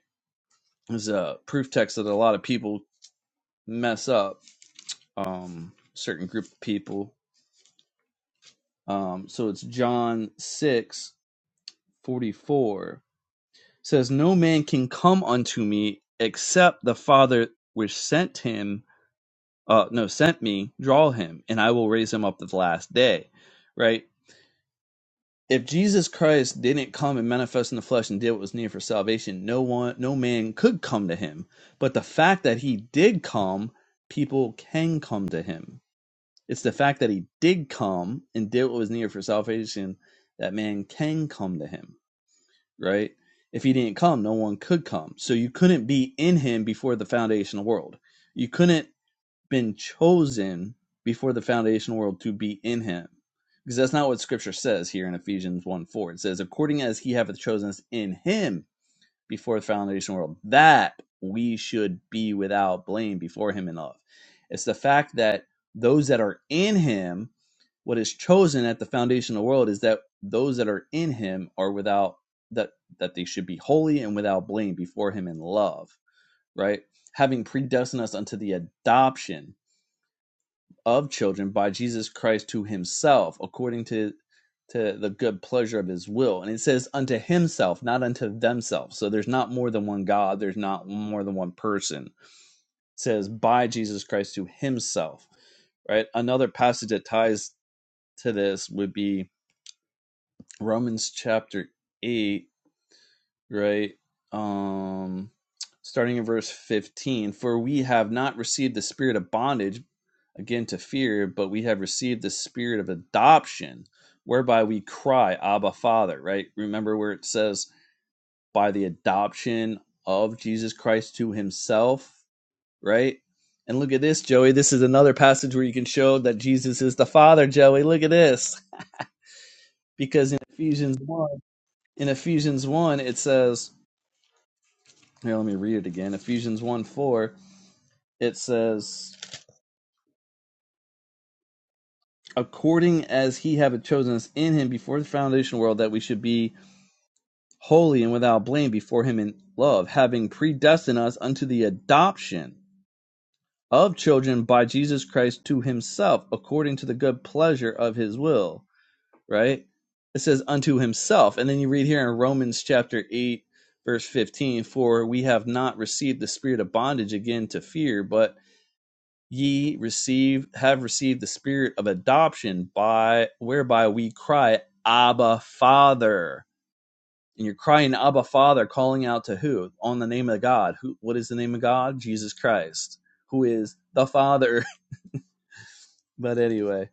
Speaker 8: Is a proof text that a lot of people mess up, um, certain group of people. Um, so it's John six forty four. says, No man can come unto me except the Father which sent him, uh, no, sent me, draw him, and I will raise him up at the last day. Right? If Jesus Christ didn't come and manifest in the flesh and did what was needed for salvation, no one, no man could come to him. But the fact that he did come, people can come to him. It's the fact that he did come and did what was needed for salvation that man can come to him right? If he didn't come, no one could come. So you couldn't be in him before the foundation of the world. You couldn't been chosen before the foundation of the world to be in him. Because that's not what scripture says here in Ephesians 1 4. It says, according as he hath chosen us in him before the foundation of the world, that we should be without blame before him in love. It's the fact that those that are in him what is chosen at the foundational world is that those that are in him are without that that they should be holy and without blame before him in love right having predestined us unto the adoption of children by jesus christ to himself according to to the good pleasure of his will and it says unto himself not unto themselves so there's not more than one god there's not more than one person it says by jesus christ to himself right another passage that ties to this would be Romans chapter 8, right? Um starting in verse 15, for we have not received the spirit of bondage again to fear, but we have received the spirit of adoption whereby we cry, "Abba, Father," right? Remember where it says by the adoption of Jesus Christ to himself, right? And look at this, Joey. This is another passage where you can show that Jesus is the Father, Joey. Look at this. Because in Ephesians 1, in Ephesians 1, it says, here, let me read it again. Ephesians 1 4, it says, according as he have chosen us in him before the foundation of the world, that we should be holy and without blame before him in love, having predestined us unto the adoption of children by Jesus Christ to himself, according to the good pleasure of his will. Right? It says unto himself. And then you read here in Romans chapter 8, verse 15, for we have not received the spirit of bondage again to fear, but ye receive have received the spirit of adoption by whereby we cry abba father and you're crying abba father calling out to who on the name of god who what is the name of god jesus christ who is the father but anyway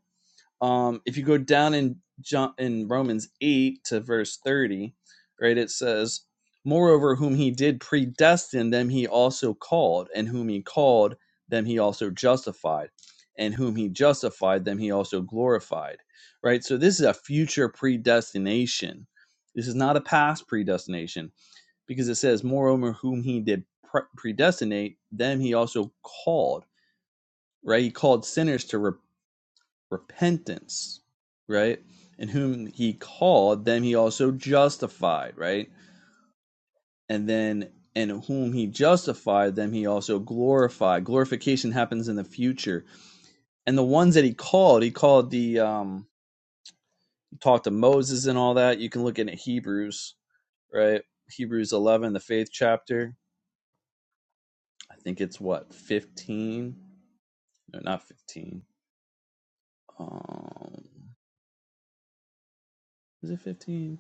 Speaker 8: um, if you go down in John, in Romans eight to verse thirty, right, it says, "Moreover, whom he did predestine, them he also called, and whom he called, them he also justified, and whom he justified, them he also glorified." Right. So this is a future predestination. This is not a past predestination because it says, "Moreover, whom he did predestinate, them he also called." Right. He called sinners to repentance repentance, right? And whom he called, them he also justified, right? And then, and whom he justified, them he also glorified. Glorification happens in the future. And the ones that he called, he called the, um, talked to Moses and all that. You can look in at Hebrews, right? Hebrews 11, the faith chapter. I think it's what, 15? No, not 15. Um, is it 15?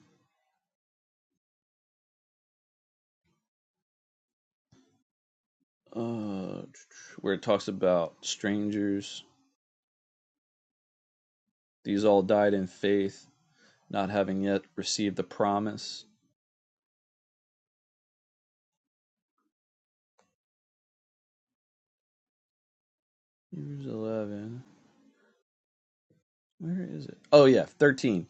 Speaker 8: Uh, where it talks about strangers These all died in faith, not having yet received the promise. Hebrews 11. Where is it? Oh, yeah, 13.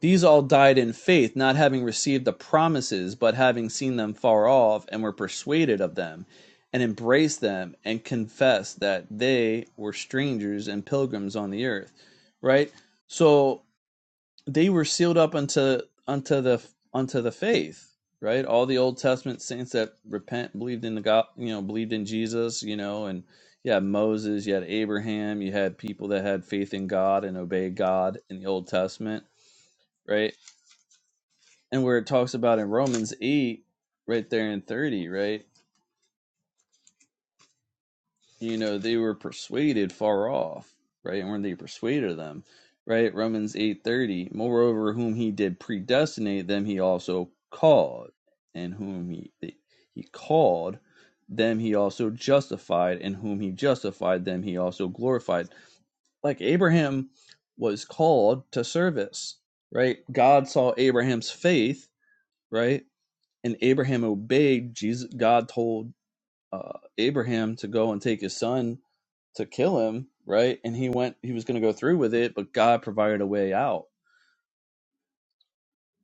Speaker 8: These all died in faith, not having received the promises, but having seen them far off, and were persuaded of them, and embraced them, and confessed that they were strangers and pilgrims on the earth. Right? So they were sealed up unto unto the unto the faith right all the old testament saints that repent believed in the god you know believed in jesus you know and you had moses you had abraham you had people that had faith in god and obeyed god in the old testament right and where it talks about in romans 8 right there in 30 right you know they were persuaded far off right and when they persuaded them right romans 8.30 moreover whom he did predestinate them he also called and whom he he called them he also justified and whom he justified them he also glorified like abraham was called to service right god saw abraham's faith right and abraham obeyed jesus god told uh, abraham to go and take his son to kill him, right? And he went he was going to go through with it, but God provided a way out.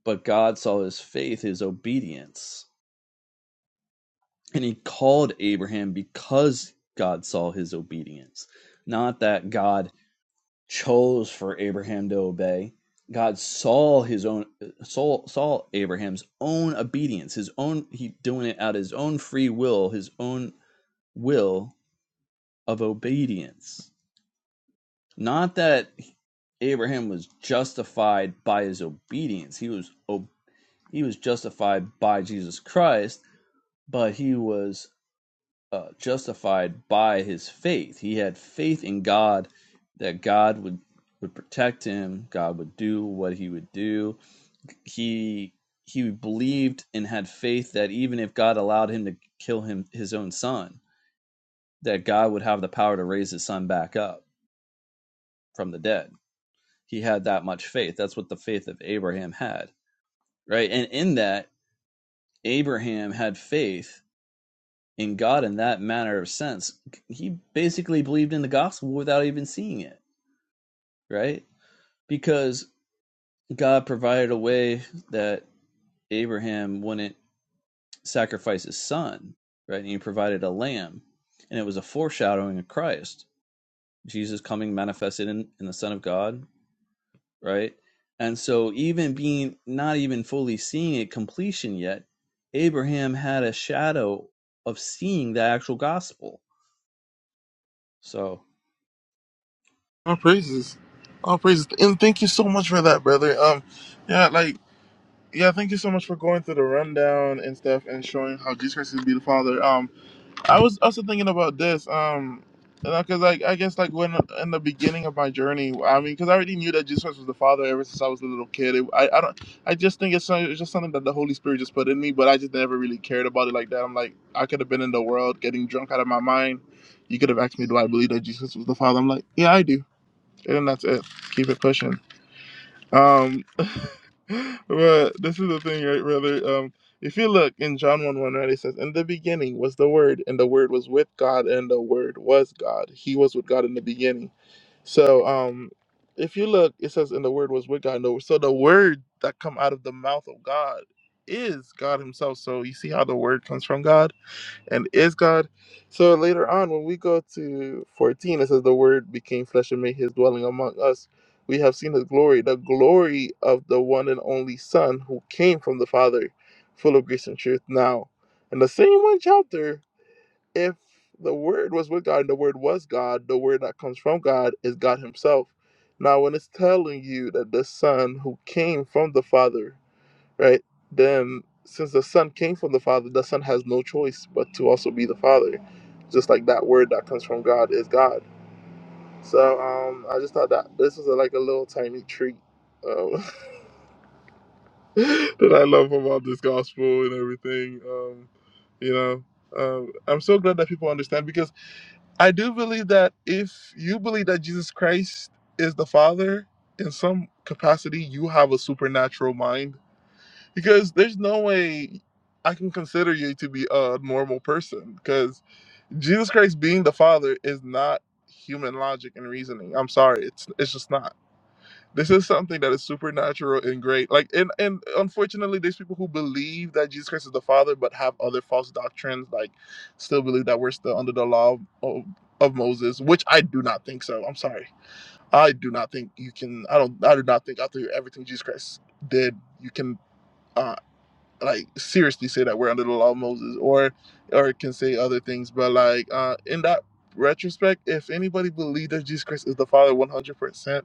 Speaker 8: But God saw his faith, his obedience, and he called Abraham because God saw his obedience. Not that God chose for Abraham to obey. God saw his own saw, saw Abraham's own obedience, his own he doing it out of his own free will, his own will of obedience. Not that Abraham was justified by his obedience. He was he was justified by Jesus Christ, but he was uh, justified by his faith. He had faith in God that God would would protect him. God would do what he would do. He he believed and had faith that even if God allowed him to kill him his own son, that God would have the power to raise his son back up from the dead. He had that much faith. That's what the faith of Abraham had right? And in that, Abraham had faith in God in that manner of sense. He basically believed in the gospel without even seeing it, right? Because God provided a way that Abraham wouldn't sacrifice his son, right? And he provided a lamb, and it was a foreshadowing of Christ, Jesus coming manifested in, in the Son of God right? And so, even being not even fully seeing it completion yet, Abraham had a shadow of seeing the actual gospel. So,
Speaker 2: All praises. All praises. And thank you so much for that, brother. Um, yeah, like, yeah, thank you so much for going through the rundown and stuff and showing how Jesus Christ is be the Father. Um, I was also thinking about this. Um, because like I guess like when in the beginning of my journey, I mean, because I already knew that Jesus Christ was the Father ever since I was a little kid. It, I I don't. I just think it's, some- it's just something that the Holy Spirit just put in me, but I just never really cared about it like that. I'm like, I could have been in the world getting drunk out of my mind. You could have asked me, do I believe that Jesus was the Father? I'm like, yeah, I do and that's it. Keep it pushing. Um, but this is the thing, right, brother? Um, if you look in John 1 1, right, it says, In the beginning was the Word, and the Word was with God, and the Word was God. He was with God in the beginning. So, um, if you look, it says, And the Word was with God. And the, so the Word that come out of the mouth of God is God Himself. So you see how the Word comes from God? and is God. So later on, when we go to 14, it says, The Word became flesh and made his dwelling among us. We have seen his glory, the glory of the one and only Son who came from the Father, full of grace and truth. Now, in the same one chapter, if the Word was with God and the Word was God, the Word that comes from God is God Himself. Now, when it's telling you that the Son who came from the Father right? Then, since the Son came from the Father, the Son has no choice but to also be the Father, just like that word that comes from God is God. So, um, I just thought that this was a, like a little tiny treat um, that I love about this gospel and everything. Um, you know, um, I'm so glad that people understand because I do believe that if you believe that Jesus Christ is the Father in some capacity, you have a supernatural mind because there's no way I can consider you to be a normal person because Jesus Christ being the Father is not human logic and reasoning. I'm sorry, it's it's just not. This is something that is supernatural and great. Like and and unfortunately, there's people who believe that Jesus Christ is the Father but have other false doctrines, like still believe that we're still under the law of, of Moses, which I do not think so. I'm sorry. I do not think you can. I don't. I do not think after everything Jesus Christ did, you can. Uh, like seriously say that we're under the law of Moses or or it can say other things but like uh in that retrospect if anybody believed that Jesus Christ is the father 100%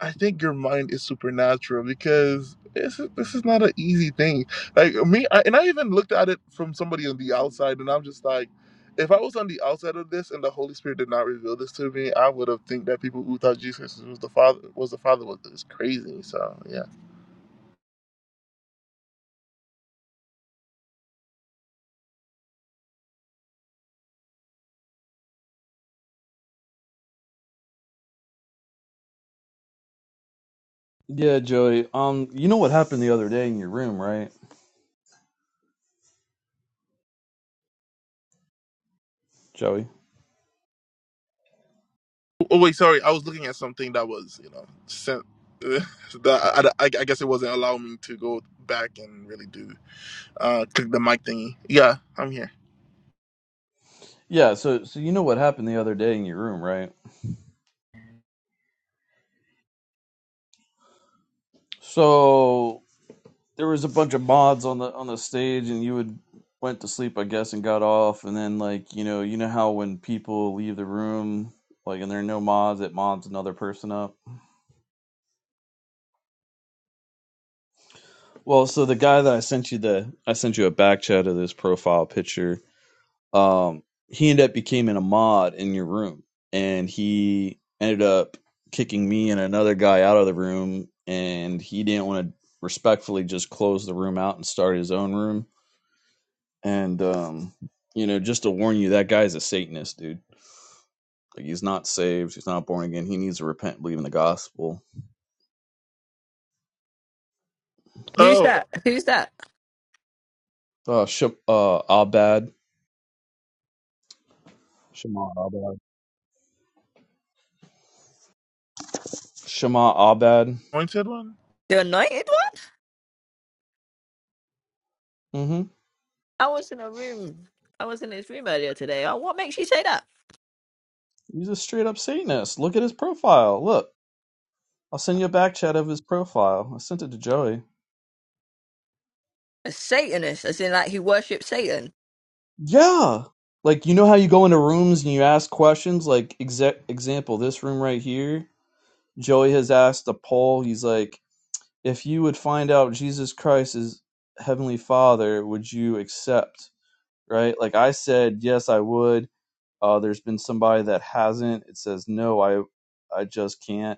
Speaker 2: I think your mind is supernatural because this is, this is not an easy thing like me I, and I even looked at it from somebody on the outside and I'm just like if I was on the outside of this and the Holy Spirit did not reveal this to me, I would have think that people who thought Jesus was the Father was the Father was, was crazy. So yeah.
Speaker 8: yeah, Joey. Um, you know what happened the other day in your room, right, Joey?
Speaker 2: Oh wait, sorry. I was looking at something that was, you know, sent. That I, I, I guess it wasn't allowing me to go back and really do uh click the mic thingy. Yeah, I'm here.
Speaker 8: Yeah. So, so you know what happened the other day in your room, right? So there was a bunch of mods on the on the stage, and you would went to sleep, I guess, and got off, and then like you know, you know how when people leave the room, like, and there are no mods, it mods another person up. Well, so the guy that I sent you the I sent you a back chat of this profile picture. Um, he ended up becoming a mod in your room, and he ended up kicking me and another guy out of the room, and he didn't want to respectfully just close the room out and start his own room. And um, you know, just to warn you, that guy's a Satanist, dude. Like he's not saved, he's not born again. He needs to repent, and believe in the gospel.
Speaker 11: who's
Speaker 2: Oh,
Speaker 11: that? Who's that?
Speaker 8: Uh, Sh- uh Abad, Shema Abad, Shema Abad.
Speaker 2: pointed one.
Speaker 11: The anointed
Speaker 8: Mm-hmm.
Speaker 11: I was in a room. I was in his room earlier today. Oh, what makes you say that?
Speaker 8: He's a straight up Satanist. Look at his profile. Look. I'll send you a back chat of his profile. I sent it to Joey.
Speaker 11: A Satanist, as in like he worships Satan.
Speaker 8: Yeah. Like you know how you go into rooms and you ask questions like exa- example this room right here Joey has asked a poll he's like if you would find out Jesus Christ is heavenly father would you accept right like I said yes I would uh there's been somebody that hasn't it says no I I just can't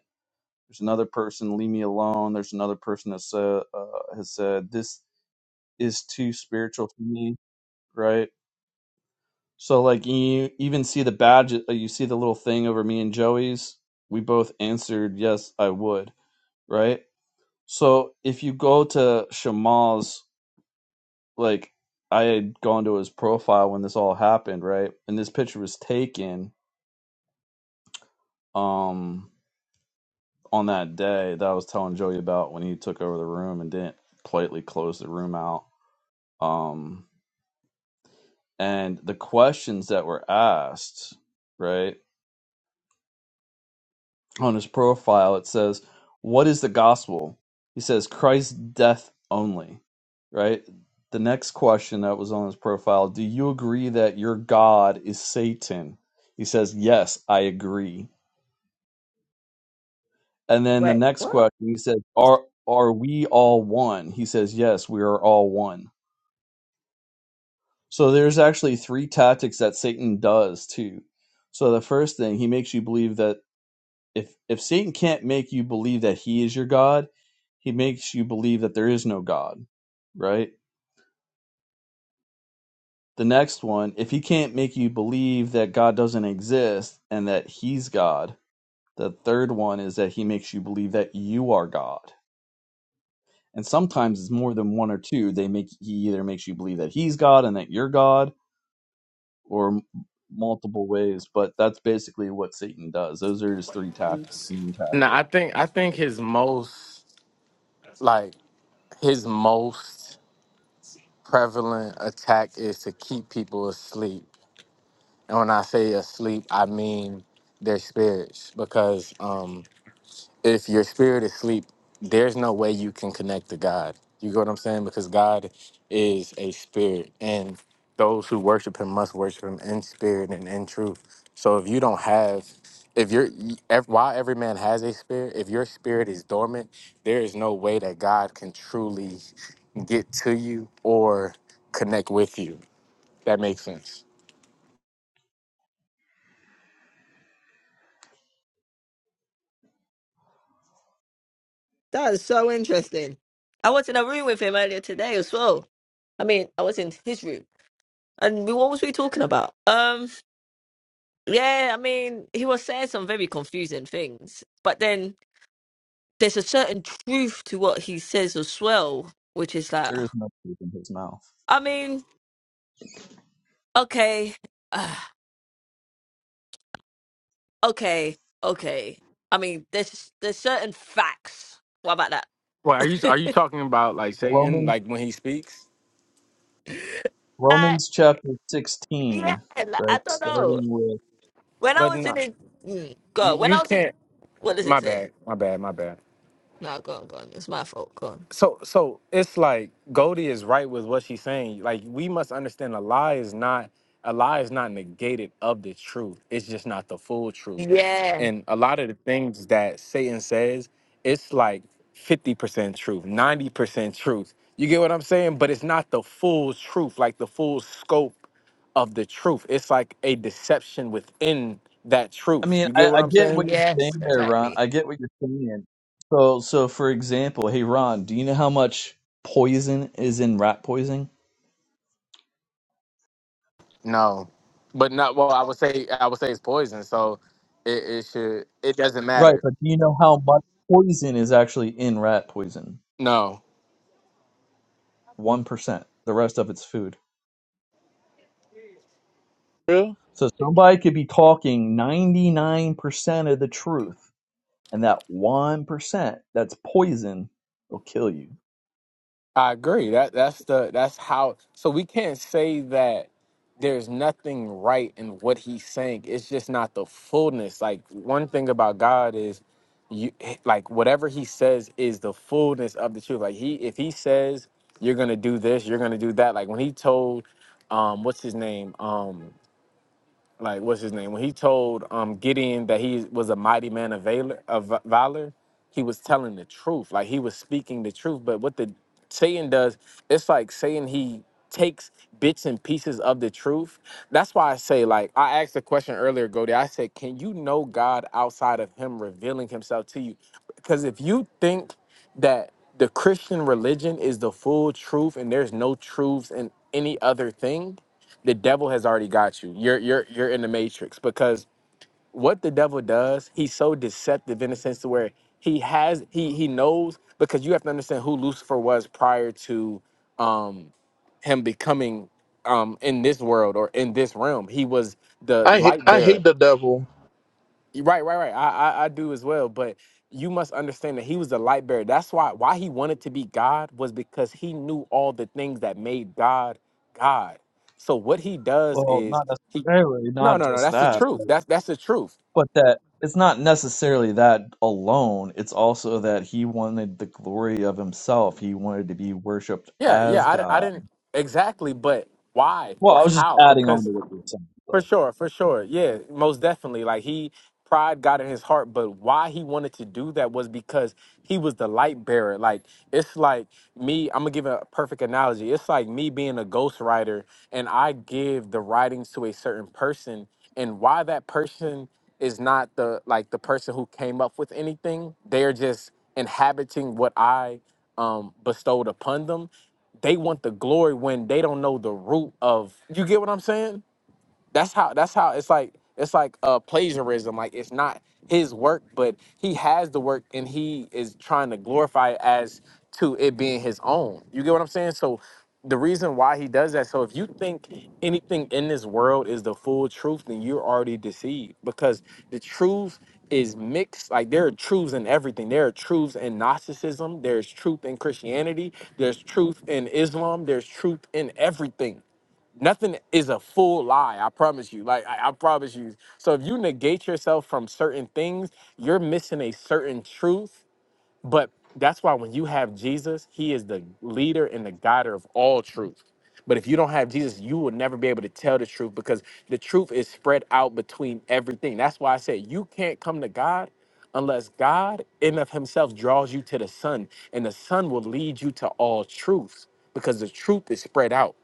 Speaker 8: There's another person, leave me alone. There's another person that said, uh, has said, this is too spiritual for me, right? So, like, you even see the badge, uh, you see the little thing over me and Joey's. We both answered, yes, I would, right? So, if you go to Shamal's, like, I had gone to his profile when this all happened, right? And this picture was taken um on that day that I was telling Joey about when he took over the room and didn't politely close the room out Um, and the questions that were asked, right, on his profile, it says, What is the gospel? He says, Christ's death only, right? The next question that was on his profile, Do you agree that your God is Satan? He says, Yes, I agree. And then the
Speaker 11: Wait,
Speaker 8: next
Speaker 11: what?
Speaker 8: question, he says, Are are we all one? He says, Yes, we are all one. So there's actually three tactics that Satan does too. So the first thing, he makes you believe that if if Satan can't make you believe that he is your God, he makes you believe that there is no God, right? The next one, if he can't make you believe that God doesn't exist and that he's God, the third one is that he makes you believe that you are God. And sometimes it's more than one or two. They make he either makes you believe that he's God and that you're God or m- multiple ways, but that's basically what Satan does. Those are his three tactics, main
Speaker 10: No,
Speaker 8: tactic.
Speaker 10: I think I think his most like his most prevalent attack is to keep people asleep. And when I say asleep, I mean their spirits because um if your spirit is asleep, there's no way you can connect to God. You get what I'm saying? Because God is a spirit, and those who worship Him must worship Him in spirit and in truth. So if you don't have, if you're, ev- while every man has a spirit, if your spirit is dormant, there is no way that God can truly get to you or connect with you. That makes sense.
Speaker 11: That is so interesting. I was in a room with him earlier today as well. I mean, I was in his room, and we, what was we talking about? Um, yeah, I mean, he was saying some very confusing things, but then there's a certain truth to what he says as well, which is like,
Speaker 8: There is no truth in his mouth.
Speaker 11: I mean, okay. Okay, okay. I mean, there's there's certain facts. What about that?
Speaker 10: Well, are you are you talking about like Satan,
Speaker 8: Romans.
Speaker 10: like when he speaks?
Speaker 11: uh,
Speaker 8: Romans chapter
Speaker 11: yeah,
Speaker 8: 16,
Speaker 11: like, I
Speaker 8: right?
Speaker 11: don't know.
Speaker 8: Starting with,
Speaker 11: When I
Speaker 10: But
Speaker 11: was in
Speaker 10: no,
Speaker 11: it, mm,
Speaker 10: you,
Speaker 11: God, when
Speaker 10: you
Speaker 11: I was in,
Speaker 10: can't.
Speaker 11: what does
Speaker 10: My
Speaker 11: it say?
Speaker 10: bad. My bad. My bad.
Speaker 11: No, go on, go on. It's my fault. Go on.
Speaker 10: So so it's like Goldie is right with what she's saying. Like we must understand a lie is not a lie is not negated of the truth. It's just not the full truth.
Speaker 11: Yeah,
Speaker 10: And a lot of the things that Satan says, it's like 50% truth, 90% truth. You get what I'm saying? But it's not the full truth, like the full scope of the truth. It's like a deception within that
Speaker 8: I
Speaker 10: truth.
Speaker 8: mean,
Speaker 10: You
Speaker 8: I,
Speaker 10: get what
Speaker 8: I
Speaker 10: I'm
Speaker 8: get
Speaker 10: saying?
Speaker 8: what you're saying
Speaker 11: yes,
Speaker 8: there, Ron.
Speaker 11: exactly.
Speaker 8: I get what you're saying. So, so for example, hey, Ron, do you know how much poison is in rat poison?
Speaker 10: No, but not. Well, I would say I would say it's poison, so it, it should. It doesn't
Speaker 8: Right,
Speaker 10: matter.
Speaker 8: but do you know how much poison is actually in rat poison?
Speaker 10: No,
Speaker 8: 1%. The rest of it's food.
Speaker 2: Real?
Speaker 8: So somebody could be talking 99% of the truth, and that 1% that's poison will kill you.
Speaker 10: I agree. That that's the that's how. So we can't say that there's nothing right in what he's saying. It's just not the fullness. Like one thing about God is, you like whatever he says is the fullness of the truth. Like he if he says you're gonna do this, you're gonna do that. Like when he told, um, what's his name, um. like what's his name when he told um gideon that he was a mighty man of valor of valor he was telling the truth like he was speaking the truth but what the satan does it's like saying he takes bits and pieces of the truth that's why i say like i asked the question earlier Goldie. i said can you know god outside of him revealing himself to you because if you think that the christian religion is the full truth and there's no truths in any other thing the devil has already got you. You're you're you're in the matrix because what the devil does, he's so deceptive in the sense to where he has he he knows because you have to understand who Lucifer was prior to um him becoming um in this world or in this realm. He was the
Speaker 2: I hate
Speaker 10: light
Speaker 2: I
Speaker 10: bearer.
Speaker 2: hate the devil.
Speaker 10: Right, right, right. I, I I do as well, but you must understand that he was the light bearer. That's why why he wanted to be God was because he knew all the things that made God God. So what he does
Speaker 8: Well,
Speaker 10: is
Speaker 8: not
Speaker 10: he
Speaker 8: necessarily,
Speaker 10: No,
Speaker 8: not
Speaker 10: no, no,
Speaker 8: just
Speaker 10: that's the
Speaker 8: that,
Speaker 10: truth.
Speaker 8: but
Speaker 10: That's that's the truth.
Speaker 8: but that it's not necessarily that alone. It's also that he wanted the glory of himself. He wanted to be worshipped
Speaker 10: Yeah,
Speaker 8: as
Speaker 10: yeah, I, di- I
Speaker 8: God.
Speaker 10: didn't exactly, but why
Speaker 8: Well,
Speaker 10: or
Speaker 8: I was just
Speaker 10: how?
Speaker 8: adding on to
Speaker 10: Because
Speaker 8: what you were saying,
Speaker 10: For
Speaker 8: though.
Speaker 10: sure, for sure. Yeah, most definitely. Like he pride got in his heart, but why he wanted to do that was because he was the light bearer. Like it's like me, I'm gonna give a perfect analogy. It's like me being a ghostwriter and I give the writings to a certain person and why that person is not the like the person who came up with anything. They're just inhabiting what I um bestowed upon them. They want the glory when they don't know the root of you get what I'm saying? that's how that's how it's like it's like uh plagiarism like it's not his work but he has the work and he is trying to glorify it as to it being his own you get what i'm saying so the reason why he does that so if you think anything in this world is the full truth then you're already deceived because the truth is mixed like there are truths in everything there are truths in gnosticism there's truth in christianity there's truth in islam there's truth in everything nothing is a full lie. I promise you. Like I, I promise you. So if you negate yourself from certain things, you're missing a certain truth. But that's why when you have Jesus, He is the leader and the guider of all truth. But if you don't have Jesus, you will never be able to tell the truth because the truth is spread out between everything. That's why I said you can't come to God unless God in of himself draws you to the Son, and the Son will lead you to all truth because the truth is spread out.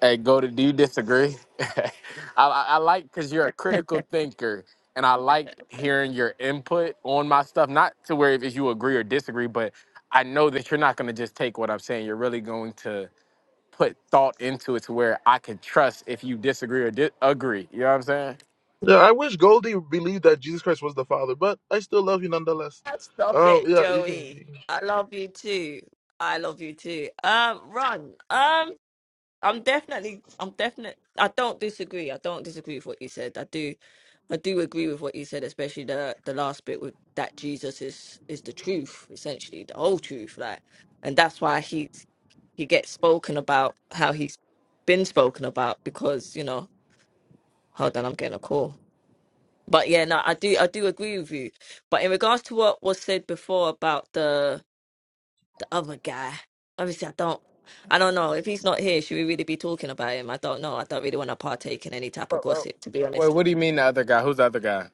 Speaker 10: Hey, go to. Do you disagree? I, I I like because you're a critical thinker, and I like hearing your input on my stuff. Not to where if you agree or disagree, but I know that you're not going to just take what I'm saying. You're really going to put thought into it to where I can trust if you disagree or di- agree. You know what I'm saying?
Speaker 2: Yeah, I wish Goldie believed that Jesus Christ was the Father, but I still love you nonetheless.
Speaker 11: Ah, Stop
Speaker 2: Oh
Speaker 11: it,
Speaker 2: yeah, you can.
Speaker 11: Joey.
Speaker 2: you can-
Speaker 11: I love you too. I love you too. Um, run. Um, I'm definitely, I'm definitely, I don't disagree. I don't disagree with what you said. I do, I do agree with what you said, especially the the last bit with that Jesus is is the truth, essentially the whole truth, like, and that's why he's he gets spoken about how he's been spoken about because you know, hold on, I'm getting a call. But yeah, no, I do, I do agree with you. But in regards to what was said before about the other guy. Obviously, I don't. I don't know if he's not here. Should we really be talking about him? I don't know. I don't really want to partake in any type of
Speaker 10: Wait, wait,
Speaker 11: gossip, to be
Speaker 10: wait,
Speaker 11: honest.
Speaker 10: what do you mean the other guy? Who's the other guy?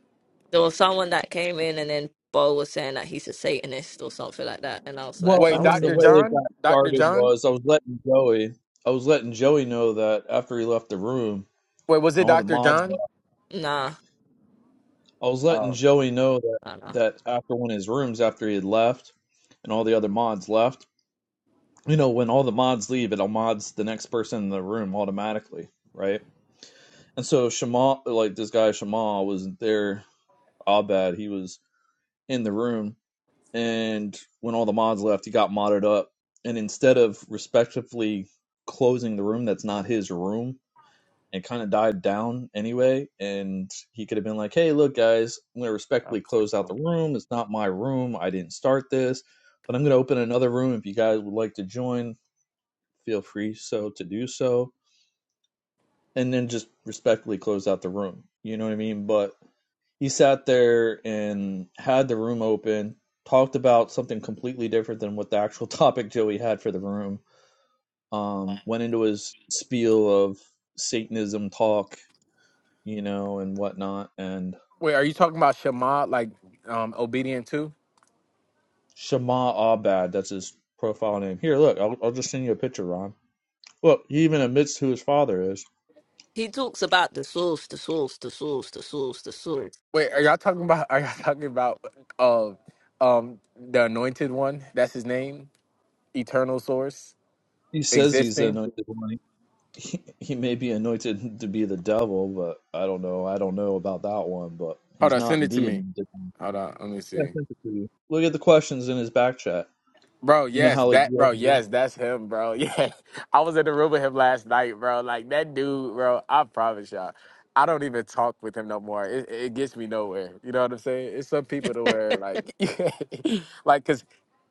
Speaker 11: There was someone that came in, and then Bo was saying that he's a Satanist or something like that, and I was
Speaker 8: Well,
Speaker 11: like,
Speaker 8: I
Speaker 11: I
Speaker 10: Wait,
Speaker 8: mean,
Speaker 11: was
Speaker 8: the
Speaker 10: Dr.
Speaker 11: in.
Speaker 8: way it got
Speaker 10: John? Dr.
Speaker 8: started
Speaker 10: John?
Speaker 8: was I was letting Joey, I was letting Joey know that after he left the room
Speaker 10: Wait, was
Speaker 8: and
Speaker 10: it
Speaker 8: all the
Speaker 10: Dr.
Speaker 8: mods
Speaker 10: John?
Speaker 8: left,
Speaker 11: Nah,
Speaker 8: I was letting
Speaker 10: Oh.
Speaker 8: Joey know that
Speaker 11: nah, nah.
Speaker 8: that after one of his rooms, after he had left and all the other mods left. you know, when all the mods leave, it mods the next person in the room automatically, right? And so Shema, like this guy Shema, was there. Abad, he was in the room, and when all the mods left, he got modded up. And instead of respectfully closing the room, that's not his room, and kind of died down anyway. And he could have been like, "Hey, look, guys, I'm gonna
Speaker 10: oh,
Speaker 8: respectfully close out the
Speaker 10: cool.
Speaker 8: room. It's not my room. I didn't start this." But I'm going to open another room if you guys would like to join feel free so to do so and then just respectfully close out the room you know what i mean but he sat there and had the room open talked about something completely different than what the actual topic joey had for the room um went into his spiel of satanism talk you know and whatnot and
Speaker 10: Wait, are you talking about Shema, like um, obedient too?
Speaker 8: Shama abad that's his profile name here look i'll, I'll just send you a picture ron look he even admits who his father is
Speaker 11: He talks about the source, the source, the source, the source, the source.
Speaker 10: Wait, are y'all talking about? Are y'all talking about? Uh, um, the Anointed One. That's his name. Eternal Source,
Speaker 8: he says he's the
Speaker 10: existing.
Speaker 8: anointed one He, he may be anointed to be the devil, but I don't know. I don't know about that one, but
Speaker 10: Hold
Speaker 8: he's
Speaker 10: on, send
Speaker 8: not
Speaker 10: it to
Speaker 8: the
Speaker 10: me.
Speaker 8: anointed one.
Speaker 10: Hold on, let me
Speaker 8: Yeah, I
Speaker 10: see.
Speaker 8: sent it to you. Look at the questions in his back chat.
Speaker 10: Bro,
Speaker 8: You know
Speaker 10: yes,
Speaker 8: how like
Speaker 10: that
Speaker 8: you all-
Speaker 10: bro, yes, that's him, bro. Yeah. I was in the room with him last night, bro. Like that dude, bro, I promise y'all. I don't even talk with him no more. It, it gets me nowhere. You know what I'm saying? It's some people to where like like cuz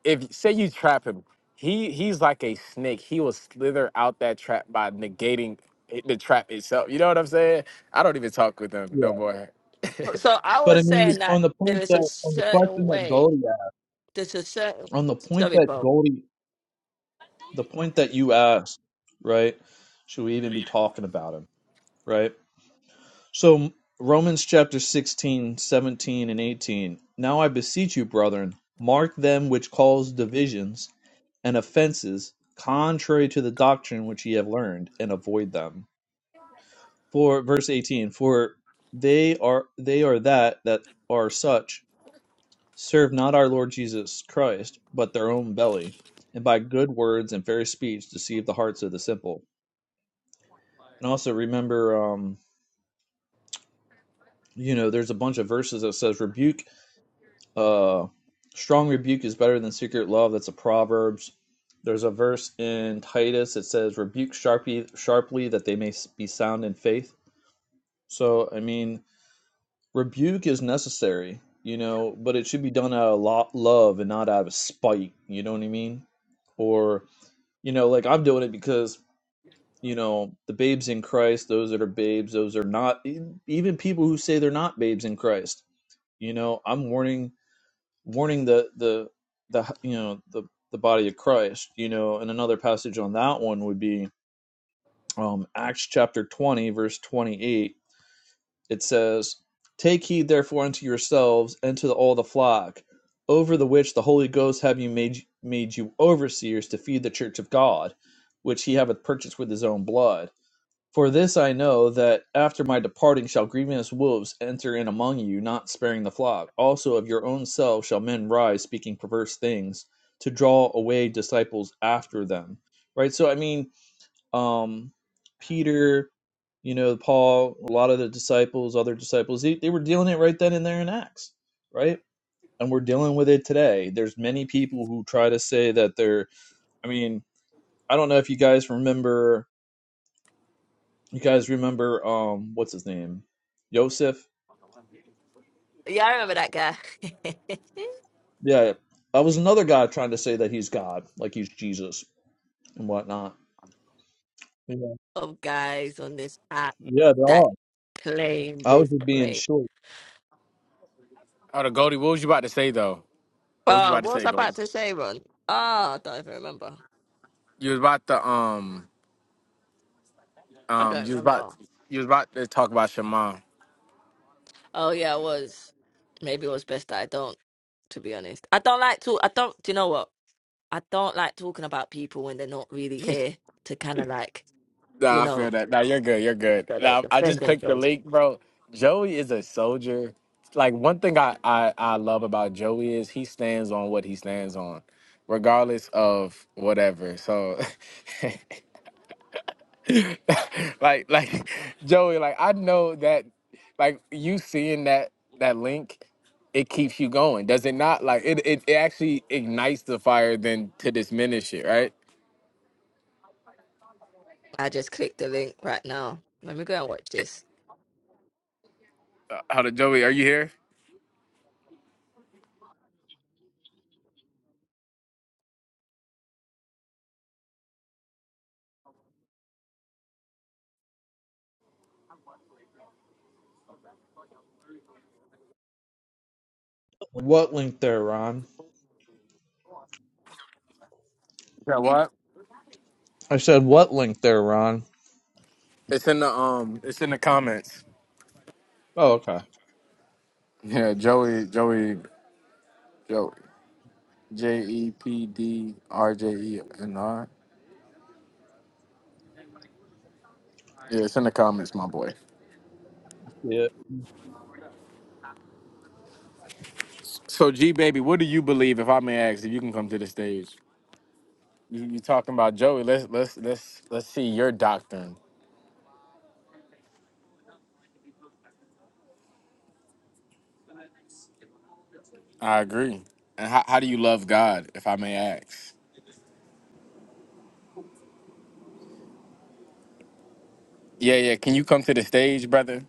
Speaker 10: if say you trap him, he he's like a snake. He will slither out that trap by negating it- the trap itself. You know what I'm saying? I don't even talk with him no
Speaker 8: yeah.
Speaker 10: more.
Speaker 11: So I
Speaker 8: But I
Speaker 11: was
Speaker 8: mean,
Speaker 11: saying that
Speaker 8: on the
Speaker 11: there
Speaker 8: point
Speaker 11: is a
Speaker 8: that on the
Speaker 11: certain
Speaker 8: question that
Speaker 11: way.
Speaker 8: Goldie asked,
Speaker 11: There's a certain.
Speaker 8: on the point
Speaker 11: Sorry,
Speaker 8: that
Speaker 11: Bo.
Speaker 8: Goldie, the point that you asked, right? Should we even be talking about him, right? So Romans chapter 16, 17, and 18. Now I beseech you, brethren, mark them which cause divisions and offenses contrary to the doctrine which ye have learned and avoid them for verse 18 for they are they are that that are such serve not our lord jesus christ but their own belly and by good words and fair speech deceive the hearts of the simple and also remember um you know there's a bunch of verses that says rebuke Uh, strong rebuke is better than secret love. That's a Proverbs. There's a verse in Titus that says, "Rebuke sharply, sharply, that they may be sound in faith." So, I mean, rebuke is necessary, you know, but it should be done out of love and not out of spite. You know what I mean? Or, you know, like I'm doing it because you know the babes in Christ, those that are babes, those are not. e- Even people who say they're not babes in Christ, you know, I'm warning warning the the the you know the the body of Christ. You know, and another passage on that one would be um, Acts chapter twenty, verse twenty eight. It says, "Take heed therefore unto yourselves and to the, all the flock, over the which the Holy Ghost have you made made you overseers to feed the church of God, which He hath purchased with His own blood." For this I know, that after my departing shall grievous wolves enter in among you, not sparing the flock. Also of your own selves shall men rise, speaking perverse things, to draw away disciples after them. Right? So, I mean, um, Peter, you know, Paul, a lot of the disciples, other disciples, they, they were dealing it right then and there in Acts, right? And we're dealing with it today. There's many people who try to say that they're, I mean, I don't know if you guys remember you guys remember um what's his name? Yosef?
Speaker 11: Yeah, I remember that guy.
Speaker 8: Yeah. I was another guy trying to say that he's God, like he's Jesus and whatnot. Yeah,
Speaker 11: of guys on this app
Speaker 8: yeah they
Speaker 11: that
Speaker 8: are.
Speaker 11: claim
Speaker 8: I was
Speaker 11: this
Speaker 8: just being
Speaker 11: claim.
Speaker 8: short.
Speaker 10: Oh, the Goldie, what was you about to say though? What was you
Speaker 11: Oh,
Speaker 10: about to
Speaker 11: what was
Speaker 10: say,
Speaker 11: I
Speaker 10: Goldie?
Speaker 11: about to say, Ron? Ah, I don't even remember.
Speaker 10: You was about to um
Speaker 11: I
Speaker 10: Um,
Speaker 11: don't
Speaker 10: you was about
Speaker 11: remember.
Speaker 10: you was about to talk about your mom.
Speaker 11: Oh yeah, it was. Maybe it was best that I don't, to be honest. I don't like to I don't do you know what? I don't like talking about people when they're not really here to kinda like, you
Speaker 10: Nah, I feel
Speaker 11: know,
Speaker 10: that. Nah, you're good. You're
Speaker 11: I
Speaker 10: good.
Speaker 11: don't know,
Speaker 10: Nah, I
Speaker 11: defend
Speaker 10: just clicked the
Speaker 11: themselves.
Speaker 10: link, bro. Joey is a soldier. Like one thing I I, I love about Joey is he stands on what he stands on, regardless of whatever. So, like like Joey, like I know that like you seeing that that link it keeps you going does it not like it, it, it actually ignites the fire then to diminish it right
Speaker 11: I just clicked the link right now. Let me go and watch this.
Speaker 10: How to Joey? Are you here?
Speaker 8: What link there, Ron?
Speaker 10: Yeah, what?
Speaker 8: I said what link there, Ron?
Speaker 10: It's in the um. It's in the comments.
Speaker 8: Oh, okay.
Speaker 10: Yeah, Joey, Joey, Joey, J E P D R J E N R. Yeah, it's in the comments, my boy.
Speaker 8: Yeah.
Speaker 10: So G baby, what do you believe? If I may ask, if you can come to the stage, you, you talking about Joey? Let's let's let's let's see your doctrine. I agree. And how, how do you love God? If I may ask. Yeah, yeah. Can you come to the stage, brother?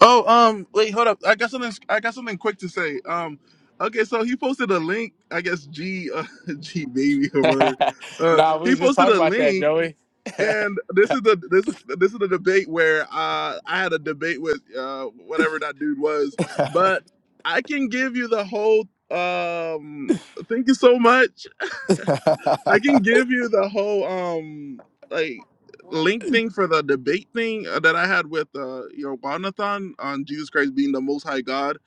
Speaker 2: Oh um, wait, hold up. I got something. I got something quick to say. Um, okay, so he posted a link. I guess G uh, G baby or whatever. Uh,
Speaker 10: nah, we
Speaker 2: he
Speaker 10: was just
Speaker 2: posted
Speaker 10: talking
Speaker 2: a
Speaker 10: about that,
Speaker 2: link
Speaker 10: Joey.
Speaker 2: And this is the this this is the debate where uh, I had a debate with uh, whatever that dude was, but I can give you the whole. Um, thank you so much. I can give you the whole um like link thing for the debate thing uh, that I had with uh, your Wanathan on Jesus Christ being the Most High God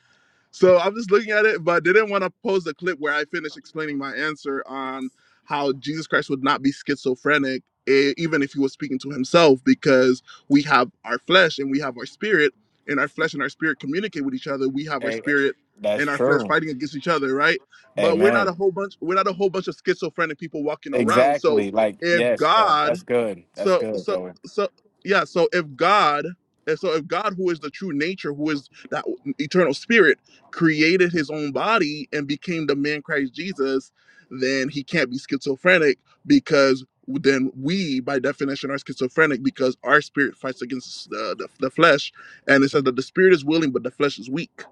Speaker 2: so I'm just looking at it, but they didn't want to post a clip where I finished explaining my answer on how Jesus Christ would not be schizophrenic eh, even if he was speaking to himself because we have our flesh and we have our spirit and our flesh and our spirit communicate with each other. We have our
Speaker 10: Hey,
Speaker 2: spirit
Speaker 10: that's
Speaker 2: and our flesh
Speaker 10: true.
Speaker 2: fighting against each other, right? But we're not a
Speaker 10: Amen.
Speaker 2: whole bunch we're not a whole bunch of schizophrenic people walking around. So
Speaker 10: Exactly. Like,
Speaker 2: if
Speaker 10: yes, bro.
Speaker 2: God
Speaker 10: That's good. That's
Speaker 2: so
Speaker 10: good,
Speaker 2: so
Speaker 10: Joey.
Speaker 2: so yeah, so if God and so if God who is the true nature, who is that eternal spirit created his own body and became the man Christ Jesus, then he can't be schizophrenic because then we, by definition, are schizophrenic because our spirit fights against uh, the, the flesh. And it says that the spirit is willing, but the flesh is weak.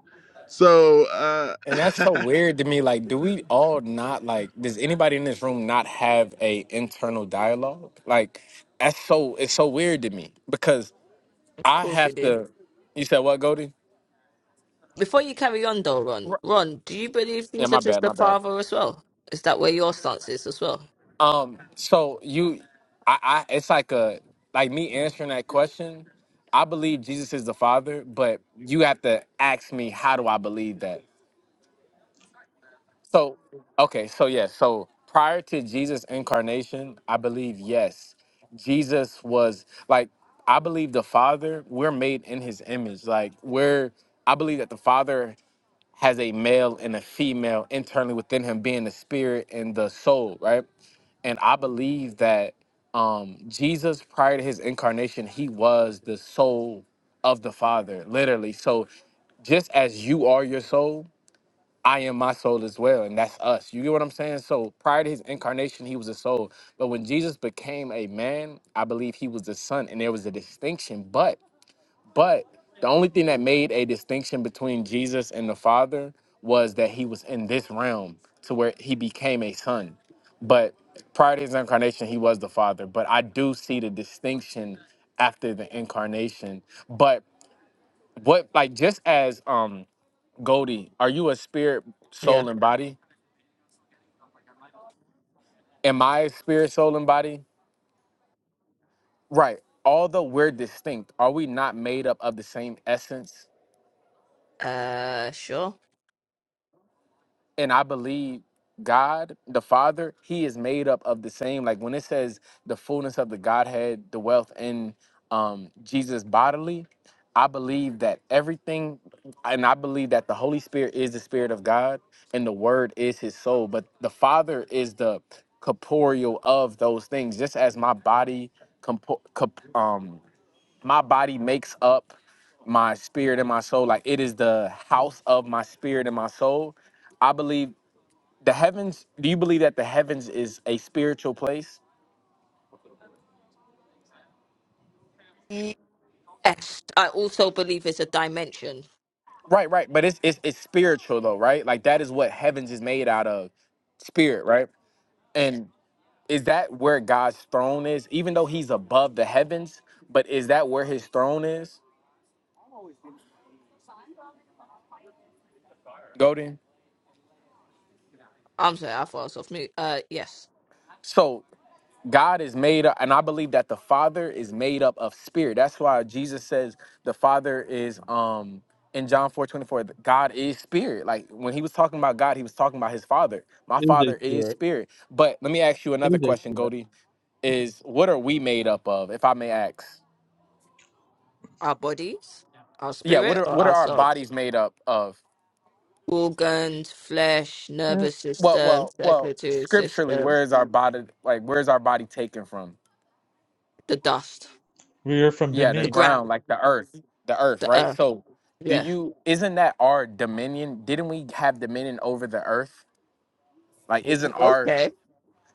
Speaker 2: So, uh,
Speaker 10: And that's so weird to me. Like, do we all not like? Does anybody in this room not have a internal dialogue? Like, that's so. It's so weird to me because
Speaker 11: Of
Speaker 10: I
Speaker 11: course we
Speaker 10: have
Speaker 11: do.
Speaker 10: to. You said what, Goldie?
Speaker 11: Before you carry on though, Ron, Ron, do you believe
Speaker 10: Yeah, my
Speaker 11: Jesus is
Speaker 10: bad.
Speaker 11: the
Speaker 10: My bad.
Speaker 11: Father as well? Is that where your stance is as well?
Speaker 10: Um. So you, I, I. It's like a like me answering that question. I believe Jesus is the Father, but you have to ask me how do I believe that? So, okay, so yes, so prior to Jesus' incarnation, I believe yes, Jesus was like I believe the Father. We're made in His image. Like we're, I believe that the Father has a male and a female internally within Him, being the spirit and the soul, right? And I believe that um Jesus, prior to His incarnation, He was the soul of the Father, literally. So just as you are your soul I am my soul as well, and that's us. You get what I'm saying? So prior to his incarnation, he was a soul. But when Jesus became a man, I believe he was the son, and there was a distinction. But but the only thing that made a distinction between Jesus and the Father was that he was in this realm to where he became a son. But prior to his incarnation, he was the Father. But I do see the distinction after the incarnation. But what like just as um Goldie, are you a spirit,
Speaker 11: Yeah.
Speaker 10: soul, and body? Am I spirit, soul, and body? Right. Although we're distinct, are we not made up of the same essence?
Speaker 11: Uh, sure.
Speaker 10: And I believe God, the Father, He is made up of the same. Like when it says the fullness of the Godhead, the wealth in um, Jesus bodily, I believe that everything, and I believe that the Holy Spirit is the Spirit of God and the Word is His soul, but the Father is the corporeal of those things, just as my body compo- comp- um, my body makes up my spirit and my soul. Like it is the house of my spirit and my soul. I believe the heavens. Do you believe that the heavens is a spiritual place?
Speaker 11: Yes, I also believe it's a dimension.
Speaker 10: Right, right. But it's it's it's spiritual though, right? Like that is what heavens is made out of, spirit, right? And is that where God's throne is? Even though He's above the heavens, but is that where His throne is? Golden.
Speaker 11: I'm sorry, I thought I was off mute. Uh, yes,
Speaker 10: So God is made up, and I believe that the Father is made up of spirit. That's why Jesus says the Father is um in John 4 24. God is spirit. Like when he was talking about God, he was talking about his father. My
Speaker 8: It is a
Speaker 10: father is
Speaker 8: spirit.
Speaker 10: spirit. But let me ask you
Speaker 8: It
Speaker 10: another
Speaker 8: is
Speaker 10: question,
Speaker 8: a spirit.
Speaker 10: Goldie, is what are we made up of, if I may ask?
Speaker 11: our bodies, our
Speaker 10: Yeah, what
Speaker 11: spirit,
Speaker 10: are
Speaker 11: or
Speaker 10: what are
Speaker 11: our
Speaker 10: our
Speaker 11: soul,
Speaker 10: bodies made up of?
Speaker 11: organs, flesh,
Speaker 10: Mm,
Speaker 11: nervous
Speaker 10: Well,
Speaker 11: system,
Speaker 10: well, well,
Speaker 11: circulatory
Speaker 10: scripturally,
Speaker 11: system,
Speaker 10: where is our body like where's our body taken from?
Speaker 11: the dust,
Speaker 8: We are from
Speaker 10: yeah the
Speaker 11: the
Speaker 8: Benin.
Speaker 10: ground
Speaker 11: ground,
Speaker 10: like the earth the earth
Speaker 11: the
Speaker 10: right
Speaker 11: earth.
Speaker 10: so do
Speaker 11: Yeah.
Speaker 10: you isn't that our dominion didn't we have dominion over the earth like isn't our
Speaker 11: Okay.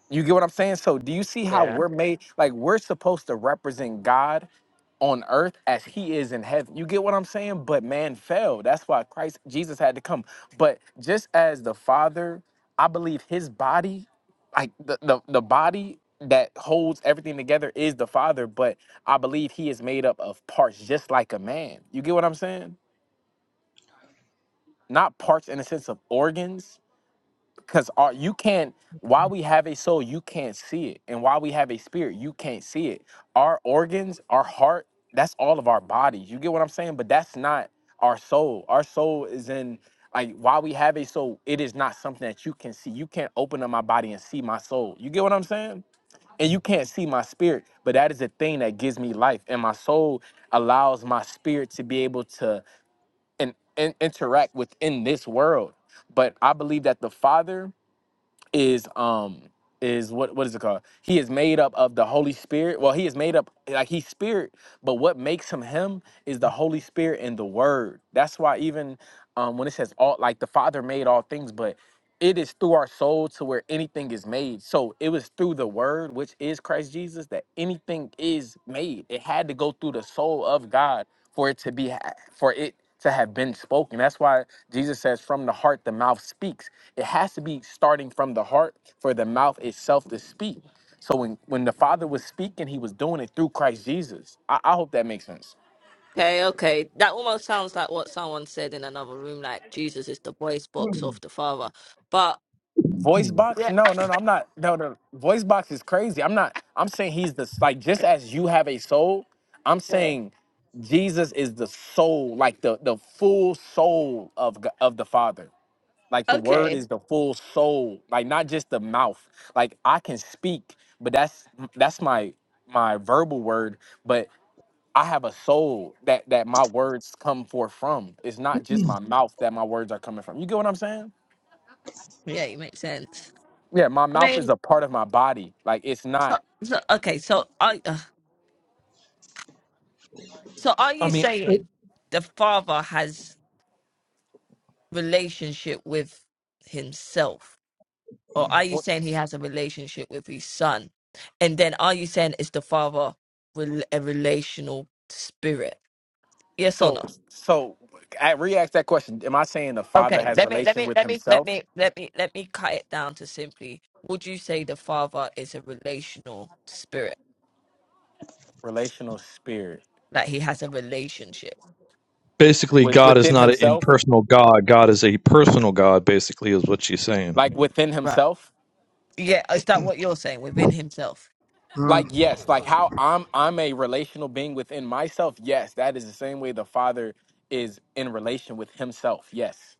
Speaker 10: you get what I'm saying? So do you see how we're made like we're supposed to represent God on earth as he is in heaven. You get what I'm saying? But man fell. That's why Christ Jesus had to come. But just as the Father, I believe his body, like the the, the body that holds everything together is the Father, but I believe he is made up of parts just like a man. You get what I'm saying? Not parts in the sense of organs, because you can't, while we have a soul, you can't see it. And while we have a spirit, you can't see it. Our organs, our heart, that's all of our bodies. You get what I'm saying? But that's not our soul. Our soul is in, like, while we have a soul, it is not something that you can see. You can't open up my body and see my soul. You get what I'm saying? And you can't see my spirit, but that is the thing that gives me life. And my soul allows my spirit to be able to and, and interact within this world. But I believe that the Father is um is what what is it called? He is made up of the Holy Spirit. Well, he is made up like he's spirit, but what makes him him is the Holy Spirit and the Word. That's why even um when it says all like the Father made all things, but it is through our soul to where anything is made. So it was through the Word, which is Christ Jesus, that anything is made. It had to go through the soul of God for it to be for it to have been spoken. That's why Jesus says from the heart the mouth speaks. It has to be starting from the heart for the mouth itself to speak. So when when the Father was speaking, he was doing it through Christ Jesus. I, I hope that makes sense.
Speaker 11: Okay, okay. That almost sounds like what someone said in another room, like Jesus is the voice box of the Father. But
Speaker 10: Voice box?
Speaker 11: yeah,
Speaker 10: No, no, no. I'm not. No, no. Voice box is crazy. I'm not. I'm saying he's the like just as you have a soul. I'm
Speaker 11: yeah.
Speaker 10: saying Jesus is the soul, like the the full soul of G- of the Father. Like the word
Speaker 11: okay,
Speaker 10: is the full soul, like not just the mouth. Like I can speak, but that's that's my my verbal word, but I have a soul that that my words come forth from. It's not just my mouth that my words are coming from. You get what I'm saying?
Speaker 11: yeah, it makes sense.
Speaker 10: Yeah, my
Speaker 11: I
Speaker 10: mouth is
Speaker 11: mean,
Speaker 10: a part of my body. Like it's
Speaker 11: so,
Speaker 10: not
Speaker 11: so, okay, so I, uh, so are
Speaker 8: I
Speaker 11: you
Speaker 8: mean
Speaker 11: saying the Father has relationship with himself, or are you
Speaker 10: what-
Speaker 11: saying he has a relationship with his Son? And then are you saying is the Father rel- a relational spirit? Yes or no?
Speaker 10: so so I re-ask that question. Am I saying the father
Speaker 11: Okay,
Speaker 10: has
Speaker 11: let me let
Speaker 10: relation
Speaker 11: me
Speaker 10: with
Speaker 11: let me let
Speaker 10: himself?
Speaker 11: me let me let me cut it down to simply would you say the father is a relational spirit?
Speaker 10: Relational spirit.
Speaker 11: Like he has a relationship.
Speaker 8: Basically,
Speaker 10: With,
Speaker 8: God is
Speaker 10: within
Speaker 8: not an
Speaker 10: himself?
Speaker 8: impersonal God. God is a personal God. Basically, is what she's saying.
Speaker 10: Like
Speaker 11: Mm,
Speaker 10: within
Speaker 11: Right.
Speaker 10: himself?
Speaker 11: Yeah, is that what you're saying within himself?
Speaker 10: like
Speaker 2: um,
Speaker 10: yes like how i'm i'm a relational being within myself yes that is the same way the father is in relation with himself yes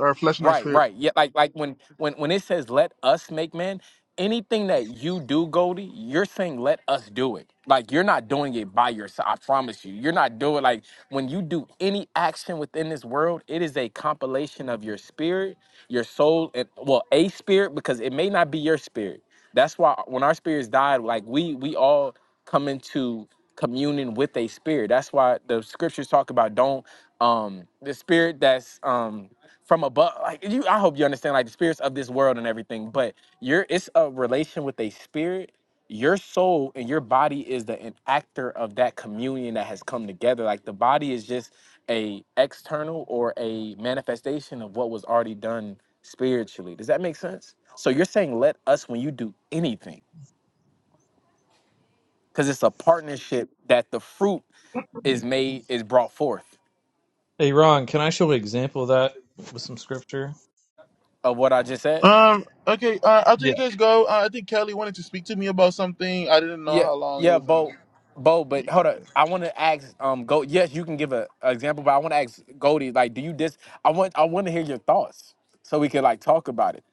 Speaker 2: our flesh and our
Speaker 10: Right,
Speaker 2: spirit.
Speaker 10: right. Yeah, like like when when when it says let us make man, anything that you do, Goldie, you're saying let us do it. Like you're not doing it by yourself. I promise you. You're not doing like when you do any action within this world, it is a compilation of your spirit, your soul, and well, a spirit, because it may not be your spirit. That's why when our spirits died, like we we all come into communion with a spirit. That's why the scriptures talk about don't um the spirit that's um from above like you i hope you understand like the spirits of this world and everything but your it's a relation with a spirit your soul and your body is the enactor of that communion that has come together like the body is just a external or a manifestation of what was already done spiritually does that make sense so you're saying let us when you do anything because it's a partnership that the fruit is made is brought forth
Speaker 8: Hey, Ron, can I show an example of that with some scripture?
Speaker 10: of what i just said
Speaker 2: Um. Okay. Uh, after
Speaker 8: Yeah,
Speaker 2: you guys go, uh, I think Kelly wanted to speak to me about something. I didn't know
Speaker 10: Yeah,
Speaker 2: how long it
Speaker 10: yeah,
Speaker 2: was. Uh...
Speaker 10: Bo, Bo, but hold up. I want to ask, um, go. Yes, you can give a, a example, but I want to ask Goldie, like, do you dis? I want, I want to hear your thoughts so we can like talk about it.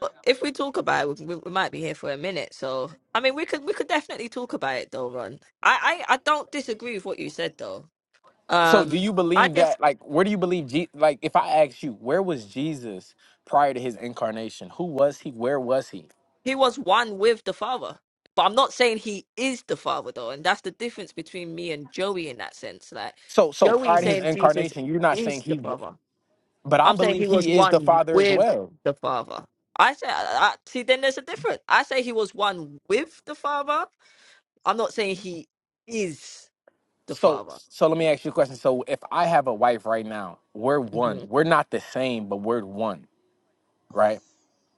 Speaker 11: But if we talk about it, we, we might be here for a minute. So, I mean, we could we could definitely talk about it, though, Ron. I, I, I don't disagree with what you said, though.
Speaker 10: So, do
Speaker 11: Um,
Speaker 10: you
Speaker 11: I
Speaker 10: believe
Speaker 11: just
Speaker 10: that? Like, where do you believe? Je- like, if I ask you, where was Jesus prior to his incarnation? Who was he? Where was he?
Speaker 11: he was one with the father, but I'm not saying he is the father, though, and that's the difference between me and Joey in that sense. Like
Speaker 10: So, so
Speaker 11: Joey
Speaker 10: prior
Speaker 11: is
Speaker 10: to his
Speaker 11: saying Jesus
Speaker 10: incarnation, you're not saying
Speaker 11: is the
Speaker 10: he, w-
Speaker 11: father.
Speaker 10: but I
Speaker 11: I'm saying
Speaker 10: believe
Speaker 11: he was
Speaker 10: he is the
Speaker 11: one
Speaker 10: Father as
Speaker 11: with
Speaker 10: well.
Speaker 11: the father. I say, I, I, see, then there's a difference. I say he was one with the father. I'm not saying he is the
Speaker 10: So,
Speaker 11: father.
Speaker 10: so let me ask you a question. So, if I have a wife right now, we're one.
Speaker 11: hmm
Speaker 10: We're not the same, but we're one right?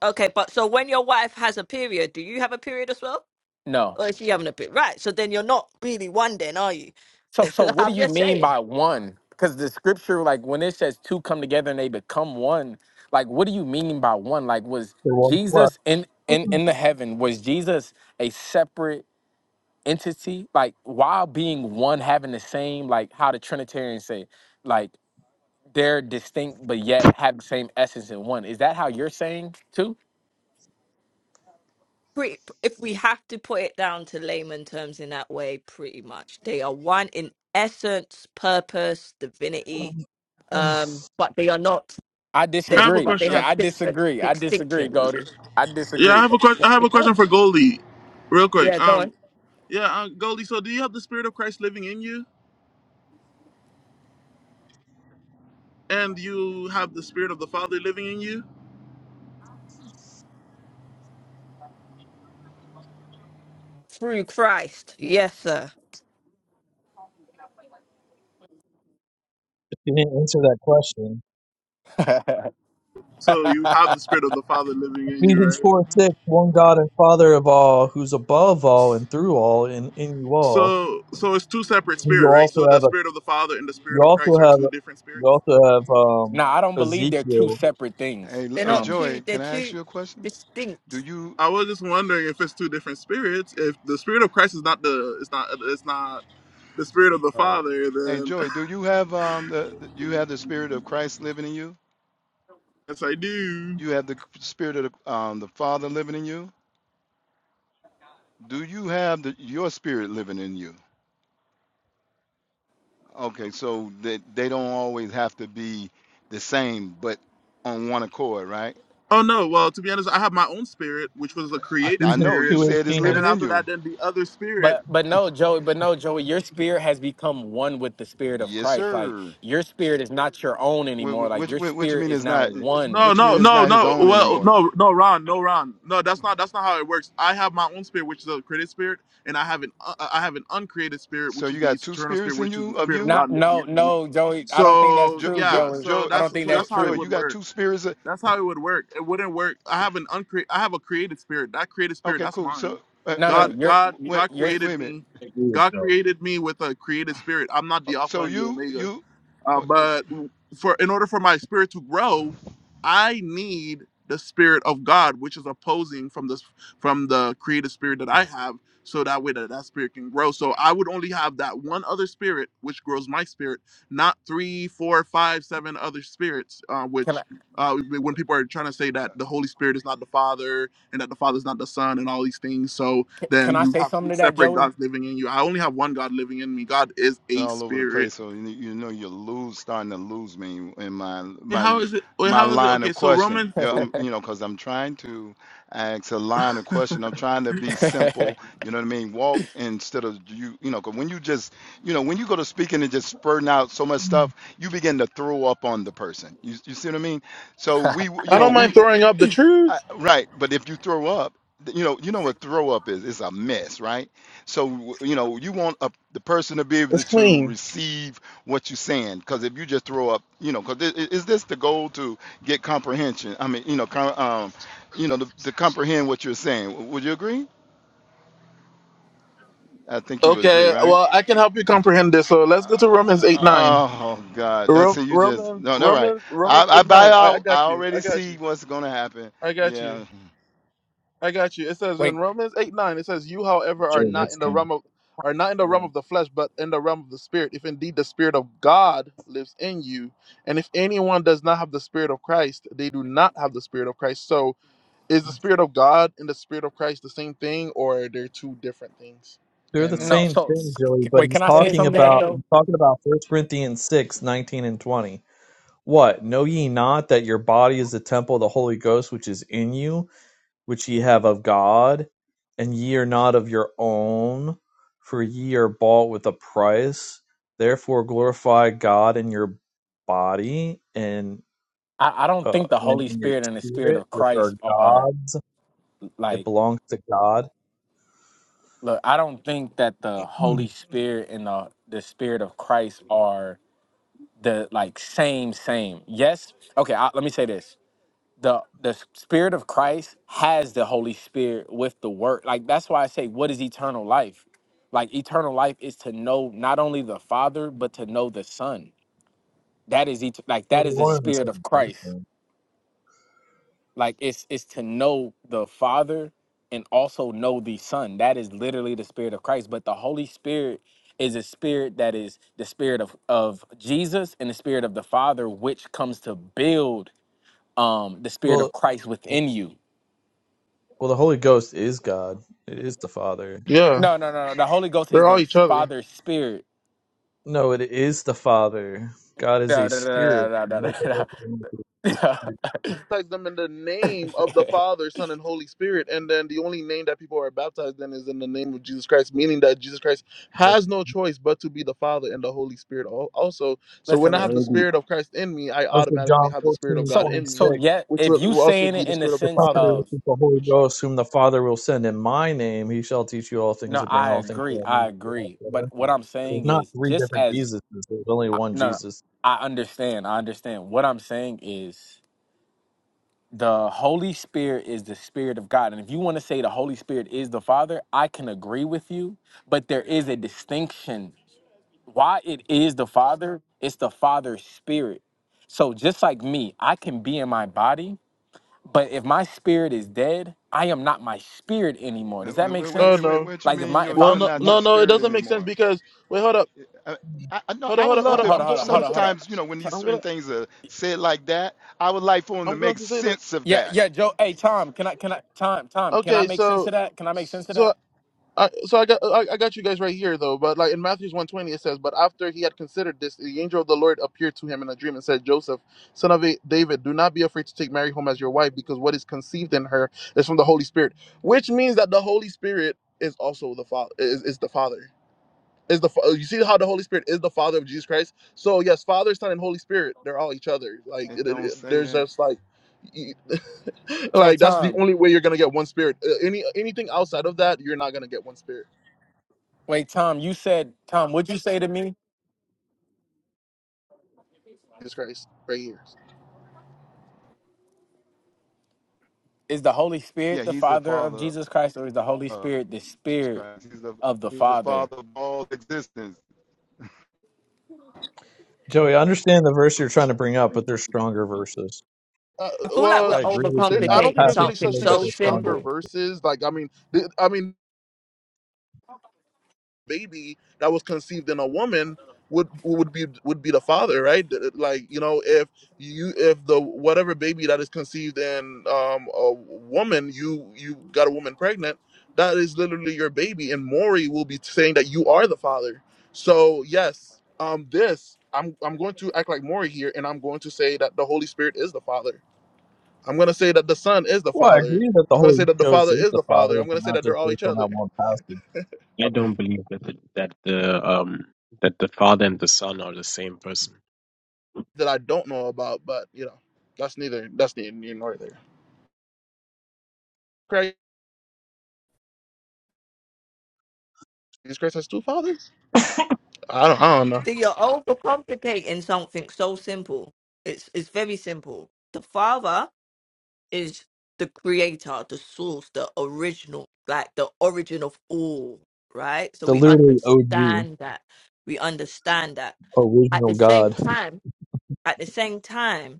Speaker 11: Okay, but so when your wife has a period, do you have a period as well?
Speaker 10: No.
Speaker 11: Or is she having a period? Right, so then you're not really one then, are you?
Speaker 10: So so what do
Speaker 11: I'm
Speaker 10: you
Speaker 11: just
Speaker 10: mean
Speaker 11: saying.
Speaker 10: by one? Because the scripture, like when it says two come together and they become one, like what do you mean by one? Like was
Speaker 8: the one flesh.
Speaker 10: Jesus in in
Speaker 8: You
Speaker 10: in the heaven? Was Jesus a separate entity? Like while being one, having the same, like how the Trinitarians say, like they're distinct but yet have the same essence in one. Is that how you're saying too?
Speaker 11: Pretty, if we have to put it down to layman terms in that way, pretty much. They are one in essence, purpose, divinity, um, but they are not
Speaker 10: I
Speaker 2: I
Speaker 11: they
Speaker 2: have a
Speaker 10: disagree.
Speaker 11: but they
Speaker 10: Yeah,
Speaker 2: question.
Speaker 11: have
Speaker 10: I
Speaker 11: different
Speaker 10: disagree. I disagree,
Speaker 11: distinctions.
Speaker 10: Goldie. I
Speaker 2: Yeah, I
Speaker 10: disagree.
Speaker 2: have a question. I
Speaker 11: There
Speaker 2: have
Speaker 11: we
Speaker 2: a question
Speaker 11: go.
Speaker 2: for Goldie, real quick.
Speaker 11: Yeah, go
Speaker 2: Um.
Speaker 11: on.
Speaker 2: Yeah, uh, Goldie. So, do you have the Spirit of Christ living in you, and you have the Spirit of the Father living in you?
Speaker 11: Through Christ. Yes, sir.
Speaker 8: didn't answer that question.
Speaker 2: So you have the Spirit of the Father living in you,
Speaker 8: Ephesians
Speaker 2: right?
Speaker 8: four six, one God and Father of all, who's above all and through all and in you all.
Speaker 2: So, so it's two separate
Speaker 8: And you
Speaker 2: spirit, right?
Speaker 8: also
Speaker 2: So the
Speaker 8: have a
Speaker 2: Spirit of the Father and the Spirit
Speaker 8: you
Speaker 2: of Christ
Speaker 8: also
Speaker 2: are
Speaker 8: have
Speaker 2: two different
Speaker 8: you
Speaker 2: spirits.
Speaker 8: also have um
Speaker 10: No, I don't believe they're two
Speaker 8: Ezekiel,
Speaker 10: separate things.
Speaker 13: Hey,
Speaker 11: They're
Speaker 13: hey,
Speaker 11: not
Speaker 10: Um,
Speaker 11: two
Speaker 13: Joey,
Speaker 11: they're
Speaker 13: can I ask
Speaker 11: two
Speaker 13: you a question? Do
Speaker 11: distinct.
Speaker 13: you,
Speaker 2: I was just wondering if it's two different spirits. If the Spirit of Christ is not the, it's not, it's not the Spirit of the
Speaker 11: Oh.
Speaker 2: Father,
Speaker 13: hey,
Speaker 2: then
Speaker 13: Joey, do you have um the, the you have the spirit of Christ living in you?
Speaker 2: yes, I do.
Speaker 13: You have the spirit of the, um the Father living in you? Do you have the your spirit living in you? Okay, so that they, don't always have to be the same, but on one accord, right?
Speaker 2: Oh no. Well, to be honest, I have my own spirit, which was a
Speaker 13: I,
Speaker 2: created
Speaker 13: I
Speaker 8: Ephesians
Speaker 13: know you
Speaker 2: spirit,
Speaker 8: two
Speaker 13: said it's
Speaker 2: and then
Speaker 8: eighteen.
Speaker 13: living in
Speaker 2: after
Speaker 13: you.
Speaker 2: that, then the other spirit.
Speaker 10: but but no, Joey, but no, Joey, your spirit has become one with the spirit of
Speaker 13: Yes,
Speaker 10: Christ. Like
Speaker 13: sir.
Speaker 10: your spirit is not your own
Speaker 13: Wh-
Speaker 10: anymore.
Speaker 13: wh-
Speaker 10: Like
Speaker 13: Which,
Speaker 10: your
Speaker 13: which, which you
Speaker 10: spirit
Speaker 13: mean
Speaker 10: is
Speaker 13: it's
Speaker 10: now
Speaker 13: not?
Speaker 10: one.
Speaker 2: No,
Speaker 13: What you mean
Speaker 2: no,
Speaker 13: it's
Speaker 2: no,
Speaker 13: not his
Speaker 2: no.
Speaker 13: own
Speaker 2: Well,
Speaker 13: anymore?
Speaker 2: no, no, Ron, no, Ron. No, that's not that's not how it works. I have my own spirit, which is a created spirit, and I have an uh, uh, I have an uncreated spirit,
Speaker 13: So
Speaker 2: which is
Speaker 13: you
Speaker 2: the
Speaker 13: got two
Speaker 2: eternal spirit,
Speaker 13: spirits in
Speaker 2: which is the
Speaker 13: you of
Speaker 2: spirit of
Speaker 13: you?
Speaker 10: Not
Speaker 2: God living
Speaker 10: no
Speaker 2: in me.
Speaker 10: no, Joey. I don't think that's
Speaker 2: So
Speaker 13: Joe,
Speaker 10: true,
Speaker 13: Joe,
Speaker 2: yeah,
Speaker 10: Joey.
Speaker 2: so
Speaker 13: Joe,
Speaker 10: I
Speaker 2: that's
Speaker 10: don't think
Speaker 2: so
Speaker 13: Joe,
Speaker 10: that's
Speaker 2: that's how
Speaker 13: Joe,
Speaker 2: it
Speaker 10: true.
Speaker 13: you
Speaker 2: would
Speaker 13: got
Speaker 2: work.
Speaker 13: two spirits. of-
Speaker 2: That's how it would work. It wouldn't work. I have an uncreate. I have a created spirit. That created spirit,
Speaker 13: Okay,
Speaker 2: that's
Speaker 13: cool. So
Speaker 2: mine.
Speaker 13: uh,
Speaker 10: No
Speaker 13: wait a
Speaker 10: no,
Speaker 2: God,
Speaker 13: minute,
Speaker 10: your
Speaker 2: God,
Speaker 13: wait,
Speaker 2: God
Speaker 10: your
Speaker 13: wait, wait
Speaker 2: created
Speaker 13: a minute.
Speaker 2: me.
Speaker 14: I agree with
Speaker 2: God
Speaker 14: Joe.
Speaker 2: created me with a created spirit. I'm not
Speaker 13: Uh,
Speaker 2: the Alpha
Speaker 13: So
Speaker 2: and the
Speaker 13: you,
Speaker 2: Omega.
Speaker 13: you,
Speaker 2: Uh,
Speaker 13: uh,
Speaker 2: but for in order for my spirit to grow, I need the spirit of God, which is opposing from this from the creative spirit that I have, so that way that that spirit can grow. So I would only have that one other spirit, which grows my spirit, not three, four, five, seven other spirits, uh,
Speaker 10: can I
Speaker 2: which. Uh, when people are trying to say that the Holy Spirit is not the Father and that the Father is not the Son and all these things, so then
Speaker 10: can I
Speaker 2: you
Speaker 10: say
Speaker 2: have three
Speaker 10: something to that,
Speaker 2: separate
Speaker 10: Joey?
Speaker 2: gods living in you. I only have one God living in me. God is
Speaker 13: and
Speaker 2: a
Speaker 13: all over the
Speaker 2: spirit.
Speaker 13: place. So you, you know you're lose, starting to lose me in my
Speaker 2: Wait,
Speaker 13: my
Speaker 2: how is it? Wait,
Speaker 13: my
Speaker 2: how is it?
Speaker 13: line
Speaker 2: Okay,
Speaker 13: of
Speaker 2: so
Speaker 13: question.
Speaker 2: Roman.
Speaker 13: You know, I'm, you know, because I'm trying to ask a line of question. I'm trying to be simple. You know what I mean? Walk instead of you. You know, 'cause when you just you know when you go to speaking and just spurting out so much stuff, you begin to throw up on the person. You you see what I mean? So we you
Speaker 2: I
Speaker 13: know
Speaker 2: don't
Speaker 13: we
Speaker 2: mind throwing up the
Speaker 13: I,
Speaker 2: truth.
Speaker 13: right, but if you throw up, th- you know, you know what throw up is. It's a mess, right? So, w- you know, you want a, the person to be able
Speaker 2: It's
Speaker 13: to
Speaker 2: clean.
Speaker 13: receive what you're saying, because if you just throw up, you know, because is this the goal to get comprehension? I mean, you know, com, um, you know, to, to comprehend what you're saying. W- Would you agree? I think you would agree,
Speaker 2: Okay,
Speaker 13: right?
Speaker 2: well, I can help you comprehend this. So let's go
Speaker 13: Uh,
Speaker 2: to Romans 8 9.
Speaker 13: Oh God! I
Speaker 2: Ro-
Speaker 13: see you just
Speaker 2: Romans,
Speaker 13: no, no, right.
Speaker 2: Romans,
Speaker 13: I,
Speaker 2: Romans
Speaker 13: I
Speaker 2: 8
Speaker 13: buy
Speaker 2: 9. I, I
Speaker 13: out. I
Speaker 2: got you.
Speaker 13: already
Speaker 2: I got
Speaker 13: see
Speaker 2: you.
Speaker 13: what's gonna happen.
Speaker 2: I got you.
Speaker 13: Yeah,
Speaker 2: I got you. It says in
Speaker 10: wait
Speaker 2: Romans eight nine, it says, "You, however, are
Speaker 14: Joe,
Speaker 2: not
Speaker 14: that's
Speaker 2: in the
Speaker 14: clean.
Speaker 2: realm of are not in the realm of the flesh, but in the realm of the spirit. If indeed the spirit of God lives in you, and if anyone does not have the spirit of Christ, they do not have the spirit of Christ. So, is the spirit of God and the spirit of Christ the same thing, or are they two different things?
Speaker 8: They're the
Speaker 2: And
Speaker 10: no.
Speaker 8: same
Speaker 10: So
Speaker 8: thing, Joey, but
Speaker 10: wait,
Speaker 8: he's
Speaker 10: can I
Speaker 11: They're
Speaker 10: say
Speaker 11: the
Speaker 8: talking
Speaker 10: something to that
Speaker 8: about
Speaker 11: same.
Speaker 8: he's
Speaker 10: though?
Speaker 8: talking about first Corinthians six, nineteen and twenty. What? Know ye not that your body is the temple of the Holy Ghost which is in you? which ye have of God, and ye are not of your own, for ye are bought with a price. Therefore glorify God in your body and
Speaker 10: I, I don't
Speaker 8: uh,
Speaker 10: think the
Speaker 8: and
Speaker 10: Holy
Speaker 8: in your
Speaker 10: Spirit and the Spirit
Speaker 8: spirit,
Speaker 10: of
Speaker 8: which are
Speaker 10: Christ are
Speaker 8: God's.
Speaker 10: like
Speaker 8: It belongs to God.
Speaker 10: Look, I don't think that the
Speaker 8: Hmm.
Speaker 10: Holy Spirit and the the Spirit of Christ are the like same same. Yes. Okay. I, let me say this: the the Spirit of Christ has the Holy Spirit with the Word. Like that's why I say, what is eternal life? Like eternal life is to know not only the Father but to know the Son. That is et- like
Speaker 8: Well,
Speaker 10: that
Speaker 8: they're
Speaker 10: is the
Speaker 8: one and the
Speaker 10: Spirit
Speaker 8: same
Speaker 10: of Christ.
Speaker 8: person.
Speaker 10: like it's it's to know the father and also know the son that is literally the spirit of christ but the holy spirit is a spirit that is the spirit of of jesus and the spirit of the father which comes to build um the spirit
Speaker 8: Well,
Speaker 10: of christ within you
Speaker 8: well, the Holy Ghost is God. It is the Father.
Speaker 2: yeah,
Speaker 10: no no no no the holy ghost is
Speaker 2: they're all
Speaker 10: the
Speaker 2: each other.
Speaker 10: father's spirit
Speaker 8: No, it is the Father. God is a
Speaker 10: no no no
Speaker 8: spirit.
Speaker 10: no no no no, no. no.
Speaker 2: baptize them in the name of the Father, Son, and Holy Spirit. And then the only name that people are baptized in is in the name of Jesus Christ, meaning that Jesus Christ has no choice but to be the Father and the Holy Spirit al- also. So
Speaker 10: listen
Speaker 2: when
Speaker 14: I
Speaker 2: I have
Speaker 10: listen
Speaker 2: the
Speaker 14: agree.
Speaker 2: Spirit of Christ in me, I
Speaker 8: Oh, so
Speaker 2: automatically
Speaker 8: John
Speaker 2: have the Spirit of
Speaker 8: fourteen
Speaker 2: God
Speaker 10: so
Speaker 8: twenty
Speaker 2: in
Speaker 8: six.
Speaker 10: so
Speaker 2: me,
Speaker 10: yet
Speaker 2: which
Speaker 10: if
Speaker 2: will,
Speaker 10: you
Speaker 2: will also
Speaker 10: saying
Speaker 2: be
Speaker 10: it
Speaker 2: the
Speaker 10: in the
Speaker 2: Spirit of
Speaker 8: The
Speaker 2: the
Speaker 10: sense
Speaker 8: Comforter,
Speaker 2: Father.
Speaker 8: which
Speaker 10: of
Speaker 8: is the Holy Ghost, whom the Father will send in my name, he shall teach you all things
Speaker 10: No,
Speaker 8: and bring
Speaker 10: I
Speaker 8: all things
Speaker 10: agree.
Speaker 8: to me.
Speaker 10: I agree. But what I'm
Speaker 8: There's
Speaker 10: saying
Speaker 8: not
Speaker 10: is,
Speaker 8: three
Speaker 10: just
Speaker 8: different
Speaker 10: as
Speaker 8: Jesuses. There's only one
Speaker 10: no,
Speaker 8: Jesus.
Speaker 10: I understand. I understand. What I'm saying is, the Holy Spirit is the Spirit of God. And if you want to say the Holy Spirit is the Father, I can agree with you. But there is a distinction. Why it is the Father, it's the Father's Spirit. So just like me, I can be in my body, but if my spirit is dead, I am not my spirit anymore.
Speaker 13: Uh,
Speaker 10: Does that
Speaker 13: Wait,
Speaker 10: make
Speaker 13: wait, wait,
Speaker 2: Oh
Speaker 13: wait,
Speaker 10: sense?
Speaker 13: wait.
Speaker 2: no.
Speaker 13: What you
Speaker 10: Like if
Speaker 13: mean?
Speaker 10: my
Speaker 13: You
Speaker 10: if
Speaker 2: Well,
Speaker 13: you're
Speaker 2: no,
Speaker 10: I'm
Speaker 13: not
Speaker 10: mo-
Speaker 13: your
Speaker 2: no, no. It
Speaker 13: spirit
Speaker 2: doesn't make sense
Speaker 13: anymore.
Speaker 2: because wait, hold up,
Speaker 13: I, I, I know.
Speaker 2: hold up,
Speaker 13: I
Speaker 2: hold
Speaker 13: would
Speaker 2: up,
Speaker 13: love
Speaker 2: hold up.
Speaker 13: to
Speaker 10: Hold on,
Speaker 2: I'm
Speaker 10: hold
Speaker 2: gonna,
Speaker 10: on,
Speaker 2: I'm
Speaker 10: hold
Speaker 2: gonna
Speaker 10: on,
Speaker 2: say,
Speaker 10: hold on.
Speaker 13: sometimes, you know, when
Speaker 10: Ti-
Speaker 13: these
Speaker 2: I'm
Speaker 13: certain
Speaker 2: gonna,
Speaker 13: things are said like that, I would like for him to
Speaker 2: I'm going
Speaker 13: make
Speaker 2: to say that.
Speaker 13: sense of
Speaker 10: Yeah,
Speaker 13: that.
Speaker 10: yeah, Joe. Hey, Tom, can I, can I, Tom, Tom, can I
Speaker 2: Okay,
Speaker 10: make sense
Speaker 2: so,
Speaker 10: of that? Can I make sense of
Speaker 2: so
Speaker 10: that?
Speaker 2: I, so I got I, I got you guys right here though, but like in Matthew's one twenty it says, but after he had considered this, the angel of the Lord appeared to him in a dream and said, Joseph, son of A- David, do not be afraid to take Mary home as your wife, because what is conceived in her is from the Holy Spirit, which means that the Holy Spirit is also the father is, is the father is the Fa- you see how the Holy Spirit is the father of Jesus Christ. So yes, Father, Son, and Holy Spirit, they're all each other. Like
Speaker 13: It
Speaker 2: it, it,
Speaker 13: don't
Speaker 2: it-
Speaker 13: say
Speaker 2: there's
Speaker 13: that.
Speaker 2: just like. y-
Speaker 10: So,
Speaker 2: Like that's the
Speaker 10: Tom,
Speaker 2: only way you're gonna get one spirit. Uh, Any anything outside of that, you're not gonna get one spirit.
Speaker 10: wait, Tom, you said, Tom, what'd you say to me?
Speaker 2: Jesus Christ right here.
Speaker 10: Is the Holy
Speaker 13: Yeah,
Speaker 10: Spirit the
Speaker 13: he's the
Speaker 10: Father of
Speaker 13: father
Speaker 10: Jesus Christ, or is the Holy
Speaker 13: of
Speaker 10: Spirit the
Speaker 13: Jesus
Speaker 10: Spirit
Speaker 13: Christ. He's the
Speaker 10: of the
Speaker 13: he's the
Speaker 10: Father?
Speaker 13: father of all existence.
Speaker 8: Joey, I understand the verse you're trying to bring up, but they're stronger verses.
Speaker 2: Uh,
Speaker 11: I feel like
Speaker 2: well,
Speaker 11: we're
Speaker 8: I agree with you
Speaker 2: there,
Speaker 8: in that
Speaker 2: I don't think
Speaker 11: overcomplicating
Speaker 2: there's
Speaker 8: passage,
Speaker 2: really
Speaker 11: something
Speaker 2: such
Speaker 8: Joey,
Speaker 2: thing
Speaker 8: but
Speaker 2: as
Speaker 11: so
Speaker 8: they're stronger.
Speaker 2: stronger
Speaker 11: simple.
Speaker 2: verses. Like, I mean, th- I mean, baby that was conceived in a woman would would be would be the father, right? Th- Like, you know, if you if the whatever baby that is conceived in um, a woman, you you got a woman pregnant, that is literally your baby, and Maury will be saying that you are the father. So yes, um, this I'm I'm going to act like Maury here, and I'm going to say that the Holy Spirit is the father I'm gonna say that the son is the
Speaker 8: Well, I
Speaker 2: father.
Speaker 8: agree that the
Speaker 2: I'm gonna say
Speaker 8: Holy
Speaker 2: that the
Speaker 8: Ghost
Speaker 2: father
Speaker 8: is
Speaker 2: is
Speaker 8: the
Speaker 2: the
Speaker 8: Father,
Speaker 2: father. I'm
Speaker 8: but
Speaker 2: gonna say
Speaker 8: not
Speaker 2: that
Speaker 8: just
Speaker 2: they're all
Speaker 8: based
Speaker 2: each
Speaker 8: on
Speaker 2: other
Speaker 8: that one passage.
Speaker 14: I don't believe that the, that the um that the father and the son are the same person.
Speaker 2: that I don't know about, but you know, that's neither that's neither here nor there. Christ, Jesus Christ has two fathers. I don't I don't know.
Speaker 11: See, you're overcomplicating something so simple. It's it's very simple. The father is the creator, the source, the original, like the origin of all, right? So
Speaker 8: The
Speaker 11: we
Speaker 8: literally OG,
Speaker 11: understand that. We understand that. At
Speaker 8: original
Speaker 11: the
Speaker 8: God.
Speaker 11: same time, at the same time,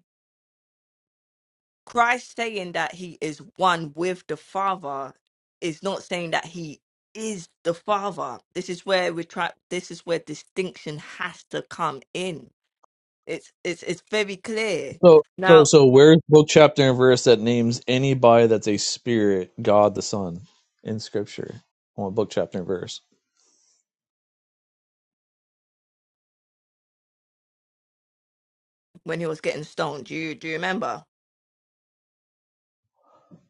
Speaker 11: Christ saying that he is one with the Father is not saying that he is the Father. This is where we try this is where distinction has to come in. It's it's it's very clear.
Speaker 8: So, so,
Speaker 11: Now
Speaker 8: so, where's book, chapter, and verse that names anybody that's a spirit, God the Son, in Scripture? Well, book, chapter, and verse.
Speaker 11: when he was getting stoned, do you do you remember?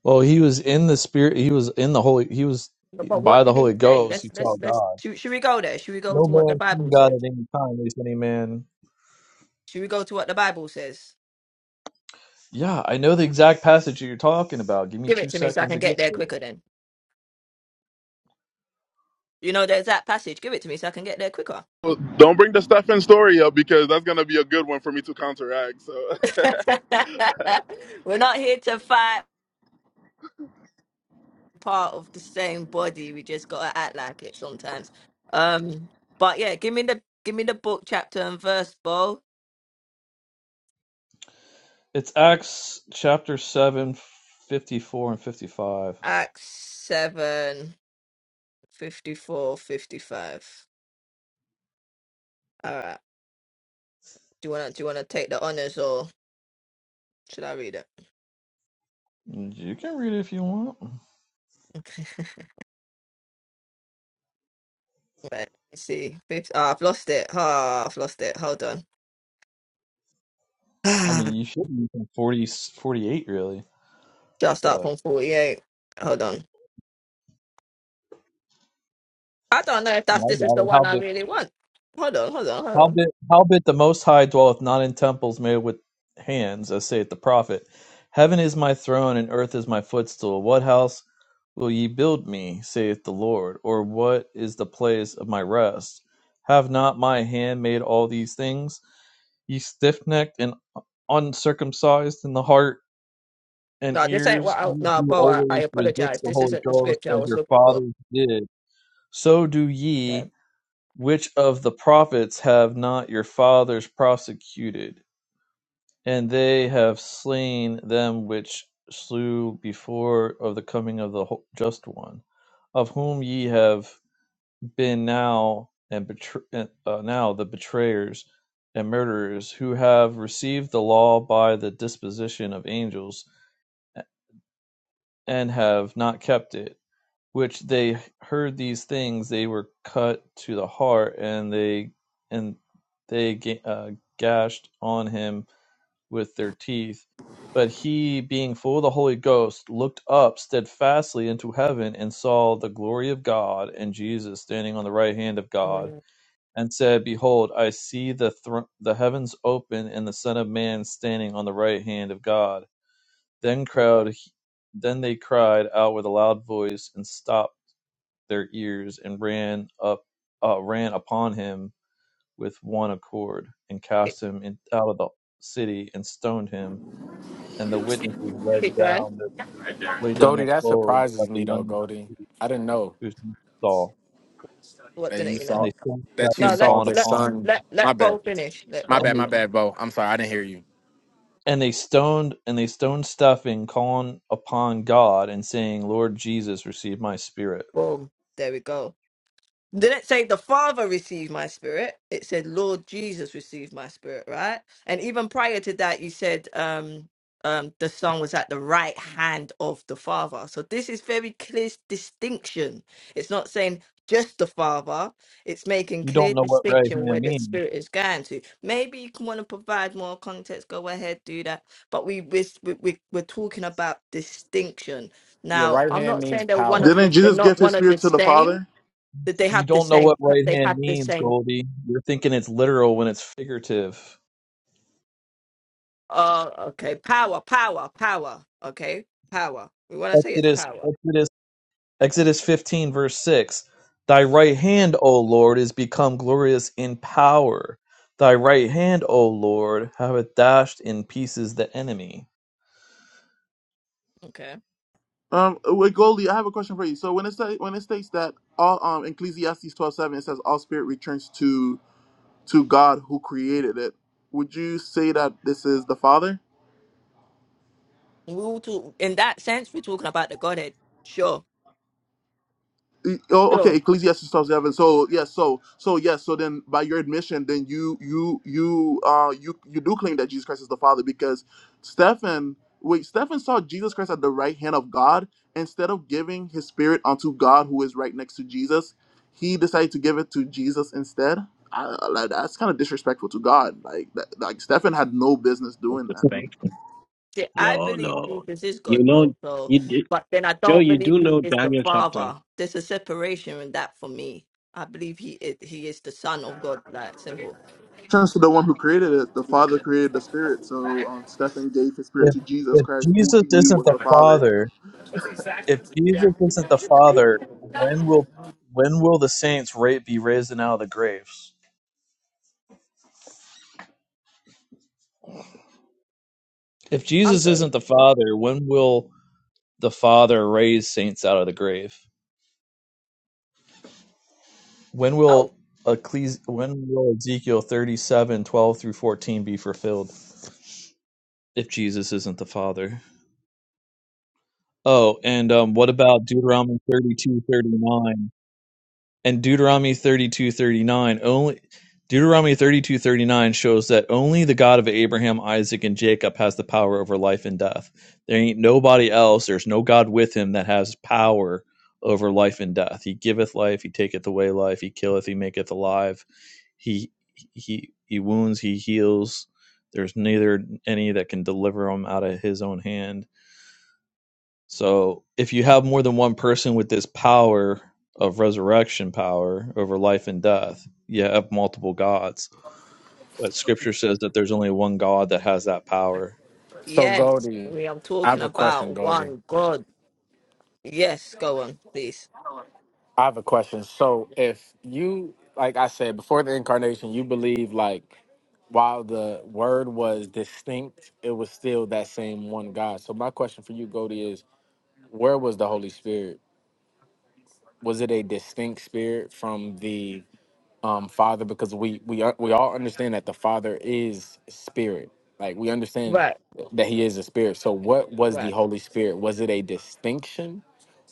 Speaker 8: Well, he was in the spirit. He was in the holy. He was
Speaker 11: But
Speaker 8: by
Speaker 11: what
Speaker 8: the
Speaker 11: did he
Speaker 8: Holy
Speaker 11: say?
Speaker 8: Ghost. He
Speaker 11: Let's
Speaker 8: saw
Speaker 11: let's let's
Speaker 8: God.
Speaker 11: should, should we go there? Should we go
Speaker 8: No
Speaker 11: to what the
Speaker 8: man seen
Speaker 11: Bible
Speaker 8: God
Speaker 11: says?
Speaker 8: at any time. At least any man
Speaker 11: Should we go to what the Bible says?
Speaker 8: Yeah, I know the exact passage that you're talking about. Give me
Speaker 11: Give
Speaker 8: two
Speaker 11: it to me so I
Speaker 8: seconds
Speaker 11: can
Speaker 8: to get
Speaker 11: get there
Speaker 8: to it.
Speaker 11: quicker then. You know, there's that passage. Give it to me so I can get there quicker.
Speaker 2: Well, Don't bring the Stephen story up because that's gonna be a good one for me to counteract. So
Speaker 11: We're not here to fight. part of the same body. We just gotta act like it sometimes. Um, but yeah, give me the give me the book chapter and verse, Bo.
Speaker 8: It's Acts chapter 7, 54 and 55.
Speaker 11: Acts 7 54 All right. Do you wanna do you wanna take the honors or should I read it?
Speaker 8: You can read it if you want.
Speaker 11: Wait, let me see. Fifth, oh, I've lost it. Ah, I've lost it. Hold on.
Speaker 8: I mean, you should read from 40 48, really.
Speaker 11: Just start
Speaker 8: But
Speaker 11: from 48. Hold on. I don't know if
Speaker 8: I
Speaker 11: that's this is
Speaker 8: got
Speaker 11: the
Speaker 8: it. How
Speaker 11: one I
Speaker 8: big?
Speaker 11: really want. Hold on, hold on, hold on.
Speaker 8: Howbeit, howbeit the Most High dwelleth not in temples made with hands, as saith the prophet. Heaven is my throne, and earth is my footstool. What house will ye build me, saith the Lord? Or what is the place of my rest? Have not my hand made all these things? Ye stiff necked and uncircumcised in the heart and
Speaker 11: No, this ain't
Speaker 8: ears,
Speaker 11: what I,
Speaker 8: ye
Speaker 11: no,
Speaker 8: do
Speaker 11: Bo, I, I
Speaker 8: always resist
Speaker 11: apologize.
Speaker 8: the
Speaker 11: This
Speaker 8: Holy
Speaker 11: isn't the
Speaker 8: Ghost
Speaker 11: scripture I
Speaker 8: as
Speaker 11: was
Speaker 8: your
Speaker 11: looking for.
Speaker 8: fathers did. So do
Speaker 11: Okay.
Speaker 8: ye which of the prophets have not your fathers prosecuted? And they have slain them which slew before of the coming of the just one, of whom ye have been now and betr- uh, now the betrayers and murderers, who have received the law by the disposition of angels, and have not kept it which they heard these things, they were cut to the heart, and they and they uh, gashed on him with their teeth. But he, being full of the Holy Ghost, looked up steadfastly into heaven and saw the glory of God and Jesus standing on the right hand of God,
Speaker 11: Mm,
Speaker 8: and said, Behold, I see the thr- the heavens open and the Son of Man standing on the right hand of God. Then
Speaker 11: okay.
Speaker 8: crowd, then they cried out with a loud voice and stopped their ears and ran up uh, ran upon him with one accord and
Speaker 11: Keep,
Speaker 8: cast him in, out of the city and stoned him and the witnesses laid
Speaker 11: keep going.
Speaker 8: down their, laid down their
Speaker 10: Goldie, that
Speaker 8: clothes at
Speaker 10: surprises
Speaker 8: the
Speaker 10: me
Speaker 8: young
Speaker 10: though, Goldie.
Speaker 8: man
Speaker 10: I didn't know
Speaker 8: whose name was Saul
Speaker 11: What
Speaker 10: that you
Speaker 11: didn't you
Speaker 8: and
Speaker 10: saw
Speaker 11: know?
Speaker 8: they stoned
Speaker 10: that you
Speaker 11: No,
Speaker 8: Stephen
Speaker 11: let,
Speaker 10: saw
Speaker 8: calling
Speaker 10: the
Speaker 11: let,
Speaker 8: upon
Speaker 10: Son.
Speaker 11: let,
Speaker 10: My
Speaker 11: let
Speaker 10: bad,
Speaker 11: Bo finish. Let
Speaker 10: my
Speaker 11: Bo
Speaker 8: and
Speaker 10: bad,
Speaker 8: they
Speaker 10: my
Speaker 11: finish.
Speaker 10: bad, Bo. I'm sorry, I didn't hear you.
Speaker 8: and they stoned and they stoned Stephen calling upon God and saying Lord Jesus receive my spirit
Speaker 11: Boom. There we go. didn't say the Father received my spirit. It said Lord Jesus received my spirit, right? And even prior to that, you said um, um, the Son was at the right hand of the Father. So this is very clear distinction. It's not saying just the Father. It's making
Speaker 8: you don't
Speaker 11: clear
Speaker 8: know what right
Speaker 11: distinction
Speaker 8: hand
Speaker 11: where the
Speaker 8: means
Speaker 11: Spirit is going to. Maybe you can want to provide more context. Go ahead, do that. But we we we we're talking about distinction
Speaker 10: Your
Speaker 11: now.
Speaker 10: right
Speaker 11: I'm
Speaker 10: hand
Speaker 11: not
Speaker 10: means
Speaker 11: saying they're one of
Speaker 10: power.
Speaker 2: Didn't
Speaker 11: the. They're
Speaker 2: Jesus
Speaker 11: not
Speaker 2: give his
Speaker 11: one of
Speaker 2: spirit
Speaker 11: the
Speaker 2: to the
Speaker 11: same
Speaker 2: father?
Speaker 11: that they
Speaker 8: You
Speaker 11: have to
Speaker 8: don't know what
Speaker 11: saying
Speaker 8: right
Speaker 11: they
Speaker 8: hand
Speaker 11: have to
Speaker 8: means,
Speaker 11: saying
Speaker 8: Goldie. You're thinking it's literal when it's figurative.
Speaker 11: uh okay power power power okay power we want to say it's
Speaker 8: Exodus
Speaker 11: power
Speaker 8: Exodus Exodus 15 verse 6. Thy
Speaker 11: Mm,
Speaker 8: right hand, O Lord, is become glorious in power. Thy right hand, O Lord, hath dashed in pieces the enemy.
Speaker 11: okay
Speaker 2: Um, wait, Goldie, I have a question for you. So when it say, when it states that all um Ecclesiastes twelve seven it says all spirit returns to to God who created it. Would you say that this is the father?
Speaker 11: we will to in that sense we're talking about the godhead sure
Speaker 2: E- Oh, okay,
Speaker 11: sure
Speaker 2: Ecclesiastes twelve seven. So yes, so so yes, so then by your admission, then you you you uh you you do claim that Jesus Christ is the Father because Stephen wait Stephen saw Jesus Christ at the right hand of God instead of giving his spirit unto God who is right next to Jesus, he decided to give it to Jesus instead. I, I- like, that's kind of disrespectful to God. Like that, like Stephen had no business
Speaker 14: That's
Speaker 2: doing that.
Speaker 14: respect.
Speaker 11: See, i
Speaker 14: No,
Speaker 11: believe
Speaker 14: no.
Speaker 11: jesus is god
Speaker 14: You know,
Speaker 11: though so
Speaker 14: you d-
Speaker 11: but then i
Speaker 14: Joe,
Speaker 11: don't
Speaker 14: you
Speaker 11: believe
Speaker 14: do
Speaker 11: he
Speaker 14: know
Speaker 11: is the
Speaker 14: Daniel chapter.
Speaker 11: father there's a separation in that for me i believe he is he is the son of god like simple
Speaker 2: Turns to the one who created it. The Father created the Spirit, so um, Stephen gave his spirit
Speaker 8: If,
Speaker 2: to Jesus
Speaker 8: if
Speaker 2: Christ, who
Speaker 8: Jesus
Speaker 2: he knew
Speaker 8: isn't
Speaker 2: was
Speaker 8: the
Speaker 2: the Father.
Speaker 8: Father, if Jesus isn't the Father, when will when will the saints ra- be raised and out of the graves? If
Speaker 11: i'm
Speaker 8: Jesus
Speaker 11: sorry
Speaker 8: isn't the
Speaker 11: what
Speaker 8: Father, when will the Father raise saints out of the grave? When
Speaker 11: oh
Speaker 8: will Ecclesi- when will Ezekiel thirty seven twelve through 14 be fulfilled? If Jesus isn't the Father. Oh, and um, what about Deuteronomy thirty two thirty nine? and Deuteronomy 32:39 only Deuteronomy 32:39 shows that only the God of Abraham, Isaac and Jacob has the power over life and death. There ain't nobody else, there's no god with him that has power over life and death. He giveth life, he taketh away life, he killeth, he maketh alive. He he he wounds, he heals. There's neither any that can deliver him out of his own hand so if you have more than one person with this power of resurrection power over life and death, you have multiple gods. But scripture says that there's only one God that has that power.
Speaker 10: So,
Speaker 11: yes
Speaker 10: Goldie,
Speaker 11: we are
Speaker 10: I
Speaker 11: talking
Speaker 10: have a question,
Speaker 11: about
Speaker 10: Goldie.
Speaker 11: one god yes go on please
Speaker 10: I have a question. So if you, like I said, before the incarnation, you believe like while the word was distinct, it was still that same one God. So my question for you, Goldie, is where was the Holy Spirit? Was it a distinct spirit from the um, Father? Because we we are, we all understand that the Father is spirit. Like we understand
Speaker 11: Right,
Speaker 10: that He is a spirit. So what was the
Speaker 11: right.
Speaker 10: Holy Spirit? Was it a distinction,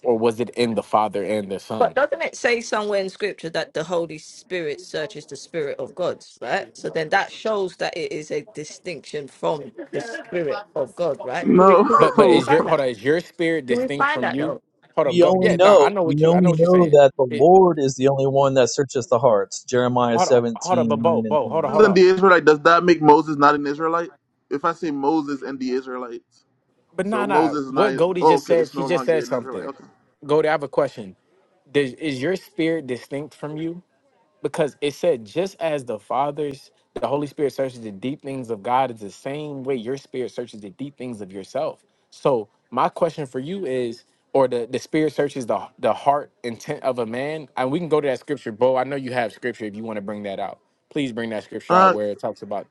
Speaker 10: or was it in the Father and the Son?
Speaker 11: But doesn't it say somewhere in scripture that the Holy Spirit searches the spirit of God, right? So then that shows that it is a distinction from the spirit of God, right? Can we
Speaker 2: No.
Speaker 11: can we
Speaker 10: But
Speaker 11: can
Speaker 10: but
Speaker 11: we
Speaker 10: is your
Speaker 11: find
Speaker 10: hold
Speaker 11: that?
Speaker 10: on, is your spirit
Speaker 11: Can we
Speaker 10: distinct
Speaker 11: find
Speaker 10: from
Speaker 11: that
Speaker 10: you?
Speaker 11: though?
Speaker 10: Hold up,
Speaker 8: We
Speaker 10: go.
Speaker 8: only
Speaker 10: Yeah, no, I
Speaker 8: know
Speaker 10: know
Speaker 8: we
Speaker 10: what you I know
Speaker 8: only
Speaker 10: what you're
Speaker 8: know
Speaker 10: saying.
Speaker 8: that the
Speaker 10: It
Speaker 8: Lord is the only one that searches the hearts. Jeremiah
Speaker 10: hold on, hold up.
Speaker 8: 17
Speaker 10: but
Speaker 8: 9
Speaker 10: Bo,
Speaker 8: and
Speaker 10: Bo, hold on,
Speaker 8: 10.
Speaker 10: hold
Speaker 2: Moses and
Speaker 10: on.
Speaker 2: the Israelite, does that make Moses not an Israelite? If I say Moses and the Israelites,
Speaker 10: But
Speaker 2: so
Speaker 10: nah nah.
Speaker 2: Moses is not.
Speaker 10: What Goldie
Speaker 2: Oh,
Speaker 10: just
Speaker 2: okay,
Speaker 10: said,
Speaker 2: it's
Speaker 10: she
Speaker 2: no
Speaker 10: just
Speaker 2: longer
Speaker 10: said
Speaker 2: an Israelite.
Speaker 10: something.
Speaker 2: Okay.
Speaker 10: Goldie, I have a question. Does, is your spirit distinct from you? because it said just as the fathers the holy spirit searches the deep things of god is the same way your spirit searches the deep things of yourself so my question for you is or the, the spirit searches the, the heart intent of a man and we can go to that scripture bo i know you have scripture if you want to bring that out please bring that scripture out
Speaker 2: Uh,
Speaker 10: where it talks about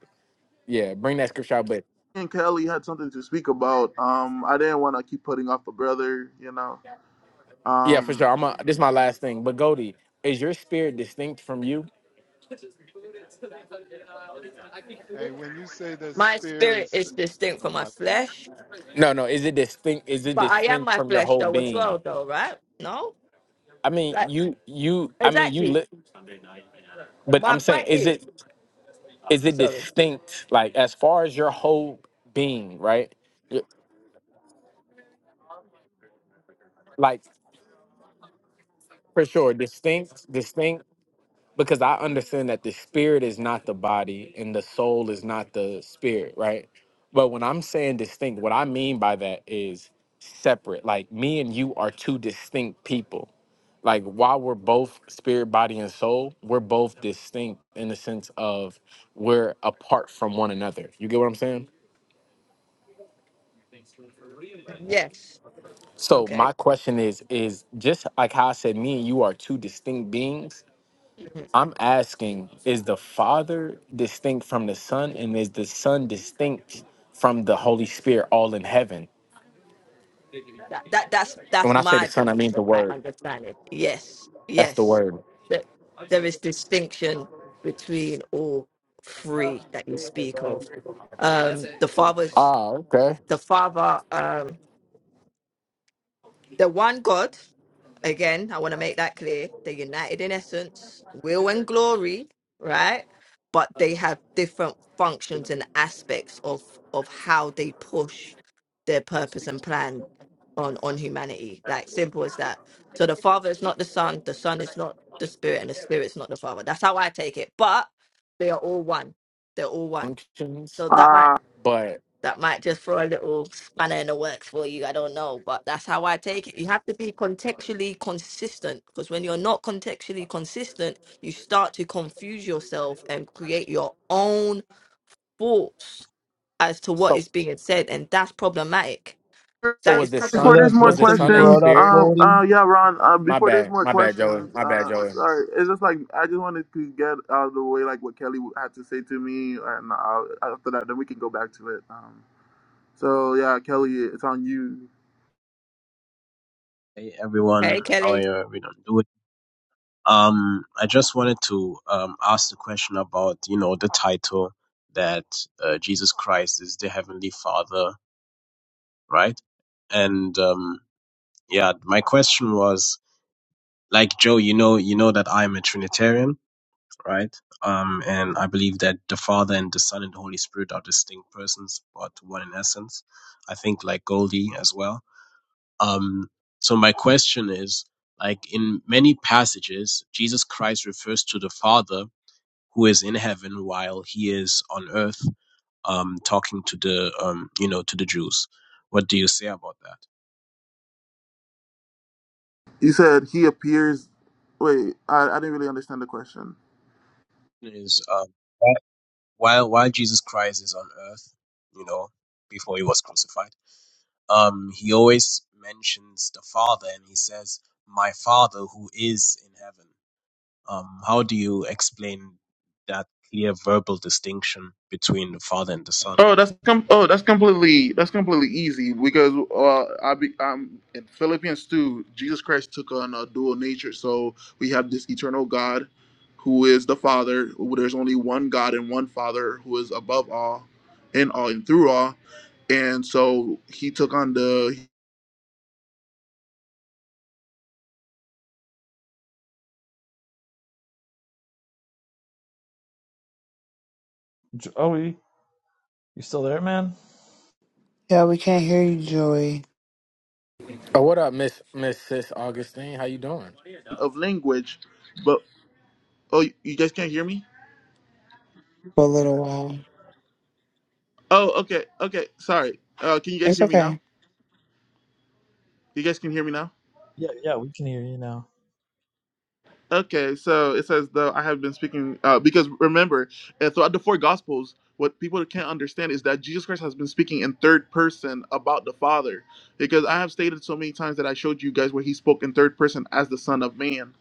Speaker 10: yeah bring that scripture out but
Speaker 2: and Kelly had something to speak about. Um, I didn't want to keep putting off the brother. You know.
Speaker 10: yeah for
Speaker 2: Um.
Speaker 10: sure i'm a, this is my last thing but Goldie, is your spirit distinct from you
Speaker 13: Hey, when you say the
Speaker 11: My spirit
Speaker 13: spirits,
Speaker 11: is distinct
Speaker 13: oh
Speaker 11: from my
Speaker 13: my,
Speaker 11: flesh,
Speaker 10: no no is it distinct is it
Speaker 11: but I am
Speaker 10: distinct
Speaker 11: my
Speaker 10: from your
Speaker 11: flesh
Speaker 10: whole
Speaker 11: though as
Speaker 10: being
Speaker 11: well though, right? No?
Speaker 10: I mean,
Speaker 11: Like
Speaker 10: you, you. I mean, you.
Speaker 11: exactly.
Speaker 10: Li- But
Speaker 11: My
Speaker 10: I'm saying,
Speaker 11: point
Speaker 10: is
Speaker 11: is
Speaker 10: it is it
Speaker 11: sorry.
Speaker 10: distinct? Like as far as your whole being, right? Y- Like for sure, distinct, distinct. Because I understand that the spirit is not the body and the soul is not the spirit, right? But when I'm saying distinct, what I mean by that is separate. Like me and you are two distinct people. Like while we're both spirit, body, and soul, we're both distinct in the sense of we're apart from one another. You get what I'm saying?
Speaker 11: Yes.
Speaker 10: So
Speaker 11: Okay.
Speaker 10: my question is is just like how I said me and you are two distinct beings.
Speaker 11: Mm-hmm.
Speaker 10: I'm asking is the Father distinct from the Son and is the Son distinct from the Holy Spirit all in heaven?
Speaker 11: that, that that's
Speaker 10: And
Speaker 11: that's
Speaker 10: when I say the
Speaker 11: my
Speaker 10: Son I mean
Speaker 11: belief
Speaker 10: the
Speaker 11: and my
Speaker 10: word.
Speaker 11: understanding yes
Speaker 10: That's the
Speaker 11: yes
Speaker 10: word.
Speaker 11: that there is distinction between all three that you speak of um the father's
Speaker 10: Ah, okay.
Speaker 11: the father um the one god Again, I want to make that clear. They're united in essence, will and glory, right? But they have different functions and aspects of of how they push their purpose and plan on on humanity. Like simple as that. So the Father is not the Son, the Son is not the Spirit, and the Spirit's not the Father. That's how I take it. But they are all one. They're all one.
Speaker 10: Functions.
Speaker 11: So that might
Speaker 2: Uh,
Speaker 10: But
Speaker 11: that might just throw a little spanner in the works for you. I don't know, but that's how I take it. You have to be contextually consistent because when you're not contextually consistent, you start to confuse yourself and create your own thoughts as to what
Speaker 10: so
Speaker 11: is being said, and that's problematic.
Speaker 10: so
Speaker 11: That
Speaker 10: was
Speaker 11: is
Speaker 10: the
Speaker 8: So
Speaker 2: before
Speaker 8: that
Speaker 11: problematic.
Speaker 10: Son
Speaker 2: there's more
Speaker 10: was
Speaker 8: verse
Speaker 10: the
Speaker 8: that you
Speaker 10: Son a
Speaker 8: brought
Speaker 2: questions,
Speaker 8: up,
Speaker 10: spirit?
Speaker 2: uh,
Speaker 8: Goldie.
Speaker 2: uh, yeah, Ron. Uh,
Speaker 10: My
Speaker 2: before there's
Speaker 10: bad.
Speaker 2: more
Speaker 10: My bad, Joey.
Speaker 2: questions,
Speaker 10: My bad,
Speaker 2: uh,
Speaker 10: Joey.
Speaker 2: sorry, it's just like I just wanted to get out of the way, like what Kelly had to say to me, and uh, after that, then we can go back to it. Um, So yeah, Kelly, it's on you.
Speaker 14: Hey everyone,
Speaker 11: Hey,
Speaker 14: how are
Speaker 11: Kelly.
Speaker 14: you? Everyone doing? Um, I just wanted to um, ask the question about, you know, the title that uh, Jesus Christ is the Heavenly Father, right? And um, yeah, my question was like Joe, you know, you know that I'm a Trinitarian, right? Um, and I believe that the Father and the Son and the Holy Spirit are distinct persons, but one in essence. I think like Goldie as well. Um, so my question is, like in many passages, Jesus Christ refers to the Father who is in heaven while he is on earth um, talking to the um, you know to the Jews. What do you say about that?
Speaker 2: You said he appears. Wait, I, I didn't really understand the question.
Speaker 14: Is um, while while Jesus Christ is on earth, you know, before he was crucified, um, he always mentions the Father and he says, "My Father who is in heaven." Um, how do you explain that clear verbal distinction between the Father and the Son?
Speaker 2: Oh, that's com- oh that's completely that's completely easy because uh, I be um in Philippians two, Jesus Christ took on a dual nature. So we have this eternal God, who is the Father. Who, there's only one God and one Father who is above all, in all and through all, and so he took on the
Speaker 8: J- Joey, you still there, man?
Speaker 15: Yeah, we can't hear you, Joey.
Speaker 10: Oh, what up, Miss Miss Sis Augustine? How you doing?
Speaker 2: of language. But oh, you guys can't hear me.
Speaker 15: for a little while.
Speaker 2: Oh, okay, okay. Sorry. Uh, can you guys
Speaker 15: It's
Speaker 2: hear me now?
Speaker 15: okay.
Speaker 2: You guys can hear me now.
Speaker 8: Yeah, yeah, we can hear you now.
Speaker 2: Okay, so it says though I have been speaking uh, because remember uh, throughout the four gospels, what people can't understand is that Jesus Christ has been speaking in third person about the Father, because I have stated so many times that I showed you guys where he spoke in third person as the Son of Man,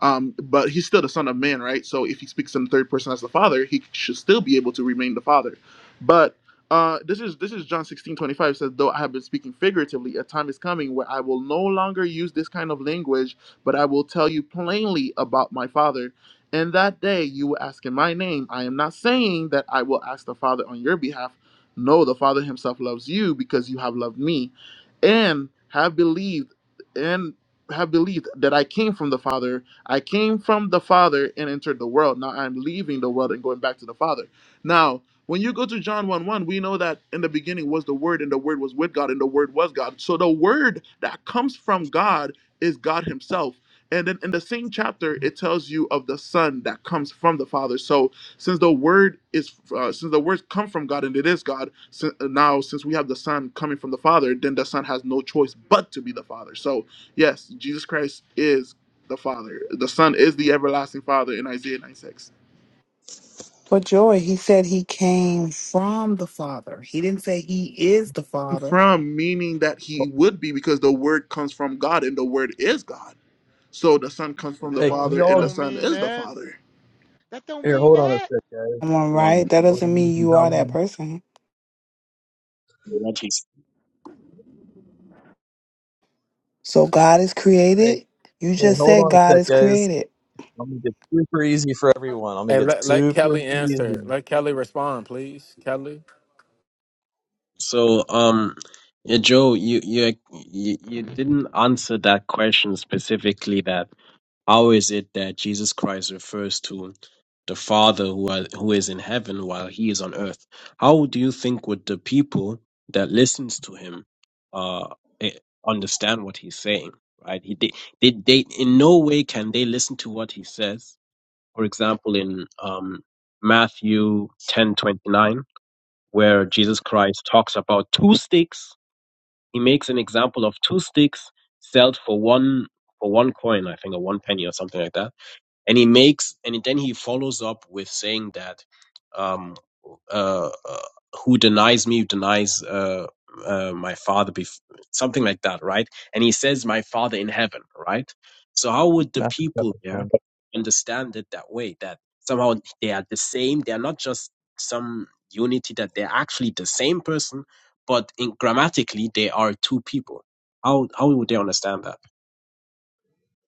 Speaker 2: um, but he's still the Son of Man, right? So if he speaks in third person as the Father, he should still be able to remain the Father. But uh, this is this is John sixteen twenty five says though I have been speaking figuratively, a time is coming where I will no longer use this kind of language but I will tell you plainly about my Father. And that day you will ask in my name. I am not saying that I will ask the Father on your behalf. No, the Father himself loves you because you have loved me and have believed and have believed that I came from the Father. I came from the Father and entered the world. Now I'm leaving the world and going back to the Father. Now, when you go to John 1 1, we know that in the beginning was the Word, and the Word was with God, and the Word was God. So the Word that comes from God is God Himself. And then in the same chapter, it tells you of the Son that comes from the Father. So since the Word is, uh, since the words come from God and it is God, si- now since we have the Son coming from the Father, then the Son has no choice but to be the Father. So yes, Jesus Christ is the Father. The Son is the everlasting Father in Isaiah 96.
Speaker 15: But Joey, he said he came from the Father. He didn't say he is the Father.
Speaker 2: From meaning that He would be because the Word comes from God and the Word is God. So the Son comes from the
Speaker 13: they
Speaker 8: Hey, can
Speaker 13: don't
Speaker 8: we
Speaker 2: Father
Speaker 13: they
Speaker 2: and
Speaker 8: all
Speaker 2: the
Speaker 13: don't
Speaker 2: Son
Speaker 13: mean
Speaker 2: is the
Speaker 13: that.
Speaker 2: Father.
Speaker 13: That don't
Speaker 8: here
Speaker 13: mean
Speaker 8: hold on a
Speaker 13: that.
Speaker 8: sec, guys?
Speaker 15: Am I right? That doesn't
Speaker 8: Ladies
Speaker 15: mean
Speaker 8: and
Speaker 15: you are that
Speaker 8: gentlemen.
Speaker 15: person. So God is
Speaker 8: Hey,
Speaker 15: created. You
Speaker 8: hey,
Speaker 15: just
Speaker 8: hold
Speaker 15: said
Speaker 8: on a
Speaker 15: God
Speaker 8: sec,
Speaker 15: is
Speaker 8: guys.
Speaker 15: created.
Speaker 8: I'm gonna get super easy for everyone. I'm gonna
Speaker 10: And
Speaker 8: get
Speaker 10: let, let
Speaker 8: super
Speaker 10: Kelly
Speaker 8: easy.
Speaker 10: answer. Let Kelly respond, please. Kelly.
Speaker 14: So, um, yeah, Joe, you you like, you you didn't answer that question specifically. That how is it that Jesus Christ refers to the Father who are, who is in heaven while he is on earth? How do you think would the people that listens to him uh eh, understand what he's saying? Right? He they, they they in no way can they listen to what he says. For example, in um Matthew ten twenty nine where Jesus Christ talks about two sticks. He makes an example of two sticks sold for one for one coin, I think, or one penny or something like that and he makes and then he follows up with saying that um uh, uh who denies me denies uh, uh my father bef- something like that right and he says my father in heaven right so how would the
Speaker 8: Matthew
Speaker 14: people
Speaker 8: chapter
Speaker 14: there
Speaker 8: 10.
Speaker 14: understand it that way that somehow they are the same they are not just some unity that they're actually the same person but in grammatically they are two people how how would they understand that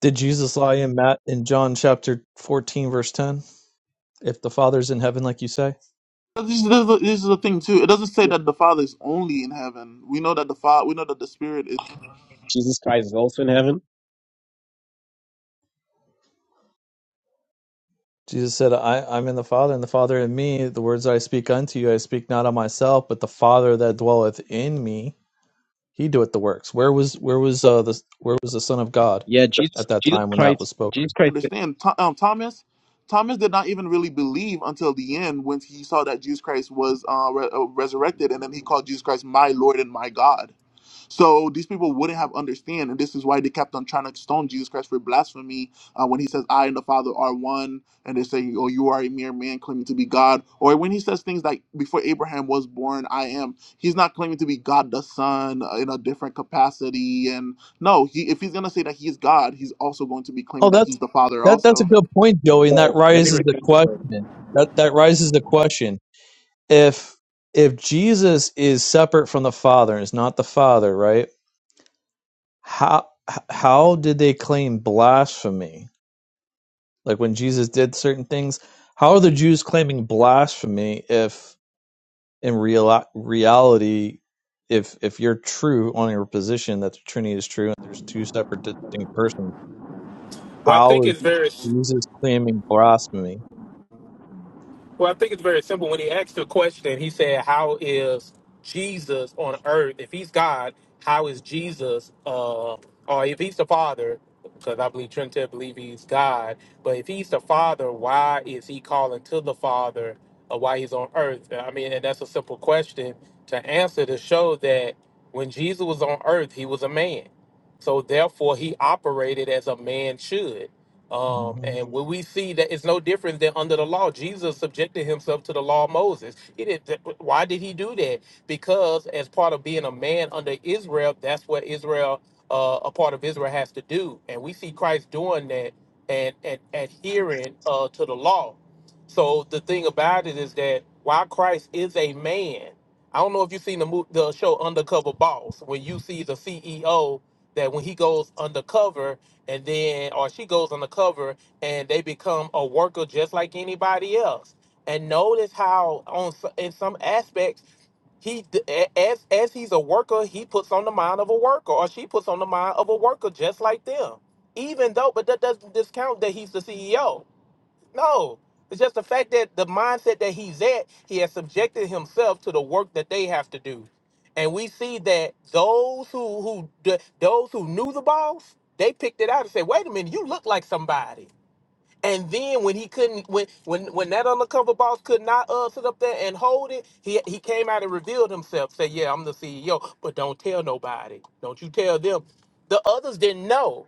Speaker 8: Did Jesus lie in Matt in John chapter 14 verse 10? If the Father's in heaven, like you say,
Speaker 2: This is, the, this is the thing too. It doesn't say that the Father is only in heaven. We know that the Father. We know that the Spirit is.
Speaker 14: jesus christ is also in heaven
Speaker 8: Jesus said, I, "I'm in the Father, and the Father in me. The words I speak unto you, I speak not of myself, but the Father that dwelleth in me, He doeth the works." Where was where was uh the where was the Son of God
Speaker 14: Yeah, Jesus,
Speaker 8: at that
Speaker 14: Jesus
Speaker 8: time when that was
Speaker 14: Christ,
Speaker 8: spoken?
Speaker 14: Jesus Christ
Speaker 2: Understand, Tho- um, Thomas. Thomas did not even really believe until the end when he saw that Jesus Christ was uh, re- uh, resurrected, and then he called Jesus Christ my Lord and my God. So these people wouldn't have understand, and this is why they kept on trying to stone Jesus Christ for blasphemy uh, when he says, "I and the Father are one," and they say, "Oh, you are a mere man claiming to be God," or when he says things like, "Before Abraham was born, I am." He's not claiming to be God the Son uh, in a different capacity, and no, he if he's gonna say that he's God, he's also going to be
Speaker 8: Oh,
Speaker 2: claiming that
Speaker 8: that's
Speaker 2: he's the Father
Speaker 8: that that's a
Speaker 2: also.
Speaker 8: good point, Joey, and that
Speaker 14: Well, let me
Speaker 8: raises the
Speaker 14: return to Bo.
Speaker 8: question. That that raises the question if if Jesus is separate from the Father and is not the Father, right? How how did they claim blasphemy? Like when Jesus did certain things, how are the Jews claiming blasphemy if in real reality if if you're true on your position that the Trinity is true and there's two separate distinct persons,
Speaker 16: Well, I think
Speaker 8: how is
Speaker 16: it's very
Speaker 8: Jesus claiming blasphemy?
Speaker 16: well. I think it's very simple. When he asked the question, he said, "How is Jesus on earth? If he's God, how is Jesus? Uh, or if he's the Father, because I believe Trinidad believe he's God. But if he's the Father, why is he calling to the Father? Or why he's on earth? I mean, and that's a simple question to answer to show that when Jesus was on earth, he was a man. So therefore, he operated as a man should. Um,
Speaker 8: hmm
Speaker 16: and when we see that it's no different than under the law, Jesus subjected himself to the law of Moses. He did, th- why did he do that? Because as part of being a man under Israel, that's what Israel, uh, a part of Israel has to do. And we see Christ doing that and, and adhering uh, to the law. So the thing about it is that while Christ is a man, I don't know if you've seen the, mo- the show Undercover Boss, when you see the CEO that when he goes undercover, and then or she goes on the cover and they become a worker just like anybody else. And notice how on s- in some aspects he d- a- as as he's a worker, he puts on the mind of a worker or she puts on the mind of a worker just like them. Even though but that doesn't discount that he's the CEO no, it's just the fact that the mindset that he's at, he has subjected himself to the work that they have to do, and we see that those who who th- those who knew the boss, they picked it out and said, "Wait a minute, you look like somebody." And then when he couldn't, when when when that undercover boss could not uh, sit up there and hold it, he he came out and revealed himself. Said, "Yeah, I'm the CEO, but don't tell nobody. Don't you tell them." The others didn't know.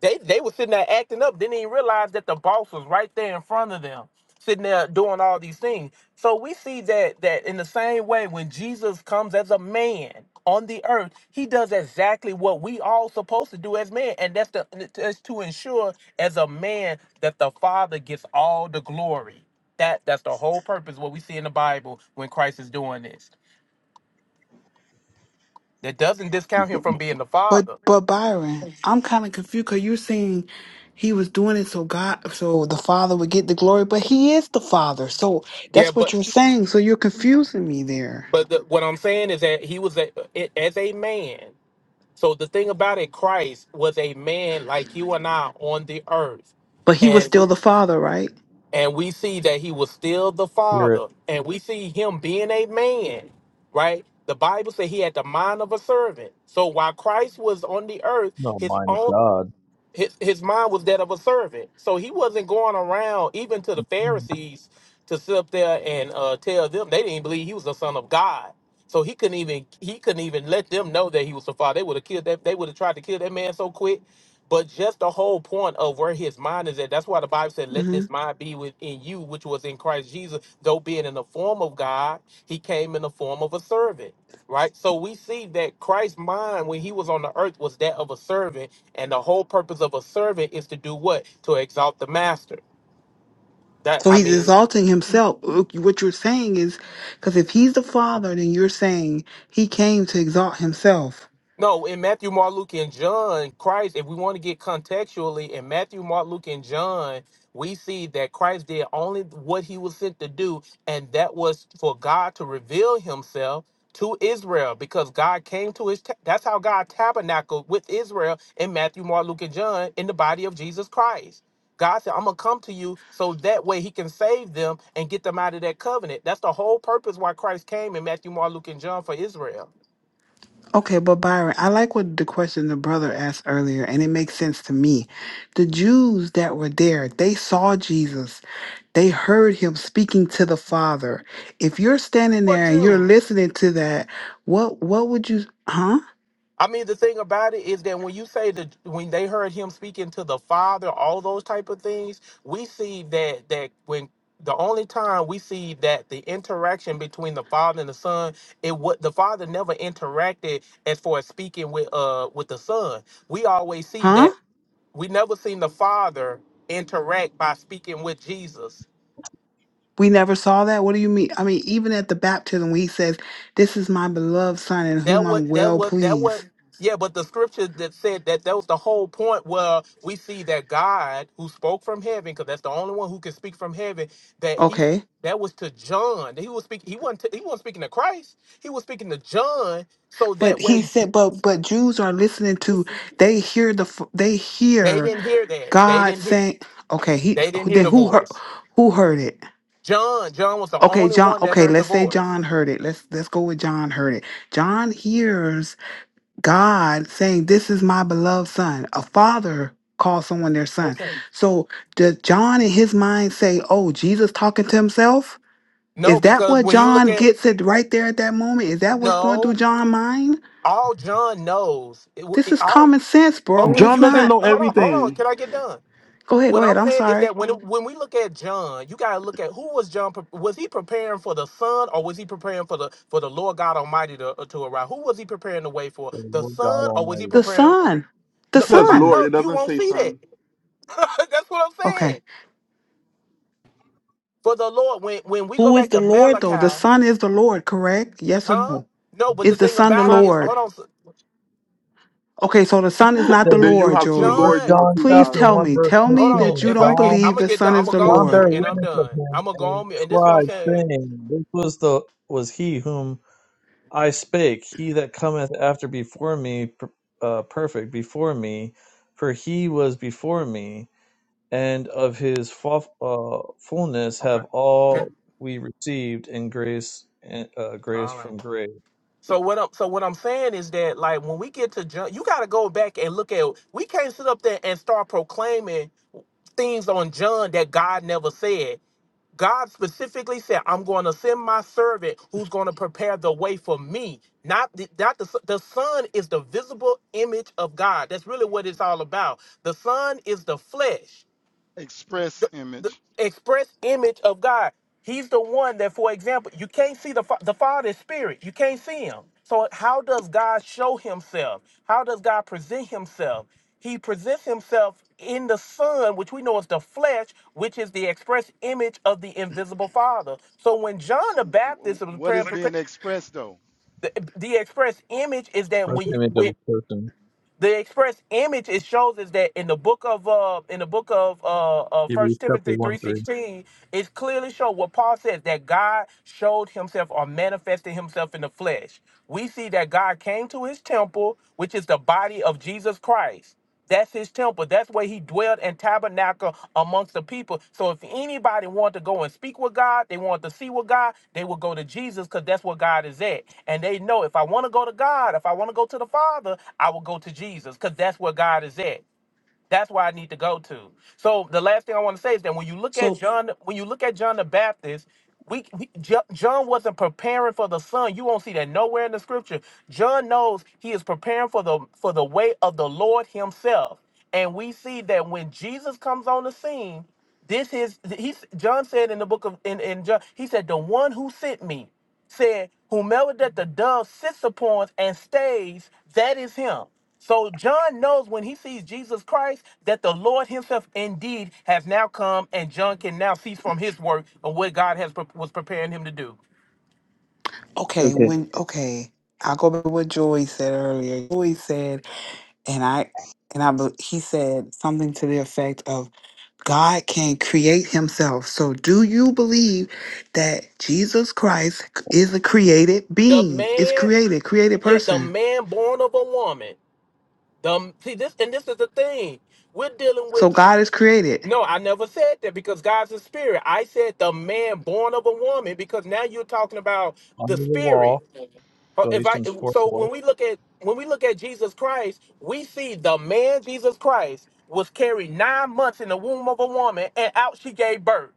Speaker 16: They they were sitting there acting up, didn't even realize that the boss was right there in front of them, sitting there doing all these things. So we see that that in the same way when Jesus comes as a man on the earth, he does exactly what we all supposed to do as men, and that's to that's to ensure as a man that the Father gets all the glory. That that's the whole purpose what we see in the Bible when Christ is doing this. That doesn't discount
Speaker 14: Bo-
Speaker 16: him from being the
Speaker 15: But
Speaker 16: Father.
Speaker 15: but Byron, I'm kind of confused because you're saying he was doing it so God, so the Father would get the glory. But he is the Father. So
Speaker 16: Yeah,
Speaker 15: that's what
Speaker 16: but
Speaker 15: you're saying. So you're confusing me there.
Speaker 16: but the, what I'm saying is that he was a, as a man So the thing about it, Christ was a man like you and I on the earth,
Speaker 15: But he was
Speaker 16: and we,
Speaker 15: still the Father, right?
Speaker 16: and we see that he was still the
Speaker 8: You're
Speaker 16: Father, and we see him being a man, right? The Bible said he had the mind of a servant. So while Christ was on the earth,
Speaker 8: no
Speaker 16: his
Speaker 8: mind of
Speaker 16: own
Speaker 8: God.
Speaker 16: his his mind was that of a servant. So he wasn't going around even to the Pharisees to sit up there and uh, tell them they didn't believe he was the son of God. So he couldn't even he couldn't even let them know that he was the father. They would have killed that. They would have tried to kill that man so quick. But just the whole point of where his mind is at. That's why the Bible said, "Let
Speaker 15: Mm-hmm.
Speaker 16: this mind be within you, which was in Christ Jesus." Though being in the form of God, he came in the form of a servant right? So we see that Christ's mind when he was on the earth was that of a servant, and the whole purpose of a servant is to do what? To exalt the master. That
Speaker 15: So
Speaker 16: I
Speaker 15: he's
Speaker 16: mean,
Speaker 15: exalting himself. Look, What you're saying is, because if he's the father, then you're saying he came to exalt himself.
Speaker 16: No, in Matthew, Mark, Luke, and John, Christ, if we want to get contextually, in Matthew, Mark, Luke, and John, we see that Christ did only what he was sent to do, and that was for God to reveal himself to Israel because God came to his. ta- that's how God tabernacled with Israel in Matthew, Mark, Luke, and John in the body of Jesus Christ. God said, I'm going to come to you so that way he can save them and get them out of that covenant. That's the whole purpose why Christ came in Matthew, Mark, Luke, and John for Israel.
Speaker 15: Okay, but Byron, I like what the question the brother asked earlier, and it makes sense to me. The Jews that were there, they saw Jesus. They heard him speaking to the Father. If you're standing
Speaker 16: For
Speaker 15: there and you're
Speaker 16: Jews.
Speaker 15: listening to that, what what would you huh?
Speaker 16: I mean, the thing about it is that when you say that when they heard him speaking to the Father, all those type of things, we see that that when the only time we see that the interaction between the Father and the Son, it what the Father never interacted as far as speaking with uh with the Son. We always see
Speaker 15: Huh?
Speaker 16: that we never seen the Father interact by speaking with Jesus.
Speaker 15: We never saw that? What do you mean? I mean, even at the baptism when he says, This is my beloved son in
Speaker 16: That
Speaker 15: whom
Speaker 16: would
Speaker 15: I'm
Speaker 16: that
Speaker 15: well
Speaker 16: would that
Speaker 15: pleased.
Speaker 16: would yeah, but the scripture that said that that was the whole point where we see that God who spoke from heaven, because that's the only one who can speak from heaven, that he's
Speaker 15: Okay.
Speaker 16: that was to John. He was speaking. He wasn't. he wasn't speaking to Christ. He was speaking to John. So
Speaker 15: But
Speaker 16: that
Speaker 15: he
Speaker 16: way, J-
Speaker 15: said, but but Jews are listening to. They hear the. f- They
Speaker 16: they
Speaker 15: hear
Speaker 16: didn't hear that. They
Speaker 15: God
Speaker 16: didn't. Hear,
Speaker 15: saying. Okay. He
Speaker 16: they didn't hear
Speaker 15: then
Speaker 16: the
Speaker 15: who heard
Speaker 16: voice.
Speaker 15: who heard it?
Speaker 16: John. John was the
Speaker 15: Okay,
Speaker 16: only
Speaker 15: John.
Speaker 16: one that
Speaker 15: Okay,
Speaker 16: heard the
Speaker 15: let's say
Speaker 16: voice.
Speaker 15: John heard it. Let's let's go with John heard it. John hears God saying, "This is my beloved son." A father calls someone their son.
Speaker 16: Okay.
Speaker 15: So does John in his mind say, "Oh, Jesus talking to himself"?
Speaker 16: No,
Speaker 15: Is that
Speaker 16: because
Speaker 15: what
Speaker 16: when you look
Speaker 15: John
Speaker 16: at
Speaker 15: gets it right there at that moment? Is that what's going through
Speaker 16: no,
Speaker 15: John's mind?
Speaker 16: all John knows, it, wa-
Speaker 15: This
Speaker 16: it-
Speaker 15: is
Speaker 16: all
Speaker 15: common sense, bro.
Speaker 16: Okay,
Speaker 15: It's
Speaker 2: John
Speaker 16: you say,
Speaker 2: doesn't
Speaker 15: not.
Speaker 2: know
Speaker 16: hold on, hold on.
Speaker 2: everything.
Speaker 16: Can I get done?
Speaker 15: Go ahead, go
Speaker 16: What I'm
Speaker 15: ahead. I'm
Speaker 16: saying is
Speaker 15: sorry.
Speaker 16: that when when we look at John, you gotta look at who was John. pre- Was he preparing for the Son, or was he preparing for the for the Lord God Almighty to to arrive? Who was he preparing the way for?
Speaker 8: The
Speaker 16: The
Speaker 8: Lord God
Speaker 16: Son, or was he
Speaker 8: Almighty.
Speaker 15: The
Speaker 16: preparing?
Speaker 15: Son. The
Speaker 16: No,
Speaker 2: He
Speaker 16: the
Speaker 2: says
Speaker 16: Bi-
Speaker 15: Son.
Speaker 2: Lord,
Speaker 16: no,
Speaker 2: it
Speaker 16: you
Speaker 2: doesn't
Speaker 16: won't
Speaker 2: say
Speaker 16: see that.
Speaker 2: Son.
Speaker 16: That's what I'm
Speaker 15: Okay.
Speaker 16: saying. For the Lord, when when we go
Speaker 15: Who is
Speaker 16: back
Speaker 15: the
Speaker 16: to
Speaker 15: Lord, though? The
Speaker 16: Malachi,
Speaker 15: Son is the Lord, correct? Yes or
Speaker 16: huh?
Speaker 15: no?
Speaker 16: No, but the
Speaker 15: Is the
Speaker 16: thing
Speaker 15: Son the
Speaker 16: about it
Speaker 2: Son,
Speaker 16: is,
Speaker 15: Lord?
Speaker 16: hold on,
Speaker 15: Okay, so the Son is not the
Speaker 8: So,
Speaker 2: then you
Speaker 15: Lord,
Speaker 2: have two
Speaker 15: Joey.
Speaker 8: First
Speaker 2: lords,
Speaker 16: John.
Speaker 2: you have
Speaker 8: John
Speaker 2: two
Speaker 15: Please
Speaker 2: gods.
Speaker 8: chapter
Speaker 15: tell
Speaker 8: one
Speaker 15: me.
Speaker 8: verse
Speaker 15: Tell me
Speaker 16: Hold
Speaker 15: that
Speaker 8: fifteen.
Speaker 16: on,
Speaker 15: you
Speaker 16: if
Speaker 15: don't
Speaker 16: I can,
Speaker 8: John
Speaker 16: I'm
Speaker 15: believe
Speaker 16: gonna
Speaker 15: the
Speaker 16: get
Speaker 15: Son
Speaker 16: done. I'm
Speaker 15: is
Speaker 16: gonna
Speaker 15: the
Speaker 16: go on
Speaker 8: John
Speaker 15: Lord.
Speaker 8: bare
Speaker 16: mute, and I'm
Speaker 8: witness of
Speaker 16: done.
Speaker 8: him
Speaker 16: I'm gonna go
Speaker 8: and
Speaker 16: on mute, and this is what I'm
Speaker 8: cried,
Speaker 16: saying.
Speaker 8: saying, This was the was he whom I spake. He that cometh after before me, per- uh, perfect before me, for he was before me, and of his fu- uh, fullness
Speaker 16: Okay.
Speaker 8: have
Speaker 16: And-
Speaker 8: all we received in grace, and, uh, grace
Speaker 16: all right.
Speaker 8: from grace.
Speaker 16: So what I'm so what I'm saying is that like when we get to John, you got to go back and look at. We can't sit up there and start proclaiming things on John that God never said. God specifically said, "I'm going to send my servant who's going to prepare the way for me." Not the, not the s- the Son is the visible image of God. That's really what it's all about. The Son is the flesh.
Speaker 13: Express
Speaker 16: the, the
Speaker 13: image.
Speaker 16: express image of God. He's the one that, for example, you can't see the fa- the Father is spirit. You can't see him. So how does God show Himself? How does God present Himself? He presents Himself in the Son, which we know is the flesh, which is the express image of the invisible Father. So when John
Speaker 13: So,
Speaker 16: the
Speaker 13: wh-
Speaker 16: Baptist
Speaker 13: wh-
Speaker 16: was
Speaker 13: what
Speaker 16: praying,
Speaker 13: is being expressed though?
Speaker 16: the, the express image is that
Speaker 8: Express
Speaker 16: when you,
Speaker 8: image of
Speaker 16: when
Speaker 8: his person.
Speaker 16: the express image it shows is that in the book of uh in the book of uh, uh
Speaker 8: Hebrews
Speaker 16: first
Speaker 8: chapter
Speaker 16: timothy
Speaker 8: one three.
Speaker 16: 3.16 it clearly shows what paul says that god showed himself or manifested himself in the flesh we see that god came to his temple which is the body of jesus christ that's his temple. That's where he dwelt and tabernacle amongst the people. So if anybody wanted to go and speak with God, they wanted to see with God, they would go to Jesus because that's where God is at. And they know if I want to go to God, if I want to go to the Father, I will go to Jesus because that's where God is at. That's where I need to go to. So the last thing I want to say is that when you look at
Speaker 15: So,
Speaker 16: John, when you look at John the Baptist, we, we Jo- John wasn't preparing for the Son. You won't see that nowhere in the Scripture. John knows he is preparing for the for the way of the Lord Himself, and we see that when Jesus comes on the scene, this is he. John said in the book of in in John, he said, "The one who sent me." said, Whomever that the dove sits upon and stays, that is him. So John knows when he sees Jesus Christ that the Lord himself indeed has now come and John can now cease from his work of what God has pre- was preparing him to do.
Speaker 15: okay,
Speaker 17: Okay.
Speaker 15: when, okay. I'll go back to what Joey said earlier. Joey said, and I, and I, be- he said something to the effect of, God can create himself. So, do you believe that Jesus Christ is a created
Speaker 16: The
Speaker 15: being? Is
Speaker 16: man,
Speaker 15: created, created
Speaker 16: yeah, the
Speaker 15: person.
Speaker 16: man born of a woman. The see this and this is the thing. We're dealing
Speaker 15: So,
Speaker 16: with
Speaker 15: God is created.
Speaker 16: No, I never said that because God's a spirit. I said the man born of a woman because now you're talking about
Speaker 8: Under
Speaker 16: the
Speaker 8: the law,
Speaker 16: spirit. Uh, If I
Speaker 8: Galatians
Speaker 16: so
Speaker 8: 4:1.
Speaker 16: when we look at when we look at Jesus Christ, we see the man Jesus Christ was carried nine months in the womb of a woman, and out she gave birth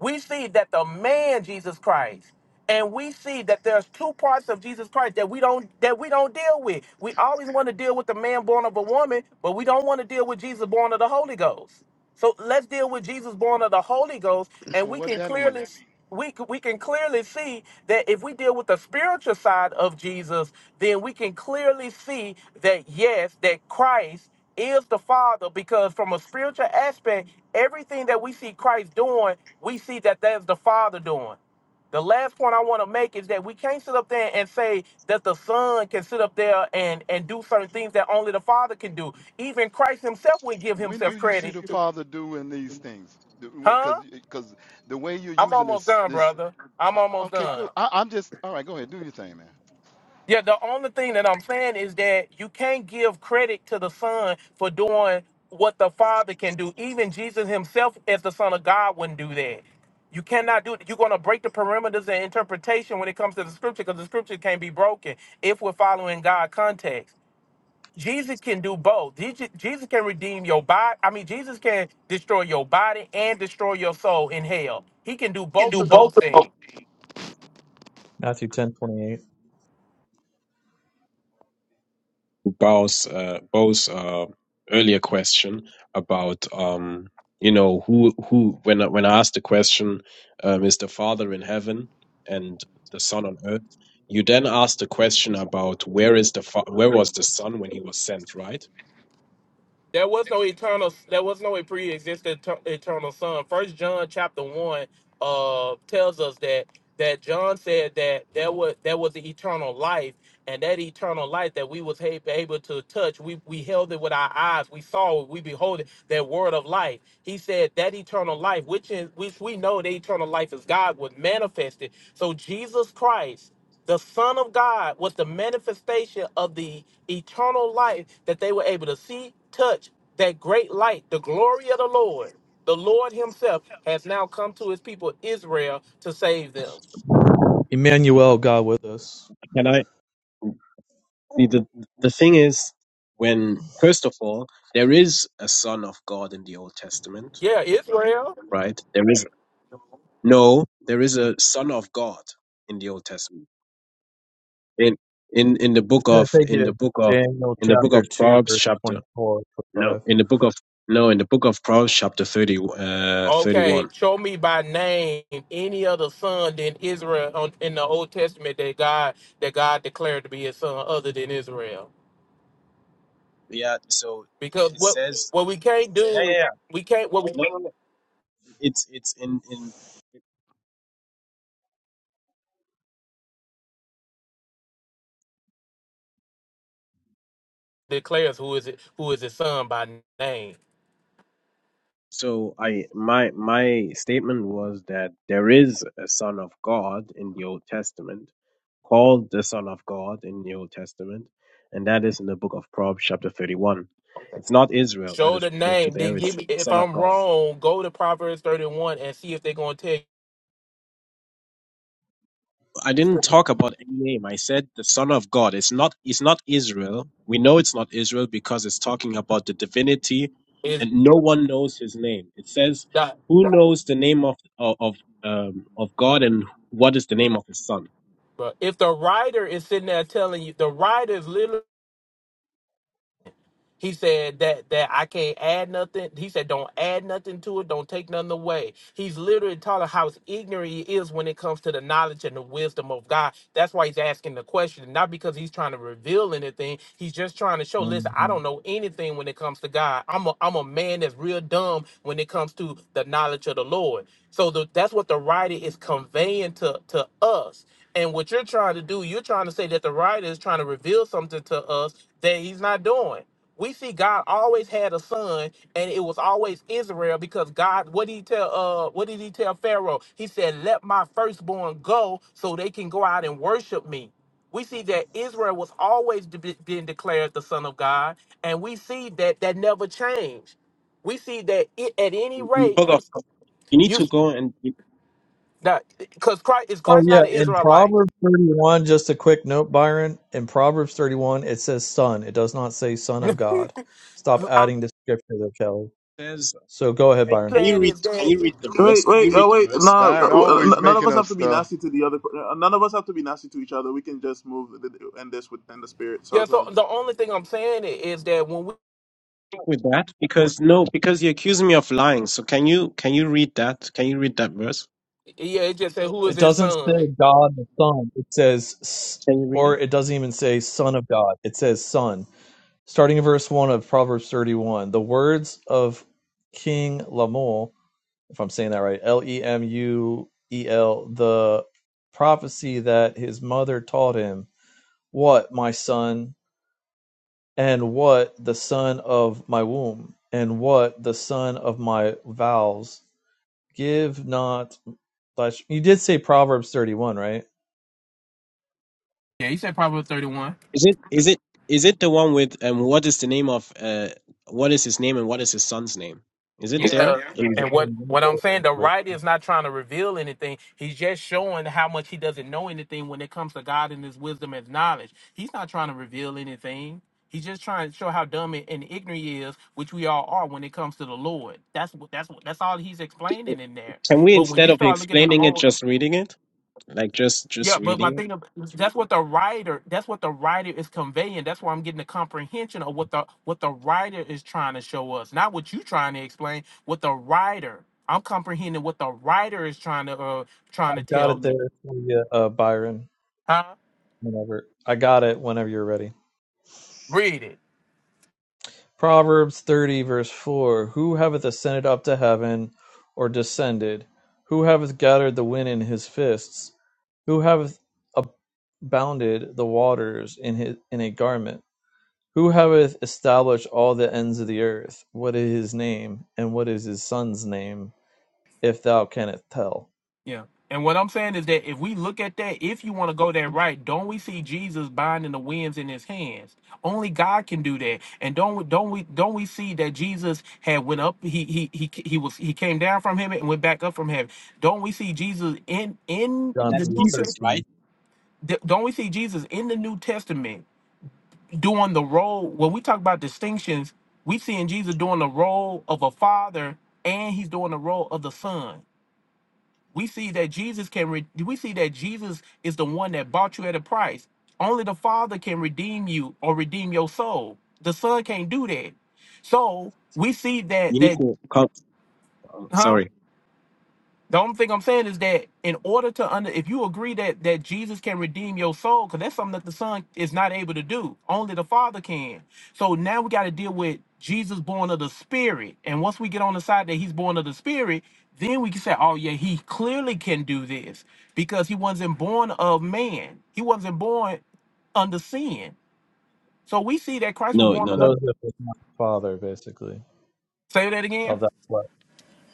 Speaker 16: we see that the man Jesus Christ, and we see that there's two parts of Jesus Christ that we don't that we don't deal with. We always want to deal with the man born of a woman, but we don't want to deal with Jesus born of the Holy Ghost. So let's deal with Jesus born of the Holy Ghost, and
Speaker 13: So
Speaker 16: we
Speaker 13: what
Speaker 16: can
Speaker 13: that mean?
Speaker 16: clearly we c- we can clearly see that if we deal with the spiritual side of Jesus, then we can clearly see that yes, that Christ is the Father because from a spiritual aspect, everything that we see Christ doing, we see that that's the Father doing. The last point I want to make is that we can't sit up there and say that the Son can sit up there and, and do certain things that only the Father can do. Even Christ himself would give
Speaker 13: When do
Speaker 16: himself
Speaker 13: you see
Speaker 16: credit.
Speaker 13: the Father doing these things? Because
Speaker 16: Huh?
Speaker 13: because the way you're
Speaker 16: I'm
Speaker 13: using
Speaker 16: almost
Speaker 13: this
Speaker 16: done,
Speaker 13: this
Speaker 16: brother. I'm
Speaker 13: I-
Speaker 16: almost
Speaker 13: okay
Speaker 16: done.
Speaker 13: cool. I, I'm just all right. Go ahead, do your thing, man.
Speaker 16: Yeah, the only thing that I'm saying is that you can't give credit to the Son for doing what the Father can do. Even Jesus himself, as the Son of God, wouldn't do that. You cannot do it. You're going to break the perimeters and interpretation when it comes to the scripture because the scripture can't be broken if we're following God context. Jesus can do both. Jesus Jesus can redeem your body. I mean, Jesus can destroy your body and destroy your soul in hell. He can do
Speaker 15: He can
Speaker 16: both
Speaker 15: do
Speaker 16: of
Speaker 15: both
Speaker 16: those
Speaker 15: of
Speaker 16: things.
Speaker 15: them.
Speaker 8: Matthew ten twenty eight.
Speaker 14: Bo's uh, Bo's uh, earlier question about um, you know who who when I, when I asked the question um, is the Father in heaven and the Son on earth. You then asked the question about where is the fa- where was the Son when he was sent, right?
Speaker 16: There was no eternal. There was no pre-existent ter- eternal Son. First John chapter one uh tells us that that John said that there was there was the eternal life, and that eternal life that we was ha- able to touch, we we held it with our eyes, we saw it, we behold it, that word of life. He said that eternal life, which is which we know the eternal life is God, was manifested. So Jesus Christ. The Son of God was the manifestation of the eternal life that they were able to see, touch, that great light, the glory of the Lord. The Lord Himself has now come to His people, Israel, to save them.
Speaker 8: Emmanuel, God with us.
Speaker 14: And I see the the thing is when first of all there is a son of God in the Old Testament,
Speaker 16: Yeah, Israel.
Speaker 14: right? There is no there is a son of God in the Old Testament. In in in the
Speaker 8: It's
Speaker 14: book
Speaker 8: going to
Speaker 14: of
Speaker 8: take
Speaker 14: in
Speaker 8: you to
Speaker 14: the book of
Speaker 8: Daniel
Speaker 14: in the book of
Speaker 8: chapter 2,
Speaker 14: Proverbs
Speaker 8: verse twenty
Speaker 14: chapter
Speaker 8: four twenty
Speaker 14: no
Speaker 8: five.
Speaker 14: in the book of no in the book of Proverbs chapter 30 uh
Speaker 16: Okay,
Speaker 14: 31.
Speaker 16: show me by name any other son than Israel on, in the Old Testament that God that God declared to be His son other than Israel.
Speaker 14: Yeah, so
Speaker 16: Because
Speaker 14: it
Speaker 16: what
Speaker 14: says
Speaker 16: what we can't
Speaker 14: yeah yeah
Speaker 16: do,
Speaker 14: yeah.
Speaker 16: we can't what we
Speaker 14: No, no, no. it's it's in in
Speaker 16: declares who is it who is His son by name.
Speaker 14: So I my my statement was that there is a son of God in the Old Testament, called the Son of God in the Old Testament, and that is in the book of Proverbs chapter 31.
Speaker 16: Okay.
Speaker 14: It's not Israel that
Speaker 16: Show
Speaker 14: is
Speaker 16: the
Speaker 14: referred to
Speaker 16: name.
Speaker 14: there,
Speaker 16: Then give
Speaker 14: it's
Speaker 16: me. If
Speaker 14: Son of
Speaker 16: I'm
Speaker 14: God.
Speaker 16: wrong, go to Proverbs 31 and see if they're gonna tell you
Speaker 14: I didn't talk about any name. I said the Son of God. It's not it's not Israel. We know it's not Israel because it's talking about the divinity
Speaker 16: is
Speaker 14: and no one knows his name. It says
Speaker 16: that.
Speaker 14: who knows the name of of of, um, of God and what is the name of his son?
Speaker 16: But if the writer is sitting there telling you, the writer is literally. He said that that I can't add nothing. He said, don't add nothing to it. Don't take nothing away. He's literally telling how ignorant he is when it comes to the knowledge and the wisdom of God. That's why he's asking the question, not because he's trying to reveal anything. He's just trying to show, listen,
Speaker 8: 25.
Speaker 16: I
Speaker 8: Mhm.
Speaker 16: don't know anything when it comes to God. I'm a I'm a man that's real dumb when it comes to the knowledge of the Lord. So the, that's what the writer is conveying to to us. And what you're trying to do, you're trying to say that the writer is trying to reveal something to us that he's not doing we see God always had a son, and it was always Israel because God. What did he tell? Uh, what did he tell Pharaoh? He said, "Let my firstborn go, so they can go out and worship me." We see that Israel was always de- being declared the son of God, and we see that that never changed. We see that it, at any
Speaker 14: In the
Speaker 16: rate,
Speaker 14: book
Speaker 16: you
Speaker 14: of you need
Speaker 16: you
Speaker 14: to go and it
Speaker 16: that because Christ is
Speaker 8: Oh,
Speaker 16: Christ
Speaker 8: yeah.
Speaker 16: not an
Speaker 8: In
Speaker 16: Israelite.
Speaker 8: Proverbs 31, just a quick note, Byron. In Proverbs 31, it says son. It does not say son of God. Stop
Speaker 16: I'm
Speaker 8: adding the scripture there, Kelly.
Speaker 14: says
Speaker 8: So go ahead,
Speaker 14: can,
Speaker 8: Byron.
Speaker 14: can you
Speaker 16: saying
Speaker 14: read
Speaker 16: is
Speaker 14: can
Speaker 16: that
Speaker 14: you read the verse?
Speaker 2: Wait,
Speaker 14: Can
Speaker 2: wait,
Speaker 14: you read
Speaker 2: oh
Speaker 14: the
Speaker 2: wait!
Speaker 14: verse?
Speaker 2: No, uh,
Speaker 13: Byron always
Speaker 2: uh, none of
Speaker 13: making
Speaker 2: us
Speaker 13: up
Speaker 2: have to be
Speaker 13: stuff.
Speaker 2: nasty to the other. per- uh, None of us have to be nasty to each other. We can just move and this with and the spirit. So
Speaker 16: yeah.
Speaker 2: it's all
Speaker 16: So
Speaker 2: good.
Speaker 16: the only thing I'm saying is that when we
Speaker 14: with that because no because you accuse me of lying so can you can you read that can you read that verse
Speaker 16: yeah, it just said who is
Speaker 8: It
Speaker 16: his
Speaker 8: doesn't say
Speaker 16: son
Speaker 8: God the son. It says, s-
Speaker 14: can you read it
Speaker 8: or it doesn't even say son of God. It says son. starting in verse 1 of Proverbs 31. The words of King Lemuel, if I'm saying that right, L E M U E L, the prophecy that his mother taught him, what, my son, and what the son of my womb, and what the son of my vows, give not. You did say Proverbs 31, right?
Speaker 16: Yeah, he said Proverbs 31.
Speaker 14: is it is it is it the one with um what is the name of uh what is his name and what is his son's name is it there
Speaker 16: Yeah. And what, what I'm saying, the writer is not trying to reveal anything. He's just showing how much he doesn't know anything when it comes to God and his wisdom and knowledge. He's not trying to reveal anything. He's just trying to show how dumb and and ignorant he is, which we all are when it comes to the Lord. That's what that's what that's all he's
Speaker 14: Mm.
Speaker 16: explaining in there.
Speaker 14: can we
Speaker 16: But when you
Speaker 14: instead of
Speaker 16: start looking in the
Speaker 14: explaining it
Speaker 16: old
Speaker 14: just reading it like just just
Speaker 16: Yeah, but my
Speaker 14: reading it
Speaker 16: thing ab- that's what the writer that's what the writer is conveying. That's where I'm getting the comprehension of what the what the writer is trying to show us, not what you trying to explain. What the writer, I'm comprehending what the writer is trying to uh trying
Speaker 8: I
Speaker 16: to
Speaker 8: got
Speaker 16: tell
Speaker 8: it
Speaker 16: me.
Speaker 8: there for you, uh, Byron,
Speaker 16: Huh?
Speaker 8: whenever. I got it whenever you're ready.
Speaker 16: Read it.
Speaker 8: Proverbs 30, verse 4 Who hath ascended up to heaven, or descended? Who hath gathered the wind in his fists? Who hath abounded the waters in, his, in a garment? Who hath established all the ends of the earth? What is his name, and what is his son's name, if thou canst tell?
Speaker 16: Yeah. And what I'm saying is that if we look at that, if you want to go there right, don't we see Jesus binding the winds in his hands? Only God can do that. And don't we- don't we don't we see that Jesus had went up he he he he was he came down from heaven and went back up from heaven. Don't we see Jesus in in
Speaker 14: but
Speaker 8: John
Speaker 16: the
Speaker 14: that's
Speaker 8: three
Speaker 16: New
Speaker 14: jesus
Speaker 16: Testament?
Speaker 8: thirteen.
Speaker 14: right
Speaker 16: Don't we see Jesus in the New Testament doing the role when we talk about distinctions, we seeing Jesus doing the role of a father and he's doing the role of the son we see that Jesus can re- we see that Jesus is the one that bought you at a price. Only the Father can redeem you or redeem your soul. The Son can't do that. So we see
Speaker 14: you
Speaker 16: that
Speaker 14: need
Speaker 16: that
Speaker 14: to come oh,
Speaker 16: huh?
Speaker 14: sorry
Speaker 16: The only thing I'm saying is that in order to under, if you agree that that Jesus can redeem your soul, because that's something that the Son is not able to do, only the Father can. So now we got to deal with Jesus born of the Spirit, and once we get on the side that He's born of the Spirit, then we can say, oh yeah, He clearly can do this because He wasn't born of man. He wasn't born under sin. So we see that Christ was
Speaker 14: no
Speaker 16: born
Speaker 14: no
Speaker 16: of.
Speaker 14: no
Speaker 8: Joseph was not the father, basically,
Speaker 16: Say that again.
Speaker 8: of that flesh.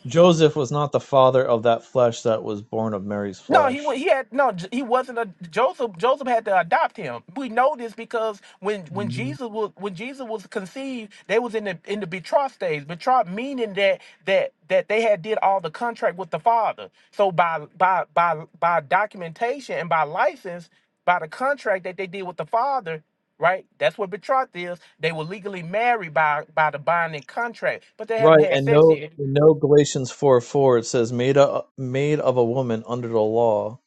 Speaker 8: Joseph was not the father of that flesh that was born of Mary's
Speaker 16: No, he wa-
Speaker 8: flesh.
Speaker 16: he had no. J- He wasn't a Joseph. Joseph had to adopt him. We know this because when when Jesus was when Jesus was conceived, they was in the in the betrothed stage. Betrothed meaning that that that they had did all the contract with the father. So by by by by documentation and by license, by the contract that they did with the father, right? That's what betrothed is. They were legally married by by the binding contract, but they haven't
Speaker 8: Right,
Speaker 16: had
Speaker 8: and
Speaker 16: sex
Speaker 8: no,
Speaker 16: yet.
Speaker 8: no Galatians four four. It says made a made of a woman under the law,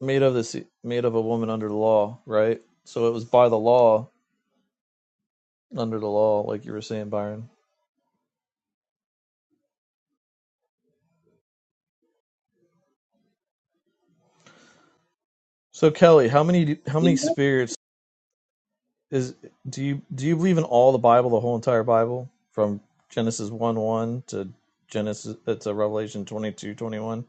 Speaker 8: made of this, made of a woman under the law. Right, so it was by the law, under the law, like you were saying, Byron. So Kelly, how many how many
Speaker 14: in that,
Speaker 8: spirits is do you do you believe in all the Bible, the whole entire Bible, from Genesis one one to Genesis uh, to Revelation twenty two twenty one?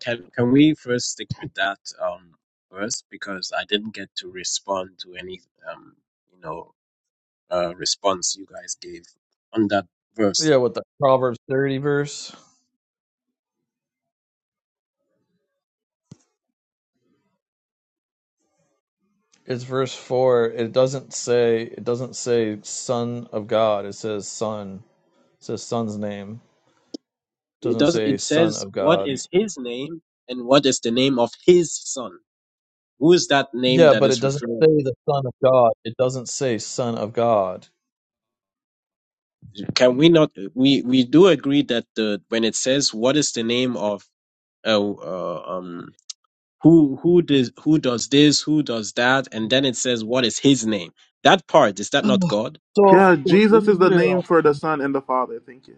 Speaker 14: can can we first stick with that um verse because i didn't get to respond to any um you know uh, response you guys gave on that verse.
Speaker 8: Yeah, with the Proverbs thirty verse. it's verse four. It doesn't say it doesn't say son of God. It says son. It says son's name. It
Speaker 14: It
Speaker 8: doesn't
Speaker 14: doesn't.
Speaker 8: say
Speaker 14: It
Speaker 8: son
Speaker 14: says,
Speaker 8: of
Speaker 14: "What
Speaker 8: God.
Speaker 14: is his name, and what is the name of his son?" Who is that name
Speaker 8: Yeah,
Speaker 14: that
Speaker 8: but it
Speaker 14: is
Speaker 8: doesn't
Speaker 14: referring
Speaker 8: say
Speaker 14: to?
Speaker 8: the son of God. It doesn't say son of God.
Speaker 14: Can we not? We we do agree that the when it says, "What is the name of uh, uh, um who who does who does this, who does that," and then it says, "What is his name?" That part is that
Speaker 8: so,
Speaker 14: not God?
Speaker 2: Yeah,
Speaker 8: so
Speaker 2: Jesus is the name
Speaker 8: Israel.
Speaker 2: for the Son and the Father. Thank you.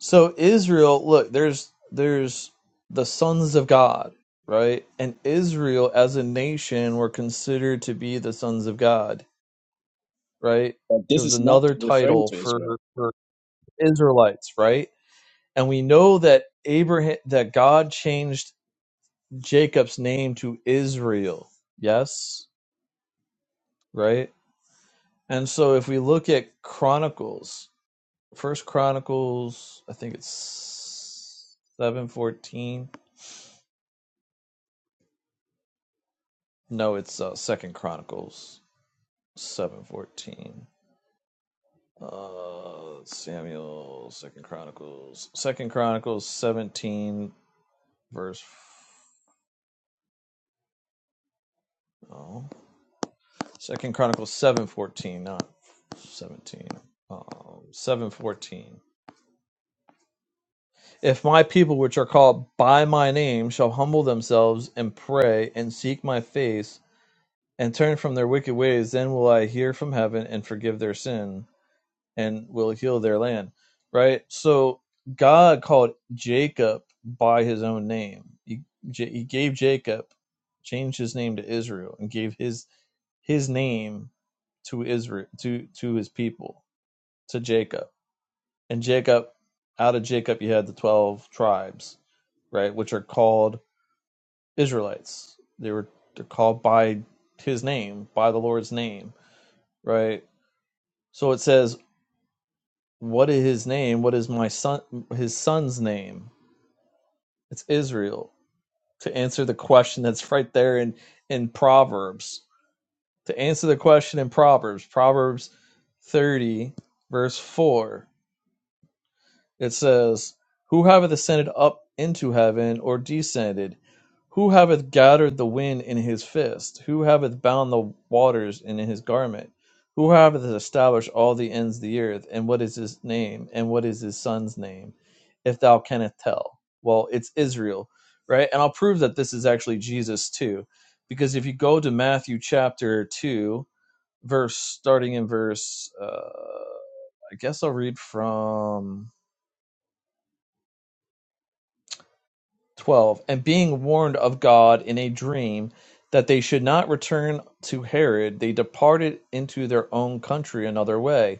Speaker 8: So Israel. Look, there's there's the sons of God, right? And Israel as a nation were considered to be the sons of God, right?
Speaker 14: But
Speaker 8: It
Speaker 14: this
Speaker 8: was
Speaker 14: is not
Speaker 8: another
Speaker 14: referring
Speaker 8: title
Speaker 14: to
Speaker 8: for
Speaker 14: Israel.
Speaker 8: for Israelites, right? and we know that Abraham that God changed Jacob's name to Israel. Yes, right? And so if we look at Chronicles, First Chronicles, I think it's 714. No, it's uh, Second Chronicles 714. Uh Samuel, Second Chronicles, Second Chronicles 17 verse oh. Second Chronicles seven fourteen, not seventeen. Um, seven fourteen. If my people, which are called by my name, shall humble themselves and pray and seek my face and turn from their wicked ways, then will I hear from heaven and forgive their sin and will heal their land. Right. So God called Jacob by his own name. He, J- he gave Jacob, changed his name to Israel, and gave his his name to Israel to to his people to Jacob. And Jacob, out of Jacob, you had the 12 tribes, right, which are called Israelites. They were they're called by his name, by the Lord's name, right? So it says, What is his name? What is my son, his son's name? It's Israel. To answer the question that's right there in, in Proverbs, to answer the question in Proverbs, Proverbs 30, verse 4 It says, Who hath ascended up into heaven, or descended? Who hath gathered the wind in his fist? Who hath bound the waters in his garment? Who hath established all the ends of the earth? And what is his name? And what is his son's name? If thou canst tell. Well, it's Israel, right? And I'll prove that this is actually Jesus too. Because if you go to Matthew chapter 2, verse starting in verse, uh, I guess I'll read from 12. And being warned of God in a dream that they should not return to Herod, they departed into their own country another way.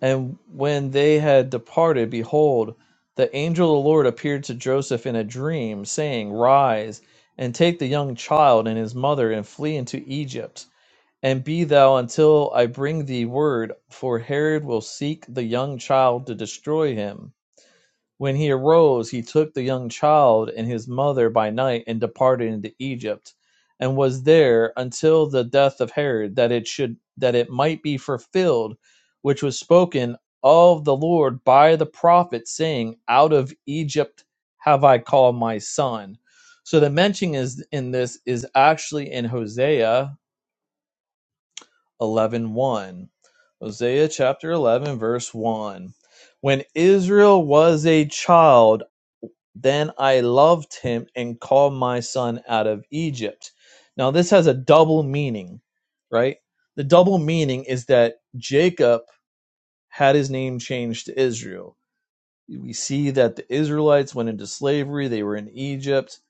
Speaker 8: And when they had departed, behold, the angel of the Lord appeared to Joseph in a dream, saying, Rise and take the young child and his mother and flee into Egypt. And be thou until I bring thee word, for Herod will seek the young child to destroy him. When he arose, he took the young child and his mother by night and departed into Egypt, and was there until the death of Herod, that it should that it might be fulfilled, which was spoken of the Lord by the prophet, saying, "Out of Egypt have I called my son." So the mention is in this is actually in Hosea eleven one, Hosea chapter 11 verse 1. When Israel was a child, then I loved him and called my son out of Egypt. Now, this has a double meaning, right? The double meaning is that Jacob had his name changed to Israel. We see that the Israelites went into slavery, they were in Egypt.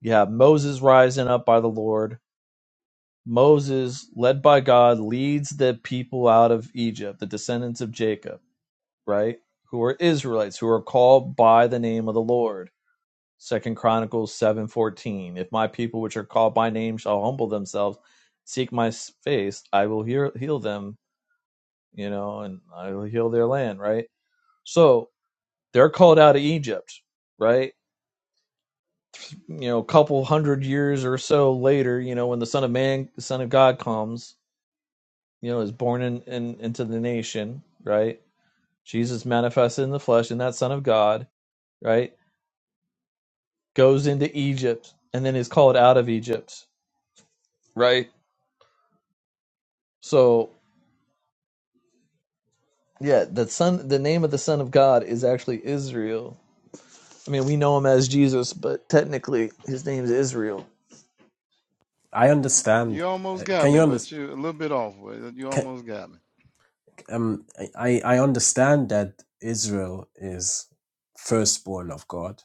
Speaker 8: You have Moses rising up by the Lord. Moses, led by God, leads the people out of Egypt, the descendants of Jacob, right? Who are Israelites, who are called by the name of the Lord Second Chronicles seven fourteen. If my people which are called by name shall humble themselves, seek my face, I will hear, heal them, you know, and I will heal their land, right? So they're called out of Egypt, right? You know, a couple hundred years or so later, you know, when the Son of Man, the Son of God comes, you know, is born in, in into the nation, right? Jesus manifested in the flesh and that Son of God, right? Goes into Egypt and then is called out of Egypt, right? So Yeah, the son the name of the son of God is actually Israel. I mean, we know him as Jesus, but technically his name is Israel.
Speaker 14: I understand.
Speaker 13: You almost
Speaker 14: Uh,
Speaker 13: got
Speaker 14: Can
Speaker 13: me,
Speaker 14: you
Speaker 13: but
Speaker 14: understand?
Speaker 13: you a little bit off. but You almost got me.
Speaker 14: um I, I understand that Israel is firstborn of God.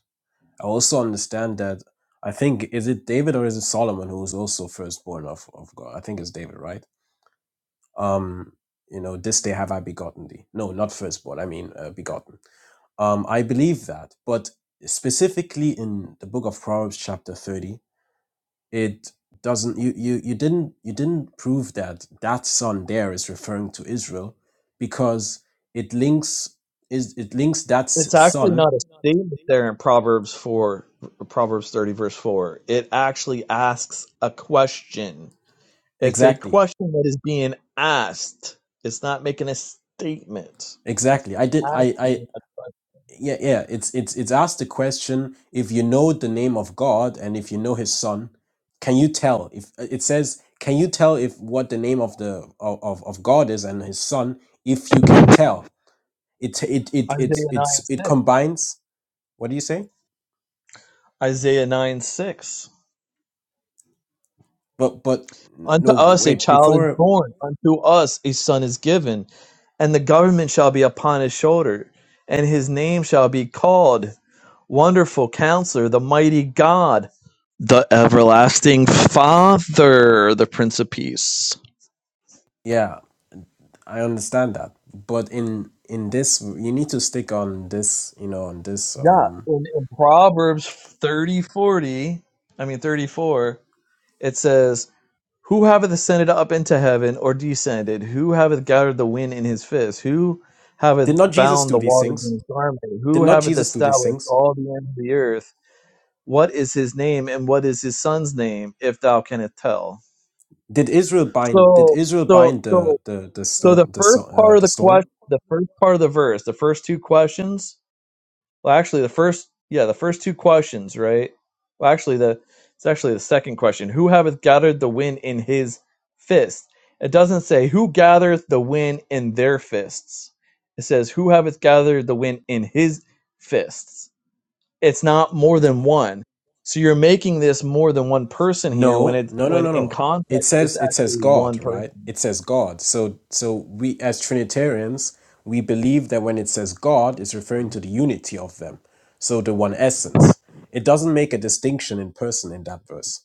Speaker 14: I also understand that I think is it David or is it Solomon who is also firstborn of, of God? I think it's David, right? Um, you know, this day have I begotten thee. No, not firstborn. I mean uh, begotten. Um, I believe that, but specifically in the book of Proverbs, chapter thirty, it doesn't you, you you didn't you didn't prove that that son there is referring to israel because it links is it links that s-
Speaker 8: It's actually
Speaker 14: son
Speaker 8: not a statement there in Proverbs 4 Proverbs 30 verse 4. It actually asks a question. It's a
Speaker 14: exactly
Speaker 8: question that is being asked. It's not making a statement. It's
Speaker 14: exactly i did i
Speaker 8: asking
Speaker 14: i
Speaker 8: a question.
Speaker 14: yeah yeah it's it's it's asked the question if you know the name of god and if you know his son can you tell if uh, it says can you tell if what the name of the of, of of god is and his son if you can tell it it it it
Speaker 8: Isaiah
Speaker 14: it's it
Speaker 8: 9 6.
Speaker 14: combines what do you say
Speaker 8: Isaiah 9 6.
Speaker 14: But but
Speaker 8: Unto
Speaker 14: no
Speaker 8: us a
Speaker 14: wait
Speaker 8: child is
Speaker 14: before
Speaker 8: born, unto us a son is given, and the government shall be upon his shoulder, and his name shall be called Wonderful Counselor, the Mighty God, the Everlasting Father, the Prince of Peace.
Speaker 14: yeah I understand that. But in in this you need to stick on this you know on this
Speaker 8: Yeah,
Speaker 14: um.
Speaker 8: in, in Proverbs 30 40, I mean 34, it says, Who hath ascended up into heaven, or descended? Who hath gathered the wind in his fist? Who hath
Speaker 14: Did not Jesus
Speaker 8: bound the
Speaker 14: do these
Speaker 8: waters
Speaker 14: things?
Speaker 8: in his garment?
Speaker 14: Did
Speaker 8: Who
Speaker 14: not
Speaker 8: hath
Speaker 14: Jesus do these
Speaker 8: established
Speaker 14: things?
Speaker 8: all the ends of the earth? What is his name, and what is his son's name, if thou canst tell?
Speaker 14: Did Israel bind? Did
Speaker 8: So,
Speaker 14: Israel
Speaker 8: so,
Speaker 14: bind
Speaker 8: so,
Speaker 14: the the the
Speaker 8: so the
Speaker 14: stone the
Speaker 8: first
Speaker 14: so-
Speaker 8: part
Speaker 14: uh,
Speaker 8: of
Speaker 14: the
Speaker 8: the
Speaker 14: storm?
Speaker 8: question, the first part of the verse, the first two questions well, actually, the first, yeah, the first two questions, right? Well, actually, the it's actually the second question. Who hath gathered the wind in his fist? It doesn't say who gathereth the wind in their fists. It says who hath gathered the wind in his fists. It's not more than one. So you're making this more than one person here when
Speaker 14: No,
Speaker 8: it
Speaker 14: no, no,
Speaker 8: when
Speaker 14: no,
Speaker 8: in
Speaker 14: no. It
Speaker 8: context it's
Speaker 14: says it says
Speaker 8: actually
Speaker 14: God,
Speaker 8: one person.
Speaker 14: right? It says God. So so we as Trinitarians, we believe that when it says God, it's referring to the unity of them. So the one essence. It doesn't make a distinction in person in that verse,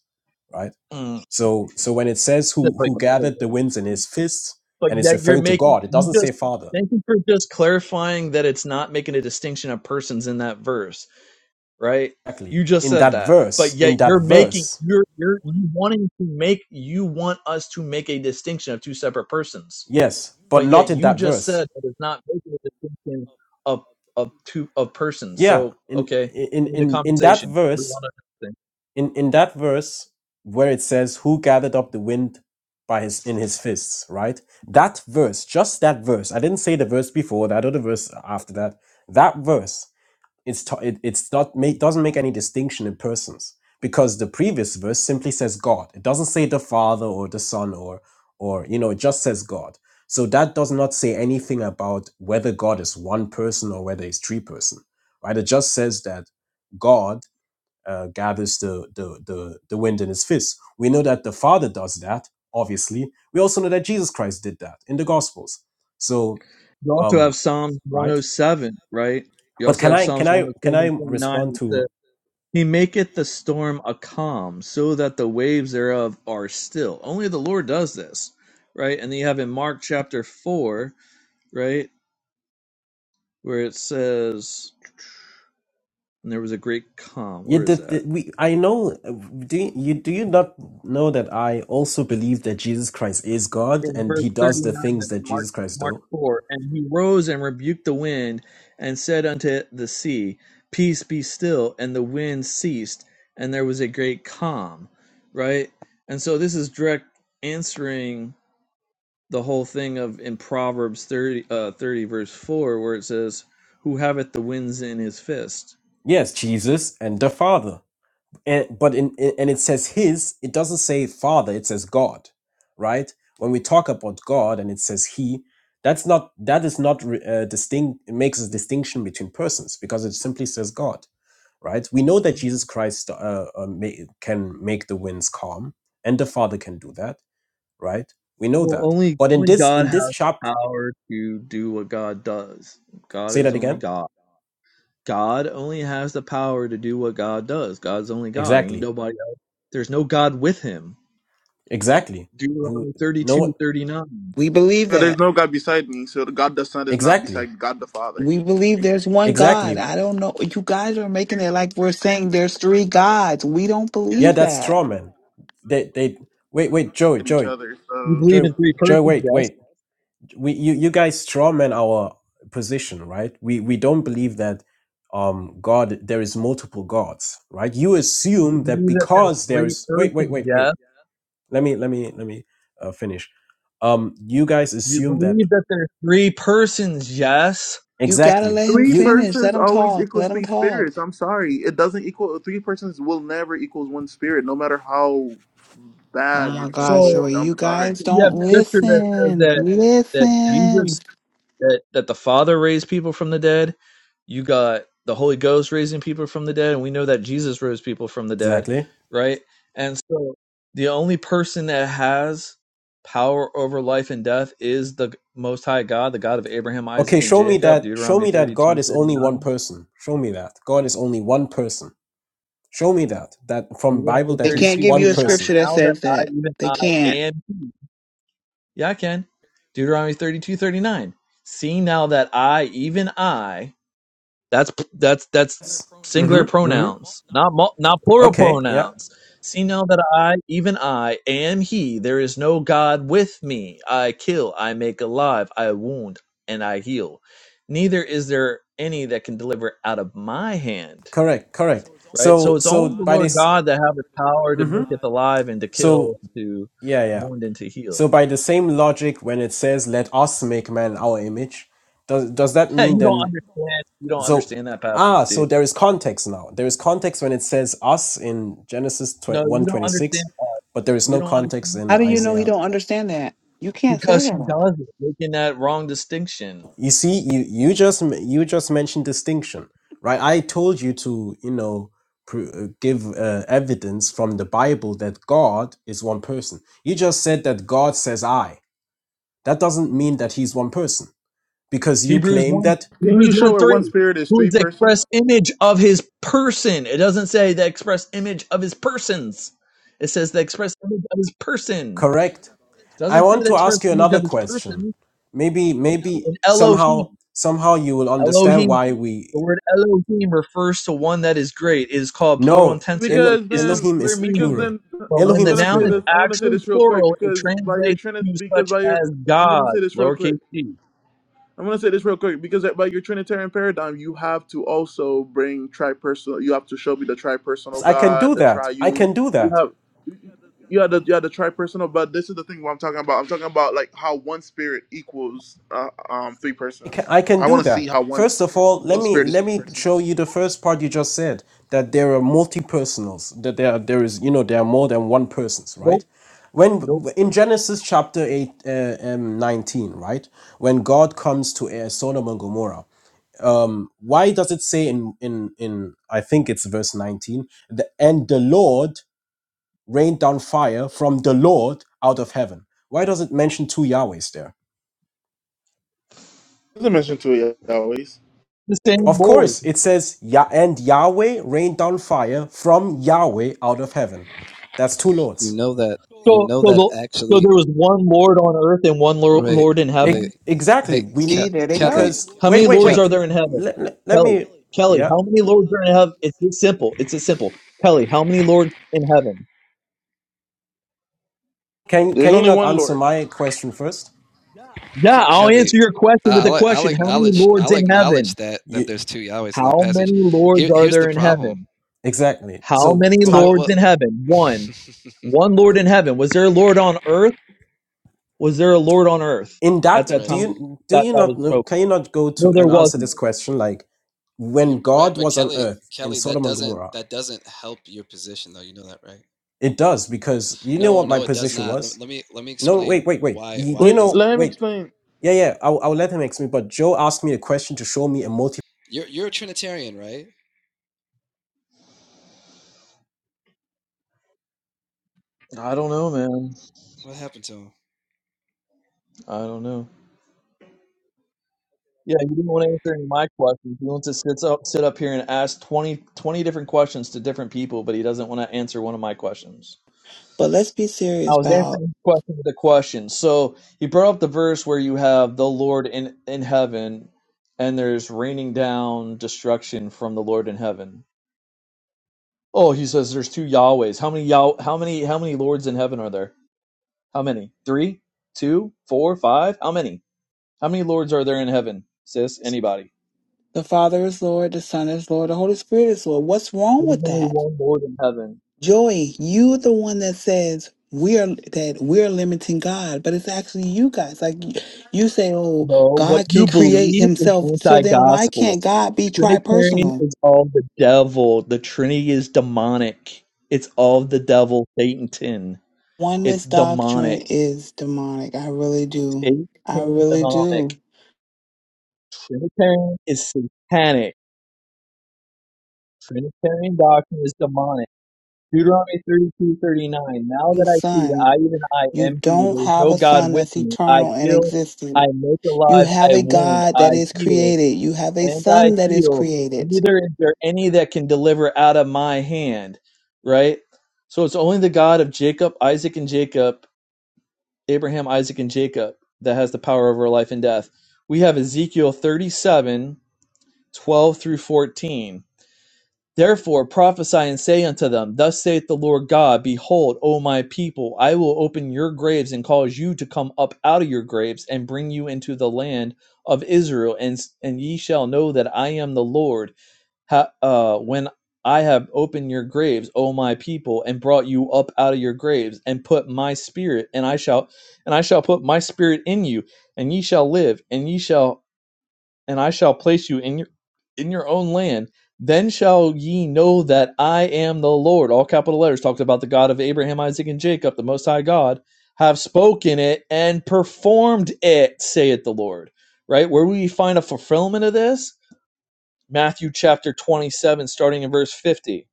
Speaker 14: right?
Speaker 8: Mm.
Speaker 14: So so when it says
Speaker 8: That's
Speaker 14: who
Speaker 8: like-
Speaker 14: who gathered the winds in his fist
Speaker 8: But
Speaker 14: and it's
Speaker 8: yeah, you're
Speaker 14: referring to
Speaker 8: making
Speaker 14: God, it
Speaker 8: you
Speaker 14: doesn't
Speaker 8: just
Speaker 14: say Father.
Speaker 8: thank you for just clarifying that it's not making a distinction of persons in that verse, right?
Speaker 14: Exactly.
Speaker 8: You just
Speaker 14: In
Speaker 8: said
Speaker 14: that
Speaker 8: that. But
Speaker 14: verse,
Speaker 8: yet
Speaker 14: in that
Speaker 8: you're making
Speaker 14: verse.
Speaker 8: you're you're you wanting to make you want us to make a distinction of two separate persons.
Speaker 14: Yes, but
Speaker 8: But yet
Speaker 14: not in
Speaker 8: you
Speaker 14: that
Speaker 8: just
Speaker 14: verse.
Speaker 8: said that it's not making a distinction of of two of persons.
Speaker 14: Yeah,
Speaker 8: So
Speaker 14: in
Speaker 8: okay,
Speaker 14: in
Speaker 8: end the
Speaker 14: in in that
Speaker 8: conversation. We
Speaker 14: verse
Speaker 8: want to understand.
Speaker 14: in in that verse where it says who gathered up the wind by his in his fists right that verse just that verse i didn't say the verse before that or the verse after that that verse it's t- it, it's not make doesn't make any distinction in persons because the previous verse simply says god it doesn't say the father or the son or or you know it just says god so that does not say anything about whether god is one person or whether he's three person right it just says that god uh, gathers the, the, the, the wind in his fist. We know that the Father does that, obviously. We also know that Jesus Christ did that in the Gospels. So,
Speaker 8: You also have
Speaker 14: um,
Speaker 8: Psalms
Speaker 14: right?
Speaker 8: 107, right? You
Speaker 14: But
Speaker 8: also
Speaker 14: can
Speaker 8: have
Speaker 14: I can
Speaker 8: Psalms
Speaker 14: I can
Speaker 8: 107
Speaker 14: I
Speaker 8: and 29
Speaker 14: respond
Speaker 8: which
Speaker 14: to
Speaker 8: He maketh the storm a calm, so that the waves thereof are still. Only the Lord does this, right? And then you have in Mark chapter 4, right, where it says, and there was a great calm.
Speaker 14: you?
Speaker 8: Where is
Speaker 14: Did,
Speaker 8: that?
Speaker 14: did we? I know. uh, Do you you- do you not know that I also believe that Jesus Christ is God
Speaker 8: In
Speaker 14: and
Speaker 8: verse
Speaker 14: He does the
Speaker 8: 39
Speaker 14: things
Speaker 8: of
Speaker 14: that
Speaker 8: Mark,
Speaker 14: Jesus Christ
Speaker 8: Mark
Speaker 14: do?
Speaker 8: 4. And he rose and rebuked the wind and said unto the sea, Peace be still. And the wind ceased, and there was a great calm, right? And so this is direct answering the whole thing of in Proverbs 30, uh, 30 verse 4, where it says, Who haveth the winds in his fist?
Speaker 14: Yes, Jesus and the Father. And but in in- and it says his, it doesn't say Father, it says God, right? When we talk about God and it says he, that's not that is not re- uh, distinct it makes a distinction between persons because it simply says God, right? We know that Jesus Christ uh, uh, ma- can make the winds calm and the Father can do that. right? We know
Speaker 8: Well,
Speaker 14: that.
Speaker 8: only,
Speaker 14: But in
Speaker 8: only
Speaker 14: this
Speaker 8: God
Speaker 14: in this
Speaker 8: has
Speaker 14: chapter,
Speaker 8: power to do what God does. God
Speaker 14: say
Speaker 8: is
Speaker 14: that
Speaker 8: only
Speaker 14: again.
Speaker 8: God. God only has the power to do what God does. God's only God. Ain't
Speaker 14: Exactly.
Speaker 8: nobody else. There's no God with him.
Speaker 14: Exactly. Who
Speaker 8: Deuteronomy thirty
Speaker 14: no one
Speaker 8: two thirty nine.
Speaker 15: We believe
Speaker 2: Yeah, there's
Speaker 15: that.
Speaker 2: no God beside me, so the God the Son is not
Speaker 14: exactly.
Speaker 2: beside God the Father.
Speaker 15: We believe there's one God.
Speaker 14: Exactly.
Speaker 15: I don't know. You guys are making it like we're saying there's three gods. We don't
Speaker 14: Yeah,
Speaker 15: believe
Speaker 14: that's
Speaker 15: that.
Speaker 14: straw man. They they wait, wait, Joey,
Speaker 2: At each
Speaker 14: Joey,
Speaker 2: other,
Speaker 8: You
Speaker 2: so
Speaker 8: believe
Speaker 2: you
Speaker 14: Joey,
Speaker 8: in
Speaker 2: know.
Speaker 8: three
Speaker 14: Joey,
Speaker 8: persons,
Speaker 14: wait,
Speaker 8: yes.
Speaker 14: wait. We you, you guys straw man our position, right? We we don't believe that um God there is multiple gods, right? You
Speaker 8: You
Speaker 14: assume that
Speaker 8: believe that there's
Speaker 14: because there
Speaker 8: three
Speaker 14: is wait, wait,
Speaker 8: persons,
Speaker 14: wait, wait.
Speaker 8: yes.
Speaker 14: Let me let me let me uh, finish um, you guys
Speaker 8: You
Speaker 14: assume that
Speaker 8: believe that there's three persons, yes.
Speaker 15: You gotta
Speaker 14: Exactly.
Speaker 15: let him
Speaker 2: three
Speaker 14: You
Speaker 15: finish. Let
Speaker 2: persons
Speaker 15: him
Speaker 2: always
Speaker 15: talk.
Speaker 2: equals
Speaker 15: Let him
Speaker 2: three
Speaker 15: talk.
Speaker 2: spirits. I'm sorry, it doesn't equal three persons will never equals one spirit, no matter how
Speaker 15: Oh
Speaker 2: bad you're
Speaker 15: my
Speaker 2: trying to
Speaker 15: gosh,
Speaker 8: So.
Speaker 2: twist
Speaker 15: Joey,
Speaker 2: it. I'm
Speaker 15: you
Speaker 2: sorry.
Speaker 15: guys
Speaker 8: You have
Speaker 15: don't
Speaker 8: scripture that says
Speaker 15: listen.
Speaker 8: that that
Speaker 15: Listen.
Speaker 8: Jesus that that the Father raised people from the dead. You got the Holy Ghost raising people from the dead, and we know that Jesus rose people from the dead,
Speaker 14: exactly.
Speaker 8: right? And so the only person that has power over life and death is the most high God, the God of Abraham, Isaac,
Speaker 14: Okay,
Speaker 8: and
Speaker 14: show me
Speaker 8: Jacob,
Speaker 14: that show
Speaker 8: Deuteronomy
Speaker 14: me that
Speaker 8: thirty
Speaker 14: God
Speaker 8: two
Speaker 14: is
Speaker 8: thirty
Speaker 14: only one
Speaker 8: nine.
Speaker 14: person. Show me that. God is only one person. Show me that. That from Bible
Speaker 8: Deuteronomy
Speaker 14: that
Speaker 15: They
Speaker 8: thirty
Speaker 14: he's
Speaker 15: can't
Speaker 8: two
Speaker 15: give
Speaker 14: one
Speaker 15: you
Speaker 8: thirty
Speaker 15: a
Speaker 8: nine.
Speaker 14: person.
Speaker 15: scripture that
Speaker 8: Now that
Speaker 15: says
Speaker 8: I,
Speaker 15: that.
Speaker 8: even
Speaker 15: They
Speaker 8: I
Speaker 15: can't.
Speaker 8: am he Yeah, I can. Deuteronomy 32, 39. See now that I, even I, that's that's that's singular
Speaker 14: Mhm. Mhm.
Speaker 8: pronouns, not mul- not plural
Speaker 14: Okay, yeah.
Speaker 8: pronouns. See now that I, even I, am He. There is no God with me. I kill, I make alive, I wound, and I heal. Neither is there any that can deliver out of my hand.
Speaker 14: Correct, correct.
Speaker 8: Right, so
Speaker 14: So
Speaker 8: it's only
Speaker 14: so
Speaker 8: the
Speaker 14: by
Speaker 8: Lord
Speaker 14: this
Speaker 8: God that have the power to make
Speaker 14: Mhm.
Speaker 8: it alive and to kill,
Speaker 14: So
Speaker 8: to
Speaker 14: yeah, yeah.
Speaker 8: wound, and to heal.
Speaker 14: So by the same logic when it says let us make man our image, does does that mean
Speaker 8: you don't
Speaker 14: then
Speaker 8: understand. You don't
Speaker 14: So
Speaker 8: understand that passage,
Speaker 14: ah, so
Speaker 8: dude.
Speaker 14: there is context now. There is context when it says us in Genesis
Speaker 8: No, you
Speaker 14: one
Speaker 8: don't
Speaker 14: 26,
Speaker 8: understand. That.
Speaker 14: but there is
Speaker 8: You
Speaker 14: no
Speaker 8: don't understand
Speaker 14: context
Speaker 8: that
Speaker 14: in
Speaker 15: How do you know he
Speaker 14: Isaiah.
Speaker 15: don't understand that? You can't say
Speaker 8: because he
Speaker 15: that.
Speaker 8: does it, making that wrong distinction.
Speaker 14: You see, you you just m- you just mentioned distinction, right? I told you to you know pr- uh, give uh, evidence from the Bible that God is one person. You just said that God says I. That doesn't mean that He's one person because you
Speaker 8: Hebrews
Speaker 14: claim
Speaker 8: one,
Speaker 14: that.
Speaker 2: Can
Speaker 8: Hebrews
Speaker 2: you show
Speaker 8: one
Speaker 2: where one
Speaker 8: three.
Speaker 2: spirit is
Speaker 8: Who is
Speaker 2: three
Speaker 8: the
Speaker 2: persons?
Speaker 8: express image of his person? It doesn't say the express image of his persons. It says the express image of his person.
Speaker 14: Correct. I
Speaker 8: doesn't say
Speaker 14: want
Speaker 8: the
Speaker 14: to
Speaker 8: express
Speaker 14: ask you
Speaker 8: image
Speaker 14: another
Speaker 8: of his
Speaker 14: question.
Speaker 8: person
Speaker 14: Maybe maybe
Speaker 8: in Elohim.
Speaker 14: somehow somehow you will understand why
Speaker 8: Elohim.
Speaker 14: we
Speaker 8: The word Elohim refers to one that is great. It is called plural
Speaker 14: No,
Speaker 8: intensive,
Speaker 14: Elo-
Speaker 8: which
Speaker 2: because
Speaker 8: is the
Speaker 2: then
Speaker 14: Elohim
Speaker 8: singular
Speaker 14: is
Speaker 2: because
Speaker 8: meaning.
Speaker 14: plural.
Speaker 2: then
Speaker 8: But when
Speaker 2: I'm
Speaker 14: Elohim
Speaker 8: the
Speaker 14: is
Speaker 2: gonna
Speaker 8: noun
Speaker 2: say
Speaker 8: is
Speaker 2: this
Speaker 14: plural.
Speaker 2: I'm gonna say
Speaker 8: actually
Speaker 2: this real quick
Speaker 8: plural, it
Speaker 2: because by your
Speaker 8: translates
Speaker 2: trinit
Speaker 8: to
Speaker 2: because
Speaker 8: such
Speaker 2: by your
Speaker 8: as
Speaker 2: I'm gonna
Speaker 8: God,
Speaker 2: say this real quick
Speaker 8: lowercase g.
Speaker 2: I'm gonna say this real quick because by your Trinitarian paradigm you have to also bring tripersonal you have to show me the tripersonal
Speaker 14: I can
Speaker 2: God
Speaker 14: do
Speaker 2: the
Speaker 14: that. I
Speaker 2: triune
Speaker 14: can do
Speaker 2: you
Speaker 14: that.
Speaker 2: have you have the you have the tripersonal but this is the thing what I'm talking about I'm talking about like how one spirit equals uh, um three
Speaker 14: I can,
Speaker 2: persons
Speaker 14: I can
Speaker 2: I
Speaker 14: do
Speaker 2: want to see
Speaker 14: that.
Speaker 2: how one
Speaker 14: First of all, let
Speaker 2: one
Speaker 14: me
Speaker 2: spirit is
Speaker 14: let
Speaker 2: three
Speaker 14: me show
Speaker 2: persons.
Speaker 14: you the first part you just said that there are multi-personals, that there are, there is you know there are more than one persons,
Speaker 8: Nope,
Speaker 14: right?
Speaker 8: nope.
Speaker 14: When in Genesis chapter eight uh, um, nineteen, right, when God comes to uh, Sodom and Gomorrah, um, why does it say in in in I think it's verse nineteen, the, and the Lord rained down fire from the Lord out of heaven? Why does it mention two Yahwehs there?
Speaker 2: There's a mention to it always.
Speaker 8: The same
Speaker 14: Of
Speaker 8: Lord.
Speaker 14: course, it says, "Ya and Yahweh rained down fire from Yahweh out of heaven. That's two
Speaker 18: You
Speaker 14: lords.
Speaker 18: know that. You
Speaker 8: So,
Speaker 18: know
Speaker 8: so,
Speaker 18: that
Speaker 8: the, so
Speaker 18: actually.
Speaker 8: there was one Lord on earth and one lor-
Speaker 18: Wait,
Speaker 8: Lord in
Speaker 14: E-
Speaker 18: wait.
Speaker 8: heaven.
Speaker 14: exactly.
Speaker 18: Hey,
Speaker 14: We
Speaker 18: Ke-
Speaker 15: See, there they go.
Speaker 18: Kelly,
Speaker 14: because
Speaker 8: How
Speaker 14: wait,
Speaker 8: many
Speaker 18: Ke-
Speaker 14: wait,
Speaker 8: lords
Speaker 18: Ke-
Speaker 8: are
Speaker 14: wait.
Speaker 8: there in heaven?
Speaker 14: Let, let, let
Speaker 8: Kelly,
Speaker 14: me.
Speaker 8: Kelly,
Speaker 14: Yeah.
Speaker 8: how many lords are in heaven? It's, it's simple. It's as simple. Kelly, how many lords in heaven?
Speaker 14: Can
Speaker 2: There's
Speaker 14: can you
Speaker 2: only
Speaker 14: not
Speaker 2: one
Speaker 14: answer
Speaker 2: Lord.
Speaker 14: my question first?
Speaker 8: Yeah,
Speaker 18: Ke-
Speaker 8: I'll
Speaker 18: Kelly.
Speaker 8: answer your question
Speaker 18: I-
Speaker 8: with a
Speaker 18: I'll, I'll
Speaker 8: question. How many
Speaker 18: acknowledge.
Speaker 8: lords
Speaker 18: I'll
Speaker 8: in
Speaker 18: acknowledge
Speaker 8: heaven?
Speaker 18: that that
Speaker 14: You
Speaker 18: there's two Yahwehs in that
Speaker 8: How many
Speaker 18: passage.
Speaker 8: lords
Speaker 18: Here,
Speaker 8: are
Speaker 18: here's
Speaker 8: there
Speaker 18: the
Speaker 8: in
Speaker 18: problem.
Speaker 8: heaven?
Speaker 14: exactly.
Speaker 8: How
Speaker 14: So
Speaker 8: many
Speaker 18: What,
Speaker 14: ti-
Speaker 18: what,
Speaker 8: lords
Speaker 18: what?
Speaker 8: in heaven? One. One lord in heaven. Was there a lord on earth? Was there a lord on earth
Speaker 14: in
Speaker 8: at
Speaker 14: that,
Speaker 8: that
Speaker 14: do
Speaker 18: right.
Speaker 8: time
Speaker 14: you do
Speaker 8: that
Speaker 14: you
Speaker 8: that
Speaker 14: not
Speaker 8: was
Speaker 14: know?
Speaker 8: spoken?
Speaker 14: Can you not go
Speaker 8: No,
Speaker 14: to
Speaker 8: there
Speaker 14: and answer
Speaker 8: wasn't.
Speaker 14: this question? Like when
Speaker 18: You right,
Speaker 14: God
Speaker 18: but
Speaker 14: was on
Speaker 18: Kelly,
Speaker 14: earth in
Speaker 18: Kelly, that
Speaker 14: Sodom and
Speaker 18: doesn't
Speaker 14: Gomorrah,
Speaker 18: that doesn't help your position though. You know that, right?
Speaker 14: it does because you know
Speaker 18: No,
Speaker 14: what my
Speaker 18: no, it does
Speaker 14: position
Speaker 18: not. Let,
Speaker 14: was.
Speaker 18: let me let me
Speaker 14: No, wait,
Speaker 18: explain
Speaker 14: wait, wait. Do
Speaker 18: why
Speaker 14: you, do
Speaker 18: why
Speaker 14: you
Speaker 18: it
Speaker 2: Wait,
Speaker 18: doesn't.
Speaker 14: know?
Speaker 2: let him
Speaker 14: Wait.
Speaker 2: explain.
Speaker 14: Yeah, yeah, I'll, I'll let him explain. But Joe asked me a question to show me a multi
Speaker 18: You're you're a Trinitarian, right?
Speaker 8: I don't know, man.
Speaker 18: What happened to him?
Speaker 8: I don't know. Yeah, you didn't want to answer any of my questions. He wants to sit up, sit up here and ask 20, 20 different questions to different people, but he doesn't want to answer one of my questions.
Speaker 15: But let's be
Speaker 8: I
Speaker 15: serious
Speaker 8: was
Speaker 15: about
Speaker 8: answering the question with a question. So he brought up the verse where you have the Lord in, in heaven and there's raining down destruction from the Lord in heaven. Oh, he says there's two Yahwehs. How many Yah how many how many lords in heaven are there? How many? Three, two, four, five. How many? How many lords are there in heaven, sis? Anybody?
Speaker 15: the Father is Lord, the Son is Lord, the Holy Spirit is Lord. What's wrong
Speaker 8: There's
Speaker 15: with
Speaker 8: only
Speaker 15: that?
Speaker 8: one Lord in heaven.
Speaker 15: Joey, you the one that says we are that we're limiting God, but it's actually you guys. Like y- you say, oh,
Speaker 8: No, what
Speaker 15: God
Speaker 8: you
Speaker 15: can create
Speaker 8: believe is
Speaker 15: himself. So
Speaker 8: anti
Speaker 15: then why
Speaker 8: gospel.
Speaker 15: can't God be
Speaker 8: Trinitarian
Speaker 15: tripersonal?
Speaker 8: is all the devil. The Trinity is demonic. It's all the devil, Satan. It's
Speaker 15: Oneness doctrine
Speaker 8: demonic.
Speaker 15: is demonic. I really do.
Speaker 8: Satan,
Speaker 15: I really
Speaker 8: demonic.
Speaker 15: do.
Speaker 8: Trinitarian is satanic. Trinitarian doctrine is demonic. Deuteronomy 32 39. Now that I see,
Speaker 15: Son,
Speaker 8: I even I
Speaker 15: you
Speaker 8: am he.
Speaker 15: don't
Speaker 8: There is
Speaker 15: have
Speaker 8: no
Speaker 15: a
Speaker 8: God
Speaker 15: son
Speaker 8: with
Speaker 15: that's
Speaker 8: me. I
Speaker 15: eternal and
Speaker 8: kill,
Speaker 15: existing.
Speaker 8: I make
Speaker 15: You
Speaker 8: alive,
Speaker 15: have
Speaker 8: I
Speaker 15: a
Speaker 8: wound,
Speaker 15: God
Speaker 8: I
Speaker 15: that is
Speaker 8: heal.
Speaker 15: created. You have a
Speaker 8: and I
Speaker 15: son that is
Speaker 8: heal,
Speaker 15: created.
Speaker 8: neither is there any that can deliver out of my hand. Right? So it's only the God of Jacob, Isaac, and Jacob, Abraham, Isaac, and Jacob, that has the power over life and death. We have Ezekiel 37, 12 through 14. Therefore prophesy and say unto them, Thus saith the Lord God, Behold, O my people, I will open your graves and cause you to come up out of your graves and bring you into the land of Israel, and, and ye shall know that I am the Lord ha, uh, when I have opened your graves, O my people, and brought you up out of your graves, and put my spirit, and I shall, and I shall put my spirit in you, and ye shall live, and ye shall, and I shall place you in your, in your own land. Then shall ye know that I am the Lord. All capital letters talked about the God of Abraham, Isaac, and Jacob, the Most High God, have spoken it and performed it, saith the Lord. Right? Where we find a fulfillment of this Matthew chapter 27, starting in verse 50.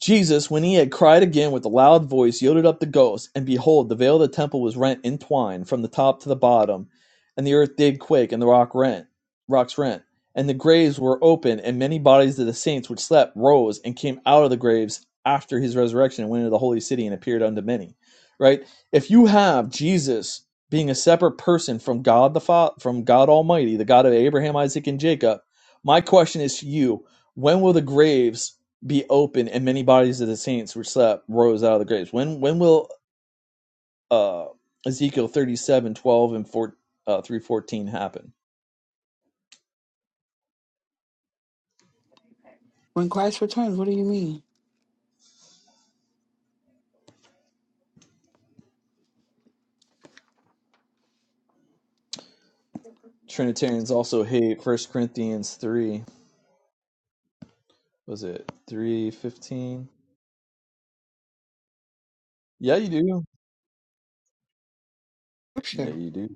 Speaker 8: Jesus, when he had cried again with a loud voice, yielded up the ghost. And behold, the veil of the temple was rent in twine from the top to the bottom, and the earth did quake, and the rock rent, rocks rent, and the graves were open, and many bodies of the saints which slept rose and came out of the graves after his resurrection and went into the holy city and appeared unto many. Right? If you have Jesus being a separate person from God the Father, from God Almighty, the God of Abraham, Isaac, and Jacob, my question is to you: When will the graves be open and many bodies of the saints were slept rose out of the graves when when will uh ezekiel 37 12 and 4 uh 314 happen
Speaker 15: When Christ returns, what do you mean?
Speaker 8: trinitarians also hate first corinthians 3 was it 315 yeah you do yeah
Speaker 15: Scripture.
Speaker 8: you do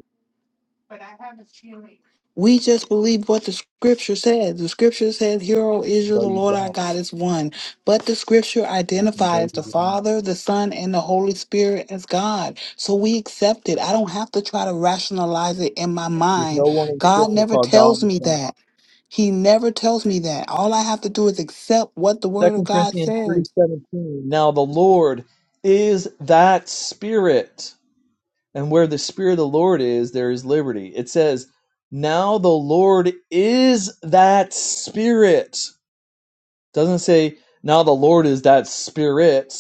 Speaker 15: We just believe what the scripture says. The scripture says, Hear, O Israel,
Speaker 8: no
Speaker 15: the
Speaker 8: you
Speaker 15: Lord our
Speaker 8: don't
Speaker 15: God is one. But the scripture
Speaker 8: no,
Speaker 15: identifies
Speaker 8: you
Speaker 15: the
Speaker 8: don't.
Speaker 15: Father, the Son, and the Holy Spirit as God. So we accept it. I don't have to try to rationalize it in my
Speaker 8: there's no
Speaker 15: mind.
Speaker 8: one in
Speaker 15: God
Speaker 8: scripture
Speaker 15: never
Speaker 8: called god
Speaker 15: tells
Speaker 8: the
Speaker 15: me
Speaker 8: son
Speaker 15: that. He never tells me that. All I have to do is accept what the Word of
Speaker 8: second
Speaker 15: God
Speaker 8: corinthians 3
Speaker 15: says.
Speaker 8: 17. now the lord is that spirit and where the spirit of the lord is there is liberty it says now the lord is that spirit It doesn't say now the lord is that spirit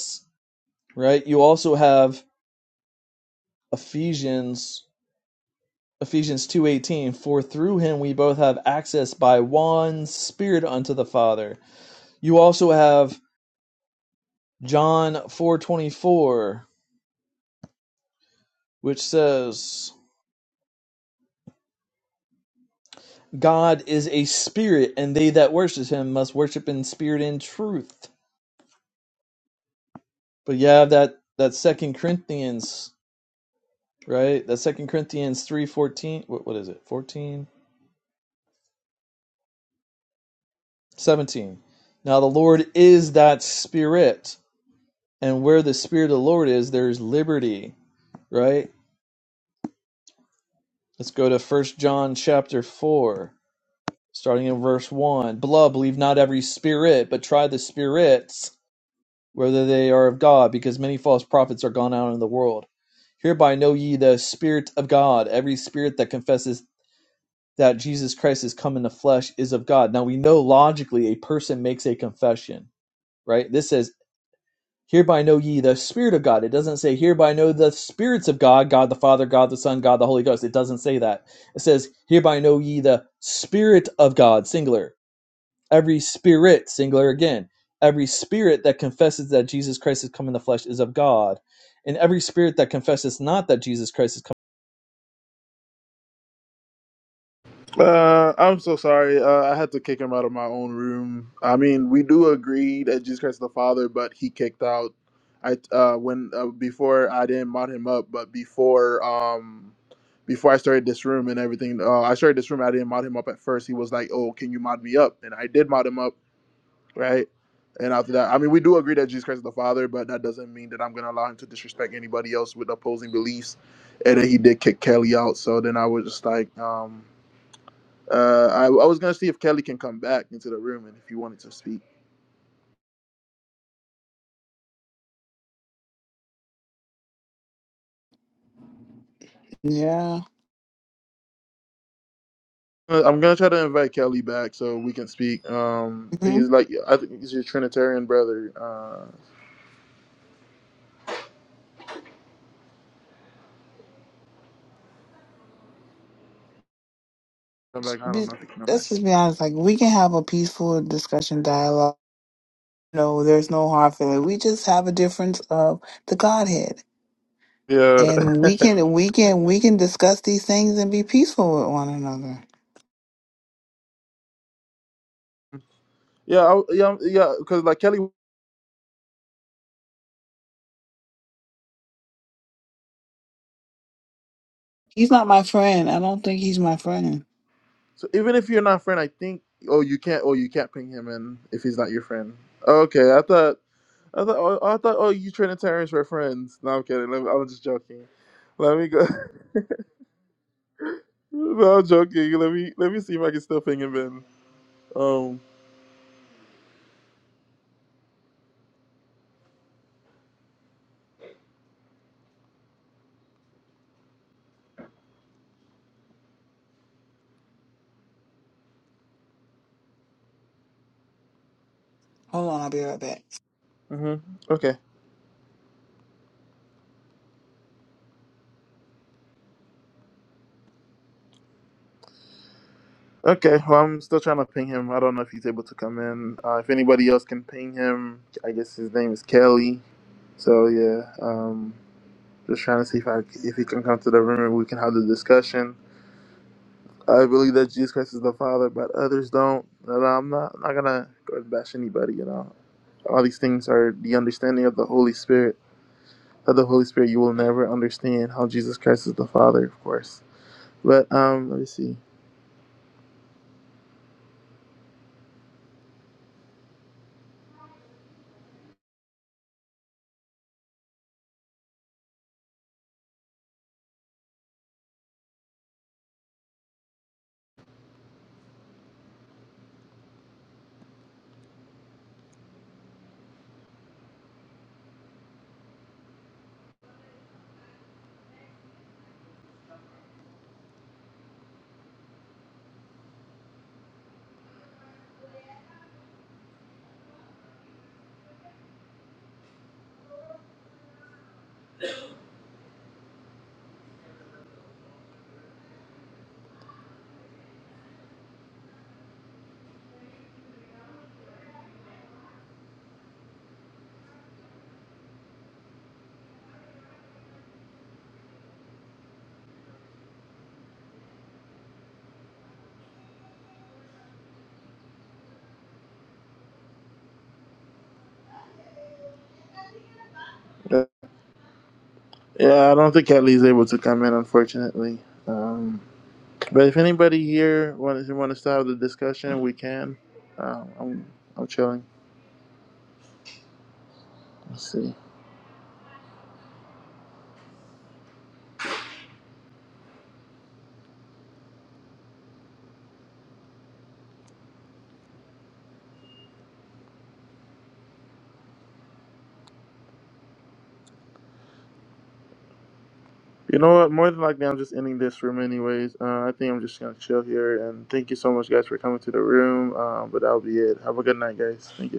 Speaker 8: right you also have ephesians ephesians 2.18 for through him we both have access by one spirit unto the father you also have john 4.24 which says god is a spirit and they that worship him must worship in spirit and truth But yeah, that that Second Corinthians, right? That Second Corinthians three fourteen. What what is it? 14 17. Now the Lord is that Spirit, and where the Spirit of the Lord is, there is liberty, right? Let's go to First John chapter four, starting in verse one. Beloved, believe not every spirit, but try the spirits whether they are of God, because many false prophets are gone out in the world. Hereby know ye the Spirit of God. Every spirit that confesses that Jesus Christ has come in the flesh is of God. Now we know logically a person makes a confession, right? This says, Hereby know ye the Spirit of God. It doesn't say, Hereby know the spirits of God, God the Father, God the Son, God the Holy Ghost. It doesn't say that. It says, Hereby know ye the Spirit of God, singular. Every spirit, singular again. Every spirit that confesses that Jesus Christ has come in the flesh is of God. And every spirit that confesses not that Jesus Christ has
Speaker 2: Uh, I'm so sorry. Uh, I had to kick him out of my own room. I mean, we do agree that Jesus Christ is the Father, but he kicked out. I uh, when uh, before I didn't mod him up, but before um before I started this room and everything, uh, I started this room. I didn't mod him up at first. He was like, "Oh, can you mod me up?" And I did mod him up. right? And after that, I mean, we do agree that Jesus Christ is the Father, but that doesn't mean that I'm going to allow him to disrespect anybody else with opposing beliefs. And then he did kick Kelly out. So then I was just like, um, uh, I, I was going to see if Kelly can come back into the room and if he wanted to speak.
Speaker 15: Yeah.
Speaker 2: Uh, I'm going to try to invite Kelly back so we can speak. Um,
Speaker 15: hmm
Speaker 2: he's like, I think he's your Trinitarian brother. Uh, I'm like, I don't know if he can come back.
Speaker 15: This is be honest. Like, we can have a peaceful discussion dialogue. No, there's no hard feeling. We just have a difference of the Godhead.
Speaker 2: Yeah.
Speaker 15: And we can we can we can discuss these things and be peaceful with one another.
Speaker 2: Yeah. I, yeah. Yeah. Because like Kelly
Speaker 15: He's not my friend. I don't think he's my friend.
Speaker 2: So even if you're not friend, I think oh you can't oh you can't ping him in if he's not your friend. Okay, I thought I thought oh, I thought oh you Trinitarians were friends. No, I'm kidding. Let me, I'm just joking. Let me go. no, I'm joking. Let me let me see if I can still ping him in. Um.
Speaker 15: Hold on, I'll be right back.
Speaker 2: hmm Okay. Okay. Well, I'm still trying to ping him. I don't know if he's able to come in. Uh, if anybody else can ping him, I guess his name is Kelly. So yeah. Um. Just trying to see if I if he can come to the room and we can have the discussion. I believe that Jesus Christ is the Father, but others don't. And I'm not, I'm not gonna go and bash anybody. You know, all these things are the understanding of the Holy Spirit. Without the Holy Spirit, you will never understand how Jesus Christ is the Father, of course. But um, let me see. Uh, Yeah, I don't think Kelly is able to come in, unfortunately. Um, but if anybody here wants to want to start the discussion, we can. Um, I'm I'm chilling. Let's see. You know what? More than likely, I'm just ending this room anyways. Uh, I think I'm just gonna chill here. And thank you so much, guys, for coming to the room. Um, but that'll be it. Have a good night, guys. Thank you.